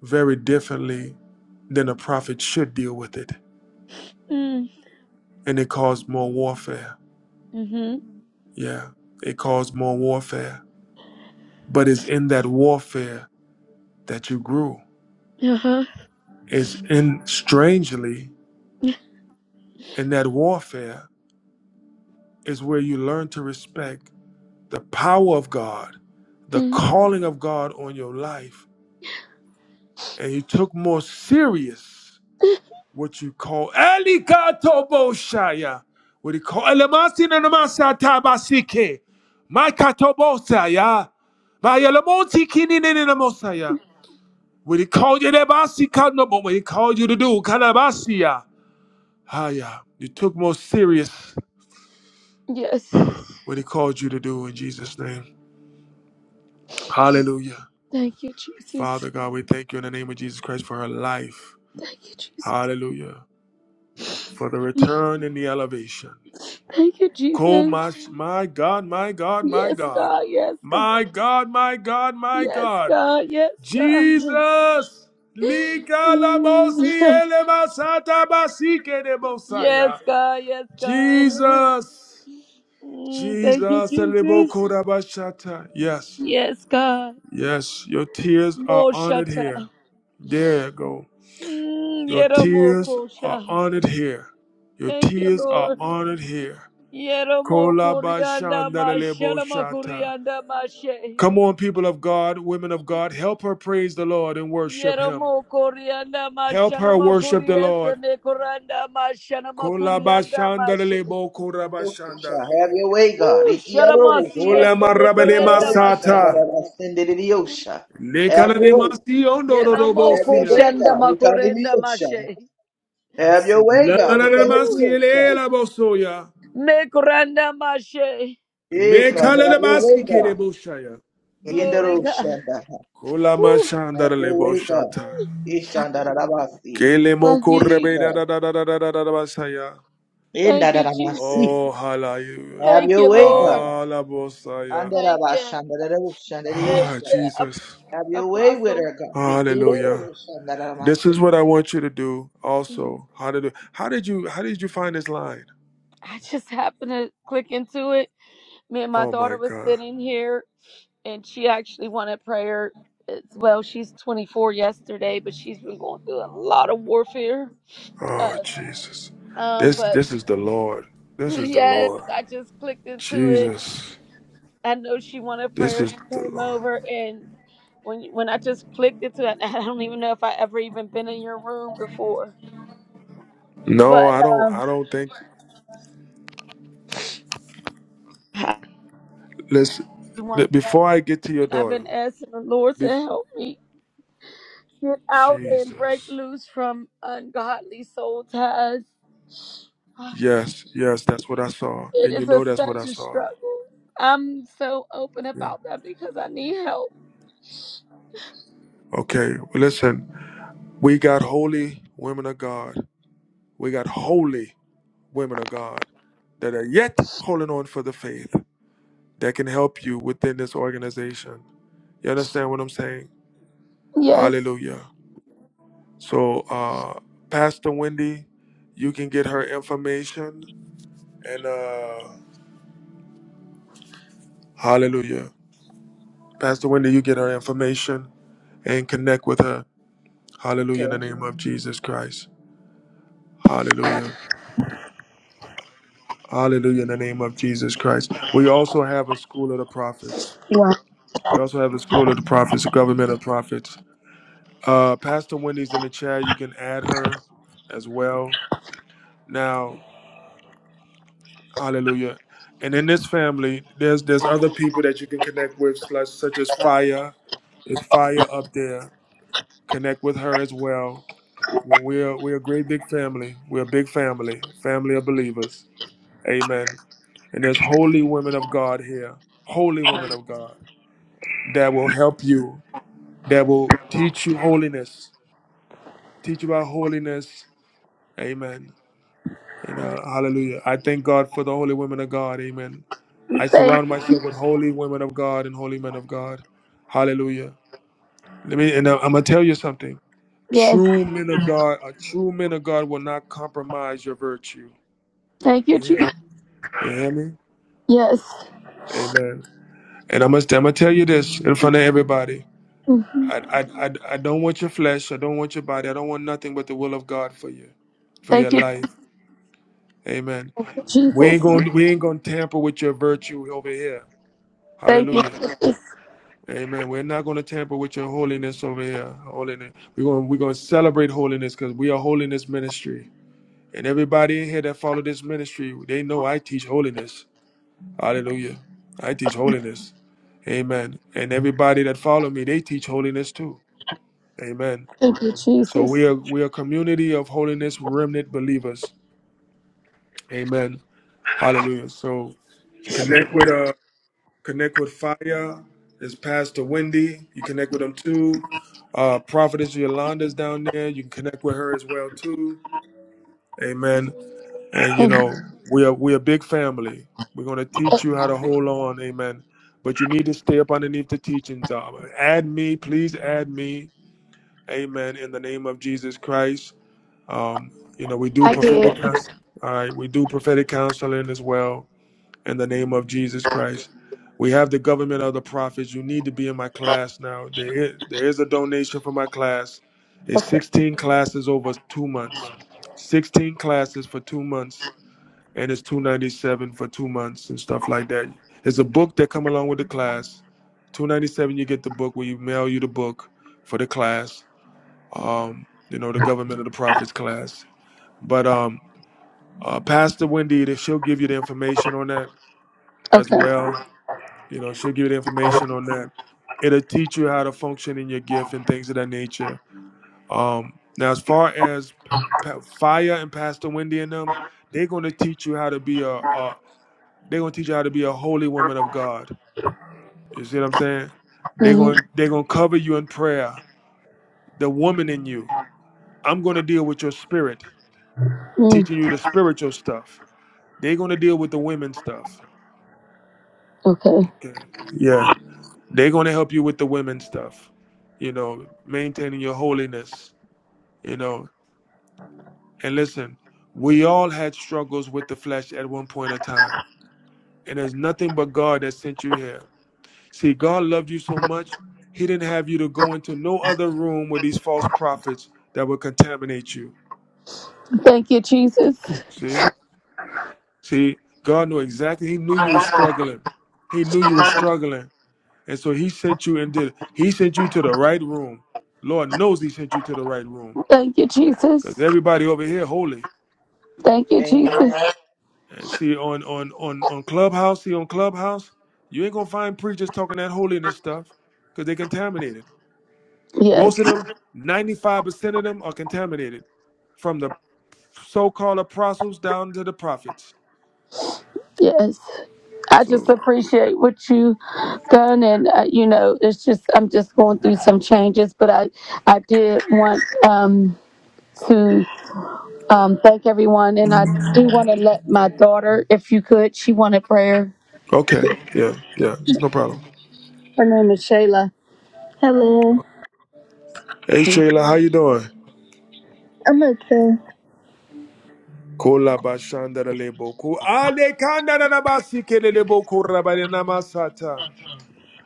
A: very differently than a prophet should deal with it.
M: mm,
A: And it caused more warfare.
M: mhm,
A: Yeah, it caused more warfare. But it's in that warfare that you grew.
M: Uh-huh.
A: It's in, strangely, in that warfare is where you learn to respect the power of God, the
M: Mm.
A: calling of God on your life, and you took more serious what you call Elikato Boshaya. What he call Elemasi Namasa Tabasike. My Katobosaya. My Elemonti Kinini Namosaya. What he called you Nebasi Kanobo, what he called you to do, Kanabasia. Haya. You took more serious
M: Yes.
A: what he called you to do in Jesus' name. Hallelujah.
M: Thank you, Jesus.
A: Father God, we thank you in the name of Jesus Christ for her life.
M: Thank you, Jesus.
A: Hallelujah. For the return and the elevation.
M: Thank you,
A: Ko
M: Jesus.
A: mash- My God, my God, my
M: Yes,
A: God.
M: God. Yes, God.
A: My God, my God, my
M: Yes,
A: God.
M: God. Yes, God.
A: Jesus.
M: Mm.
A: Likalabosi elemasata basike de
M: Yes,
A: bosaya.
M: God. Yes, God.
A: Jesus.
M: Mm, thank
A: Jesus.
M: you, Jesus.
A: elemokorabashata. Yes.
M: Yes, God.
A: Yes. Your tears are honored
M: Moshata.
A: here. There you go.
M: Mm,
A: Your tears are
M: Yeromokosha.
A: honored here. Your
M: Thank you,
A: tears are
M: Lord.
A: honored here.
M: Yeromokorianda
A: Kolabashandareleboshata.
M: mashalamakurianda mashe.
A: Come on, people of God, women of God, help her praise the Lord and worship Him.
M: Yeromokorianda
A: Help her worship the Lord.
M: mashalamakuriyese mekoranda mashanamakurianda mashe.
A: Kolabashandarelebokorabashanda.
B: Have your way, God.
M: Ooh,
B: Ikiarosha.
M: sharamasiyese mekorenda mashata.
A: Kolamarabanemasata.
B: Ikiarosha. Sendiriosha. Have your way. Have
M: Yeromoko
B: your
A: Lekalanemasiondororobosia.
B: way,
M: shanda
B: God.
M: makorenda
B: Ikiarosha.
M: mashe.
D: Papa
B: Have your
D: said,
B: way, God.
M: Woo.
B: Ikiarosha.
A: Lamaranemasielelabosoya.
M: Mekranda Mashe.
B: Hey, God. Have your way, God.
A: Mekalelebasikerebosaya.
D: "Get
M: Glory God.
B: Yenderosha.
A: Kulama
M: Woo.
B: Have
A: shandara
B: your
A: lebo
B: way, God.
A: shata.
B: Ishandarabasi.
A: Kele
M: Thank
A: moko
M: you,
B: Hey,
A: rebe da
M: Jesus.
A: da
B: God.
A: da da da da da da basaya.
M: Thank you, Jesus.
B: Indarabasi.
A: Oh, hallelujah.
B: Have
M: Thank
B: your
M: you,
B: way,
M: Lord.
B: God.
A: Alabosaya.
M: Thank you. Thank
A: Ah,
B: Andarabashandarabushandariyusha.
M: you, Ap-
A: Jesus.
B: Have your way with
M: Apostle.
B: her, God.
A: Hallelujah. This is
B: Rikirerushandarabasi.
A: what I want you to do
M: Mm,
A: also. How did how did you how did you find this line?
M: I just happened to click into it. Me and my
A: Oh my
M: daughter was
A: God.
M: sitting here, and she actually wanted prayer as well. She's 24 yesterday, but she's been going through a lot of warfare.
A: Oh
M: Uh,
A: Jesus.
M: um,
A: This
M: but
A: this is the Lord. This is the
M: yes,
A: Lord.
M: I just clicked into it
A: Jesus.
M: I know she wanted
A: This
M: prayer.
A: is
M: She
A: the
M: came
A: Lord.
M: over, and when when I just clicked into it, I don't even know if I ever even been in your room before.
A: No,
M: But
A: I don't
M: um,
A: I don't think
M: I-
A: Let's
M: one
A: let-
M: thing I've,
A: before I get to your
M: I've
A: daughter.
M: been asking the Lord to
A: Be,
M: help me get out and break
A: Jesus.
M: loose from ungodly soul ties.
A: Yes, yes, that's what I saw,
M: It
A: and you
M: is a,
A: know that's what
M: such
A: I
M: a
A: saw.
M: struggle. I'm so open
A: Yeah.
M: about that because I need help.
A: Okay. Well, listen, we got holy women of God. We got holy women of God that are yet holding on for the faith that can help you within this organization. You understand what I'm saying?
M: Yes.
A: Hallelujah. So, uh, Pastor Wendy, you can get her information and uh, hallelujah. Pastor Wendy, you get her information and connect with her. Hallelujah
B: Okay.
A: in the name of Jesus Christ. Hallelujah. Hallelujah in the name of Jesus Christ. We also have a school of the prophets.
M: Wow.
A: We also have a school of the prophets, a government of prophets. Uh, Pastor Wendy's in the chat. You can add her as well. Now, hallelujah. And in this family, there's there's other people that you can connect with, such such as
B: God.
A: Fire. Is Fire up there? Connect with her as well We're we're a great big family. We're a big family, family of believers. Amen. And there's holy women of God here, holy women of God that will help you, that will teach you holiness, teach you about holiness. Amen. And uh, hallelujah. I thank God for the holy women of God. Amen. I
M: Thank.
A: surround myself with holy women of God and holy men of God. Hallelujah. Let me and I- I'm gonna tell you something.
M: Yes.
A: True men of God, a true men of God will not compromise your virtue.
M: Thank you,
A: Yeah.
M: Jesus.
A: You hear me?
M: Yes.
A: Amen. And I must, I'm gonna tell you this in front of everybody.
M: Mhm.
A: I, I, I, I don't want your flesh. I don't want your body. I don't want nothing but the will of God for you, for
M: Thank you.
A: your life. Amen. We
M: Jesus.
A: ain't gonna, we ain't gonna tamper with your virtue over here.
M: Thank you,
A: Hallelujah.
M: Jesus.
A: Amen. We're not gonna tamper with your holiness over here. Holiness. We're gonna, we're gonna celebrate holiness because we are holiness ministry. And everybody in here that follow this ministry, they know I teach holiness. Hallelujah. I teach holiness. Amen. And everybody that follow me, they teach holiness too. Amen.
M: Thank you,
A: So we
M: Jesus.
A: are we are a community of holiness remnant believers. Amen. Hallelujah. So connect with uh connect with fire is Pastor Wendy. You connect with them too. Uh Prophetess Yolanda's down there. You can connect with her as well too. Amen. And you
M: Thank you.
A: know, we are we are a big family. We're gonna teach you how to hold on, amen. But you need to stay up underneath the teachings. Um, add me, please add me, amen, in the name of Jesus Christ. Um, you know, we do
M: I did.
A: prophetic counsel. All right, we do prophetic counseling as well in the name of Jesus Christ. We have the government of the prophets. You need to be in my class now. There is, there is a donation for my class. It's 16 classes over two months. 16 classes for two months and it's 297 for two months and stuff like that it's a book that come along with the class 297 you get the book we mail you the book for the class um you know the government of the prophets class but um uh, pastor wendy she'll give you the information on that as
M: Okay.
A: well you know she'll give you the information on that it'll teach you how to function in your gift and things of that nature um now as far as pa- Pa- fire and pastor wendy and them they're going to teach you how to be a, a, They're gonna teach you how to be a holy woman of God. You see what I'm saying? They're
M: Mm,
A: gonna they're gonna cover you in prayer. The woman in you. I'm gonna deal with your spirit,
M: mm,
A: teaching you the spiritual stuff. They're gonna deal with the women stuff.
M: okay.
A: Okay. Yeah. They're gonna help you with the women stuff. You know, maintaining your holiness. You know, and listen, we all had struggles with the flesh at one point of time. And there's nothing but God that sent you here. See, God loved you so much, He didn't have you to go into no other room with these false prophets that would contaminate you.
M: Thank you, Jesus.
A: See? See, God knew exactly. He knew you were struggling. He knew you were struggling. And so He sent you and did He sent you to the right room. Lord knows He sent you to the right room.
M: Thank you,
A: Because
M: Jesus.
A: everybody over here holy.
M: Thank you, Jesus.
B: Amen.
A: And see, on on on on Clubhouse, see on Clubhouse, you ain't gonna find preachers talking that holiness stuff because they contaminated.
M: Yes.
A: Most of them, 95% of them are contaminated from the so-called apostles down to the prophets.
M: Yes. I just
A: So,
M: appreciate what you done, and uh, you know, it's just I'm just going through some changes, but I I did want um, to um, thank everyone, and I do want to let my daughter, if you could, she wanted prayer.
A: okay. Yeah, yeah. It's no problem.
M: Her name is Shayla. Hello.
A: Hey,
M: So
A: Shayla, how you doing?
M: I'm okay.
A: Kola bashanda leboku. Ale kanda da basike leboku rabade namasata.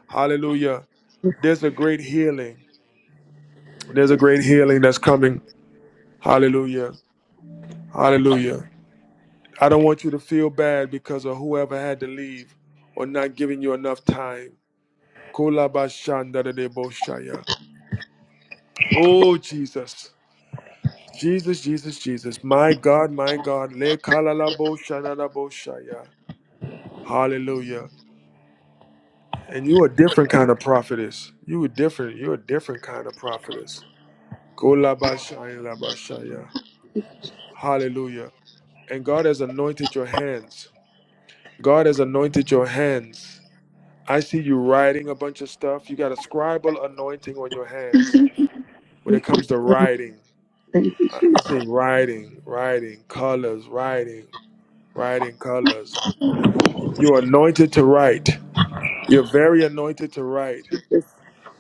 A: Hallelujah. There's a great healing. There's a great healing that's coming. Hallelujah. Hallelujah. I don't want you to feel bad because of whoever had to leave or not giving you enough time. Kolabashandadadeboshaya. Oh, Jesus. Jesus, Jesus, Jesus. My God, my God. Lekalalaboshanadaboshaya. Hallelujah. And you a different kind of prophetess. You a different, you're a different kind of prophetess. Kolabashandadabashaya. Hallelujah. And God has anointed your hands. God has anointed your hands. I see you writing a bunch of stuff. You got a scribal anointing on your hands when it comes to writing. I, I see writing, writing, colors, writing, writing, colors. You're anointed to write. You're very anointed to write.
M: Just-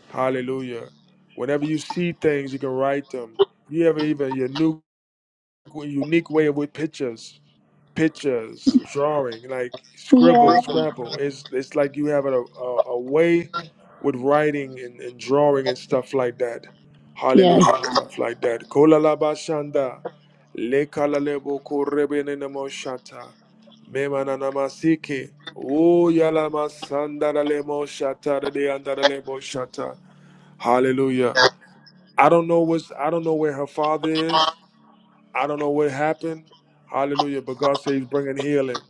A: Hallelujah. Whenever you see things, you can write them. You have even your new, unique way with pictures pictures, drawing, like scribble, scrabble. It's it's like you have a a, a way with writing and, and drawing and stuff like that.
M: yeah,
A: Hallelujah and stuff like that. Kola la ba shanda, le kala le bo ko rebe ne ne mo shata, me mana na masiki. O ya la da le mo shata da de anda da le mo shata. Hallelujah. I don't know what's I don't know where her father is. I don't know what happened. Hallelujah. But God says he's bringing healing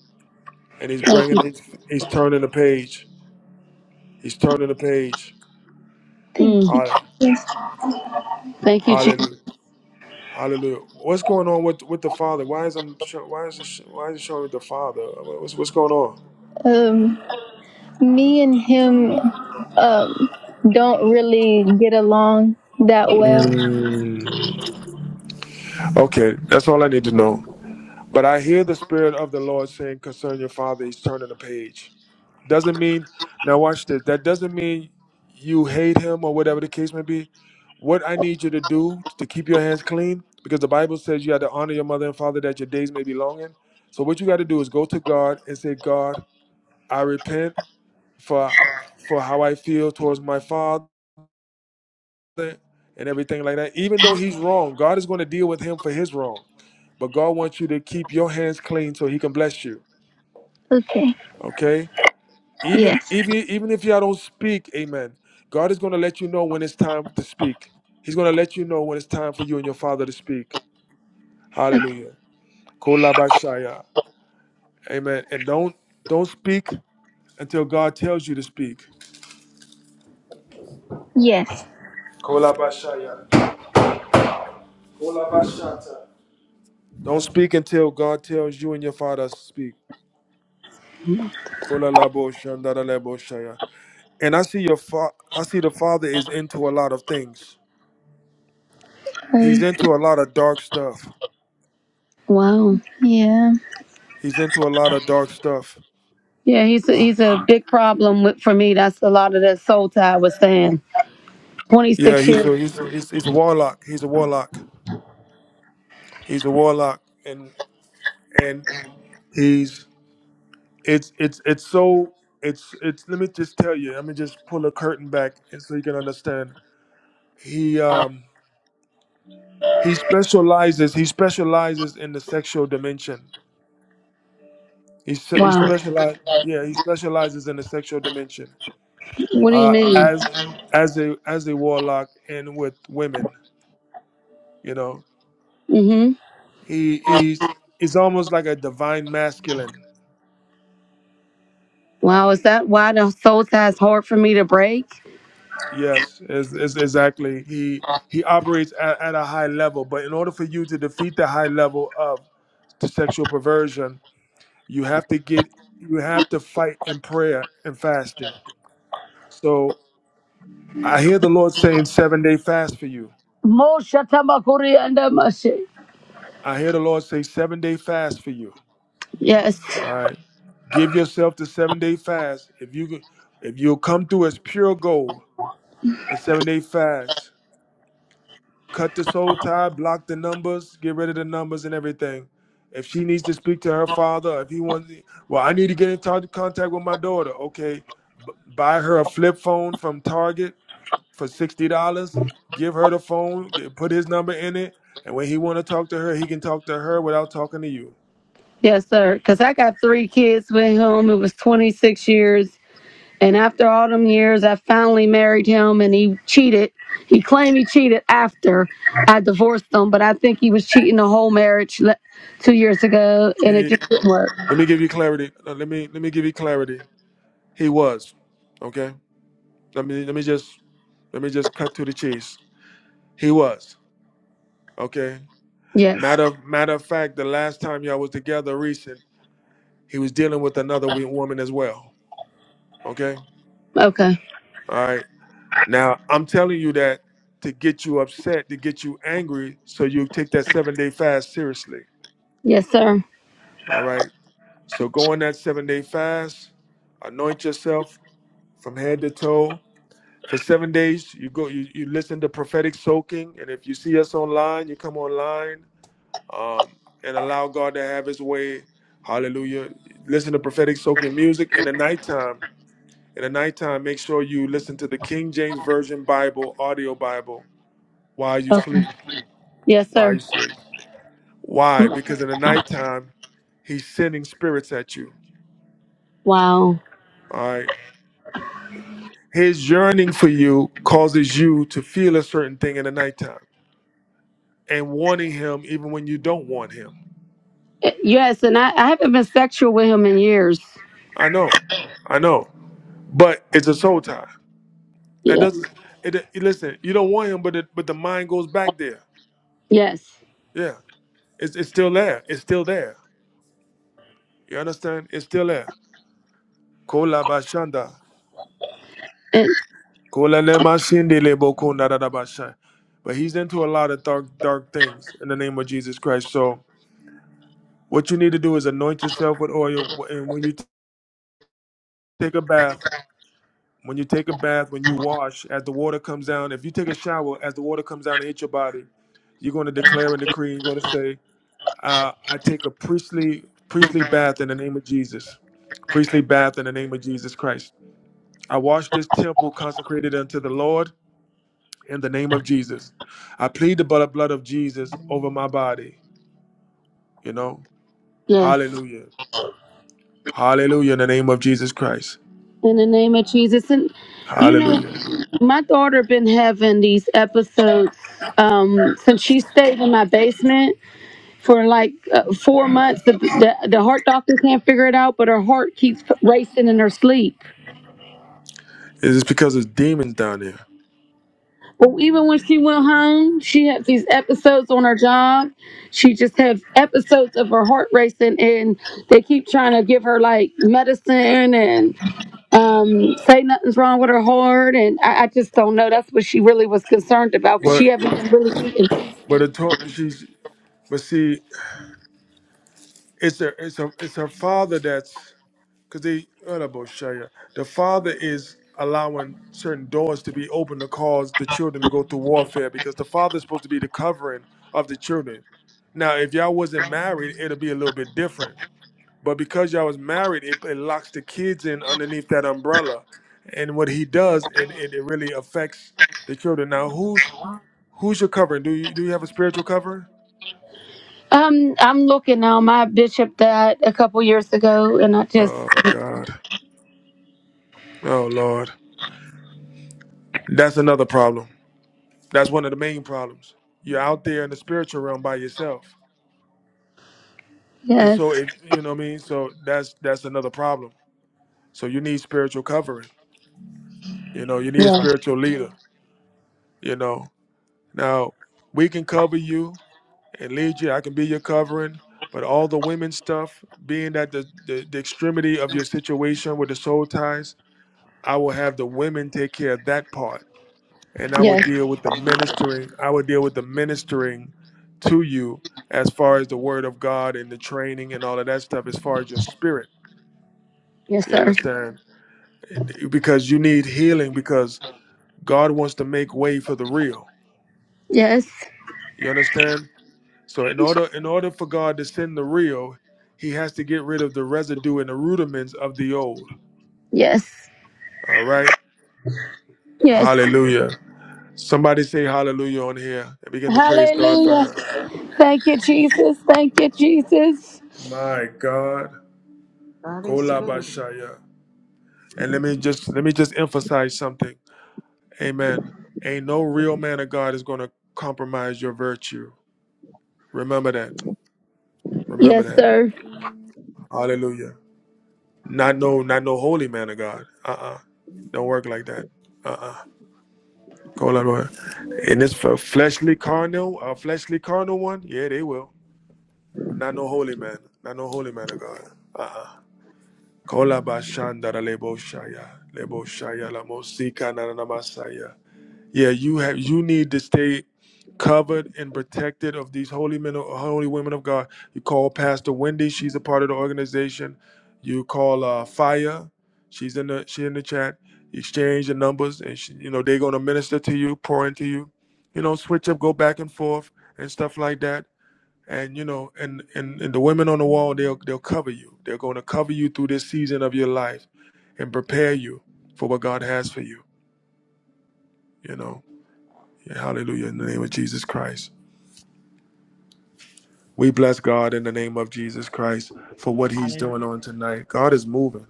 A: and he's
M: thank you.
A: bringing he's, he's turning the page he's turning the page
M: Thank Mm, you.
A: Hall- hallelujah hallelujah what's going on with with the father why is i'm sho- why is it sh- why is it showing the father what's what's going on
M: Um, me and him um don't really get along that well.
A: Mm. okay that's all i need to know but i hear the spirit of the lord saying concern your father he's turning the page Doesn't mean now watch this. That doesn't mean you hate him or whatever the case may be. What I need you to do to keep your hands clean, because the Bible says you have to honor your mother and father that your days may be long in. So what you got to do is go to God and say, God, I repent for for how I feel towards my father and everything like that. Even though he's wrong, God is going to deal with him for his wrong. But God wants you to keep your hands clean so he can bless you.
M: Okay.
A: Okay? Even
M: Yes.
A: even even if you all don't speak, amen. God is gonna let you know when it's time to speak. He's gonna let you know when it's time for you and your father to speak.
M: Okay.
A: Hallelujah. Kolabashaya. Amen. And don't don't speak until God tells you to speak.
M: Yes.
A: Kolabashaya. Kolabashata. Don't speak until God tells you and your father to speak. Kolalabo shandaralabo shaya. And I see your fa- I see the father is into a lot of things. He's
M: Um,
A: into a lot of dark stuff.
M: wow. yeah.
A: He's into a lot of dark stuff.
M: Yeah, he's a, he's a big problem with, for me. That's a lot of that soul tie was saying.
A: Yeah,
M: 26
A: he's
M: years.
A: a he's he's he's a warlock. He's a warlock. He's a warlock, and and he's it's it's it's so it's it's. Let me just tell you. Let me just pull a curtain back, and so you can understand. He um he specializes. He specializes in the sexual dimension. He se- he
M: Wow.
A: specialize. Yeah, he specializes in the sexual dimension.
M: What do you
A: Uh,
M: mean?
A: as as a as a warlock and with women, you know.
M: Mm-hmm.
A: He he's is almost like a divine masculine.
M: Wow, is that why the soul tie is hard for me to break?
A: Yes, is is exactly. He he operates at, at a high level, but in order for you to defeat the high level of the sexual perversion, you have to get you have to fight in prayer and fasting. So I hear the Lord saying seven day fast for you.
M: Mo shatabakuri and
A: I hear the Lord say seven day fast for you.
M: Yes.
A: All right. Give yourself the seven day fast. If you if you'll come through as pure gold, a seven day fast. cut this whole tie, block the numbers, get rid of the numbers and everything. If she needs to speak to her father, if he wants, well, I need to get in t- contact with my daughter. Okay, B- buy her a flip phone from Target for sixty dollars. Give her the phone, get, put his number in it, and when he want to talk to her, he can talk to her without talking to you.
M: Yes, sir. Because I got three kids with him. It was 26 years. And after all them years, I finally married him and he cheated. He claimed he cheated after I divorced him, but I think he was cheating the whole marriage le- two years ago and it
A: Eh,
M: just didn't work.
A: let me give you clarity. Uh, Let me let me give you clarity. He was, okay. Let me let me just let me just cut to the chase. He was, okay.
M: Yes.
A: Matter of, matter of fact, the last time y'all was together recent, he was dealing with another we- woman as well. Okay?
M: Okay.
A: All right. Now I'm telling you that to get you upset, to get you angry, so you take that seven day fast seriously.
M: Yes, sir.
A: All right. So go on that seven day fast, anoint yourself from head to toe. For seven days, you go you, you listen to prophetic soaking, and if you see us online, you come online um, and allow God to have His way. Hallelujah. Listen to prophetic soaking music in the nighttime. In the nighttime, make sure you listen to the King James Version Bible, audio Bible, while you
M: Oh,
A: sleep.
M: yes,
A: While you
M: sir.
A: sleep. Why? Because in the nighttime, He's sending spirits at you.
M: Wow.
A: All right. His yearning for you causes you to feel a certain thing in the nighttime and wanting Him even when you don't want Him.
M: Uh, Yes. And I, I haven't been sexual with him in years.
A: I know. I know. But it's a soul tie. That
M: Yeah.
A: doesn't. It, it- listen, you don't want him, but it, but the mind goes back there.
M: Yes.
A: Yeah, it's it's still there. It's still there. You understand? It's still there. Kola bashanda,
M: And,
A: kola lema shindi lebo kunda da da bashan. But he's into a lot of dark dark things in the name of Jesus Christ. So what you need to do is anoint yourself with oil, and when you t- take a bath. When you take a bath, when you wash, as the water comes down, if you take a shower, as the water comes down and hit your body, you're going to declare and decree. You're going to say, uh, I take a priestly priestly bath in the name of Jesus, priestly bath in the name of Jesus Christ. I wash this temple consecrated unto the Lord in the name of Jesus. I plead the blood blood of Jesus over my body. You know,
M: yes.
A: Hallelujah, Hallelujah in the name of Jesus Christ,
M: in the name of Jesus. And you know,
A: Hallelujah.
M: my daughter been having these episodes um, since she stayed in my basement for like uh, four months. The, the the heart doctor can't figure it out, but her heart keeps racing in her sleep.
A: It is because there's demons down there.
M: But even when she went home, she had these episodes on her job. She just have episodes of her heart racing, and they keep trying to give her like medicine and um, say nothing's wrong with her heart, and I, I just don't know. That's what she really was concerned about because she
A: But
M: haven't been really eating.
A: but the talk she's but see, it's her it's her it's her father that's. because they Shaya, the father is allowing certain doors to be open to cause the children to go through warfare because the father is supposed to be the covering of the children. Now, if y'all wasn't married, it'll be a little bit different. But because y'all was married, it, it locks the kids in underneath that umbrella. And what he does, it, it, it really affects the children. Now, who's who's your covering? Do you do you have a spiritual covering?
M: Um, I'm looking now. My bishop died a couple years ago, and I just
A: Oh God. Oh Lord. That's another problem. That's one of the main problems. You're out there in the spiritual realm by yourself. And
M: yes,
A: so if you know what I mean, so that's that's another problem. So you need spiritual covering. You know, you need a
M: yeah,
A: spiritual leader, you know. Now, we can cover you and lead you. I can be your covering, but all the women stuff, being at the, the, the extremity of your situation with the soul ties, I will have the women take care of that part and I would
M: yes,
A: deal with the ministering. I would deal with the ministering to you as far as the word of God and the training and all of that stuff, as far as your spirit.
M: yes,
A: You
M: sir,
A: understand? Because you need healing because God wants to make way for the real.
M: yes,
A: You understand? So in order in order for God to send the real, he has to get rid of the residue and the rudiments of the old.
M: yes,
A: All right?
M: yes.
A: Hallelujah. Somebody say hallelujah on here and begin to praise God for
M: Hallelujah!
A: her.
M: Thank you, Jesus. Thank you, Jesus.
A: My God.
E: God is good.
A: Kolabashaya. And let me just let me just emphasize something. Amen. Ain't no real man of God is gonna compromise your virtue. Remember that. Remember
M: Yes,
A: that.
M: sir.
A: Hallelujah. Not no not no holy man of God. Uh-uh. Don't work like that. Uh-uh. Kolabashaya. And it's for fleshly carnal, a fleshly carnal one, yeah, they will. But not no holy man. Not no holy man of God. Uh-uh. Kolabashandara lebo shaya. Lebo shaya la mosika na na masaya. Yeah, you have you need to stay covered and protected of these holy men holy women of God. You call Pastor Wendy, she's a part of the organization. You call uh Fire, she's in the she in the chat. Exchange the numbers and she, you know they're going to minister to you, pour into you. You know, switch up, go back and forth and stuff like that. And you know, and and, and the women on the wall, they'll they'll cover you. They're going to cover you through this season of your life and prepare you for what God has for you, you know. Hallelujah. In the name of Jesus Christ. We bless God in the name of Jesus Christ for what he's doing on
B: Hallelujah.
A: tonight. God is moving.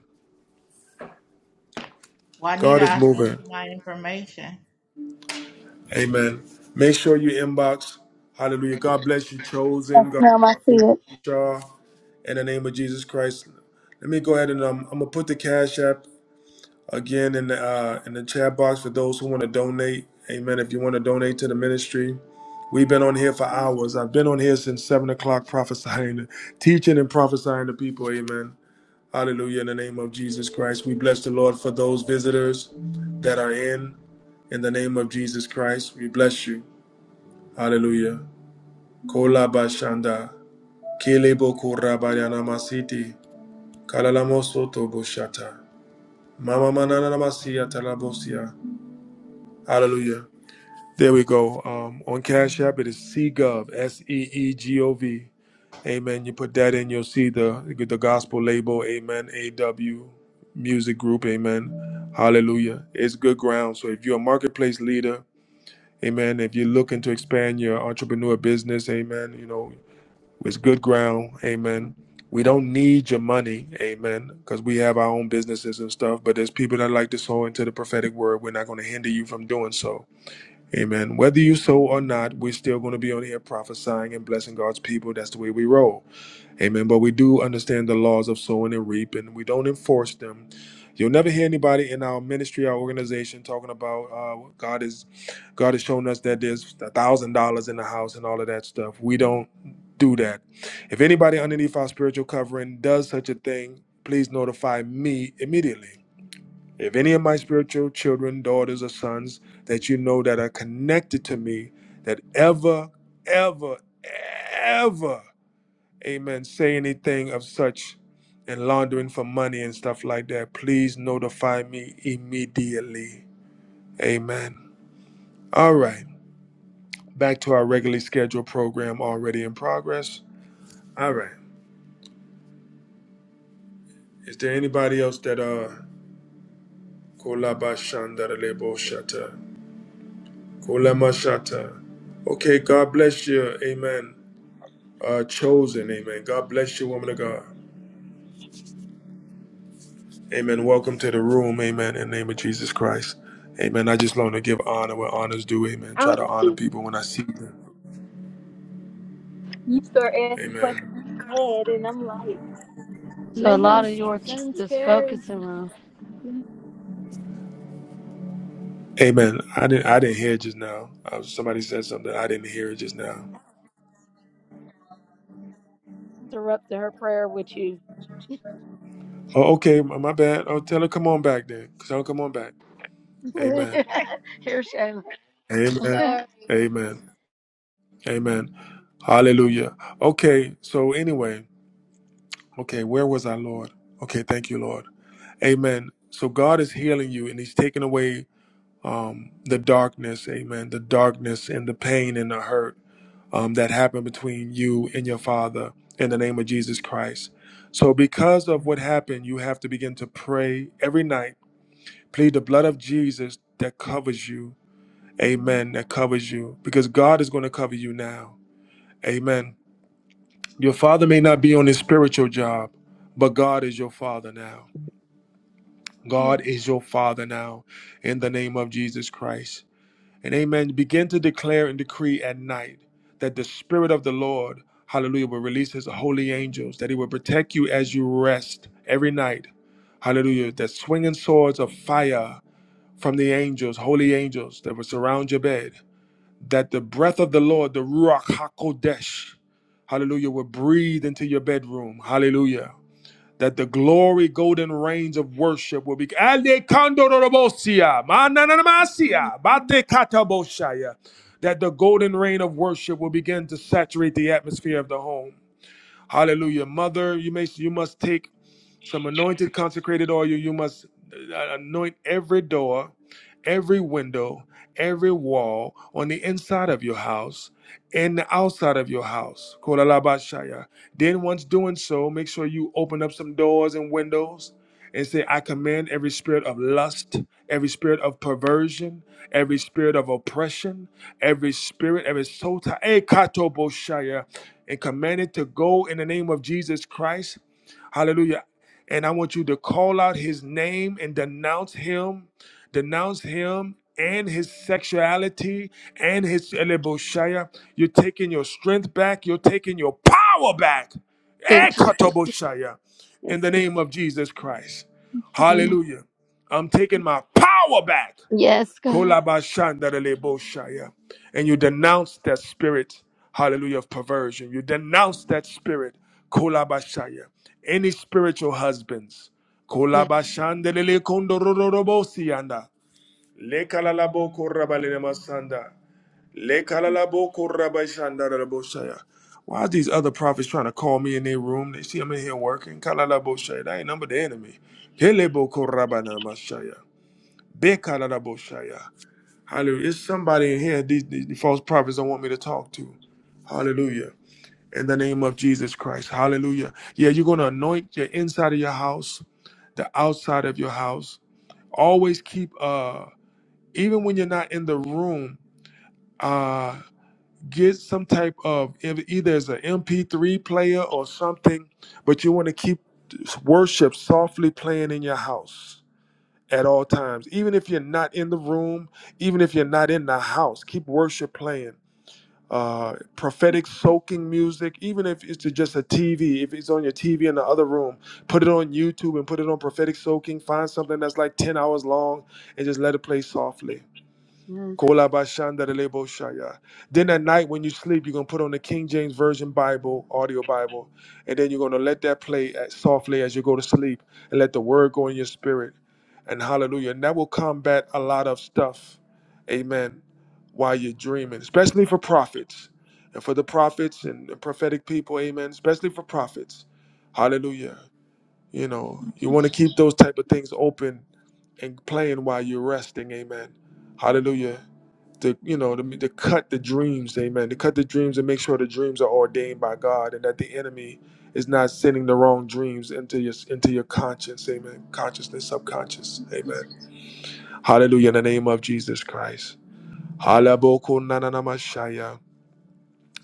A: God
B: Juanita,
A: is
B: I sent
A: moving.
B: you my information.
A: Amen. Make sure you inbox. Hallelujah. God bless you, chosen. God
M: Now
A: bless
M: I see
A: you,
M: it.
A: Kershaw. In the name of Jesus Christ. Let me go ahead and um, I'm going to put the cash app. again in the uh, in the chat box for those who want to donate. Amen. If you want to donate to the ministry, we've been on here for hours. I've been on here since seven o'clock, prophesying, teaching, and prophesying to people. Amen. Hallelujah. In the name of Jesus Christ, we bless the Lord for those visitors that are in. In the name of Jesus Christ, we bless you. Hallelujah. Kola bashanda, kelebo korabayana masiti, kalalamo soto boshata, mama manana namasiya talabosia. Hallelujah. There we go. Um, on Cash App, it is seegov. S E E G O V. Amen. You put that in, you'll see the the gospel label. Amen. A W Music Group. Amen. Hallelujah. It's good ground. So if you're a marketplace leader, Amen. If you're looking to expand your entrepreneur business, Amen. You know it's good ground. Amen. We don't need your money, amen, because we have our own businesses and stuff. But there's people that like to sow into the prophetic word. We're not going to hinder you from doing so. Amen. Whether you sow or not, we're still going to be on here prophesying and blessing God's people. That's the way we roll. Amen. But we do understand the laws of sowing and reaping. We don't enforce them. You'll never hear anybody in our ministry, our organization, talking about uh, God is God has shown us that there's a thousand dollars in the house and all of that stuff. We don't do that. If anybody underneath our spiritual covering does such a thing, please notify me immediately. If any of my spiritual children, daughters, or sons that you know that are connected to me, that ever, ever, ever, amen, say anything of such and laundering for money and stuff like that, please notify me immediately. Amen. All right, back to our regularly scheduled program already in progress. All right, is there anybody else that uh, Kolaba Shata? Kolemashata. Okay, God bless you. Amen. Uh, chosen. Amen. God bless you, woman of God. Amen. Welcome to the room. Amen. In the name of Jesus Christ. Amen. I just want to give honor where honors due. Amen.
M: I
A: Try to
M: was-
A: honor people when I see them.
M: you start asking questions
A: Amen.
M: in my head, and I'm like, So a lot of yours let is focusing on.
A: Amen. I didn't. I didn't hear it just now. Uh, somebody said something. I didn't hear it just now.
M: interrupted her prayer with you.
A: Oh, okay. My my bad. Oh, tell her come on back then. Tell her come on back. Amen.
M: Here's Shayla.
A: Amen.
M: Sorry.
A: Amen. Amen. Hallelujah. Okay. So anyway. Okay, where was I, Lord? Okay, thank you, Lord. Amen. So God is healing you and He's taking away um, the darkness, amen, the darkness and the pain and the hurt um, that happened between you and your Father in the name of Jesus Christ. So, because of what happened, you have to begin to pray every night, plead the blood of Jesus that covers you, amen, that covers you, because God is going to cover you now, amen. Your Father may not be on his spiritual job, but God is your Father now.
M: Yeah.
A: God is your Father now in the name of Jesus Christ. And amen. Begin to declare and decree at night that the Spirit of the Lord, hallelujah, will release his holy angels, that he will protect you as you rest every night. Hallelujah. That swinging swords of fire from the angels, holy angels that will surround your bed, that the breath of the Lord, the Ruach HaKodesh, hallelujah, will breathe into your bedroom. Hallelujah that the glory golden range of worship will be that the golden reign of worship will begin to saturate the atmosphere of the home hallelujah mother you may you must take some anointed, consecrated oil. You must uh, anoint every door, every window, every wall on the inside of your house and the outside of your house. Kolalabashaya. Then, once doing so, make sure you open up some doors and windows and say, I command every spirit of lust, every spirit of perversion, every spirit of oppression, every spirit, every sota, eh, katoboshaya, and command it to go in the name of Jesus Christ. Hallelujah. And I want you to call out his name and denounce him, denounce him and his sexuality and his eleboshaya. You're taking your strength back, you're taking your power back.
M: And Jesus.
A: Ekatoboshaya, In
M: Yes,
A: the name of Jesus Christ.
M: God.
A: Hallelujah. I'm taking my power back.
M: Yes, God.
A: Kolabashandareleboshaya. And you denounce that spirit, hallelujah, of perversion. You denounce that spirit, kolabashaya. Any spiritual husbands,
M: Yes.
A: kolabashandelelekondorororobosiyanda. Lekalalabokorabalenemasanda. Lekalalabokorabashandareleboshaya. Why are these other prophets trying to call me in their room? They see I'm in here working. Kalalaboshaya. That ain't number the enemy. Helebokorabanemashaya. Bekalalaboshaya. Hallelujah. It's somebody in here these, these false prophets don't want me to talk to. Hallelujah. In the name of Jesus Christ. Hallelujah. Yeah, you're going to anoint your inside of your house, the outside of your house. Always keep uh even when you're not in the room, uh get some type of either as an MP3 player or something, but you want to keep worship softly playing in your house at all times. Even if you're not in the room, even if you're not in the house, keep worship playing uh, prophetic soaking music, even if it's just a TV, if it's on your TV in the other room, put it on YouTube and put it on prophetic soaking. Find something that's like 10 hours long and just let it play softly.
M: Yes.
A: Kolabashandareleboshaya. Then at night when you sleep, you're gonna put on the King James Version Bible, audio Bible, and then you're gonna let that play at, softly as you go to sleep, and let the word go in your spirit. And hallelujah. And that will combat a lot of stuff, amen, while you're dreaming, especially for prophets. And for the prophets and the prophetic people, amen, especially for prophets. Hallelujah. You know, you want to keep those type of things open and playing while you're resting, amen. Hallelujah to you know to, to cut the dreams amen to cut the dreams and make sure the dreams are ordained by god and that the enemy is not sending the wrong dreams into your into your conscience amen consciousness subconscious amen hallelujah in the name of jesus christ Halaboko nananamashaya.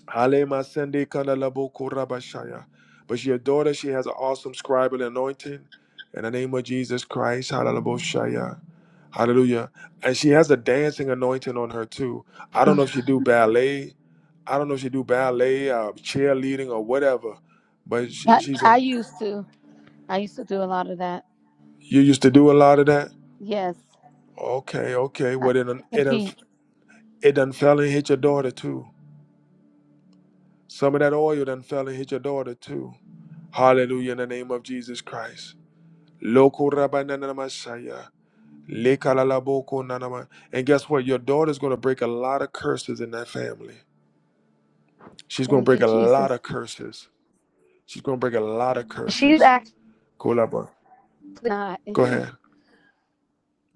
A: Halemasende kanalaboko rabashaya. but your daughter she has an awesome scribal anointing in the name of jesus christ hallelujah Hallelujah. And she has a dancing anointing on her too. I don't know if she do ballet. I don't know if she do ballet or cheerleading or whatever. But she,
M: I,
A: she's a,
M: I used to. I used to do a lot of that.
A: you used to do a lot of that.
M: Yes.
A: Okay, okay.
M: I
A: Well, it done, it done,
M: compete.
A: it done fell and hit your daughter too. Some of that oil done fell and hit your daughter too. Hallelujah in the name of Jesus Christ. Loko rabanana masaya. Lekalalaboko nanama. And guess what? Your daughter's going to break a lot of curses in that family. She's going to
M: Thank you,
A: break a lot
M: Jesus.
A: of curses. She's going to break a lot of
M: She's
A: curses.
M: actually
A: Kolaba.
M: not.
A: Go ahead.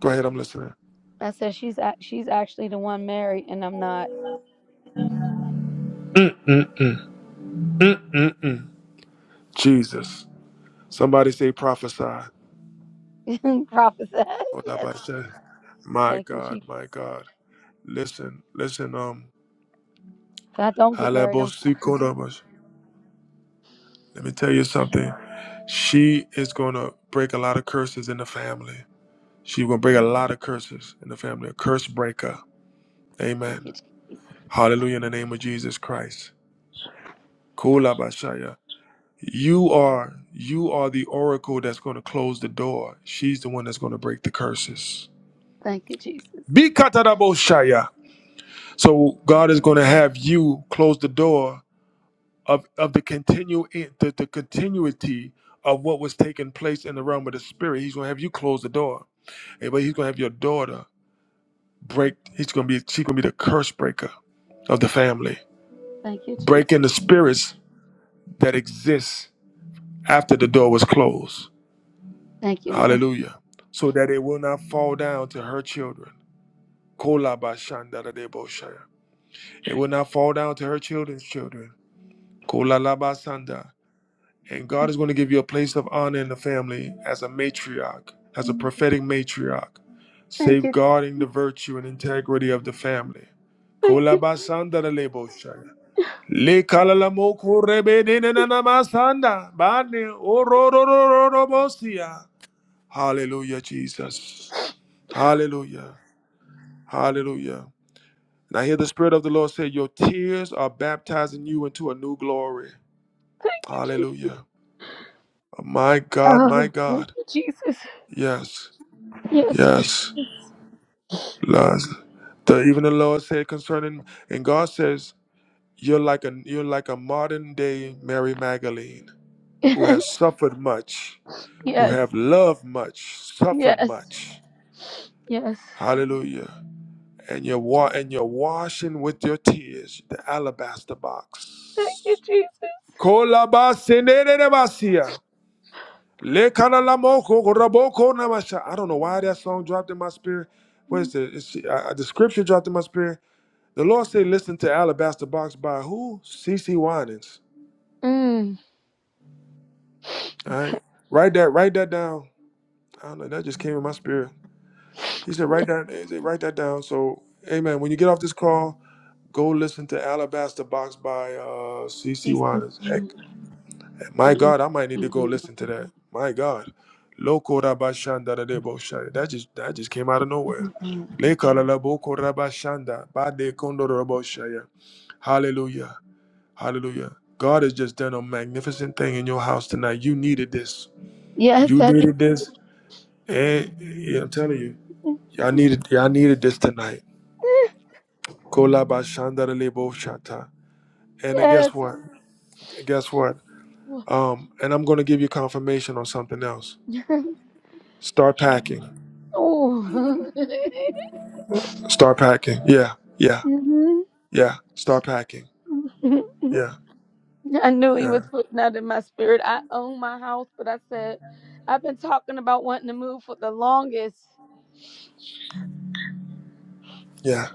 A: Go ahead. I'm listening.
M: I said she's ac- she's actually the one married, and I'm not.
A: Mm-mm-mm. Mm-mm-mm. Jesus. Somebody say prophesy.
M: Prophet yes.
A: Kolaba said, My
M: Thank you,
A: God,
M: Jesus.
A: my God. Listen, listen, um,
M: If I don't get married, I'm fine.
A: Halabosikodobash. let me tell you something. She is going to break a lot of curses in the family. She's going to break a lot of curses in the family. A curse breaker.
M: Thank
A: Amen.
M: you, Jesus.
A: Hallelujah in the name of Jesus Christ. Kolabashaya. You are you are the oracle that's going to close the door. She's the one that's going to break the curses.
M: Thank you, Jesus.
A: Bikataraboshaya. So God is going to have you close the door of of the continue the, the continuity of what was taking place in the realm of the spirit. He's going to have you close the door. Eh, But he's going to have your daughter break. He's going to be she's going to be the curse breaker of the family,
M: Thank you, Jesus.
A: breaking the spirits that exist after the door was closed.
M: Thank you, Lord.
A: Hallelujah. So that it will not fall down to her children. Kolabashandaradeboshaya. It will not fall down to her children's children. Kolalabasanda. And God is going to give you a place of honor in the family as a matriarch, as a prophetic matriarch,
M: Thank you.
A: safeguarding the virtue and integrity of the family.
M: Thank you.
A: Kolabasandaradeboshaya. Lekalalamokorebenenanamasanda. Bane ororororobosia. Hallelujah, Jesus. Hallelujah. Hallelujah. And I hear the Spirit of the Lord say, Your tears are baptizing you into a new glory. Hallelujah. Uh, My God, my
M: Oh, thank
A: God.
M: you, Jesus.
A: Yes.
M: Yes,
A: Yes. Lord. The, even the Lord said concerning, and God says, You're like a you're like a modern day Mary Magdalene who has suffered much, who
M: yes,
A: have loved much, suffered
M: yes,
A: much.
M: yes.
A: Hallelujah. and you're wa- and you're washing with your tears the alabaster box.
M: Thank you, Jesus.
A: Kolabasenerebasia. Lekanalamoko goraboko namasha. I don't know why that song dropped in my spirit. What is it? It's, uh, uh, the scripture dropped in my spirit. The Lord said, "Listen to Alabaster Box by who? C. C. Winans."
M: Mm.
A: All right, write that. Write that down. I don't know. That just came in my spirit. He said, write that, he said, write that down. So, amen. When you get off this call, go listen to Alabaster Box by uh, CC Waters. Heck, my God, I might need to go listen to that. My God. Loco rabashanda da debo shai. That just that just came out of nowhere. Le kala la boko rabashanda, ba de kondo rabo shai. Hallelujah. Hallelujah. God has just done a magnificent thing in your house tonight. You needed this.
M: Yes,
A: You
M: I do.
A: needed this. And yeah, I'm telling you, y'all needed y'all needed this tonight. Kolaba shandarelebo shata. And then
M: Yes.
A: guess what? Guess what? Um, and I'm gonna give you confirmation on something else. Start packing.
M: Oh.
A: Start packing. Yeah, yeah,
M: Mhm.
A: yeah. Start packing. Yeah,
M: I knew he was
A: yeah,
M: putting that in my spirit. I own my house, but I said, I've been talking about wanting to move for the longest.
A: yeah,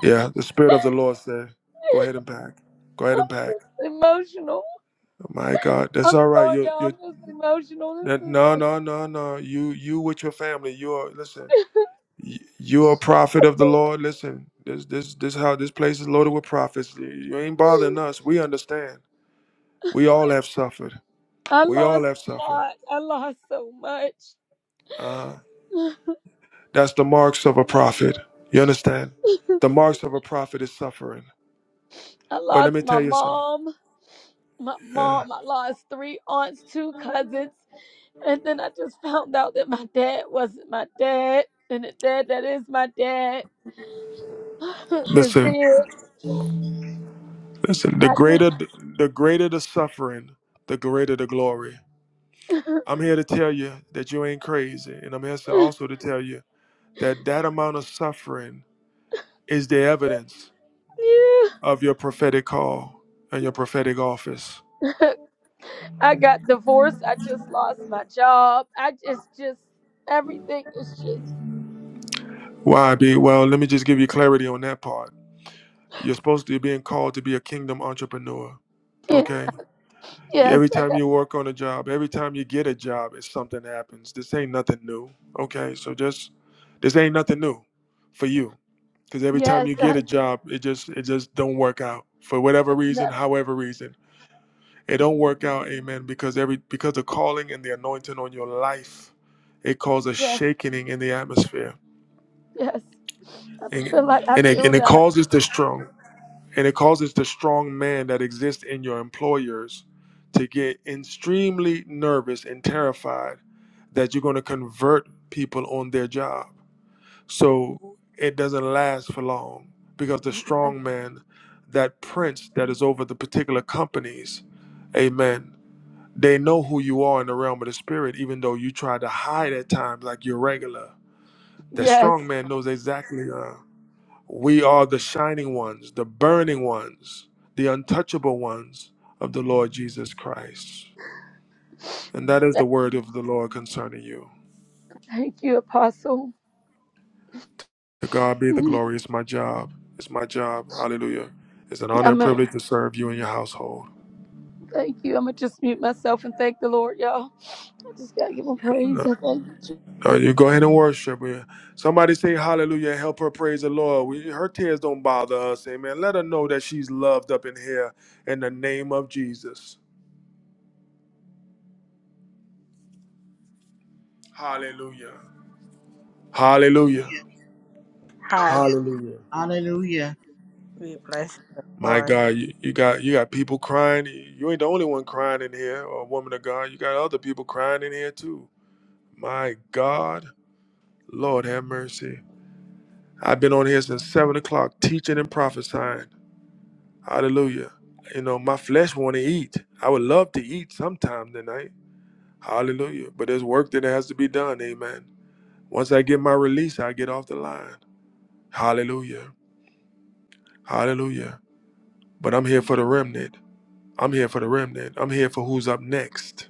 A: yeah. The spirit of the Lord said, "Go ahead and pack. Go ahead and
M: I'm
A: pack."
M: emotional.
A: Oh My God, that's
M: I'm
A: all right.
M: sorry,
A: You,
M: y'all.
A: you.
M: I'm just emotional. This
A: that- No,
M: is.
A: no, no, no. You, you with your family. You are. Listen. y- you are a prophet of the Lord. Listen, this this this how this place is loaded with prophets. You you ain't bothering us. We understand. We all have suffered.
M: I
A: We all
M: lost
A: have
M: a
A: suffered.
M: lot. I lost so much.
A: Uh, that's the marks of a prophet. You understand? The marks of a prophet is suffering.
M: I
A: But let
M: lost
A: me
M: my
A: tell you something.
M: mom, my
A: Yeah.
M: mom. I lost three aunts, two cousins. And then I just found out that my dad wasn't my dad. And the dad that is my dad is
A: Listen,
M: dead.
A: listen. The greater the greater the suffering, the greater the glory. I'm here to tell you that you ain't crazy, and I'm here to also to tell you that that amount of suffering is the evidence of your prophetic call and your prophetic office.
M: Yeah. I got divorced. I just lost my job. I just, just, everything is just,
A: Why be? Well, let me just give you clarity on that part. You're supposed to be being called to be a kingdom entrepreneur.
M: yeah.
A: Okay?
M: Yes,
A: Every
M: I
A: time
M: got,
A: you work on a job, every time you get a job, it's something happens. This ain't nothing new. Okay? So just this ain't nothing new for you. Because every time
M: yes.
A: you get
M: I,
A: a job, it just it just don't work out. For whatever
M: it's
A: reason,
M: never-
A: however reason. it don't work out amen because every because the calling and the anointing on your life it causes
M: yes,
A: shaking in the atmosphere
M: yes. I
A: and
M: feel like I
A: and it,
M: feel
A: and it
M: that.
A: causes the strong and it causes the strong man that exists in your employers to get extremely nervous and terrified that you're going to convert people on their job so it doesn't last for long because the
M: I,
A: strong man that prince that is over the particular companies amen they know who you are in the realm of the spirit, even though you try to hide at times like you're regular. The
M: Yes.
A: strong man knows exactly. Uh, we are the shining ones, the burning ones, the untouchable ones of the Lord Jesus Christ. And that is the word of the Lord concerning you.
M: Thank you, Apostle.
A: To God be the glory. It's my job. It's my job. Hallelujah. It's an honor and
M: I'm a,
A: privilege to serve you and your household.
M: thank you. I'm gonna just mute myself and thank the Lord, y'all. I just gotta give him praise. I thank you. Jesus.
A: Uh, you go ahead and worship. her. Somebody say hallelujah. Help her praise the Lord. We, her tears don't bother us. Amen. Let her know that she's loved up in here in the name of Jesus. Hallelujah. Hallelujah.
B: Hallelujah.
K: Hallelujah.
D: Hallelujah.
A: Hallelujah.
B: Hallelujah.
D: We bless the
A: My
D: Lord.
A: God, you, you got you got people crying. You ain't the only one crying in here, or woman of God. You got other people crying in here too. My God, Lord have mercy. I've been on here since seven o'clock teaching and prophesying. Hallelujah. You know, my flesh want to eat. I would love to eat sometime tonight. Hallelujah. But there's work that has to be done. Amen. Once I get my release, I get off the line. Hallelujah. Hallelujah. But I'm here for the remnant. I'm here for the remnant. I'm here for who's up next.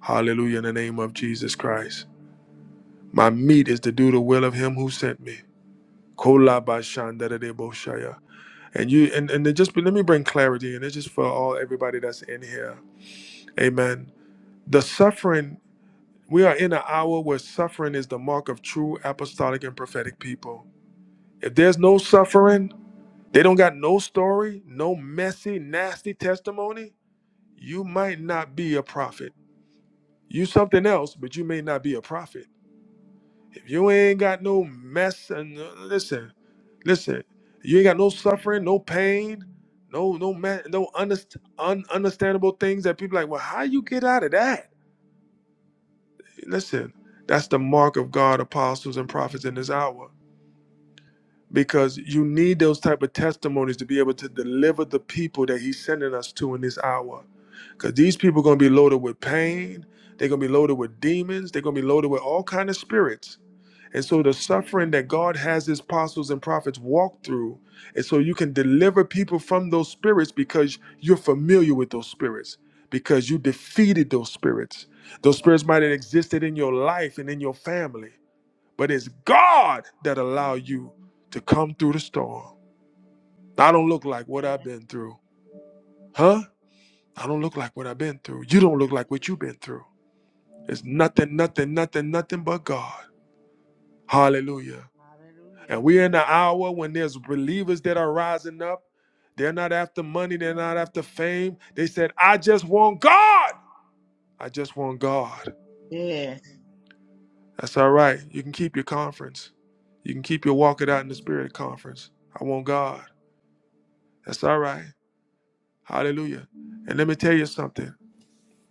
A: Hallelujah in the name of Jesus Christ.
D: Mm.
A: My meat is to do the will of him who sent me. Kolabashandadadeboshaya. And you and, and then just let me bring clarity and it's just for all everybody that's in here. Amen. The suffering, we are in an hour where suffering is the mark of true apostolic and prophetic people. If there's no suffering, they don't got no story, no messy, nasty testimony, you might not be a prophet. You something else, but you may not be a prophet. If you ain't got no mess and uh, listen, listen, you ain't got no suffering, no pain, no no ma- no underst- un- understandable things that people like, well, how you get out of that? Listen, that's the mark of God, apostles and prophets in this hour because you need those type of testimonies to be able to deliver the people that he's sending us to in this hour because these people are going to be loaded with pain they're going to be loaded with demons they're going to be loaded with all kind of spirits and so the suffering that god has his apostles and prophets walk through and so you can deliver people from those spirits because you're familiar with those spirits because you defeated those spirits those spirits might have existed in your life and in your family but it's God that allow you to come through the storm. I don't look like what I've
B: Amen.
A: been through. Huh? I don't look like what I've been through. You don't look like what you've
B: Yeah.
A: been through. It's nothing, nothing, nothing, nothing but God. Hallelujah.
B: Hallelujah.
A: And we're in the hour when there's believers that are rising up. They're not after money, they're not after fame. They said, I just want God. I just want God.
B: Yes.
A: That's all right. You can keep your conference. You can keep your walk it out in the spirit conference. I want God. That's all right. Hallelujah. And let me tell you something.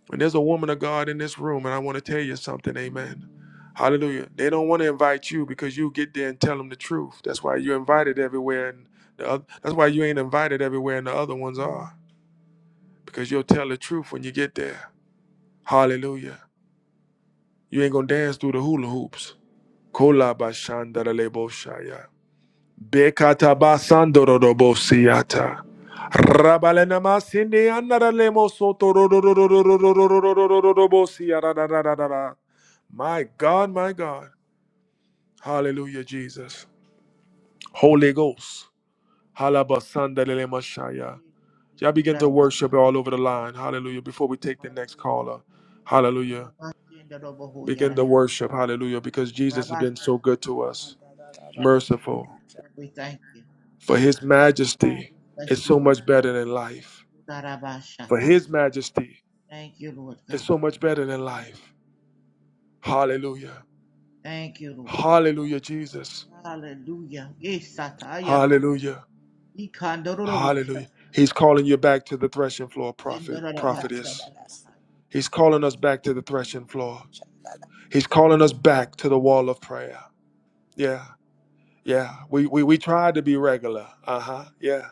A: When there's a woman of God in this room, and I want to tell you something, amen. Hallelujah. They don't want to invite you because you get there and tell them the truth. That's why you're invited everywhere, and the other, that's why you ain't invited everywhere, and the other ones are because you'll tell the truth when you get there. Hallelujah. You ain't gonna dance through the hula hoops. Kola bashandara lebo shaya. My God, My God, Hallelujah, Jesus, Holy Ghost. Hallelujah. Y'all begin to
B: Yeah.
A: worship all over the line. Hallelujah. Before we take the next caller, Hallelujah. Begin the
B: Hallelujah.
A: worship. Hallelujah, because Jesus has
B: Rabbi
A: been so good
B: Sandaru,
A: to
D: Da,
A: us,
D: da, da, da.
A: merciful.
D: Ready, cha-
B: Lord, we thank you, oh
A: For
B: God.
A: His
D: ah,
A: Majesty
B: We bless
A: is
B: you,
A: so
B: O
A: much
B: God.
A: better than life. For his
B: Udarabashatai.
A: majesty
B: Thank you, Lord
A: is
B: God.
A: so much better than life. Hallelujah.
B: Thank you, Lord.
A: Hallelujah, Jesus.
B: Hallelujah. Yes, Sataya Robo.
A: Hallelujah. Hallelujah.
B: Ikandarubusa.
A: He's calling you back to the threshing floor, prophet,
D: da, da, da,
A: prophetess.
D: da, si,
B: Indarabashandarabahai.
A: He's calling us back to the threshing floor.
D: cha- da, da.
A: He's calling us back to the wall of prayer. Yeah. Yeah. We we, we tried to be regular. Uh-huh. Yeah.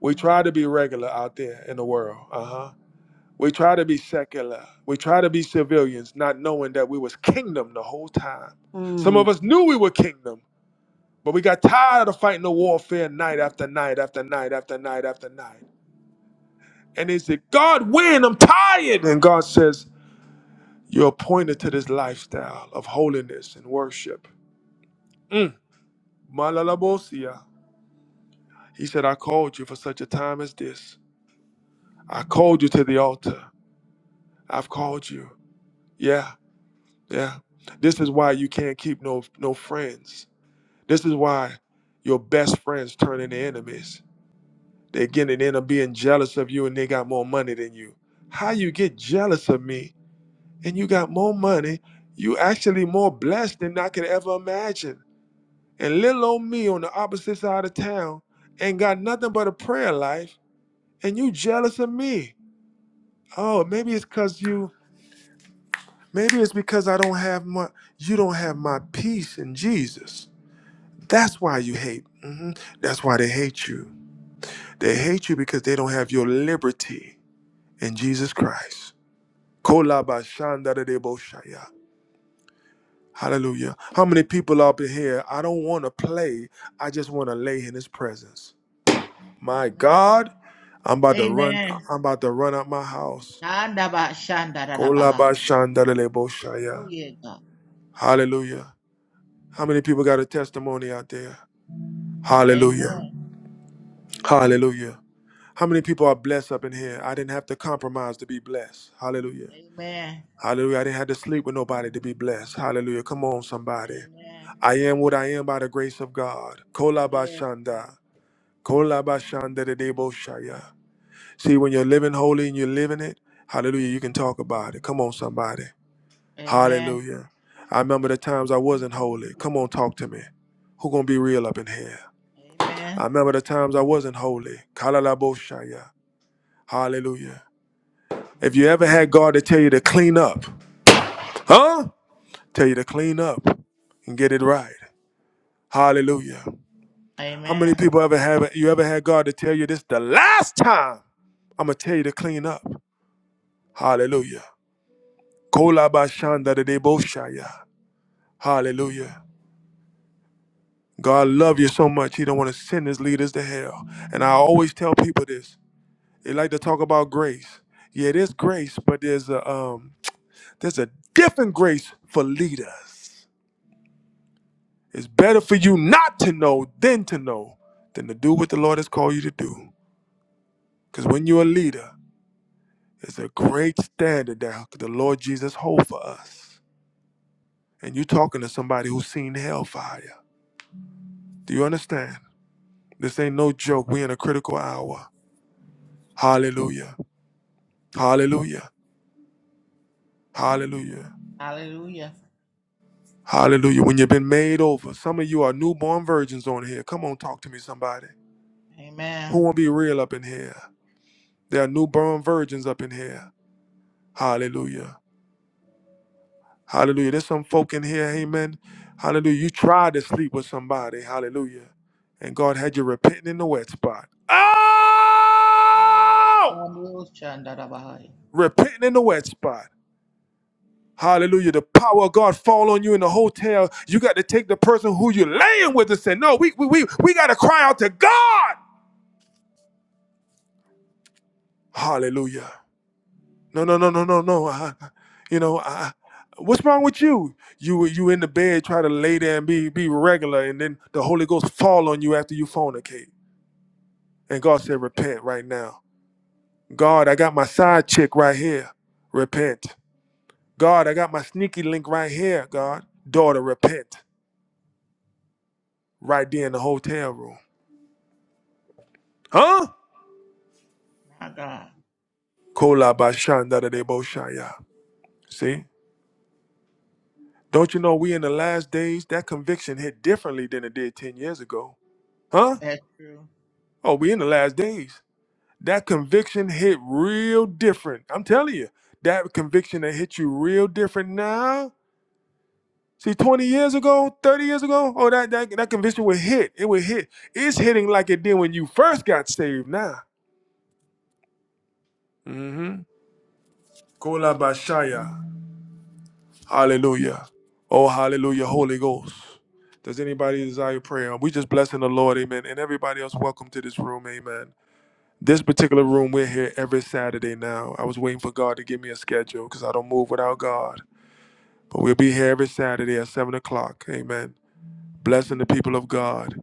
A: We
D: Yes.
A: tried to be regular out there in the world. Uh-huh. We try to be secular. We try to be civilians, not knowing that we was kingdom the whole time. Some
D: Mm.
A: of us knew we were kingdom, but we got tired of fighting the warfare night after night after night after night after night. And they said, God, win, I'm tired. And God says, You're appointed to this lifestyle of holiness and worship. Mm. Malalabosia. He said, I called you for such a time as this. I called you to the altar. I've called you. Yeah. Yeah. This is why you can't keep no no friends. This is why your best friends turn into enemies. They get and end up being jealous of you and they got more money than you. How you get jealous of me and you got more money, you actually more blessed than I could ever imagine. And little old me on the opposite side of town ain't got nothing but a prayer life and you jealous of me. Oh, maybe it's cause you maybe it's because I don't have my you don't have my peace in Jesus. That's why you hate. hmm That's why they hate you. They hate you because they don't have your liberty in Jesus Christ. Kolabashandadadeboshaya. Hallelujah. How many people up in here? I don't want to play. I just want to lay in his presence. My
B: Amen.
A: God, I'm about to run.
B: Amen.
A: I'm about to run out my house.
B: Andabashandarabahai. Oh,
A: Kolabashandadadeboshaya.
B: yeah, God.
A: Hallelujah. How many people got a testimony out there? Hallelujah.
B: Amen.
A: Hallelujah. How many people are blessed up in here? I didn't have to compromise to be blessed. Hallelujah.
B: Amen.
A: Hallelujah. I didn't have to sleep with nobody to be blessed. Hallelujah. Come on, somebody.
B: Amen.
A: I am what I am by the grace of God.
B: Yes,
A: Kolabashanda.
B: God.
A: Kolabashanda de deboshaya. See, when you're living holy and you're living it, hallelujah, you can talk about it. Come on, somebody.
B: Amen.
A: Hallelujah. I remember the times I wasn't holy. Come on, talk to me. Who gonna be real up in here?
B: Amen.
A: I remember the times I wasn't holy. Kalalaboshaya. Hallelujah. If you ever had God to tell you to clean up, huh? Tell you to clean up and get it right. Hallelujah. How many
B: Amen.
A: people ever have you ever had God to tell you this the last time? I'm gonna tell you to clean up. Hallelujah. Kolabashanda de deboshaya. Hallelujah. God love you so much, He don't want to send His leaders to hell. And I always tell people this. They like to talk about grace. Yeah, there's grace, but there's a um, there's a different grace for leaders. It's better for you not to know than to know than to do what the Lord has called you to do. Because when you're a leader, it's a great standard that the Lord Jesus hold for us. And you're talking to somebody who's seen hellfire. Do you understand? This ain't no joke. We're in a critical hour. Hallelujah. Hallelujah. Hallelujah.
B: Hallelujah.
A: Hallelujah. When you've been made over, some of you are newborn virgins on here. Come on, talk to me, somebody. Who
B: Amen.
A: won't be real up in here? There are newborn virgins up in here. Hallelujah. Hallelujah. There's some folk in here, amen. Hallelujah. You tried to sleep with somebody, hallelujah. And God had you repenting in the wet spot. Oh!
B: Emmanuel Shandarabahai.
A: Repenting in the wet spot. Hallelujah. The power of God fall on you in the hotel. You got to take the person who you're laying with and say, no, we, we, we, we got to cry out to God. Hallelujah. No, no, no, no, no, no. I, I- you know, I, what's wrong with you? You were- you in the bed, try to lay there and be be regular, and then the Holy Ghost fall on you after you fornicate. And God said, repent right now. God, I got my side chick right here. Repent. God, I got my sneaky link right here. God, daughter, repent. Right there in the hotel room. Huh?
B: My God.
A: Kola bashanda de debo shaya. See? Don't you know we in the last days? That conviction hit differently than it did 10 years ago. Huh?
B: That's true.
A: Oh, we in the last days. That conviction hit real different. I'm telling you, that conviction that hit you real different now. See, 20 years ago, 30 years ago, oh, that, that, that conviction would hit. It would hit. It's hitting like it did when you first got saved now. Mm-hmm. Kolabashaya. Hallelujah. Oh, hallelujah, Holy Ghost. Does anybody desire prayer? We just blessing the Lord, amen. And everybody else, welcome to this room, amen. This particular room, we're here every Saturday now. I was waiting for God to give me a schedule because I don't move without God. But we'll be here every Saturday at 7 o'clock. Amen. Blessing the people of God.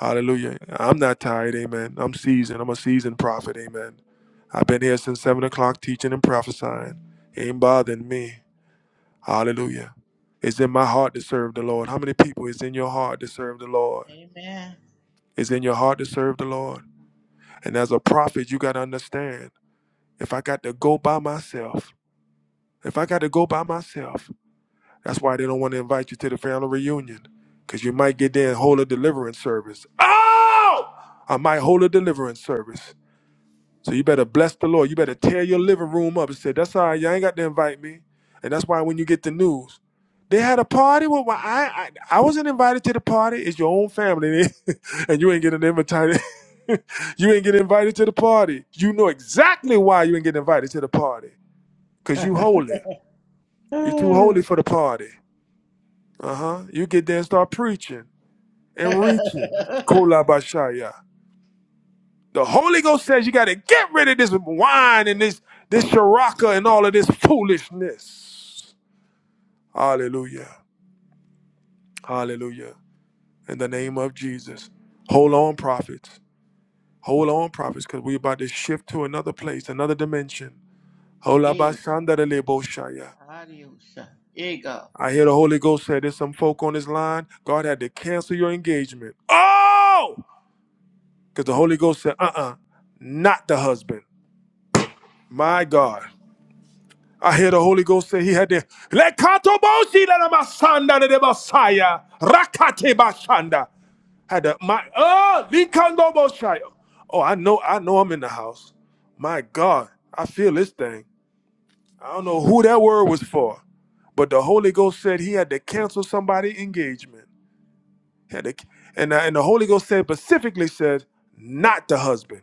A: Hallelujah. I'm not tired. Amen. I'm seasoned. I'm a seasoned prophet. Amen. I've been here since 7 o'clock teaching and prophesying. Ain't bothering me. Hallelujah. It's in my heart to serve the Lord. How many people is in your heart to serve the Lord?
B: Amen.
A: It's in your heart to serve the Lord. And as a prophet, you got to understand. if I got to go by myself, if I got to go by myself, that's why they don't want to invite you to the family reunion, because you might get there and hold a deliverance service. Oh, I might hold a deliverance service. So you better bless the Lord. You better tear your living room up and say, "That's all right. You all ain't got to invite me." And that's why when you get the news, they had a party. Well, why- I I, I wasn't invited to the party. It's your own family, and you ain't getting invited. you ain't getting invited to the party. You know exactly why you ain't getting invited to the party Cause you holy. You too holy for the party. Uh huh. You get there and start preaching and reaching. Kolabashaya. The Holy Ghost says you got to get rid of this wine and this this sharaka and all of this foolishness. Hallelujah. Hallelujah. In the name of Jesus. Hold on, prophets. Hold on, prophets, because we're about to shift to another place, another dimension.
B: Ega.
A: Holabashandareleboshaya.
B: Adios. Ega.
A: I hear the Holy Ghost say there's some folk on this line. God had to cancel your engagement. Oh! Because the Holy Ghost said, uh uh not the husband. My God. I hear the Holy Ghost say he had to let Katoboshi let Masanda de Messiah. Rakate Bashanda. Had to my oh Likando Boshai. Oh, I know, I know I'm in the house. My God. I feel this thing. I don't know who that word was for. But the Holy Ghost said he had to cancel somebody's engagement. Yeah, and, uh, and the Holy Ghost said specifically said, not the husband.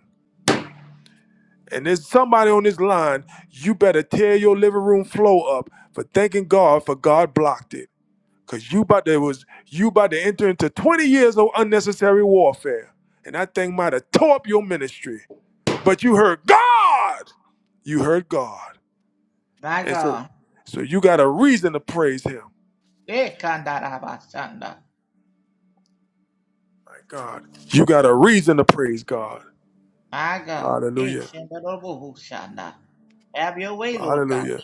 A: And there's somebody on this line, you better tear your living room floor up for thanking God for God blocked it. Cause you about to was you about to enter into 20 years of unnecessary warfare. And that thing might have tore up your ministry. But you heard God. You heard God.
B: My
A: And so
B: God.
A: so you got a reason to praise him.
B: Ekandarabasanda.
A: My God. You got a reason to praise God.
B: My God.
A: Hallelujah.
B: Eshandarabohushanda. Have your way, Lord God.
A: Hallelujah.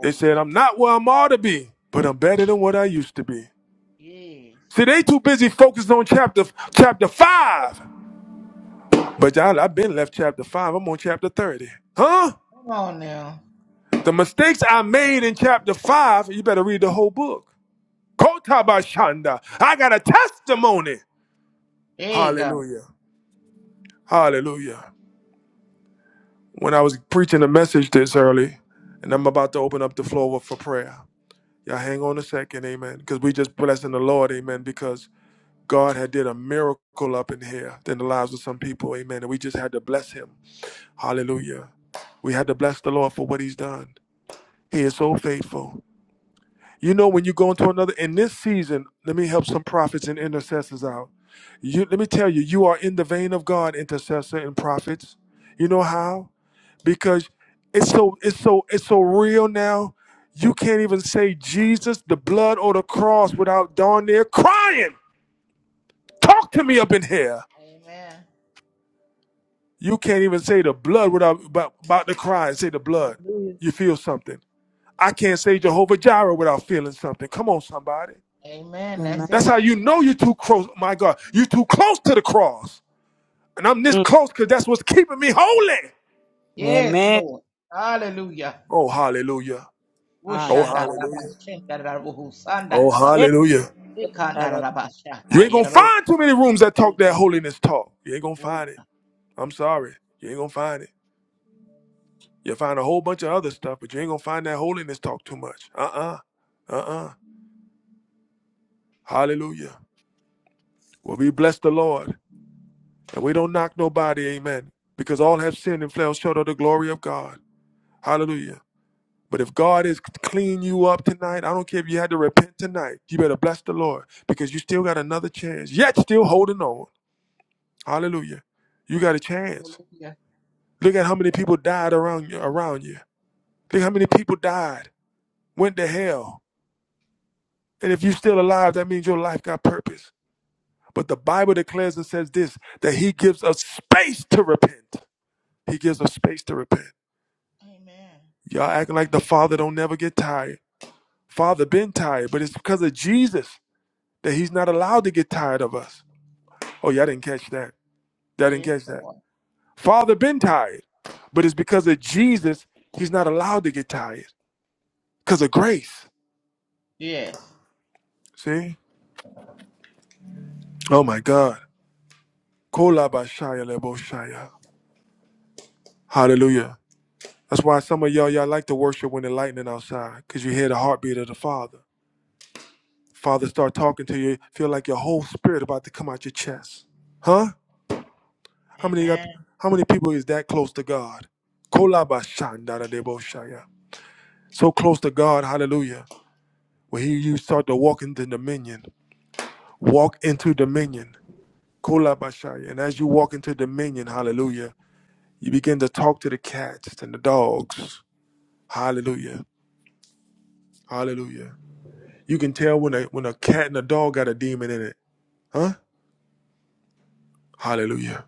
A: They said, I'm not where I'm ought to be, but I'm better than what I used to be.
B: Yes.
A: See, they too busy focused on chapter chapter five. But y'all, I've been left chapter five. I'm on chapter 30. Huh?
B: Come on now.
A: The mistakes I made in chapter five, you better read the whole book. Kotabashanda. I got a testimony.
B: Ega.
A: Hallelujah. Hallelujah. When I was preaching a message this early, and I'm about to open up the floor for prayer. Y'all hang on a second, amen. Because we just blessing the Lord, amen. Because God had did a miracle up in here in the lives of some people. Amen. And we just had to bless him. Hallelujah. We had to bless the Lord for what he's done. He is so faithful. You know, when you go into another in this season, let me help some prophets and intercessors out. You let me tell you, you are in the vein of God, intercessor and prophets. You know how? Because it's so it's so it's so real now. You can't even say Jesus, the blood or the cross without darn near crying. Talk to me up in here.
B: Amen.
A: You can't even say the blood without about, about to cry and say the blood.
N: Hallelujah.
A: You feel something. I can't say Jehovah Jireh without feeling something. Come on, somebody.
B: Amen. That's
D: Amen.
A: That's how
B: it.
A: you know you're too close. My God, you're too close to the cross. And I'm this
D: Mm.
A: close because that's what's keeping me holy.
B: Yes,
D: Amen.
B: Lord. Hallelujah.
A: Oh, hallelujah.
D: Ah,
A: Oh,
D: yada.
A: hallelujah.
B: Wushandarabas, Chendarabus,
A: Oh,
B: Sandarabas,
D: Eh,
A: hallelujah.
D: yada.
A: You
B: Ikandarabashata,
A: ain't gonna
B: Yerabos,
A: find too many rooms that talk that
B: Ika,
A: holiness talk. You ain't gonna find
B: Uka.
A: it. I'm sorry. You ain't gonna find it. You'll find a whole bunch of other stuff, but you ain't gonna find that holiness talk too much. Uh uh-uh. uh. Hallelujah. Well, we bless the Lord and we don't knock nobody, amen, because all have sinned and fell short of the glory of God. Hallelujah. But if God is cleaning you up tonight, I don't care if you had to repent tonight, you better bless the Lord because you still got another chance, yet still holding on. Hallelujah. You got a chance.
B: Hallelujah.
A: Look at how many people died around you. Around you. Look how many people died, went to hell. And if you're still alive, that means your life got purpose. But the Bible declares and says this that He gives us space to repent. He gives us space to repent.
B: Amen.
A: Y'all acting like the Father don't never get tired. Father been tired, but it's because of Jesus that he's not allowed to get tired of us. Oh, y'all didn't catch that. Y'all didn't
B: Yes,
A: catch that.
B: Lord.
A: Father been tired, but it's because of Jesus he's not allowed to get tired. Because of grace.
B: Yes.
A: See? Oh my God. Kolabashaya leboshaya. Hallelujah. That's why some of y'all y'all like to worship when the lightning outside, because you hear the heartbeat of the Father. Father start talking to you, feel like your whole spirit about to come out your chest. Huh? How many that
B: Amen.
A: how many people is that close to God? Kolabashandadadeboshaya. So close to God, hallelujah. Where he you start to walk into dominion. Walk into dominion. Kolabashaya. And as you walk into dominion, hallelujah, you begin to talk to the cats and the dogs. Hallelujah. Hallelujah. You can tell when a when a cat and a dog got a demon in it. Huh? Hallelujah.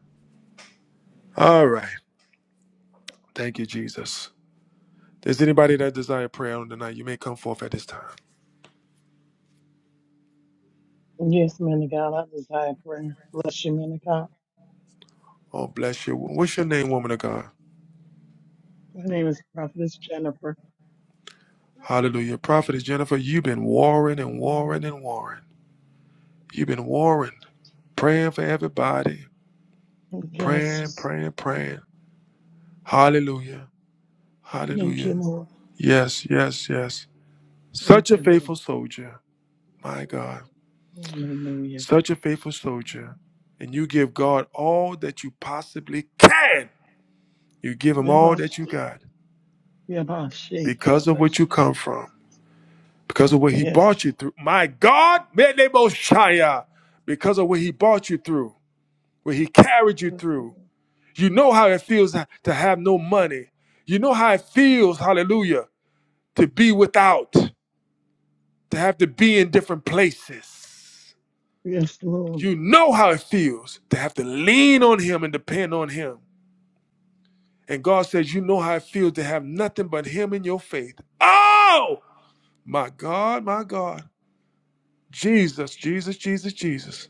A: All right. Thank you, Jesus. There's anybody that desire prayer on tonight, you may come forth at this time.
N: Yes, man of God, I desire prayer. Bless you, man of God.
A: Oh, bless you. What's your name, woman of God?
N: My name is Prophetess Jennifer.
A: Hallelujah. Prophetess Jennifer, you've been warring and warring and warring. You've been warring, praying for everybody,
N: Yes.
A: praying, praying, praying. Hallelujah.
N: Thank you,
A: Hallelujah.
N: Lord.
A: Yes, yes, yes. Such
N: Thank
A: a
N: you, Lord.
A: faithful soldier. My God.
N: Hallelujah.
A: Such a faithful soldier. And you give God all that you possibly can. You give him all that you
N: Yabashi.
A: got
N: Yabashi.
A: because of what you
N: Yabashi.
A: come from.
N: Yabashi.
A: because of what he
N: Yes.
A: brought you through. My God, Medeboshaya, because of what he brought you through, what he carried you
N: Yes, Lord.
A: through. You know how it feels to to have no money. You know how it feels, hallelujah, to be without, to have to be in different places.
N: Yes, Lord.
A: You know how it feels to have to lean on him and depend on him. And God says, You know how it feels to have nothing but him in your faith. Oh, my God, my God. Jesus, Jesus, Jesus, Jesus.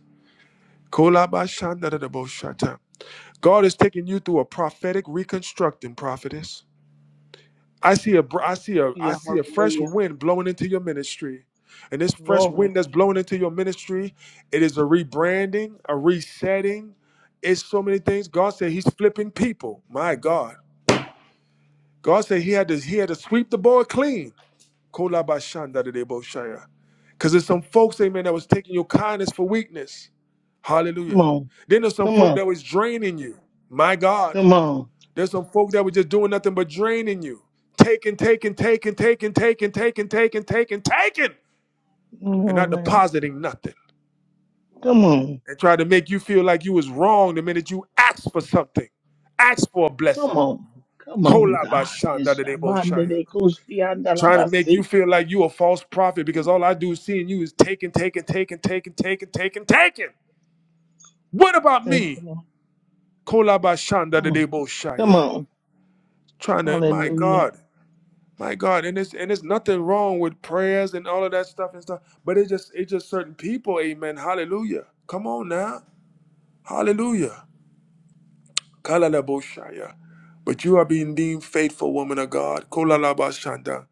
A: God is taking you through a prophetic reconstructing prophetess. I see a, I see a I
N: Hallelujah.
A: see a fresh
N: Hallelujah.
A: wind blowing into your ministry. And this fresh
N: Glory.
A: wind that's blowing
N: Hallelujah.
A: into your ministry, it is a rebranding, a resetting. It's so many things. God said he's flipping people. My God. God said he had to he had to sweep the board clean. Cause there's some folks, amen, that was taking your kindness for weakness.
N: Come
A: Hallelujah.
N: on.
A: Then there's some
N: Come
A: folk
N: on.
A: that was draining you. My God.
N: Come on.
A: There's some folk that were just doing nothing but draining you. Taking, taking, taking, taking, taking, taking, taking, taking, taking,
N: Come
A: and not
N: on, man.
A: depositing nothing.
N: Come on.
A: And try to make you feel like you was wrong the minute you asked for something. Asked for a
N: Come
A: blessing.
N: on. Come on, God. It's Shabbat
A: Kolabashandadadeboshaya.
N: de
A: Trying to make you
N: Koshiandalabasi.
A: feel like you a false prophet because all I do is seeing you is taking, taking, taking, taking, taking, taking, taking. What about
N: Thank you,
A: me?
N: Lord. Come on. Come
A: Kolabashandadadeboshaya.
N: on.
A: trying to my
N: Hallelujah.
A: god my god and it's and it's nothing wrong with prayers and all of that stuff and stuff but it's just it's just certain people amen hallelujah come on now hallelujah Kalalaboshaya. but you are being deemed faithful woman of god Kolalabashanda.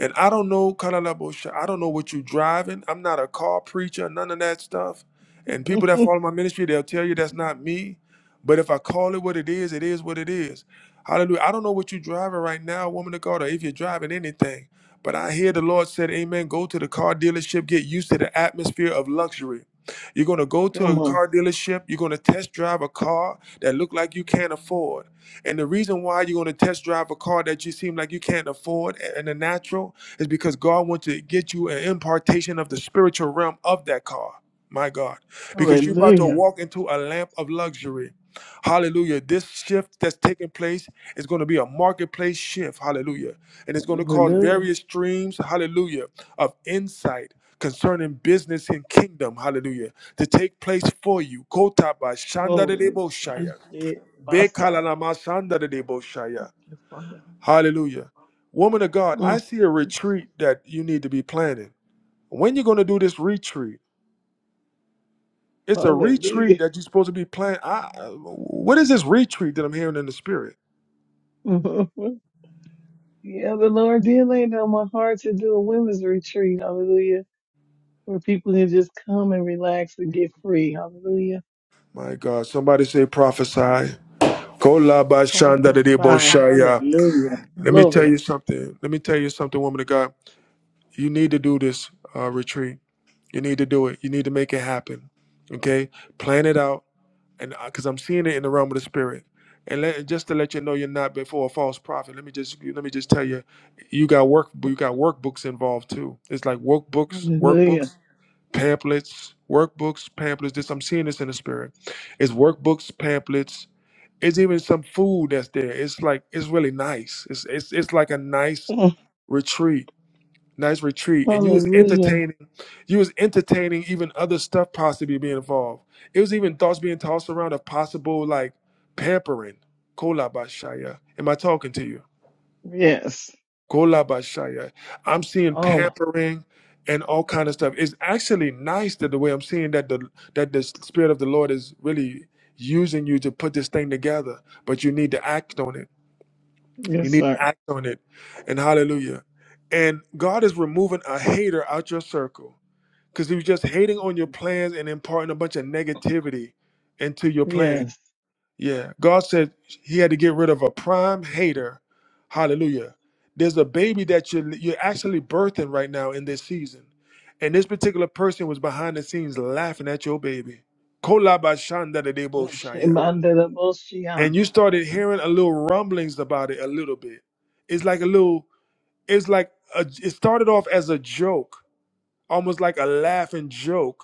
A: And I don't know, Kalalabosha, I don't know what you're driving. I'm not a car preacher, none of that stuff. And people that follow my ministry, they'll tell you that's not me. But if I call it what it is, it is what it is. Hallelujah. I don't know what you're driving right now, woman of God, or if you're driving anything. But I hear the Lord said, Amen. Go to the car dealership, get used to the atmosphere of luxury. You're going to go to
N: Come
A: a
N: on.
A: car dealership, you're going to test drive a car that look like you can't afford. And the reason why you're going to test drive a car that you seem like you can't afford in the natural is because God wants to get you an impartation of the spiritual realm of that car. My God. Because you're about to
N: Hallelujah.
A: walk into a lamp of luxury. Hallelujah. This shift that's taking place is going to be a marketplace shift. Hallelujah. And it's going to cause
N: Hallelujah.
A: various streams, hallelujah, of insight concerning business and kingdom, hallelujah, to take place for you. Kota ba shanda de
N: Glory.
A: debo shaya.
N: Tashi Basa. Thank
A: Bekalanamasandadedevoshaya.
N: you, Father.
A: Hallelujah. Woman of God, I
N: Mm.
A: see a retreat that you need to be planning. When you're going to do this retreat? It's a retreat
N: Hallelujah.
A: that you're supposed to be planning. I, what is this retreat that I'm hearing in the spirit?
N: yeah, the Lord did lay down my heart to do a women's retreat. Hallelujah. Where people can just come and relax and get free. Hallelujah
A: My God, somebody say prophesy.
N: Prophesy.
A: Kolabashandadedeboshaya.
N: Hallelujah.
A: Let me tell
N: Glory.
A: you something. Let me tell you something, woman of God. You need to do this uh, retreat. You need to do it. You need to make it happen. Okay? Plan it out and because I'm seeing it in the realm of the spirit. And let, just to let you know, you're not before a false prophet. Let me just let me just tell you, you got work you got workbooks involved too. It's like workbooks,
N: Hallelujah.
A: workbooks, pamphlets, workbooks, pamphlets. This I'm seeing this in the spirit. It's workbooks, pamphlets. It's even some food that's there. It's like it's really nice. It's it's it's like a nice
N: Oh,
A: retreat nice retreat and you was
N: Hallelujah.
A: entertaining you was entertaining even other stuff possibly being involved it was even thoughts being tossed around of possible like pampering kolabashaya am i talking to you
N: Yes.
A: kolabashaya i'm seeing
N: Oh,
A: pampering and all kind of stuff it's actually nice that the way i'm seeing that the that the spirit of the lord is really using you to put this thing together but you need to act on it you
N: yes,
A: need to
N: sir.
A: act on it and hallelujah and god is removing a hater out your circle because he was just hating on your plans and imparting a bunch of negativity into your plan.
N: Yes.
A: Yeah, God said He had to get rid of a prime hater. Hallelujah. There's a baby that you're you're actually birthing right now in this season, and this particular person was behind the scenes laughing at your baby. Kolabashandadadeboshaya.
N: Shemandarabosia.
A: And you started hearing a little rumblings about it a little bit. It's like a little. It's like a, it started off as a joke, almost like a laughing joke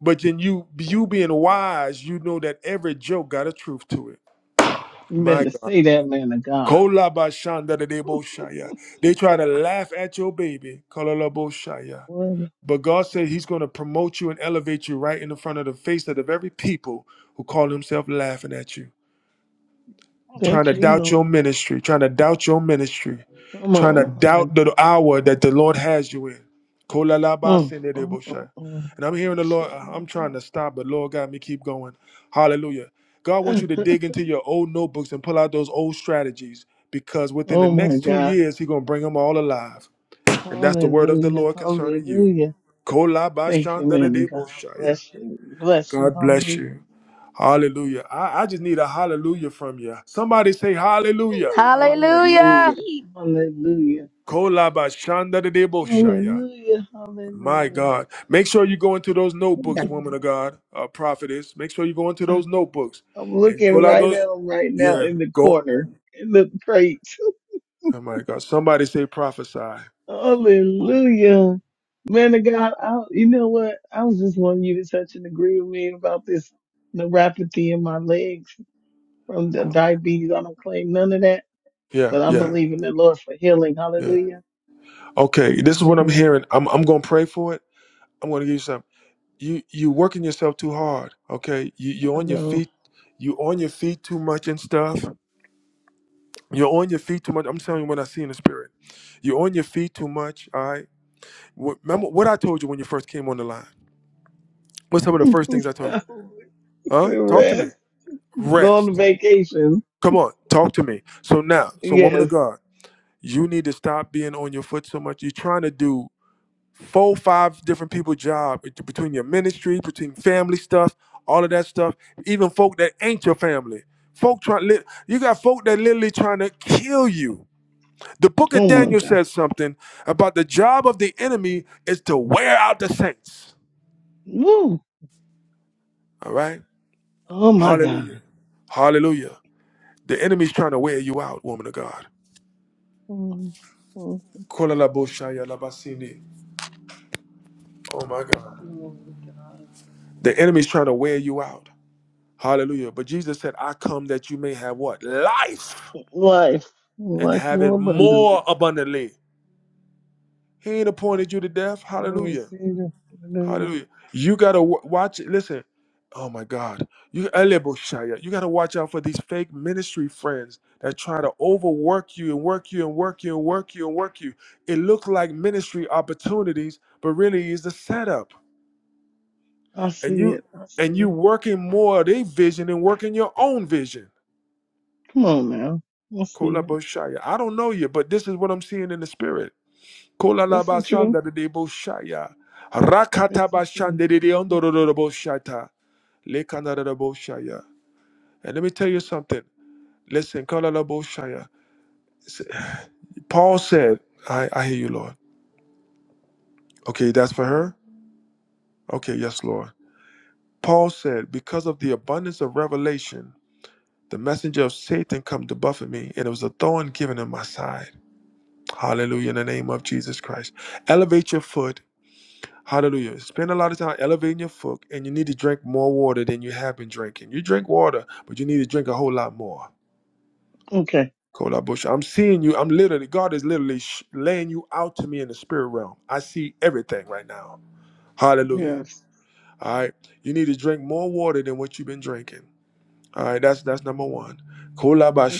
A: but then you you being wise, you know that every joke got a truth to it.
N: You
A: My
N: better
A: God.
N: say that, man of God.
A: Kolabashanda de deboshaya. They try to laugh at your baby. Kolalaboshaya.
N: Well,
A: But God said He's going to promote you and elevate you right in the front of the face of the very people who call themselves laughing at you. trying
N: Thank
A: to
N: you,
A: doubt
N: Lord.
A: your ministry, trying to doubt your ministry,
N: Come
A: trying to
N: on.
A: doubt
N: Hallelujah.
A: the hour that the Lord has you in.
N: Mm, mm,
A: Kolalabasinedebosha.
N: mm,
A: And I'm hearing the Lord, uh, I'm trying
N: mm.
A: to stop, but Lord God, me keep going. Hallelujah. God wants you to
N: Shemanda.
A: dig into your old notebooks and pull out those old strategies because within the
N: Oh, my
A: next two
N: God.
A: years, He's going to bring them all alive. And that's the word of the
N: Hallelujah.
A: Lord concerning you.
N: Hallelujah. Thank you, man of God.
A: Kolabashandedebosha.
N: Bless you. Bless you.
A: God bless
N: Hallelujah.
A: you. Hallelujah. I, I just need a hallelujah from you. Somebody say hallelujah.
M: Hallelujah.
N: Hallelujah. Hallelujah.
A: Kolabashandadadeboshaya.
N: Hallelujah.
A: My
N: Hallelujah.
A: God. Make sure you go into those notebooks, woman of God, uh, prophetess. Make sure you go into
N: Uh,
A: those notebooks
N: I'm
A: and
N: looking
A: pull out
N: right
A: those.
N: at him right now
A: Yeah.
N: in the
A: Go.
N: corner, in the crate.
A: Oh, my God. Somebody say prophesy.
N: Hallelujah. Man of God, I, you know what? I was just wanting you to touch and agree with me about this neuropathy in my legs from the diabetes. I don't claim none of that,
A: Yeah.
N: but I'm
A: Yeah.
N: believing the Lord for healing.
A: Yeah.
N: Hallelujah.
A: Okay. This is what I'm
N: Hallelujah.
A: hearing. I'm, I'm going to pray for it. I'm going to give you something. You, you working yourself too hard. Okay. You, you're
N: I
A: on your
N: know.
A: feet. You on your feet too much and stuff You're on your feet too much. I'm telling you what I see in the spirit. You're on your feet too much. All right. Wh- Remember what I told you when you first came on the line. What's some of the first things I told you?
N: so
A: Huh? Talk to me.
N: rest. Go on
A: Rest.
N: vacation.
A: Come on. Talk to me. So now, so woman
N: Yes.
A: of God, you need to stop being on your foot so much. You're trying to do four, five different people job bet- between your ministry, between family stuff, all of that stuff. Even folk that ain't your family. Folk trying. You got folk that literally trying to kill you The book of
N: Oh my
A: Daniel
N: God.
A: says something about the job of the enemy is to wear out the saints.
N: Woo.
A: All right?
N: Oh my
A: Hallelujah.
N: God.
A: Hallelujah. The enemy's trying to wear you out, woman of God.
N: Mm, mm,
A: Kolalaboshaya labasini. Oh my God.
N: Glory to God.
A: The enemy's trying to wear you out. Hallelujah. But Jesus said, I come that you may have what? Life
N: Life.
A: and
N: Life
A: have it
N: more
A: more
N: abundantly.
A: abundantly. He ain't appointed you to death.
N: I'm going to
A: Hallelujah.
N: receive it. Hallelujah.
A: Hallelujah. You gotta watch. Listen. Oh my God. You Eleboshaya, You gotta watch out for these fake ministry friends that try to overwork you and work you and work you and work you and work you. It looks like ministry opportunities, but really is the setup.
N: I
A: And
N: see
A: you
N: it. I see
A: and you
N: it.
A: working more of their vision and working your own vision.
N: Come on now. I see it.
A: Koleboshaya. I don't know you, but this is what I'm seeing in the spirit.
N: That's the truth.
A: Kolalabasanda de deboshaya.
N: That's the truth. Thank you. Lord.
A: Rakatabashandede Lekanadadaboshaya. And let me tell you something. Listen, Kalaladaboshaya. Paul said, I, I hear you, Lord. Okay, that's for her? Okay, yes, Lord. Paul said, Because of the abundance of revelation, the messenger of Satan come to buffet me, and it was a thorn given in my side. Hallelujah, in the name of Jesus Christ. Elevate your foot. Hallelujah. Spend a lot of time elevating your foot, and you need to drink more water than you have been drinking. You drink water, but you need to drink a whole lot more.
N: Okay.
A: Kolabush, I'm seeing you. I'm literally, God is literally sh- laying you out to me in the spirit realm. I see everything right now. Hallelujah.
N: Yes.
A: All right. You need to drink more water than what you've been drinking. All right. That's that's number one.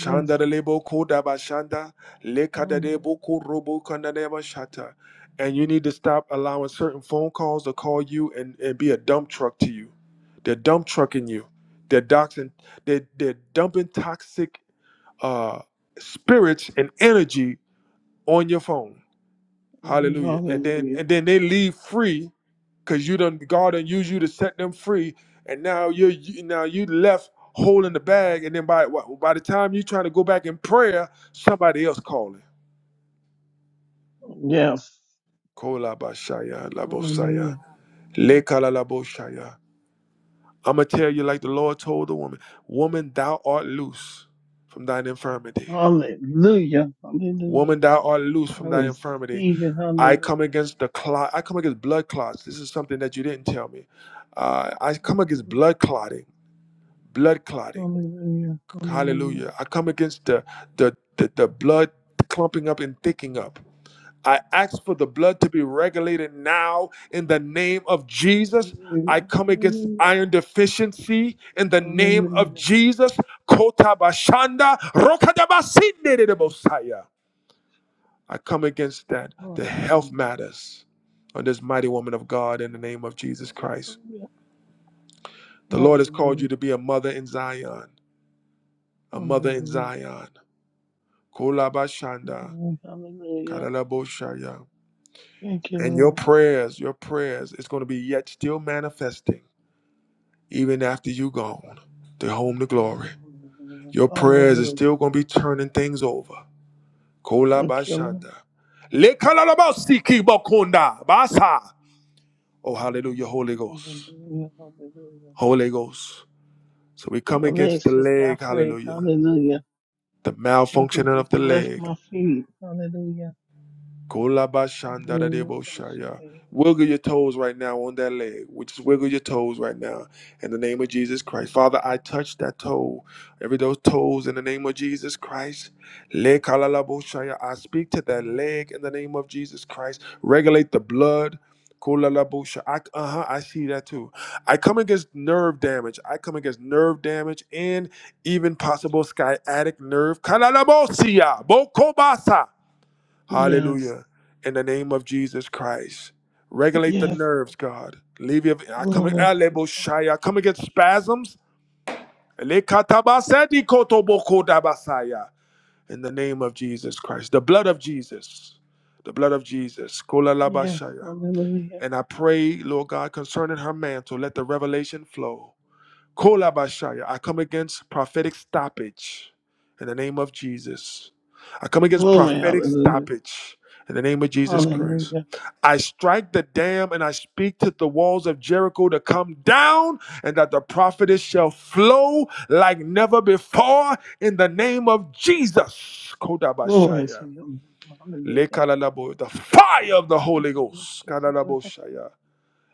N: Yes.
A: de lebo kodabashanda
N: Hallelujah.
A: lekadadebo korobo kandadeba shata. And you need to stop allowing certain phone calls to call you and, and be a dump truck to you. They're dump trucking you. They're doxing, they they're dumping toxic uh, spirits and energy on your phone.
N: Mm,
A: Hallelujah. And then
N: Hallelujah.
A: and then they leave free because you done God done use you to set them free. And now you're you, now you left holding the bag. And then by wh- by the time you're trying to go back in prayer, somebody else calling.
N: Yes.
A: Kola labosaya.
N: Hallelujah.
A: Lekala
N: Hallelujah.
A: I'ma tell you like the Lord told the woman, woman, thou art loose from thine infirmity.
N: Hallelujah. Hallelujah.
A: Woman, thou art loose
N: I
A: from thy infirmity.
N: receive it.
A: I come
N: Hallelujah.
A: against the clot. I come against blood clots. This is something that you didn't tell me. Uh, I come against
N: Hallelujah.
A: blood clotting. Blood clotting.
N: Hallelujah. Hallelujah.
A: Hallelujah. I come against the the the, the blood clumping up and thicking up. I ask for the blood to be regulated now in the name of Jesus. I
N: Hallelujah.
A: come against
N: Hallelujah.
A: iron deficiency in the name of
N: Hallelujah.
A: Jesus. Kota bashanda rokadabasinde de bosaya. I come against that. The health
N: Hallelujah.
A: matters on this mighty woman of God in the name of Jesus Christ.
N: Hallelujah.
A: The Lord has called you
N: Hallelujah.
A: to be a mother in Zion, a mother in Zion. Kolabashanda,
N: Hallelujah.
A: kadalaboshaya.
N: Thank you,
A: And your
N: Lord.
A: prayers, your prayers, is going to be yet still manifesting even after you gone to home to glory.
N: Hallelujah.
A: Your prayers is
N: Hallelujah.
A: still going to be turning things over.
N: Thank you, Lord.
A: Kolabashanda. Lekalalabasiki bakunda basa. Oh, hallelujah, Holy Ghost.
N: Hallelujah. Hallelujah.
A: Holy Ghost. So we come
N: My
A: against the
N: legs just got
A: leg,
N: free.
A: hallelujah,
N: Hallelujah.
A: the
N: Something
A: malfunctioning of
N: just
A: the
N: left
A: leg.
N: my feet. Hallelujah. Hallelujah.
A: Kolabashandadadeboshaya. Wiggle your toes right now on that leg. We just wiggle your toes right now in the name of Jesus Christ. Father, I touch that toe, every those toes in the name of Jesus Christ. Lekalalaboshaya. I speak to that leg in the name of Jesus Christ. Regulate the blood. Kolalabosha. I, uh-huh, I see that too. I come against nerve damage. I come against nerve damage and even possible sciatic nerve. Kalalabosia. Bokobasa.
N: Yes.
A: Hallelujah. In the name of Jesus Christ. Regulate the
N: Yes.
A: nerves, God. Leave your I come
N: Glory to
A: alebo
N: God.
A: shaya. I come against spasms. Lekatabasedi kotobokodabasaya. In the name of Jesus Christ. The blood of Jesus. The blood of Jesus.
N: Yes,
A: Kolalabashaya.
N: hallelujah.
A: And I pray, Lord God, concerning her mantle, let the revelation flow. Kolabashaya. I come against prophetic stoppage in the name of Jesus. I come against
N: Glory,
A: prophetic
N: hallelujah.
A: stoppage in the name of Jesus Christ.
N: Hallelujah.
A: I strike the dam and I speak to the walls of Jericho to come down and that the prophetess shall flow like never before in the name of Jesus.
N: Glory to
A: Kodabashaya.
N: your name. Hallelujah.
A: Lekalalabo, The fire of the
N: Thank
A: Holy
N: you,
A: Ghost.
N: Father.
A: Kadalaboshaya.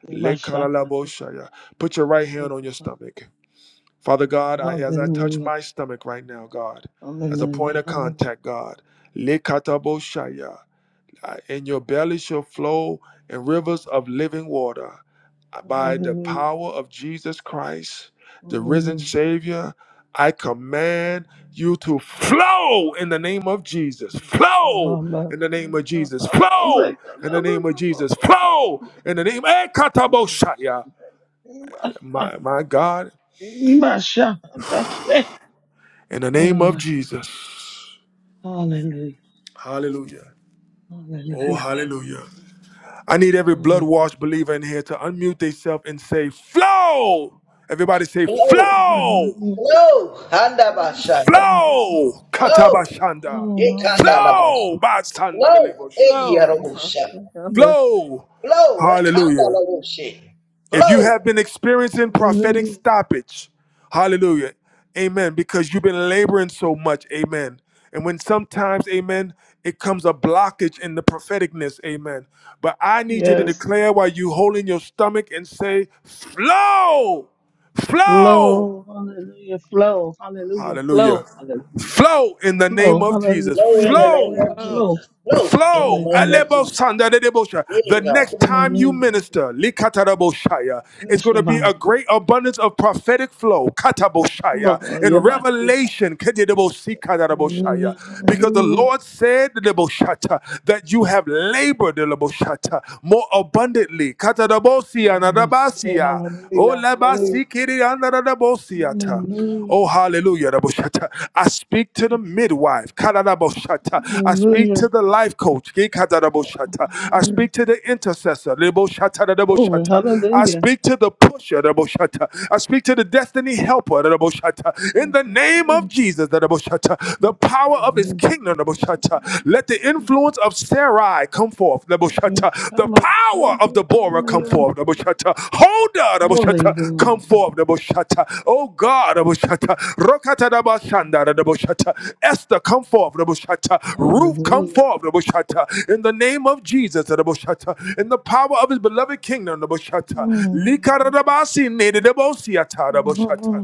N: Eba shaka
A: Lekalalabo
N: da
A: shaya. Put your right hand
N: Thank
A: on your
N: you, Father.
A: stomach. Father God, I, as I touch
N: Hallelujah.
A: my stomach right now, God, as a point
N: Hallelujah.
A: of
N: Hallelujah.
A: contact, God, Likataboshaya, uh, in your belly shall flow in rivers of living water Uh, by the
N: Hallelujah.
A: power of Jesus Christ, the risen
N: Hallelujah.
A: Savior. I command you to flow in the name of Jesus. Flow
N: Shama ba
A: in the name
N: se
A: of Jesus. Flow in the name of Jesus. Flow in the name of my, my God, in the name
N: Glory,
A: of Jesus.
N: Hallelujah.
A: Hallelujah. Oh,
N: Hallelujah.
A: hallelujah. I need every blood
N: Glory,
A: washed believer in here to unmute themselves and say, Flow! Everybody say,
B: Glow,
A: Flow!
N: Hallelujah.
B: glow,
N: Oh,
B: handabashanda.
A: Flow!
B: Glow,
A: Katabashanda.
N: hallelujah.
A: Flow!
B: ikandalabashi.
A: Basanda de
B: Glow,
A: Lebo Shaya.
D: Oh,
B: egyarabusha.
N: Master Gather.
A: Flow!
B: Glow,
A: Hallelujah.
B: ekandalabushi.
A: If you
B: Glow,
A: have been experiencing prophetic
N: Hallelujah.
A: stoppage, hallelujah, amen, because you've been laboring so much, amen. And when sometimes, amen, it comes a blockage in the propheticness, amen. But I need you to
N: Yes.
A: declare while you holding your stomach and say, flow, flow,
N: Flow. Hallelujah. Flow. Hallelujah.
A: hallelujah,
N: Flow. Hallelujah.
A: flow in the name
N: Flow.
A: of
N: Hallelujah.
A: Jesus,
B: glow
N: Decree
B: in
N: and
B: the name
A: flow.
N: declare
B: of
D: oh.
N: flow.
B: Jesus. Glow in the
A: Flow.
B: name of
N: Hallelujah.
B: Jesus. Here
A: The
B: you
A: next
B: go.
A: time you
N: Hallelujah.
A: minister, it's
N: Yes,
A: going to be
N: Shabbat.
A: a great abundance of prophetic flow,
N: Come
A: kataboshaya,
N: on, God.
A: and
N: Yabba, shit.
A: revelation,
N: Hallelujah.
A: because the
N: Hallelujah.
A: Lord said that you have labored more abundantly,
N: Yabba, shit.
A: Oh,
N: Hallelujah.
A: leba
N: Hallelujah.
A: sikiri andara da bosiata.
N: Hallelujah.
A: Oh,
N: Hallelujah.
A: hallelujah. da boshata. I speak to the
N: Thank
A: midwife. kada da boshata. I speak to
N: you.
A: the life coach. ge kada da boshata. I
N: Hallelujah.
A: speak to the intercessor. le boshata da da
N: Glory,
A: boshata. I
N: hallelujah.
A: speak to the pusher. da boshata. I speak to the destiny helper. da da boshata. In
N: Thank
A: the
N: you,
A: name of
N: Lord.
A: Jesus, da da boshata. the power
N: Thank
A: of his
N: you,
A: kingdom. da boshata. Let the
N: Lord.
A: influence of Sarai come forth.
N: Yes,
A: The
N: I'm outside
A: power of
N: there, in
A: Deborah
N: the
A: come
N: last
A: forth.
N: day.
A: Holder,
N: Holy God.
A: Come forth. Oh God. Esther come forth. Nebuchadnezzar. Ruth come
N: Hallelujah.
A: forth. In the name of Jesus. In the power of his beloved kingdom.
N: Mm.
A: Likara Dabasi. Nede Debosi.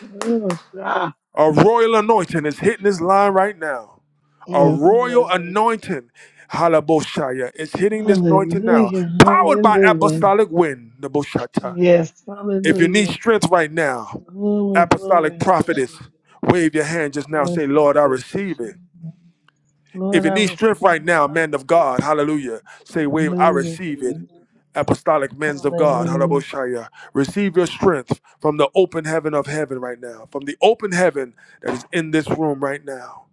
N: Yes, ah.
A: A royal anointing is hitting this line right now. A
N: Mm,
A: royal
N: Hallelujah.
A: anointing, Halaboshaya, is hitting this anointing now.
N: Hallelujah.
A: Powered by
N: Hallelujah.
A: apostolic wind, Naboshata.
N: Yes.
A: If you need
N: Hallelujah.
A: strength right now,
N: Glory, glory.
A: apostolic
N: Hallelujah.
A: prophetess, wave your hand just now. Say,
N: Yes.
A: Lord,
N: look
A: I
N: at
A: receive it.
N: this.
A: If
N: Lord,
A: you
N: I
A: need
N: receive
A: strength
N: it.
A: right now, man of God, hallelujah, say, Wave, I
N: Hallelujah.
A: receive it.
N: Hallelujah.
A: Apostolic men's of God,
N: Hallelujah.
A: Haraboshaya, receive your strength from the open heaven of heaven right now, from the open heaven that is in this room right now.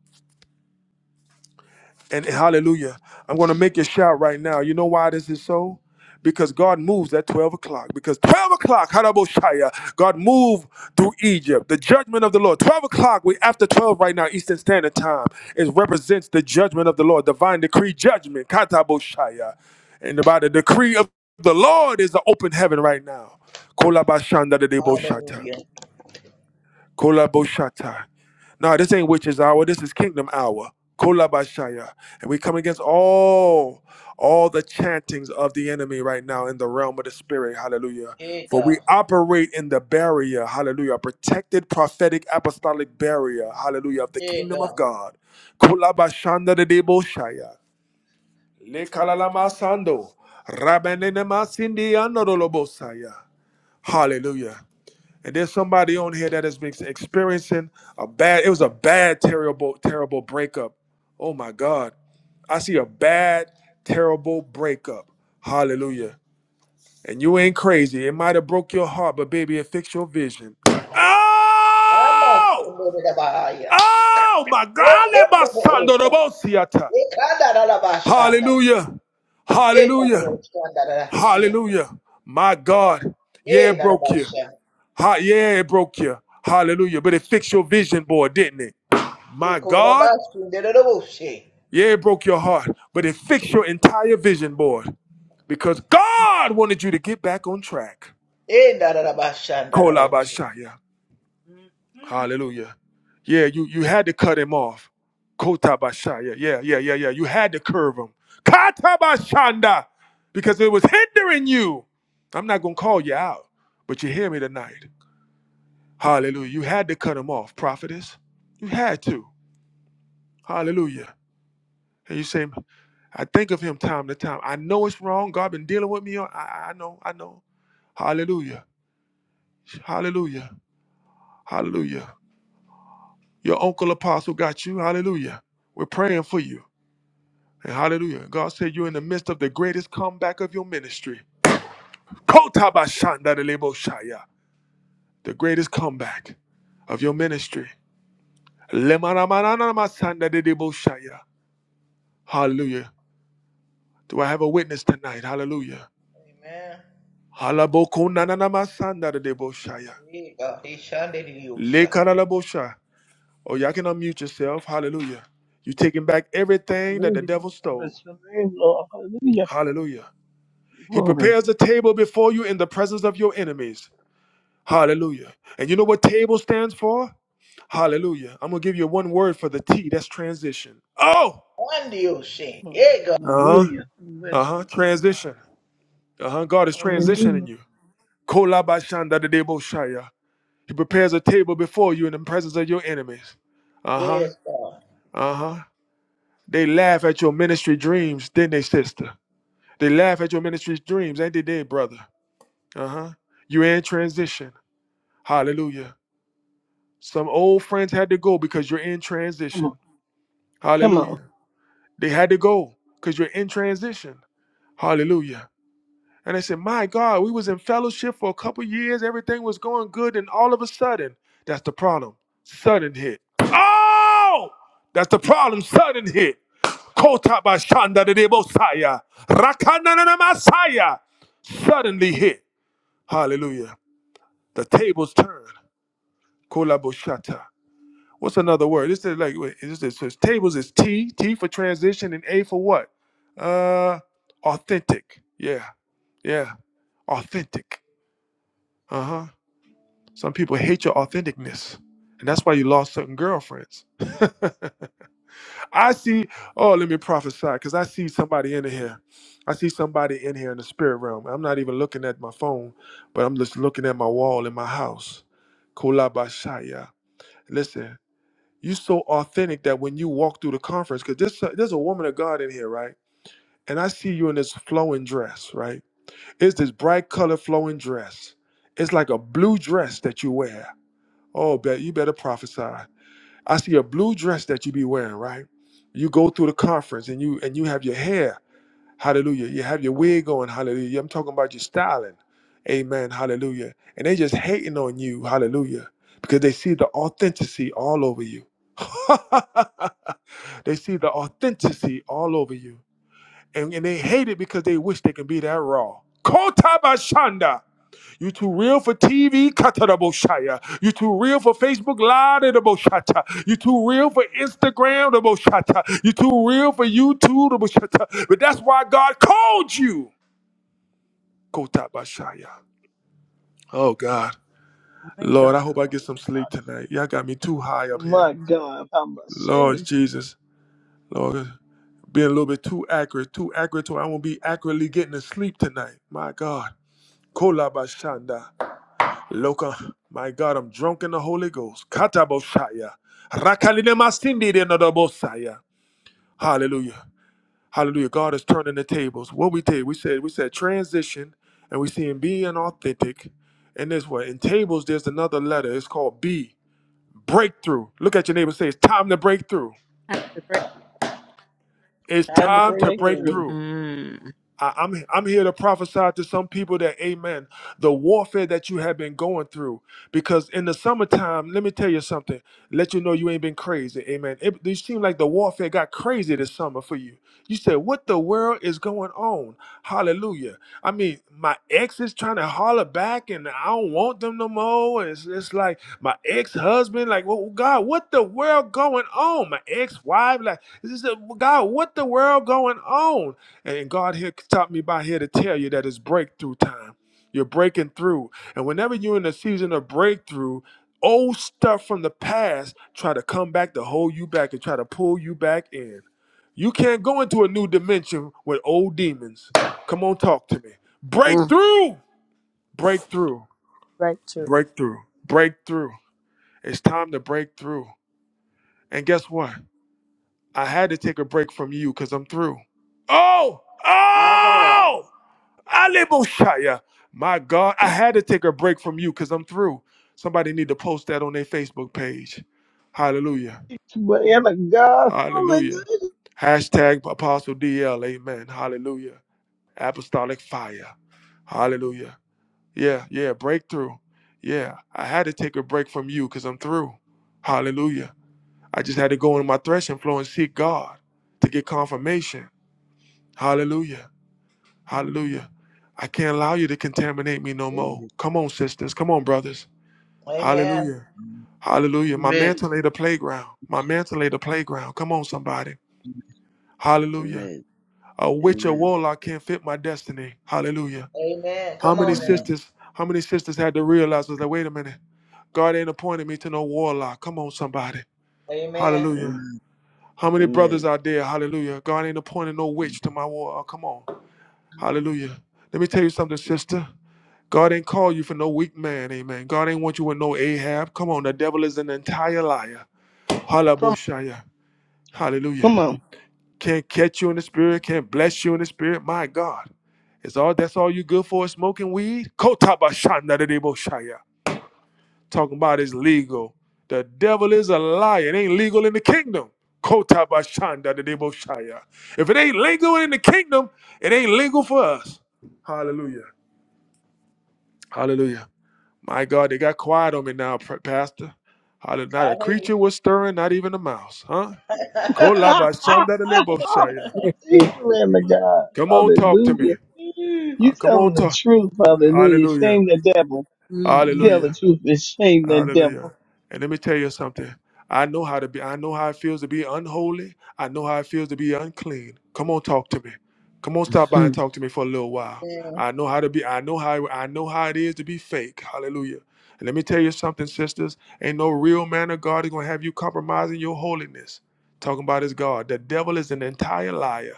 A: And hallelujah. I'm going to make you shout right now. You know why this is so? Because God moves at 12 o'clock. Because 12 o'clock, Haraboshaya, God moved through Egypt. The judgment of the Lord. 12 o'clock, we after 12 right now, Eastern Standard Time. It represents the judgment of the Lord, divine decree judgment, Kataboshaya. And about the decree of the Lord is the open heaven right now. Kolabashandadadeboshata.
B: Hallelujah.
A: Kolaboshata. No, this ain't witches hour. This is kingdom hour. Kolabashaya. And we come against all, all the chantings of the enemy right now in the realm of the spirit. Hallelujah.
B: Hey,
A: For we
B: God.
A: operate in the barrier. Hallelujah. Protected prophetic apostolic barrier. Hallelujah. Of the
B: Hey,
A: kingdom of
B: God.
A: God. Kolabashanda de deboshaya. Lekalalama sando. Rabanene masindi anodolobosaya. Hallelujah. And there's somebody on here that has been experiencing a bad, it was a bad, terrible, terrible breakup. Oh my God. I see a bad, terrible breakup. Hallelujah. And you ain't crazy. It might have broke your heart, but baby, it fixed your vision.
B: I'm not so
A: Oh!
B: good at about
A: Oh my
B: Hey,
A: God.
B: hey,
A: let my
B: the
A: son
B: whole
A: do the most theater.
B: of da bahaya. E kendo bohosa. E kada da ba shanda.
A: Hallelujah.
B: Hey, kinda da
A: Hallelujah.
B: shanda da da shanda.
A: Hallelujah. My God. Yeah,
B: Hey,
A: it
B: da da
A: broke
B: ba
A: you.
B: shanda.
A: Ha, yeah, it broke you. Hallelujah. But it fixed your vision board, didn't it? My
B: Hey, kinda
A: God,
B: ba shanda da da bo she.
A: yeah, it broke your heart, but it fixed your entire vision board because God wanted you to get back on track.
B: Hey, da da da ba shanda da da
A: Kolabashaya.
D: Mm.
A: Hallelujah. Yeah, you, you had to cut him off. Kotabashaya. Yeah, yeah, yeah, yeah. You had to curve him. Katabashanda. Because it was hindering you. I'm not going to call you out, but you hear me tonight. Hallelujah. You had to cut him off, prophetess. You had to. Hallelujah. And you say, I think of him time to time. I know it's wrong. God been dealing with me. on- I, I know. I know. Hallelujah. Hallelujah. Hallelujah. Your uncle apostle got you. Hallelujah. We're praying for you. And hallelujah. God said you're in the midst of the greatest comeback of your ministry. Kotabashandadaleboshaya. The greatest comeback of your ministry. Lemanamananamasandadeleboshaya. Hallelujah. Do I have a witness tonight? Hallelujah.
B: Amen.
A: Halaboko nananama sandara de boshaya.
B: Hey, God. Hey, shanda da da yo
A: Le
B: sha.
A: karalabosha. Oh, y'all can unmute yourself. Hallelujah. You're taking back everything that the
N: Hallelujah.
A: devil stole.
N: Bless your name, Lord. Hallelujah.
A: Hallelujah. He
N: Glory.
A: prepares a table before you in the presence of your enemies. Hallelujah. And you know what table stands for? Hallelujah. I'm going to give you one word for the T. That's transition. Oh!
N: Glory.
B: Hey,
A: Uh huh.
N: Hallelujah.
A: Uh
N: Bless your
A: huh.
N: name, Father.
A: Transition. Uh huh. God is transitioning
N: Hallelujah.
A: you. Kolabashandadadeboshaya. He prepares a table before you in the presence of your enemies. Uh huh.
B: Yes, God.
A: Uh huh. They laugh at your ministry dreams, didn't they, sister? They laugh at your ministry dreams, ain't they, dead brother? Uh huh. You're in transition. Hallelujah. Some old friends had to go because you're in
N: Come on.
A: transition.
N: Come on.
A: Hallelujah. They had to go because you're in transition. Hallelujah. And they said, My God, we was in fellowship for a couple years, everything was going good, and all of a sudden, that's the problem. Sudden hit. Oh! That's the problem. Sudden hit. Kota ba shanda de debo saya. Rakana na na masaya. Suddenly hit. Hallelujah. The tables turn. Kola bo What's another word? This is like wait, this is so it's tables is T, T for transition, and A for what? Uh authentic. Yeah. Yeah. Authentic. Uh huh. Some people hate your authenticness, and that's why you lost certain girlfriends. I see. Oh, let me prophesy, because I see somebody in here. I see somebody in here in the spirit realm. I'm not even looking at my phone, but I'm just looking at my wall in my house. Kolabashaya. Listen, you are so authentic that when you walk through the conference, because there's, there's a woman of God in here, right? And I see you in this flowing dress, right? It's this bright color flowing dress. It's like a blue dress that you wear Oh, bet you better prophesy. I see a blue dress that you be wearing, right? You go through the conference and you and you have your hair, hallelujah. You have your wig on, hallelujah. I'm talking about your styling. Amen, hallelujah. And they just hating on you, hallelujah, because they see the authenticity all over you. they see the authenticity all over you. And, and they hate it because they wish they can be that raw. Kota bashanda. You too real for TV, Kataraboshaya. You too real for Facebook Live, the Boshata. You too real for Instagram, the Boshata. You too real for YouTube, the Boshata. But that's why God called you, Kotabashaya. Oh God,
N: My
A: Lord, I
N: God.
A: hope I get
N: My
A: some sleep
N: God.
A: tonight. Y'all got me too high up here.
N: My God. I must
A: Lord
N: say.
A: Jesus, Lord, being a little bit too accurate, too accurate to where I won't be accurately getting to sleep tonight. My God, Kolabashanda. Loka, my God, I'm drunk in the Holy Ghost. Kataboshaya. Rakalinemasindi de nodobosaya. Hallelujah. Hallelujah. God is turning the tables. What we did, we said, we said transition, and we see him being authentic. And this way, in tables, there's another letter. It's called B. Breakthrough. Look at your neighbor. and Say, it's time to break through.
D: Time to break.
A: It's
N: I'm
B: Time to
N: the
A: time
B: break
A: to break
B: in.
N: breakthrough.
A: through.
D: Mm.
A: I, I'm I'm here to prophesy to some people that, Amen. The warfare that you have been going through, because in the summertime, let me tell you something. Let you know you ain't been crazy, Amen. It, it seemed like the warfare got crazy this summer for you. You said, "What the world is going on?" Hallelujah. I mean, my ex is trying to holler back, and I don't want them no more. And it's, it's like my ex-husband, like, well, God, what the world going on? My ex-wife, like, this is a, "Well, God, what the world going on? And God here stopped me by here to tell you that it's breakthrough time. You're breaking through. And whenever you're in a season of breakthrough, old stuff from the past try to come back to hold you back and try to pull you back in. You can't go into a new dimension with old demons. Come on, talk to me.
D: Mm.
A: Breakthrough! Breakthrough.
D: Breakthrough.
A: Breakthrough. Breakthrough. It's time to break through. And guess what? I had to take a break from you because I'm through. Oh!
B: My God.
A: Oh! Aleboshaya. My God, I had to take a break from you because I'm through. Somebody need to post that on their Facebook page. Hallelujah.
N: To whatever God.
A: Hallelujah.
N: Hallelujah.
A: Hashtag Apostle DL. Amen. Hallelujah. Apostolic fire. Hallelujah. Yeah, yeah. Breakthrough. Yeah. I had to take a break from you because I'm through. Hallelujah. I just had to go into my threshing floor and seek God to get confirmation. Hallelujah. Hallelujah. I can't allow you to contaminate me no more.
O: Amen.
A: Come on, sisters. Come on, brothers.
B: Amen.
A: Hallelujah. Hallelujah. My
O: Amen.
A: mantle ain't a playground. My mantle ain't a playground. Come on, somebody. Hallelujah.
O: Amen.
A: A witch or
O: Amen.
A: warlock can't fit my destiny. Hallelujah.
B: Amen.
A: How
B: Come
A: many
B: on now.
A: sisters, how many sisters had to realize was like, wait a minute. God ain't appointed me to no warlock. Come on, somebody.
B: Amen.
A: Hallelujah.
O: Amen.
A: How many brothers out
O: Amen.
A: there? Hallelujah. God ain't appointed no witch to my war. Oh, Come on. Hallelujah. Let me tell you something, sister. God ain't call you for no weak man, amen. God ain't want you with no Ahab. Come on, the devil is an entire liar.
N: Come, on.
A: Halaboshaya.
N: come
A: Hallelujah.
N: on.
A: Can't catch you in the spirit, can't bless you in the spirit. My God. Is all that's all you good for is smoking weed? Kotabashandadadeboshaya. Talking about is legal. The devil is a liar. It ain't legal in the kingdom. Kotabashandadadeboshaya. If it ain't legal in the kingdom, it ain't legal for us. Hallelujah. Hallelujah. My God, they got quiet on me now, Pastor. Hallelujah. Not
B: I
A: a
B: hear
A: creature
B: you.
A: was stirring, not even a mouse, huh?
D: Mm.
N: He's the Lamb of God.
A: Come on, talk to
N: Hallelujah.
A: me. Uh,
N: You
A: come
N: tell
A: on,
N: them the
A: talk.
N: truth, hallelujah.
A: Hallelujah.
N: Shame the devil.
D: Mm.
N: Tell
A: Hallelujah.
N: the truth and shame the
A: Hallelujah.
N: devil.
A: And let me tell you something. I know how to be, I know how it feels to be unholy. I know how it feels to be unclean. Come on, talk to me. Come on, stop by and
D: Mhm.
A: talk to me for a little while.
B: Amen.
A: I know how to be, I know how I know how it is to be fake. Hallelujah. And let me tell you something, sisters. Ain't no real man of God is gonna have you compromising your holiness. Talking about his God. The devil is an entire liar.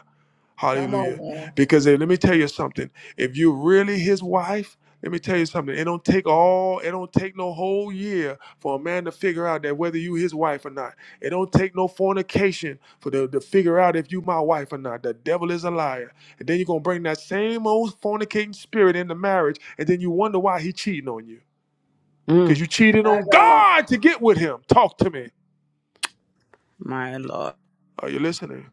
B: Come on
A: Hallelujah.
B: now.
A: Because if, let me tell you something. If you're really his wife, let me tell you something. It don't take all, it don't take no whole year for a man to figure out that whether you his wife or not. It don't take no fornication for the to figure out if you my wife or not. The devil is a liar. And then you're gonna bring that same old fornicating spirit into marriage, and then you wonder why he cheating on you. Because
D: Mm.
A: you cheated
B: My
A: on
B: God.
A: God to get with him. Talk to me.
D: My Lord.
A: Are you listening?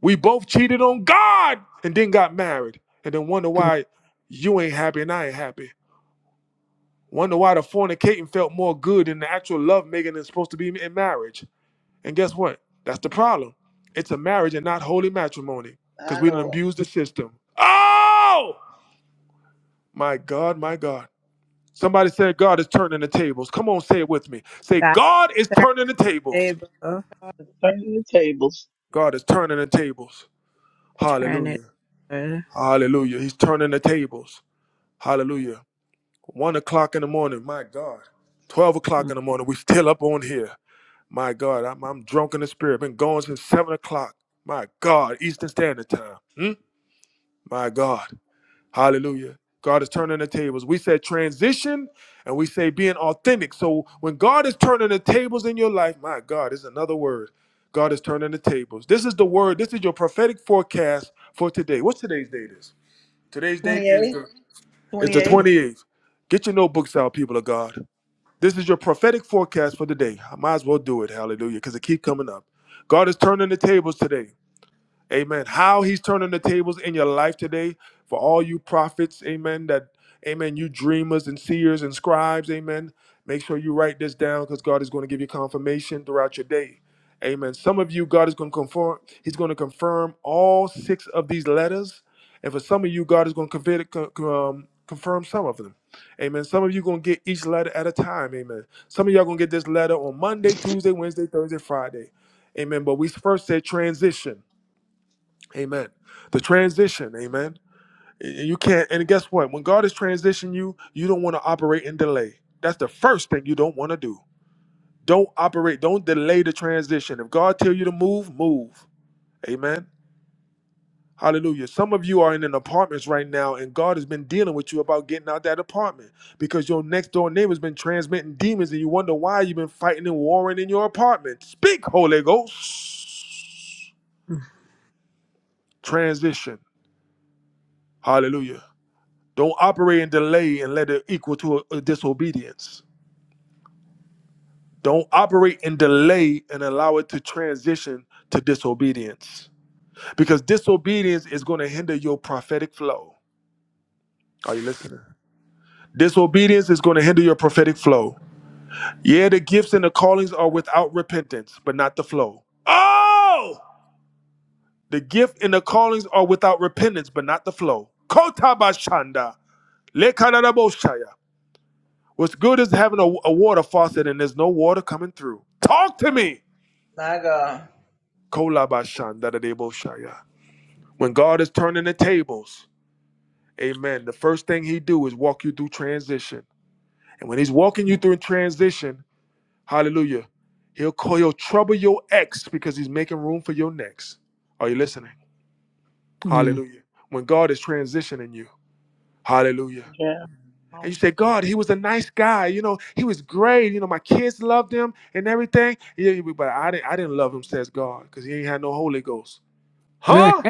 A: We both cheated on God and then got married. And then wonder
D: Mm.
A: why you ain't happy and I ain't happy. Wonder why the fornicating felt more good than the actual love making is supposed to be in marriage. And guess what? That's the problem. It's a marriage and not holy matrimony because
B: My
A: we done
B: Lord.
A: abused the system. Oh! My God, my God. Somebody said God is turning the tables. Come on, say it with me. Say,
D: God,
A: God is
D: turn
A: turning the tables.
D: it over.
N: Turn the tables.
A: God is turning the tables.
D: Turn it
A: Hallelujah.
D: over.
A: Hallelujah. He's turning the tables. Hallelujah. One o'clock in the morning, my God. Twelve o'clock
D: Mm.
A: in the morning, we still up on here. My God, I'm, I'm drunk in the spirit. Been going since seven o'clock. My God, Eastern Standard Time. Hmm? My God, Hallelujah. God is turning the tables. We said transition, and we say being authentic. So when God is turning the tables in your life, my God, it's another word. God is turning the tables. This is the word. This is your prophetic forecast for today. What's today's date is? Today's date is
B: 28.
A: the is the
B: 28.
A: 28th. Get your notebooks out, people of God. This is your prophetic forecast for the day. I might as well do it. Hallelujah. Because it keep coming up. God is turning the tables today. Amen. How he's turning the tables in your life today for all you prophets. Amen. That, amen, you dreamers and seers and scribes. Amen. Make sure you write this down because God is going to give you confirmation throughout your day. Amen. Some of you, God is going to confirm, he's going to confirm all six of these letters. And for some of you, God is going to convert, con- um, confirm some of them. Amen. Some of you going to get each letter at a time. Amen. Some of y'all going to get this letter on Monday, Tuesday, Wednesday, Thursday, Friday. Amen. But we first said transition. Amen. The transition, amen. You can't, and guess what? When God is transitioning you, you don't want to operate in delay. That's the first thing you don't want to do. Don't operate, don't delay the transition. If God tell you to move, move. Amen. Hallelujah. Some of you are in an apartments right now, and God has been dealing with you about getting out that apartment because your next door neighbor's been transmitting demons, and you wonder why you've been fighting and warring in your apartment. Speak, Holy Ghost.
D: Mm.
A: Transition. Hallelujah. Don't operate in delay and let it equal to a, a disobedience. Don't operate in delay and allow it to transition to disobedience. Because disobedience is going to hinder your prophetic flow. Are you listening? Disobedience is going to hinder your prophetic flow. Yeah, the gifts and the callings are without repentance, but not the flow. Oh! The gift and the callings are without repentance, but not the flow. Kotabashanda. Lekanadaboshaya. What's good is having a, a water faucet and there's no water coming through. Talk to me.
B: My God.
A: Kolabashan dadadeboshaya. When God is turning the tables, amen, the first thing he do is walk you through transition. And when he's walking you through transition, hallelujah, he'll call your trouble your ex because he's making room for your next. Are you listening?
D: Mm.
A: Hallelujah. When God is transitioning you, hallelujah.
N: Yeah.
A: And you
N: Um,
A: say, God, he was a nice guy. You know, he was great. You know, my kids loved him and everything. Yeah, yeah, but I didn't, I didn't love him, says God, because he ain't had no Holy Ghost. Huh?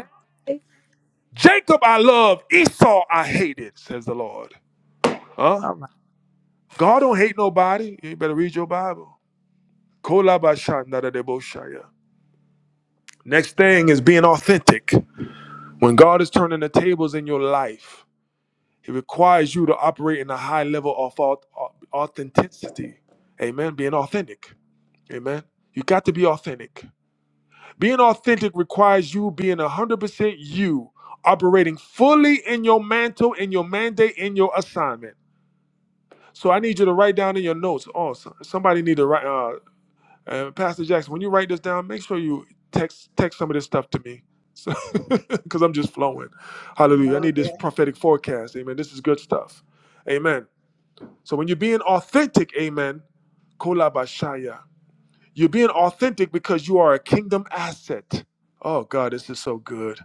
A: Jacob I love, Esau I hated, says the Lord. Huh?
D: Oh my
A: God don't hate nobody. You better read your Bible. Next thing is being authentic. When God is turning the tables in your life, He requires you to operate in a high level of authenticity. Amen. Being authentic. Amen. You got to be authentic. Being authentic requires you being 100% you, operating fully in your mantle, in your mandate, in your assignment. So I need you to write down in your notes. Oh, so- somebody need to write. Uh, uh, Pastor Jackson, when you write this down, make sure you text text some of this stuff to me, so because I'm just flowing. Hallelujah. I need this
B: Okay.
A: prophetic forecast. Amen. This is good stuff. Amen. So when you're being authentic, Amen. Kolabashaya. You're being authentic because you are a kingdom asset. Oh God, this is so good.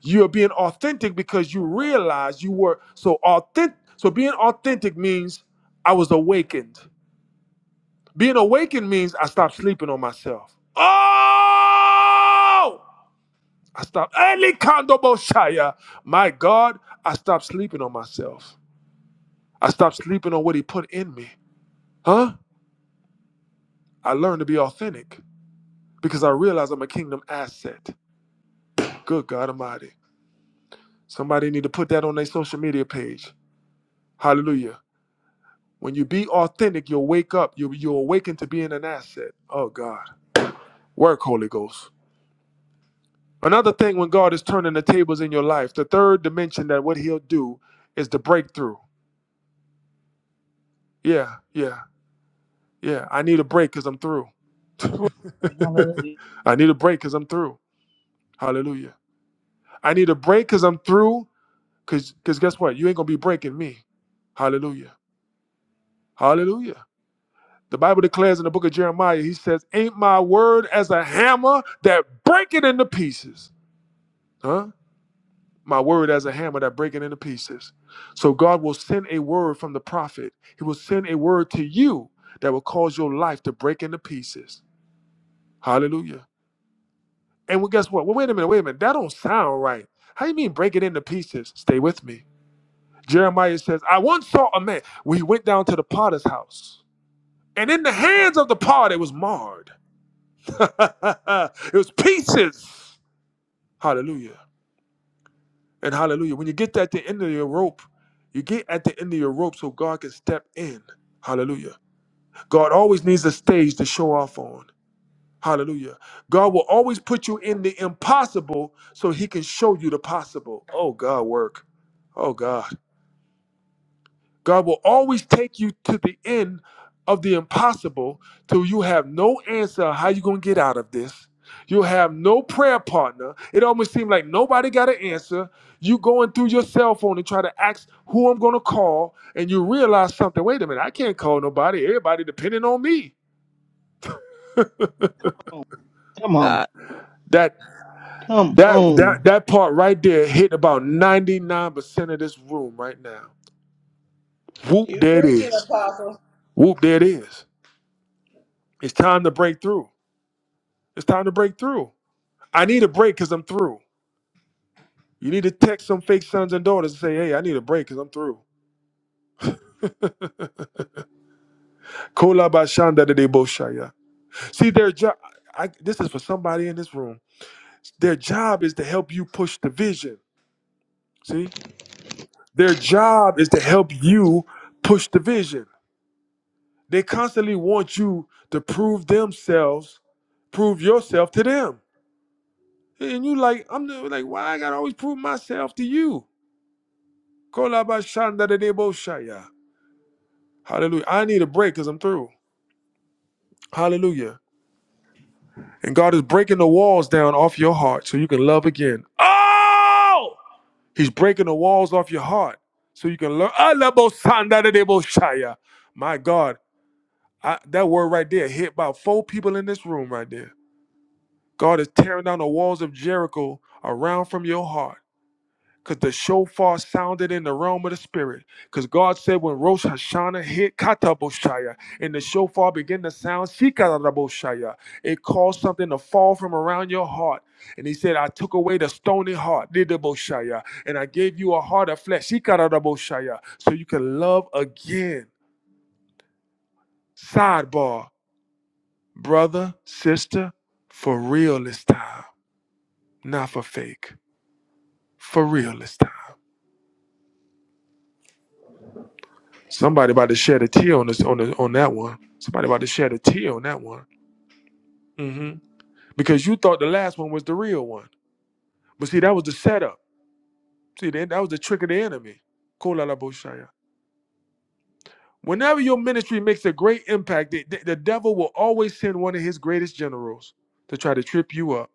A: You're being authentic because you realize you were so authentic. So being authentic means I was awakened. Being awakened means I stopped sleeping on myself. Oh! I stopped. Eli My God, I stopped sleeping on myself. I stopped sleeping on what he put in me. Huh? I learned to be authentic because I realize I'm a kingdom asset. Good God Almighty. Somebody need to put that on their social media page. Hallelujah. When you be authentic, you'll wake up. You will you'll awaken to being an asset. Oh God. Work, Holy Ghost. Another thing when God is turning the tables in your life, the third dimension that what he'll do is the breakthrough. Yeah, yeah, yeah. I need a break because I'm through.
N: Hallelujah.
A: I need a break because I'm through. Hallelujah. I need a break because I'm through. cause guess what? You ain't gonna be breaking me. Hallelujah. Hallelujah. The Bible declares in the book of Jeremiah, he says, Ain't my word as a hammer that break it into pieces? Huh? My word as a hammer that break it into pieces. So God will send a word from the prophet. He will send a word to you that will cause your life to break into pieces. Hallelujah. And well, guess what? Well, wait a minute, wait a minute. That don't sound right. How you mean break it into pieces? Stay with me. Jeremiah says, I once saw a man. We went down to the potter's house, and in the hands of the potter it was marred. it was pieces. Hallelujah. And hallelujah. When you get at the end of your rope, you get at the end of your rope so God can step in. Hallelujah. God always needs a stage to show off on. Hallelujah. God will always put you in the impossible so he can show you the possible. Oh, God, work. Oh, God. God will always take you to the end of the impossible till you have no answer on how you going to get out of this. You have no prayer partner. It almost seems like nobody got an answer. You going through your cell phone and try to ask who I'm going to call and you realize something. Wait a minute, I can't call nobody. Everybody depending on me.
N: Come on.
D: God.
A: That
N: Come
A: that that
N: on. Come
A: that part right there hit about 99% of this room right now. Whoop,
B: You
A: there it
B: preaching,
A: is.
B: Apostle.
A: Whoop, there it is. It's time to break through. It's time to break through. I need a break because I'm through. You need to text some fake sons and daughters and say, hey, I need a break because I'm through. Kola bashanda de deboshaya. See, their job, I, this is for somebody in this room. Their job is to help you push the vision. See? Their job is to help you push the vision. They constantly want you to prove themselves, prove yourself to them. And you like, I'm the, like, why I gotta always prove myself to you? Kola bashanda de deboshaya. Hallelujah. I need a break because I'm through. Hallelujah. And God is breaking the walls down off your heart so you can love again. Oh! He's breaking the walls off your heart so you can love. Alabosandadadeboshaya. My God, I, that word right there hit about four people in this room right there. God is tearing down the walls of Jericho around from your heart because the shofar sounded in the realm of the spirit. Because God said, when Rosh Hashanah hit Kataboshaya and the shofar began to sound, Shikaraboshaya, it caused something to fall from around your heart. And he said, I took away the stony heart, Didaboshaya, and I gave you a heart of flesh, Shikaraboshaya, so you can love again. Sidebar, brother, sister, for real this time, not for fake. For real this time. Somebody about to shed a tear on this on the, on that one. Somebody about to shed a tear on that one. hmm Because you thought the last one was the real one, but see that was the setup. See that that was the trick of the enemy. Kolala Whenever your ministry makes a great impact, the, the, the devil will always send one of his greatest generals to try to trip you up.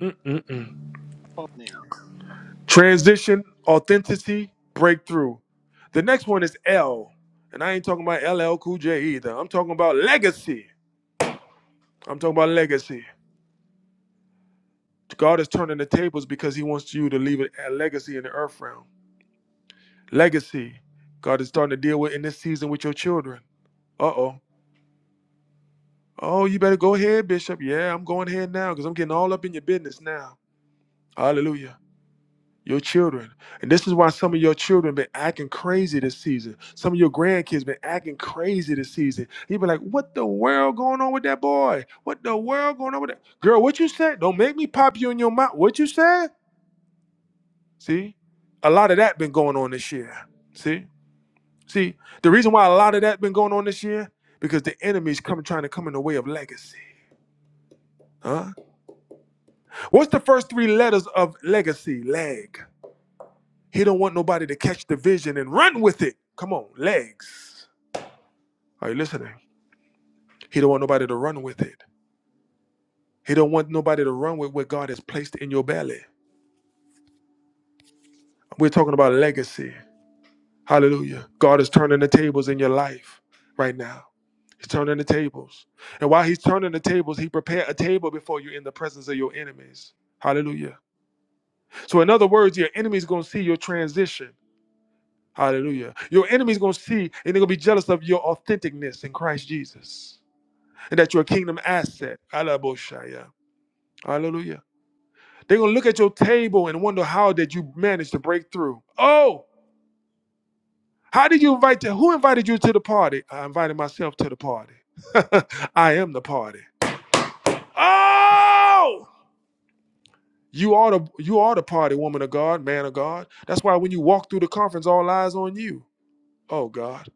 A: Mm-mm-mm.
N: on now.
A: Transition, authenticity, breakthrough. The next one is L, and I ain't talking about LL Cool J either. I'm talking about legacy. I'm talking about legacy. God is turning the tables because He wants you to leave a legacy in the earth realm. Legacy. God is starting to deal with in this season with your children. Uh oh. Oh, you better go ahead, Bishop. Yeah, I'm going ahead now because I'm getting all up in your business now. Hallelujah. Your children. And this is why some of your children been acting crazy this season. Some of your grandkids been acting crazy this season. You be like, what the world going on with that boy? What the world going on with that? Girl, what you said? Don't make me pop you in your mouth. What you said? See, a lot of that been going on this year. See, see, the reason why a lot of that been going on this year because the enemy's coming trying to come in the way of legacy. Huh? What's the first three letters of legacy? Leg. He don't want nobody to catch the vision and run with it. Come on, legs. Are you listening? He don't want nobody to run with it. He don't want nobody to run with what God has placed in your belly. We're talking about legacy. Hallelujah. God is turning the tables in your life right now. He's turning the tables. And while he's turning the tables, he prepared a table before you in the presence of your enemies. Hallelujah. So in other words, your enemy's going to see your transition. Hallelujah. Your enemy's going to see and they're going to be jealous of your authenticness in Christ Jesus and that you're a kingdom asset. Alaboshaya. Hallelujah. They're going to look at your table and wonder how did you manage to break through? Oh! How did you invite to who invited you to the party? I invited myself to the party. I am the party. Oh! You are the you are the party, woman of God, man of God. That's why when you walk through the conference, all eyes on you. Oh God.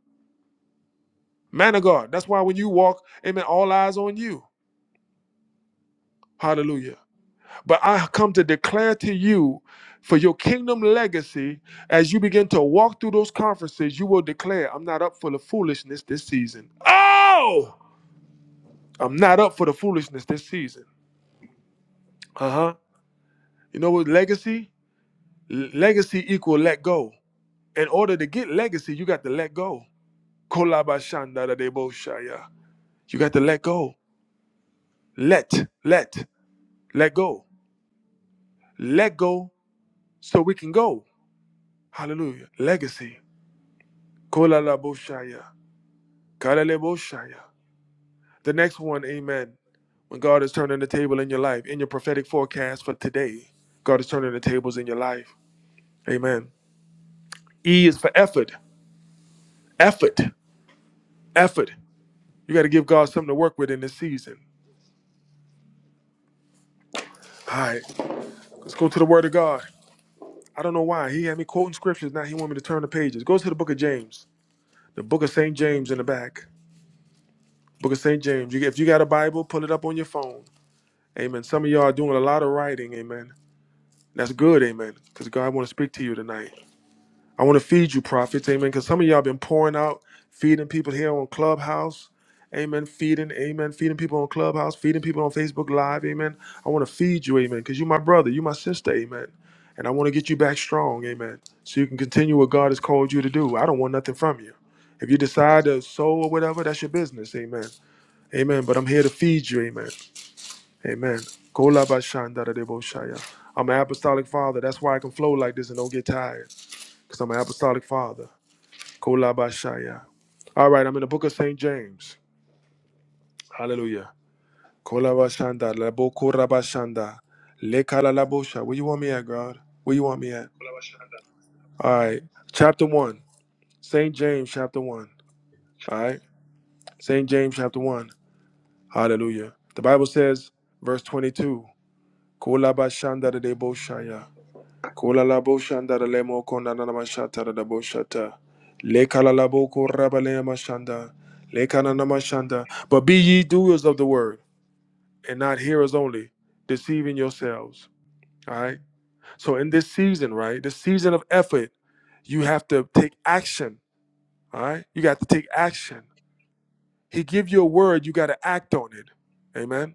A: Man of God. That's why when you walk, amen, all eyes on you. Hallelujah. But I come to declare to you for your kingdom legacy, as you begin to walk through those conferences, you will declare, I'm not up for the foolishness this season. Oh! I'm not up for the foolishness this season. Uh huh. You know what? Legacy, L- legacy equal let go. In order to get legacy, you got to let go. Kolabashandadadeboshaya. You got to let go. Let, let, let go. Let go so we can go. Hallelujah. Legacy. Kolalaboshaya. Kalaleboshaya. The next one, amen. When God is turning the table in your life, in your prophetic forecast for today, God is turning the tables in your life. Amen. E is for effort. Effort. Effort. You got to give God something to work with in this season. All right, let's go to the Word of God. I don't know why. He had me quoting scriptures. Now he want me to turn the pages. Go to the book of James, the book of St. James in the back. Book of St. James. You, if you got a Bible, pull it up on your phone. Amen. Some of y'all are doing a lot of writing. Amen. That's good. Amen. Because God want to speak to you tonight. I want to feed you prophets, amen. Because some of y'all been pouring out, feeding people here on Clubhouse, amen. Feeding, amen. Feeding people on Clubhouse, feeding people on Facebook Live, amen. I want to feed you, amen. Because you my brother, you my sister, amen. And I want to get you back strong, amen. So you can continue what God has called you to do. I don't want nothing from you. If you decide to sow or whatever, that's your business, amen. Amen. But I'm here to feed you, amen. Amen. Kolabashandadadeboshaya. I'm an apostolic father. That's why I can flow like this and don't get tired. Because I'm an apostolic father. Kolabashaya. All right, I'm in the book of St. James. Hallelujah. Kolabashanda, Labokorabashanda, Lekalalabosha. Where you want me at, God? Where you want me at? All right. Chapter 1. St. James, chapter 1. All right. St. James, chapter 1. Hallelujah. The Bible says, verse 22, Kolabashanda de Kola la bo shanda da lemo kona na na mashata da da bo shata. Le kala la bo ko raba le mashanda. Le kana na mashanda. But be ye doers of the word and not hearers only, deceiving yourselves. All right. So in this season, right, this season of effort, you have to take action. All right. You got to take action. He give you a word, you got to act on it. Amen.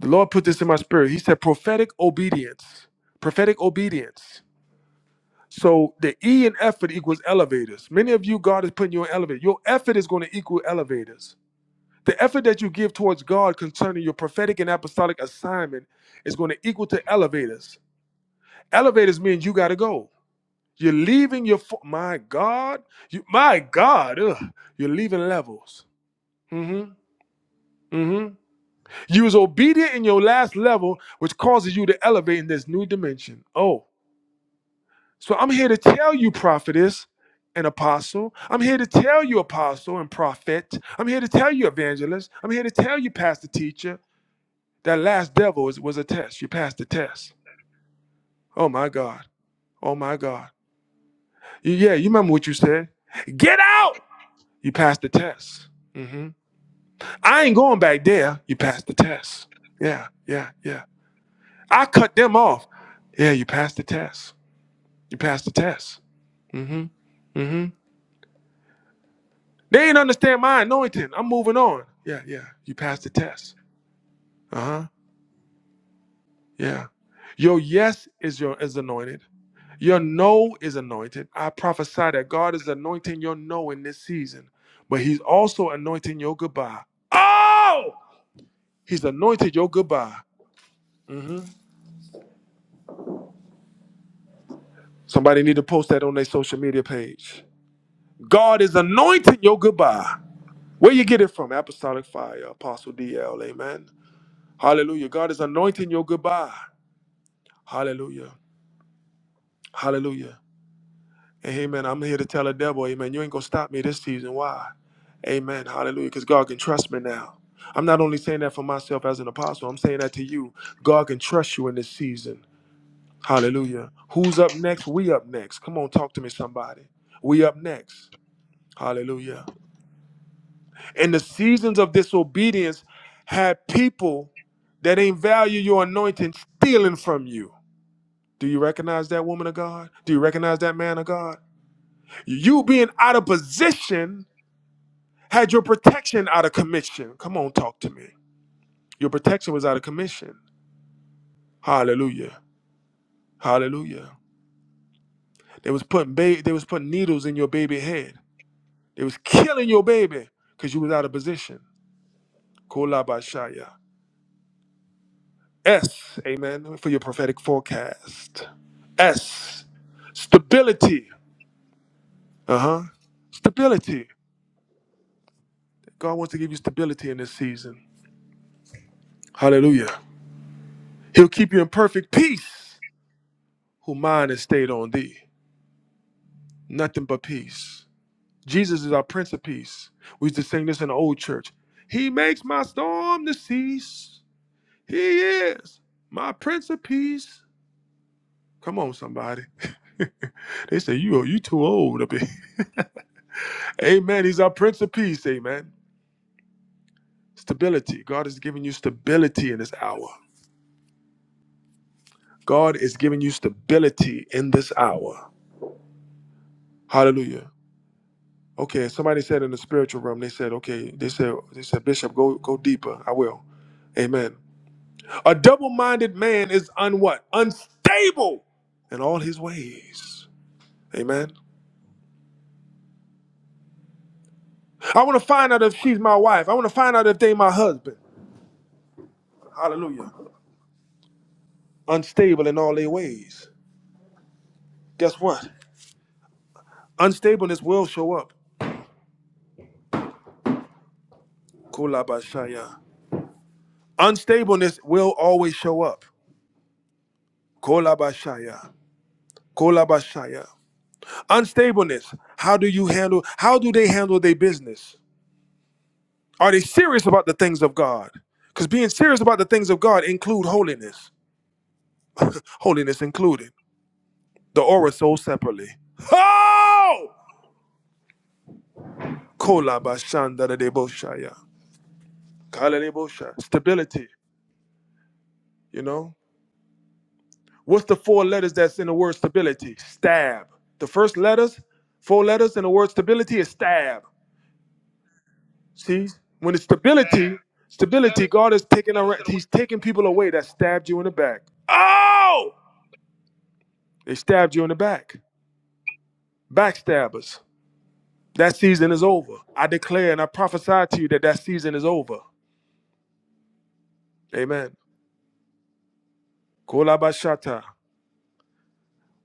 A: The Lord put this in my spirit. He said prophetic obedience. Prophetic obedience. So the E in effort equals elevators. Many of you, God is putting you in elevators. Your effort is going to equal elevators. The effort that you give towards God concerning your prophetic and apostolic assignment is going to equal to elevators. Elevators means you got to go. You're leaving your fo- my God, you my God, ugh, you're leaving levels. Mm-hmm. Mm-hmm. You was obedient in your last level, which causes you to elevate in this new dimension. Oh. So I'm here to tell you, prophetess and apostle. I'm here to tell you, apostle and prophet. I'm here to tell you, evangelist. I'm here to tell you, pastor teacher. That last devil is, was a test. You passed the test. Oh my God. Oh my God. Y- Yeah, you remember what you said? Get out! You passed the test. hmm I ain't going back there. You passed the test. Yeah, yeah, yeah. I cut them off. Yeah, you passed the test. You passed the test. hmm hmm They didn't understand my anointing. I'm moving on. Yeah, yeah. You passed the test. Uh huh. Yeah. Your yes is your is anointed. Your no is anointed. I prophesy that God is anointing your no in this season, but He's also anointing your goodbye. Oh, He's anointed your goodbye. Mhm. Somebody need to post that on their social media page. God is anointing your goodbye. Where you get it from? Apostolic Fire, Apostle DL. Amen. Hallelujah. God is anointing your goodbye. Hallelujah. Hallelujah. And amen. I'm here to tell the devil, amen, you ain't going to stop me this season. Why? Amen. Hallelujah. Because God can trust me now. I'm not only saying that for myself as an apostle, I'm saying that to you. God can trust you in this season. Hallelujah. Who's up next? We up next. Come on, talk to me, somebody. We up next. Hallelujah. In the seasons of disobedience, had people that ain't value your anointing stealing from you. Do you recognize that woman of God? Do you recognize that man of God? You being out of position had your protection out of commission. Come on, talk to me. Your protection was out of commission. Hallelujah. Hallelujah. They was putting ba- they was putting needles in your baby head. They was killing your baby because you was out of position. Kolabashaya. S, amen, for your prophetic forecast. S, stability. Uh-huh. Stability. God wants to give you stability in this season. Hallelujah. He'll keep you in perfect peace who mind is stayed on thee. Nothing but peace. Jesus is our Prince of Peace. We used to sing this in the old church. He makes my storm to cease. He is my Prince of Peace. Come on, somebody. they say you you too old. up here." Amen. He's our Prince of Peace. Amen. Stability. God is giving you stability in this hour. God is giving you stability in this hour. Hallelujah. Okay, somebody said in the spiritual realm, they said, okay, they said, they said, Bishop, go go deeper. I will. Amen. A double-minded man is un what? Unstable in all his ways. Amen. I want to find out if she's my wife. I want to find out if they my husband. Hallelujah. Unstable in all their ways. Guess what? Unstableness will show up. Kolabashaya. Unstableness will always show up. Kolabashaya. Kolabashaya. Unstableness. How do you handle how do they handle their business? Are they serious about the things of God? Because being serious about the things of God include holiness. Holiness included. The aura sold separately. Oh! Kolabashandaradeboshaya. Kaladebosha. Stability. You know? What's the four letters that's in the word stability? Stab. The first letters, four letters in the word stability is stab. See, when it's
B: Damn.
A: stability,
B: First
A: stability,
B: letters,
A: God is
B: Two
A: taking
B: letters,
A: a,
B: two
A: He's taking people away that stabbed you in the back. Oh, they stabbed you in the back. Backstabbers. That season is over. I declare and I prophesy to you that that season is over. Amen. Kolabashata.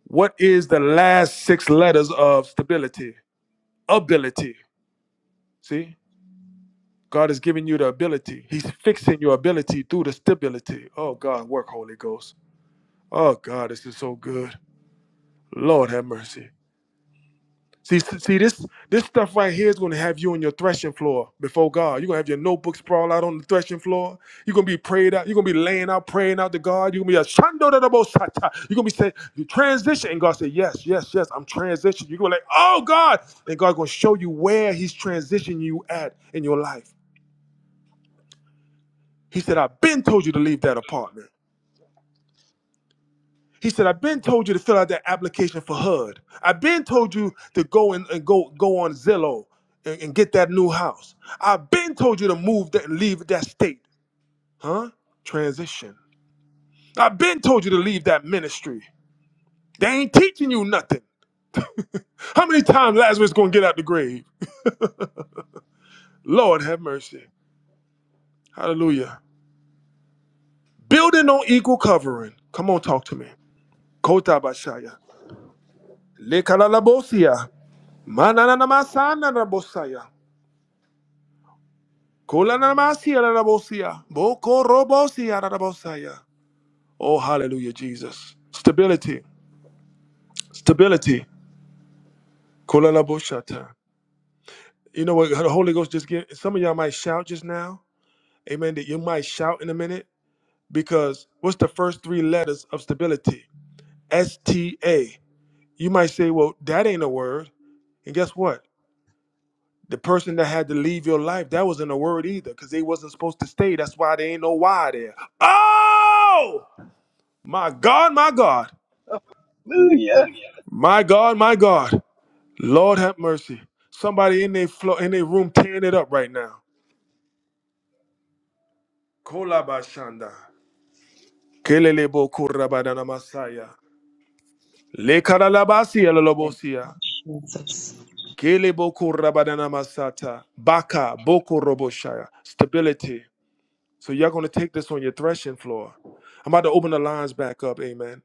A: What is the last six letters of stability? Ability. See, God is giving you the ability. He's fixing your ability through the stability. Oh God, work, Holy Ghost. Oh God, this is so good. Lord have mercy. See, see this this stuff right here is going to have you on your threshing floor before God. You're going to have your notebook sprawl out on the threshing floor. You're going to be prayed out. You're going to be laying out, praying out to God. You're going to be a shando da da bo sa You're going to be saying, you transition. And God said, yes, yes, yes, I'm transitioning. You're going to be like, oh, God. And God's going to show you where he's transitioning you at in your life. He said, I've been told you to leave that apartment. He said, I've been told you to fill out that application for HUD. I've been told you to go and, and go go on Zillow and, and get that new house. I've been told you to move that and leave that state. Huh? Transition. I've been told you to leave that ministry. They ain't teaching you nothing. How many times Lazarus gonna get out the grave? Lord have mercy. Hallelujah. Building on equal covering. Come on, talk to me. Kota Bashaya. Le Kalalabosia. Manananamasana rabosaya. Kulanamasia rarabosia. Bokorobosia rarabosaya. Oh, hallelujah, Jesus. Stability. Stability. Kulanaboshata. You know what? The Holy Ghost just get some of y'all might shout just now. Amen. That you might shout in a minute because what's the first three letters of stability? S T A. You might say, well, that ain't a word. And guess what? The person that had to leave your life, that wasn't a word either, because they wasn't supposed to stay. That's why they ain't no why there. Oh! My God, my God,
N: Hallelujah.
A: my God, my God. Lord have mercy. Somebody in their flo- in their room tearing it up right now. Kolabashanda. Kelelebo kurabadana masaya. Lekaralabasi elolobosia.
J: Jesus. Yes, Jesus.
A: Kelebo kurabadana masata. Baka boko roboshaya. Stability. So you're gonna take this on your threshing floor. I'm about to open the lines back up. Amen.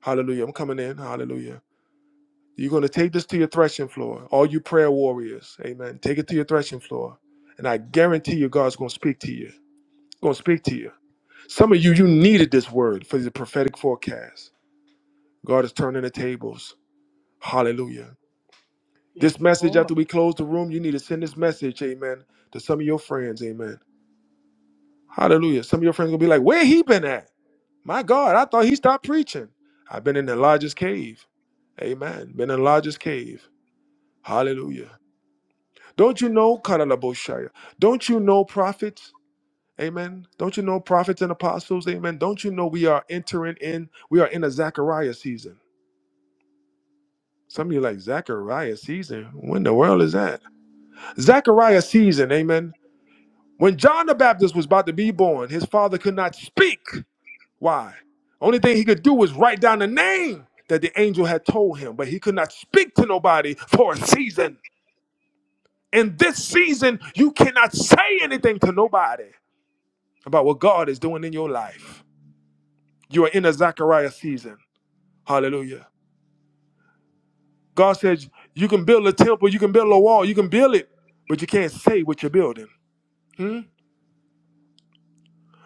A: Hallelujah. I'm coming in. Hallelujah. You're going to take this to your threshing floor, all you prayer warriors. Amen. Take it to your threshing floor. And I guarantee you, God's going to speak to you. Going to speak to you. Some of you, you needed this word for the prophetic forecast. God is turning the tables. Hallelujah.
N: Yes,
A: This message, after
N: Lord.
A: we close the room, you need to send this message, amen, to some of your friends, amen. Hallelujah. Some of your friends going to be like, where he been at? My God, I thought he stopped preaching. I've been in the largest cave. Amen. Been in the largest cave. Hallelujah. Don't you know, Karalaboshaya? Don't you know prophets? Amen. Don't you know prophets and apostles? Amen. Don't you know we are entering in, we are in a Zechariah season. Some of you like Zechariah season. When in the world is that? Zechariah season, amen. When John the Baptist was about to be born, his father could not speak. Why? Only thing he could do was write down the name that the angel had told him, but he could not speak to nobody for a season. In this season, you cannot say anything to nobody. about what God is doing in your life. You are in a Zechariah season. Hallelujah. God says you can build a temple, you can build a wall, you can build it, but you can't say what you're building. Hmm?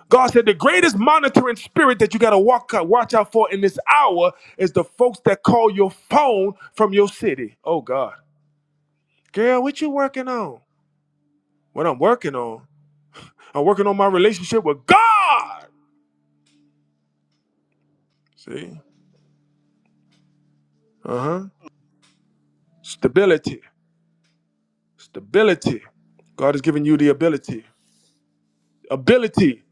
A: God said the greatest monitoring spirit that you got to walk out, watch out for in this hour is the folks that call your phone from your city. Oh God, girl, what you working on? What I'm working on? I'm working on my relationship with God. See? Uh huh. Stability. Stability. God has given you the ability. Ability.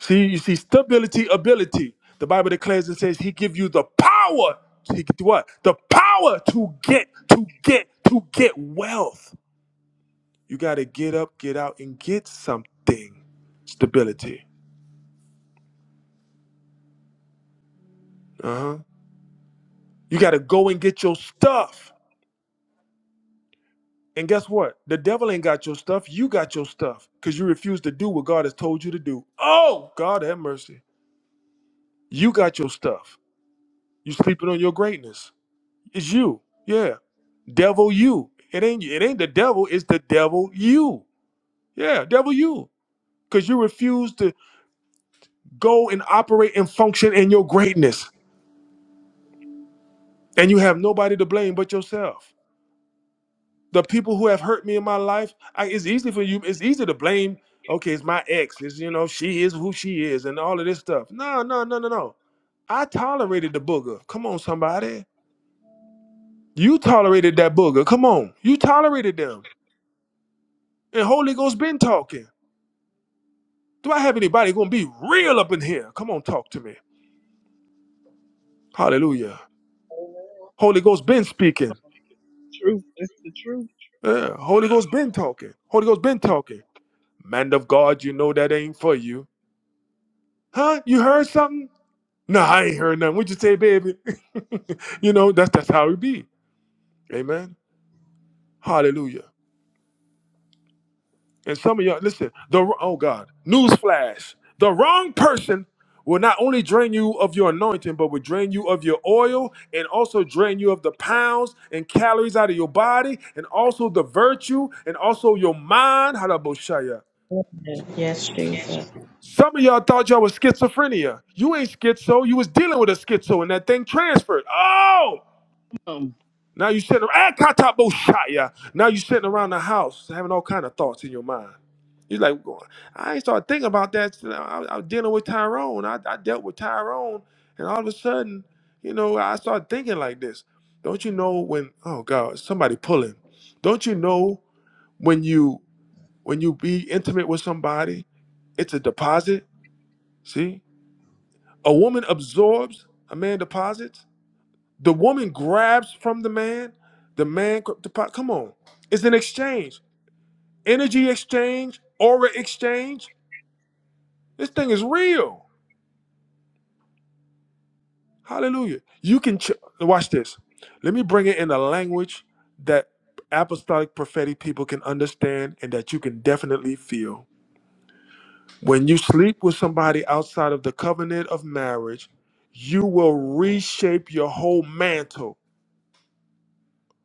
A: See, you see stability, ability. The Bible declares and says he give you the power. He get what? The power to get, to get, to get wealth. You gotta get up, get out, and get something. Stability. Uh-huh. You gotta go and get your stuff. And guess what? The devil ain't got your stuff. You got your stuff. Because you refuse to do what God has told you to do. Oh, God have mercy. You got your stuff. You sleeping on your greatness. It's you. Yeah. Devil you. It ain't it ain't the devil, it's the devil you. Yeah, devil you. Cause you refuse to go and operate and function in your greatness. And you have nobody to blame but yourself. The people who have hurt me in my life, I, it's easy for you, it's easy to blame. Okay, it's my ex. It's you know, she is who she is and all of this stuff. No, no, no, no, no. I tolerated the booger. Come on, somebody. You tolerated that booger. Come on. You tolerated them. And Holy Ghost been talking. Do I have anybody going to be real up in here? Come on, talk to me. Hallelujah.
B: Amen.
A: Holy Ghost been speaking.
N: Truth is the truth.
A: Yeah, Holy
B: Yeah.
A: Ghost been talking. Holy Ghost been talking. Man of God, you know that ain't for you. Huh? You heard something? No, I ain't heard nothing. What you say, baby? you know, that's that's how it be. Amen. Hallelujah. And some of y'all, listen, the oh God, newsflash: the wrong person will not only drain you of your anointing, but will drain you of your oil, and also drain you of the pounds and calories out of your body, and also the virtue, and also your mind. Halaboshaya.
J: Amen. Yes,
B: Yes.
J: Jesus.
A: Some of y'all thought y'all was schizophrenia. You ain't schizo. You was dealing with a schizo, and that thing transferred. Oh!
N: Come
A: Now you're sitting around, Akataboshaya. now you sitting around the house having all kind of thoughts in your mind. You're like, going, I ain't started thinking about that. I, I was dealing with Tyrone. I, I dealt with Tyrone, and all of a sudden, you know, I started thinking like this. Don't you know when? Oh God, somebody pulling. Don't you know when you when you be intimate with somebody, it's a deposit. See, a woman absorbs, a man deposits. The woman grabs from the man. The man, the pot. Come on, it's an exchange, energy exchange, aura exchange. This thing is real. Hallelujah. You can ch- watch this. Let me bring it in a language that apostolic prophetic people can understand and that you can definitely feel. When you sleep with somebody outside of the covenant of marriage, you will reshape your whole mantle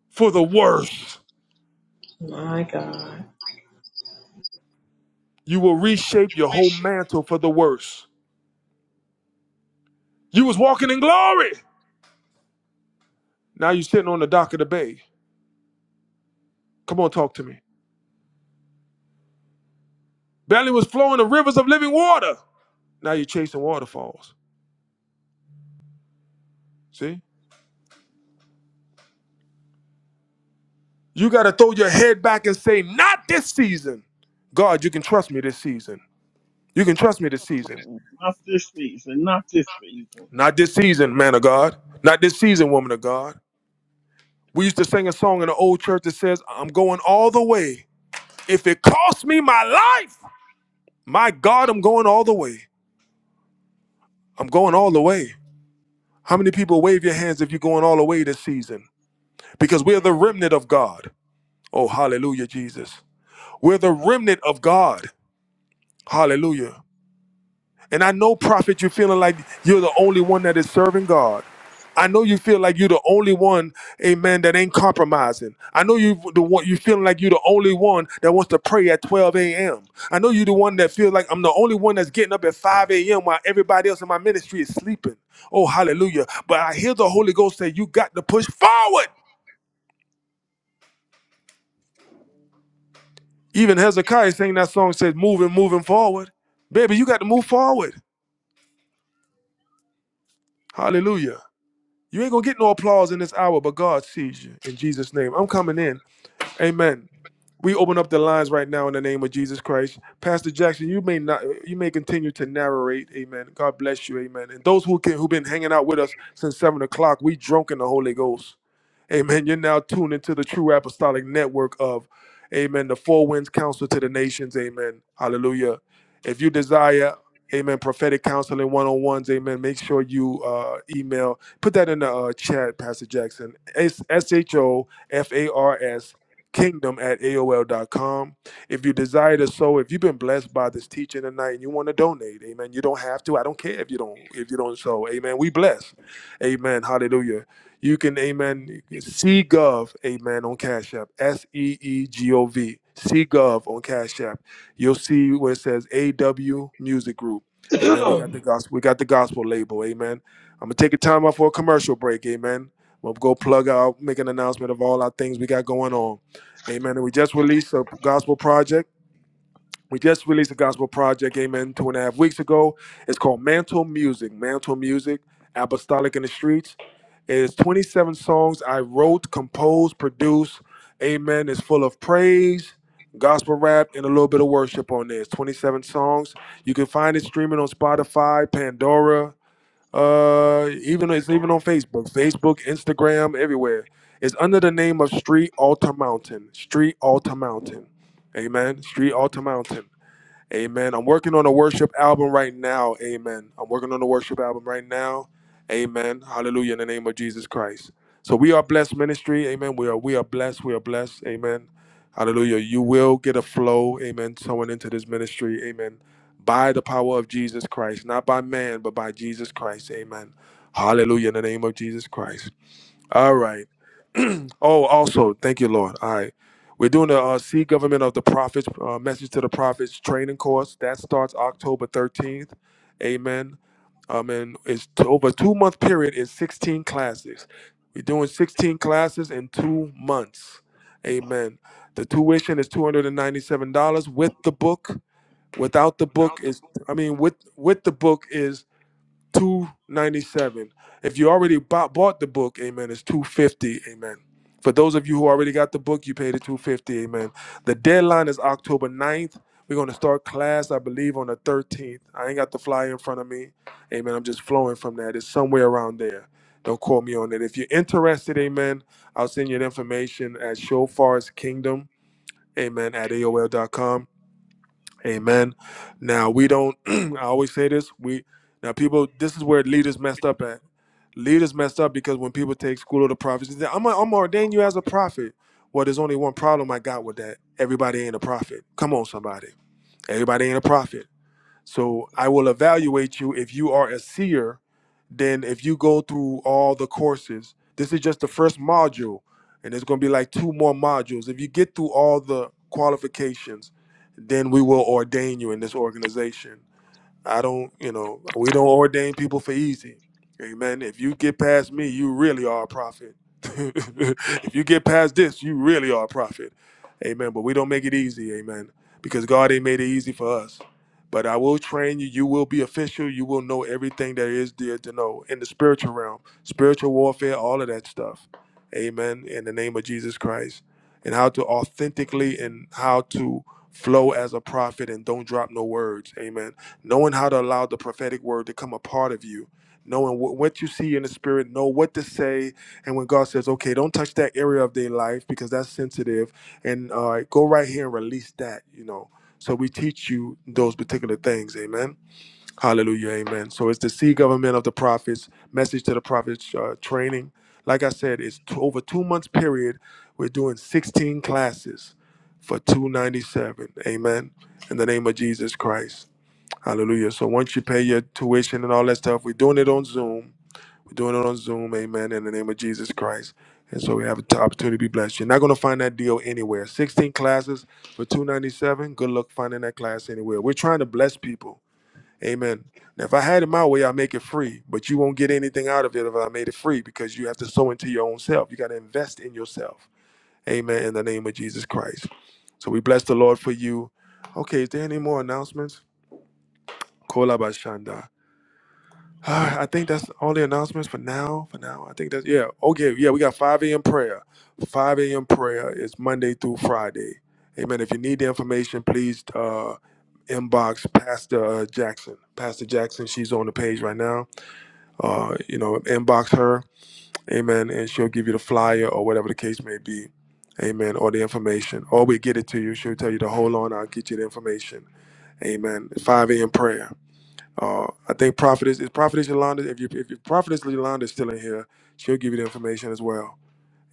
A: for the worse.
J: My God.
A: You will reshape
B: You
A: your
B: will
A: whole
B: reshape
A: mantle for the worse. You was walking in glory. Now you're sitting on the dock of the bay. Come on, talk to me. Belly was flowing the rivers of living water. Now you're chasing waterfalls. See? You got to throw your head back and say, Not this season. God, you can trust me this season. You can trust me this
B: me
A: season.
B: this
N: on. Not this season. Not this
B: time.
N: season.
A: Not this season, man of God. Not this season, woman of God. We used to sing a song in the old church that says, I'm going all the way. If it costs me my life, my God, I'm going all the way. I'm going all the way. How many people wave your hands if you're going all the way this season? Because we're the
B: Amen.
A: remnant of God. Oh, hallelujah, Jesus. We're the remnant of God. Hallelujah. And I know, prophet, you're feeling like you're the only one that is serving God. I know you feel like you're the only one, amen, that ain't compromising. I know you the one you feeling like you're the only one that wants to pray at 12 a.m. I know you're the one that feels like I'm the only one that's getting up at 5 a.m. while everybody else in my ministry is sleeping. Oh, hallelujah. But I hear the Holy Ghost say, You got to push forward. Even Hezekiah sang that song says, moving, moving forward. Baby, you got to move forward. Hallelujah. You ain't gonna get no applause in this hour, but God sees you in Jesus' name. I'm coming in. Amen. We open up the lines right now in the name of Jesus Christ. Pastor Jackson, you may not you may continue to narrate. Amen. God bless you, amen. And those who can who've been hanging out with us since seven o'clock, we drunk in the Holy Ghost. Amen. You're now tuned into the true apostolic network of, amen, the Four Winds Counsel to the Nations. Amen. Hallelujah. If you desire, amen, prophetic counseling one on ones, amen, make sure you uh, email, put that in the uh, chat, Pastor Jackson, S H O F A R S kingdom at AOL dot com. if you desire to sow if you've been blessed by this teaching tonight and you want to donate amen you don't have to i don't care if you don't if you don't sow amen we bless amen hallelujah you can, amen, C Gov, amen, on Cash App. S E E G O V, C Gov on Cash App. You'll see where it says AW Music Group. Amen. We got the gospel. We got the gospel label. Amen. I'm gonna take a time out for a commercial break. Amen. We'll go plug out, make an announcement of all our things we got going on. Amen. And we just released a gospel project. We just released a gospel project, amen, two and a half weeks ago. It's called Mantle Music, Mantle Music, Apostolic in the Streets. It is 27 songs I wrote, composed, produced. Amen. It's full of praise, gospel rap, and a little bit of worship on there. It's 27 songs. You can find it streaming on Spotify, Pandora, uh, even
B: And
A: it's
B: don't
A: even on
B: remember,
A: Facebook, Facebook, Instagram, everywhere. It's under the name of Street Altar Mountain. Street Altar Mountain. Amen. Street Altar Mountain. Amen. I'm working on a worship album right now. Amen. I'm working on a worship album right now. Amen. Hallelujah in the name of Jesus Christ. So we are blessed ministry. Amen. We are we are blessed. We are blessed. Amen. Hallelujah. You will get a flow, amen, someone into this ministry. Amen. By the power of Jesus Christ, not by man, but by Jesus Christ. Amen. Hallelujah in the name of Jesus Christ. All right. oh, also, thank you, Lord. All right. We're doing the uh, Seed Government of the Prophets, uh, Message to the Prophets training course. That starts October 13th. Amen. Um, and it's t- over a two month period is 16 classes. We're doing 16 classes in two months. Amen. The tuition is $297 with the book. Without the book
B: without the
A: is,
B: book,
A: I mean, with with the book is 297. If you already bought, bought the book, amen, it's 250, amen. For those of you who already got the book, you paid the 250, amen. The deadline is October ninth. We're going to start class, I believe, on the 13th. I ain't got the flyer in front of me, amen. I'm just flowing from that. It's somewhere around there. Don't quote me on it. If you're interested, amen, I'll send you the information at Shofar's Kingdom, amen, at AOL.com. Amen. Now we don't. I always say this. We now people. This is where leaders messed up at. Leaders messed up because when people take school of the prophets, they say, I'm I'm
B: I'm
A: ordaining you
B: not
A: as a prophet. Well, there's only one problem
B: the
A: I
B: only
A: got with that. Everybody ain't a prophet. Come on, somebody. Everybody ain't a prophet. So I will evaluate you if you are a seer, then if you go through all the courses. This is just the first module, and there's going to be like two more modules. If you get through all the qualifications, then we will ordain you in this organization. I don't, you know, we don't ordain people for easy. Amen. If you get past me, you really are a prophet. if you get past this, you really are a prophet. Amen. But we don't make it easy. Amen. Because God ain't made it easy for us. But I will train you. You will be official. You will know everything there is there to know in the spiritual realm, spiritual warfare, all of that stuff. Amen. In the name of Jesus Christ. And how to authentically and how to flow as a prophet and don't drop no words. Amen knowing how to allow the prophetic word to come a part of you knowing wh- what you see in the spirit know what to say and when god says okay don't touch that area of their life because that's sensitive and uh, go right here and release that you know so we teach you those particular things amen hallelujah amen so it's the sea government of the prophets message to the prophets uh, training like i said it's t- over two months period we're doing 16 classes for 297 amen in the name of jesus christ Hallelujah. So once you pay your tuition and all that stuff, we're doing it on Zoom. We're doing it on Zoom. Amen. In the name of Jesus Christ. And so we have the opportunity to be blessed. You're not going to find that deal anywhere. 16 classes for 297. Good luck finding that class anywhere. We're trying to bless people. Amen. Now, if I had it my way, I'd make it free, but you won't get anything out of it if I made it free because you have to sow into your own self. You got to invest in yourself. Amen. In the name of Jesus Christ. So we bless the Lord for you. Okay, is there any more announcements? Kolabashanda. Ah, I think that's all the announcements for now. For now, I think that's yeah. Okay, yeah, we got 5 a.m. prayer. 5 a.m. prayer is Monday through Friday. Amen. If you need the information, please uh, inbox Pastor uh, Jackson. Pastor Jackson, she's on the page right now. Uh, you know, inbox her. Amen. And she'll give you the flyer or whatever the case may be. Amen. Or the information. Or we get it to you. She'll tell you to hold on. I'll get you the information. Amen. 5 a.m. prayer. Uh, I think Prophetess is Prophetess Yolanda. If you if your Prophetess Yolanda is still in here, she'll give you the information as well.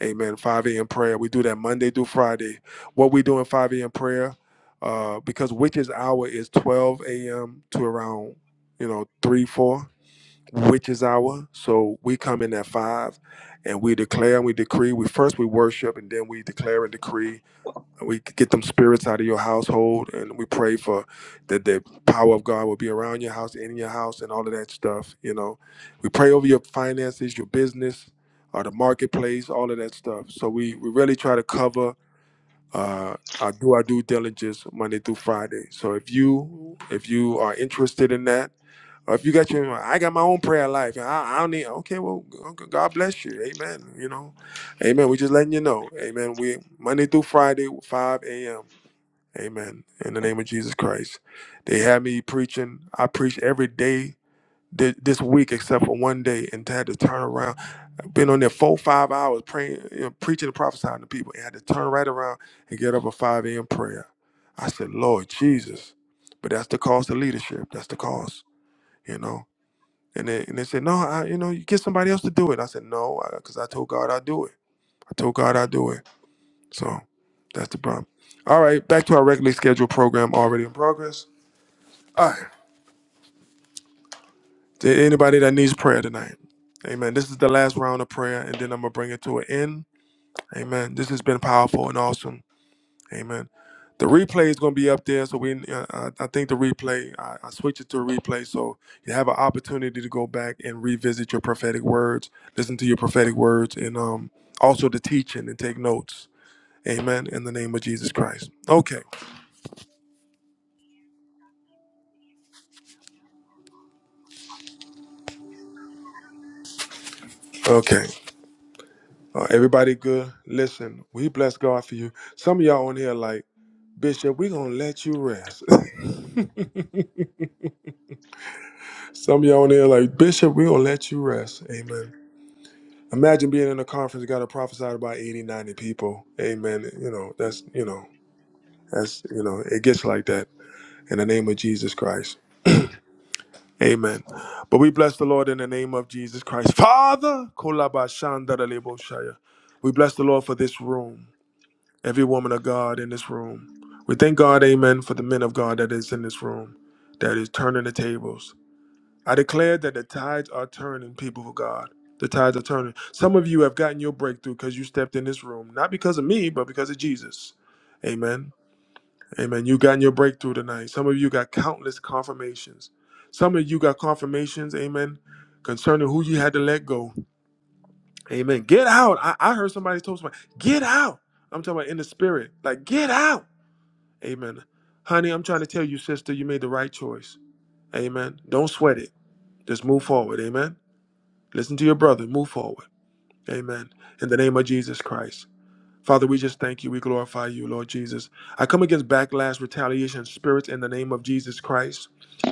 A: Amen. 5 a.m. prayer. We do that Monday through Friday. What we do in 5 a.m. prayer, uh, because witches hour is 12 a.m. to around you know three four witches hour. So we come in at five, and we declare and we decree. We first we worship and then we declare and decree we get them spirits out of your household, and we pray for that the power of God will be around your house, in your house, and all of that stuff. You know, we pray over your finances, your business, or the marketplace, all of that stuff. So we we really try to cover. Uh, I do our due diligence Monday through Friday. So if you if you are interested in that, or if you got your, I got my own prayer life. I, I don't need. Okay, well, God bless you. Amen. You know, Amen. We're just letting you know. Amen. We Monday through Friday, 5 a.m. Amen. In the name of Jesus Christ. They had me preaching. I preached every day thi- this week except for one day and had to turn around. I've been on there four, five hours praying, you know, preaching and prophesying to people and had to turn right around and get up at 5 a.m. prayer. I said, Lord Jesus. But that's the cost of leadership. That's the cost, you know. And they, and they said, no, I, you know, you get somebody else to do it. I said, no, because I told God I'd do it. I told God I'd do it. So that's the problem. All right, back to our regularly scheduled program already in progress. All right. To anybody that needs prayer tonight, amen. This is the last round of prayer, and then I'm going to bring it to an end. Amen. This has been powerful and awesome. Amen. The replay is going to be up there, so we. Uh, I I think the replay. I, I switched it to a replay, so you have an opportunity to go back and revisit your prophetic words, listen to your prophetic words, and um also the teaching and take notes. Amen. In the name of Jesus Christ. Okay. Okay. Uh, everybody good? Listen, we bless God for you. Some of y'all on here like, Bishop, we gonna let you rest. Some of y'all on here like, Bishop, we gonna let you rest. Amen. Imagine being in a conference, got to prophesy to about 80, 90 people. Amen. You know, that's, you know, that's, you know, it gets like that in the name of Jesus Christ. Amen. But we bless the Lord in the name of Jesus Christ. Father, kolabashandaraleboshaya. we bless the Lord for this room. every woman of God in this room. We thank God, amen, for the men of God that is in this room, that is turning the tables. I declare that the tides are turning, people of God. The tides are turning. Some of you have gotten your breakthrough because you stepped in this room, not because of me, but because of Jesus. Amen. Amen. You gotten your breakthrough tonight. Some of you got countless confirmations. Some of you got confirmations, amen, concerning who you had to let go. Amen. Get out. I, I heard somebody told somebody, get out. I'm talking about in the spirit. Like, get out. Amen. Honey, I'm trying to tell you, sister, you made the right choice. Amen. Don't sweat it. Just move forward. Amen. Listen to your brother. Move forward. Amen. In the name of Jesus Christ. Father, we just thank you. We glorify you, Lord Jesus. I come against backlash, retaliation, spirits in the name of Jesus Christ.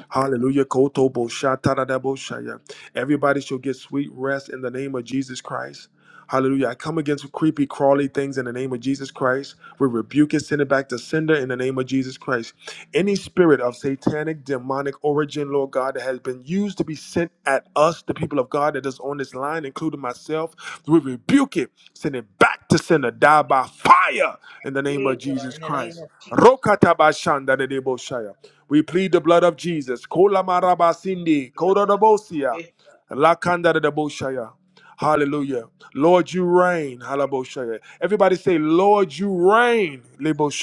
A: Hallelujah. Koto bo shatadadabo shaya. Everybody shall get sweet rest in the name of Jesus Christ. Hallelujah. I come against creepy, crawly things in the name of Jesus Christ. We rebuke it, send it back to sender in the name of Jesus Christ. Any spirit of satanic, demonic origin, Lord God, that has been used to be sent at us, the people of God that is on this line, including myself, we rebuke it, send it back to sender, die by fire in the
B: one.
A: name
B: Yeah,
A: of
B: God.
A: Jesus
B: And it ain't
A: Christ.
B: no
A: Rokatabashandadedeboshaya. We plead the blood of Jesus. Kolamarabasindi,
B: blood of Jesus.
A: kodadabosia,
B: Yeah.
A: lakandadadeboshaya. Hallelujah. Lord, you reign. Halaboshaya. Everybody say, Lord, you reign.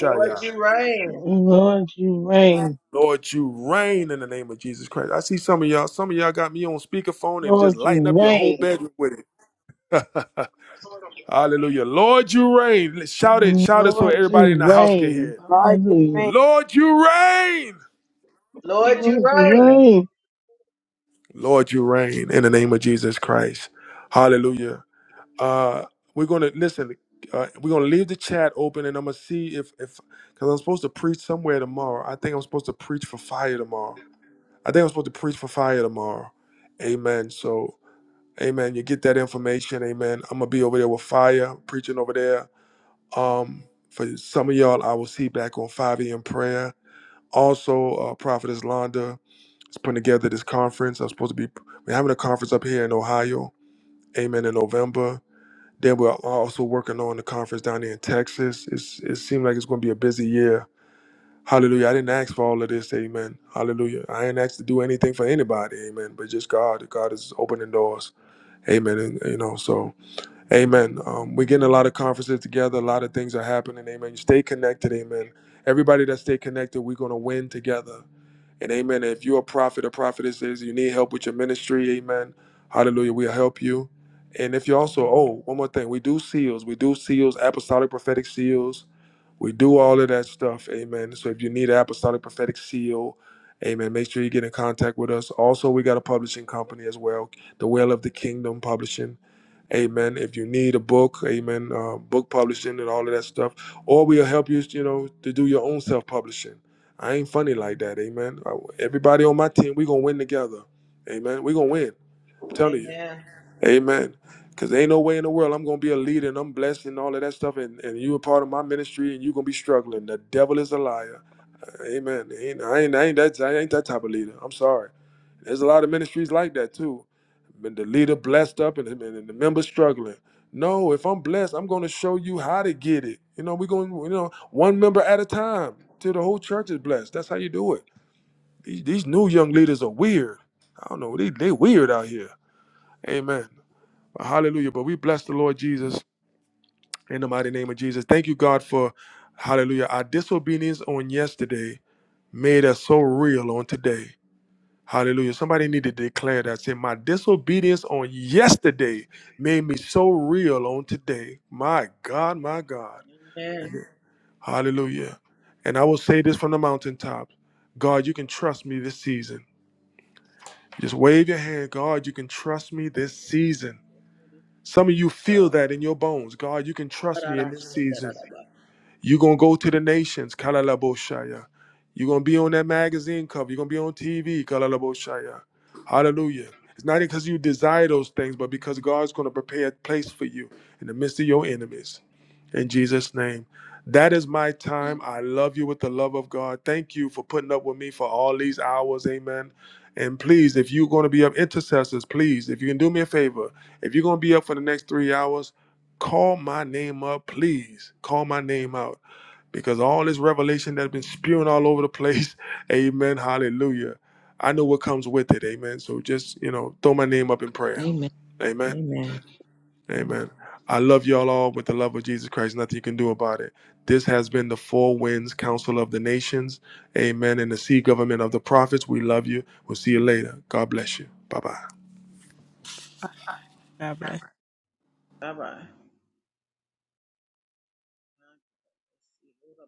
B: Lord, you reign.
N: Lord, you reign.
A: Lord, you reign in the name of Jesus Christ. I see some of y'all. Some of y'all got me on speakerphone and just
N: Lord,
A: lighting up
N: you
A: your whole
N: reign.
A: bedroom with it. Hallelujah. Lord, you reign. Let's Shout it. Shout it so
N: Lord,
A: everybody in
N: you
A: the house can hear
N: reign.
A: it.
D: Lord, you
N: Hallelujah.
D: reign.
A: Lord, you reign.
B: Lord, you
N: Lord, you
B: reign.
N: reign.
A: Lord, you reign in the name of Jesus Christ. Hallelujah. Uh, we're gonna listen. Uh, we're gonna leave the chat open, and I'm gonna see if if because I'm supposed to preach somewhere tomorrow. I think I'm supposed to preach for fire tomorrow. I think I'm supposed to preach for fire tomorrow. Amen. So Amen. You get that information. Amen. I'm gonna be over there with fire preaching over there. Um, for some of y'all, I will see back on 5 a.m. prayer. Also, uh, Prophetess Londa is putting together this conference. I'm supposed to be we're having a conference up here in Ohio. Amen. In November. Then we're also working on the conference down there in Texas. It's, it seems like it's going to be a busy year. Hallelujah. I didn't ask for all of this. Amen. Hallelujah. I ain't asked to do anything for anybody. Amen. But just God. God is opening doors. Amen. And, you know, so Amen. Um, we're getting a lot of conferences together. A lot of things are happening. Amen. You stay connected. Amen. Everybody that stay connected, we're gonna win together. And amen. If you're a prophet or prophetess, is you need help with your ministry, amen. Hallelujah. We'll help you. And if you're also, oh, one more thing, we do seals. We do seals, apostolic prophetic seals. We do all of that stuff, amen. So if you need an apostolic prophetic seal, amen, make sure you get in contact with us. Also, we got a publishing company as well, the Well of the Kingdom Publishing. Amen. If you need a book, amen, uh, book publishing and all of that stuff, or we'll help you, you know, to do your own self publishing. I ain't funny like that, amen. I- Everybody on my team, we gonna win together, amen. We gonna win. I'm telling you,
B: Amen.
A: amen. Cause there ain't no way in the world I'm gonna be a leader and I'm blessed and all of that stuff, and, and you a part of my ministry and you gonna be struggling. The devil is a liar. Amen. Ain't- I ain't, I ain't that I ain't that type of leader. I'm sorry. There's a lot of ministries like that too. But the leader blessed up and, and the member struggling. No, if I'm blessed, I'm going to show you how to get it. You know, we're going, you know, one member at a time till the whole church is blessed. That's how you do it. These, these new young leaders are weird. I don't know. They they weird out here. Amen. hallelujah. But we bless the Lord Jesus in the mighty name of Jesus. Thank you, God, for hallelujah. Our disobedience on yesterday made us so real on today. Hallelujah. Somebody need to declare that. Say, my disobedience on yesterday made me so real on today. My God, my God.
B: Amen.
A: Amen. Hallelujah. And I will say this from the mountaintop God, you can trust me this season. Just wave your hand. God, you can trust me this season. Some of you feel
B: God.
A: that in your bones. God, you can trust
B: Ora
A: me in
B: Rara,
A: this season. You're going to go to the nations, Kalalaboshaya. You're going to be on that magazine cover. You're going to be on TV, Kalalaboshaya. Hallelujah. It's not because you desire those things, but because God's going to prepare a place for you in the midst of your enemies. In Jesus' name. That is my time. I love you with the love of God. Thank you for putting up with me for all these hours. Amen. And please, if you're going to be up intercessors, please, if you can do me a favor, if you're going to be up for the next three hours, call my name up, please. Call my name out because all this revelation that's been spewing all over the place, amen, hallelujah. I know what comes with it, amen. So just, you know, throw my name up in prayer.
J: Amen.
A: Amen.
J: Amen.
A: Amen. I love y'all all with the love of Jesus Christ. Nothing you can do about it. This has been the Four Winds Council of the Nations. Amen. And the Sea Government of the Prophets. We love you. We'll see you later. God bless you. Bye bye.
D: God bless.
B: Bye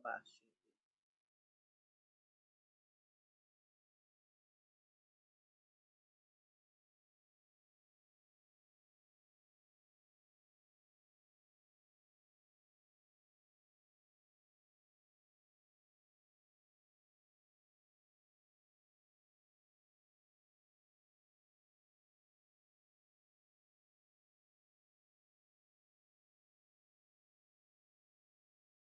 B: bye.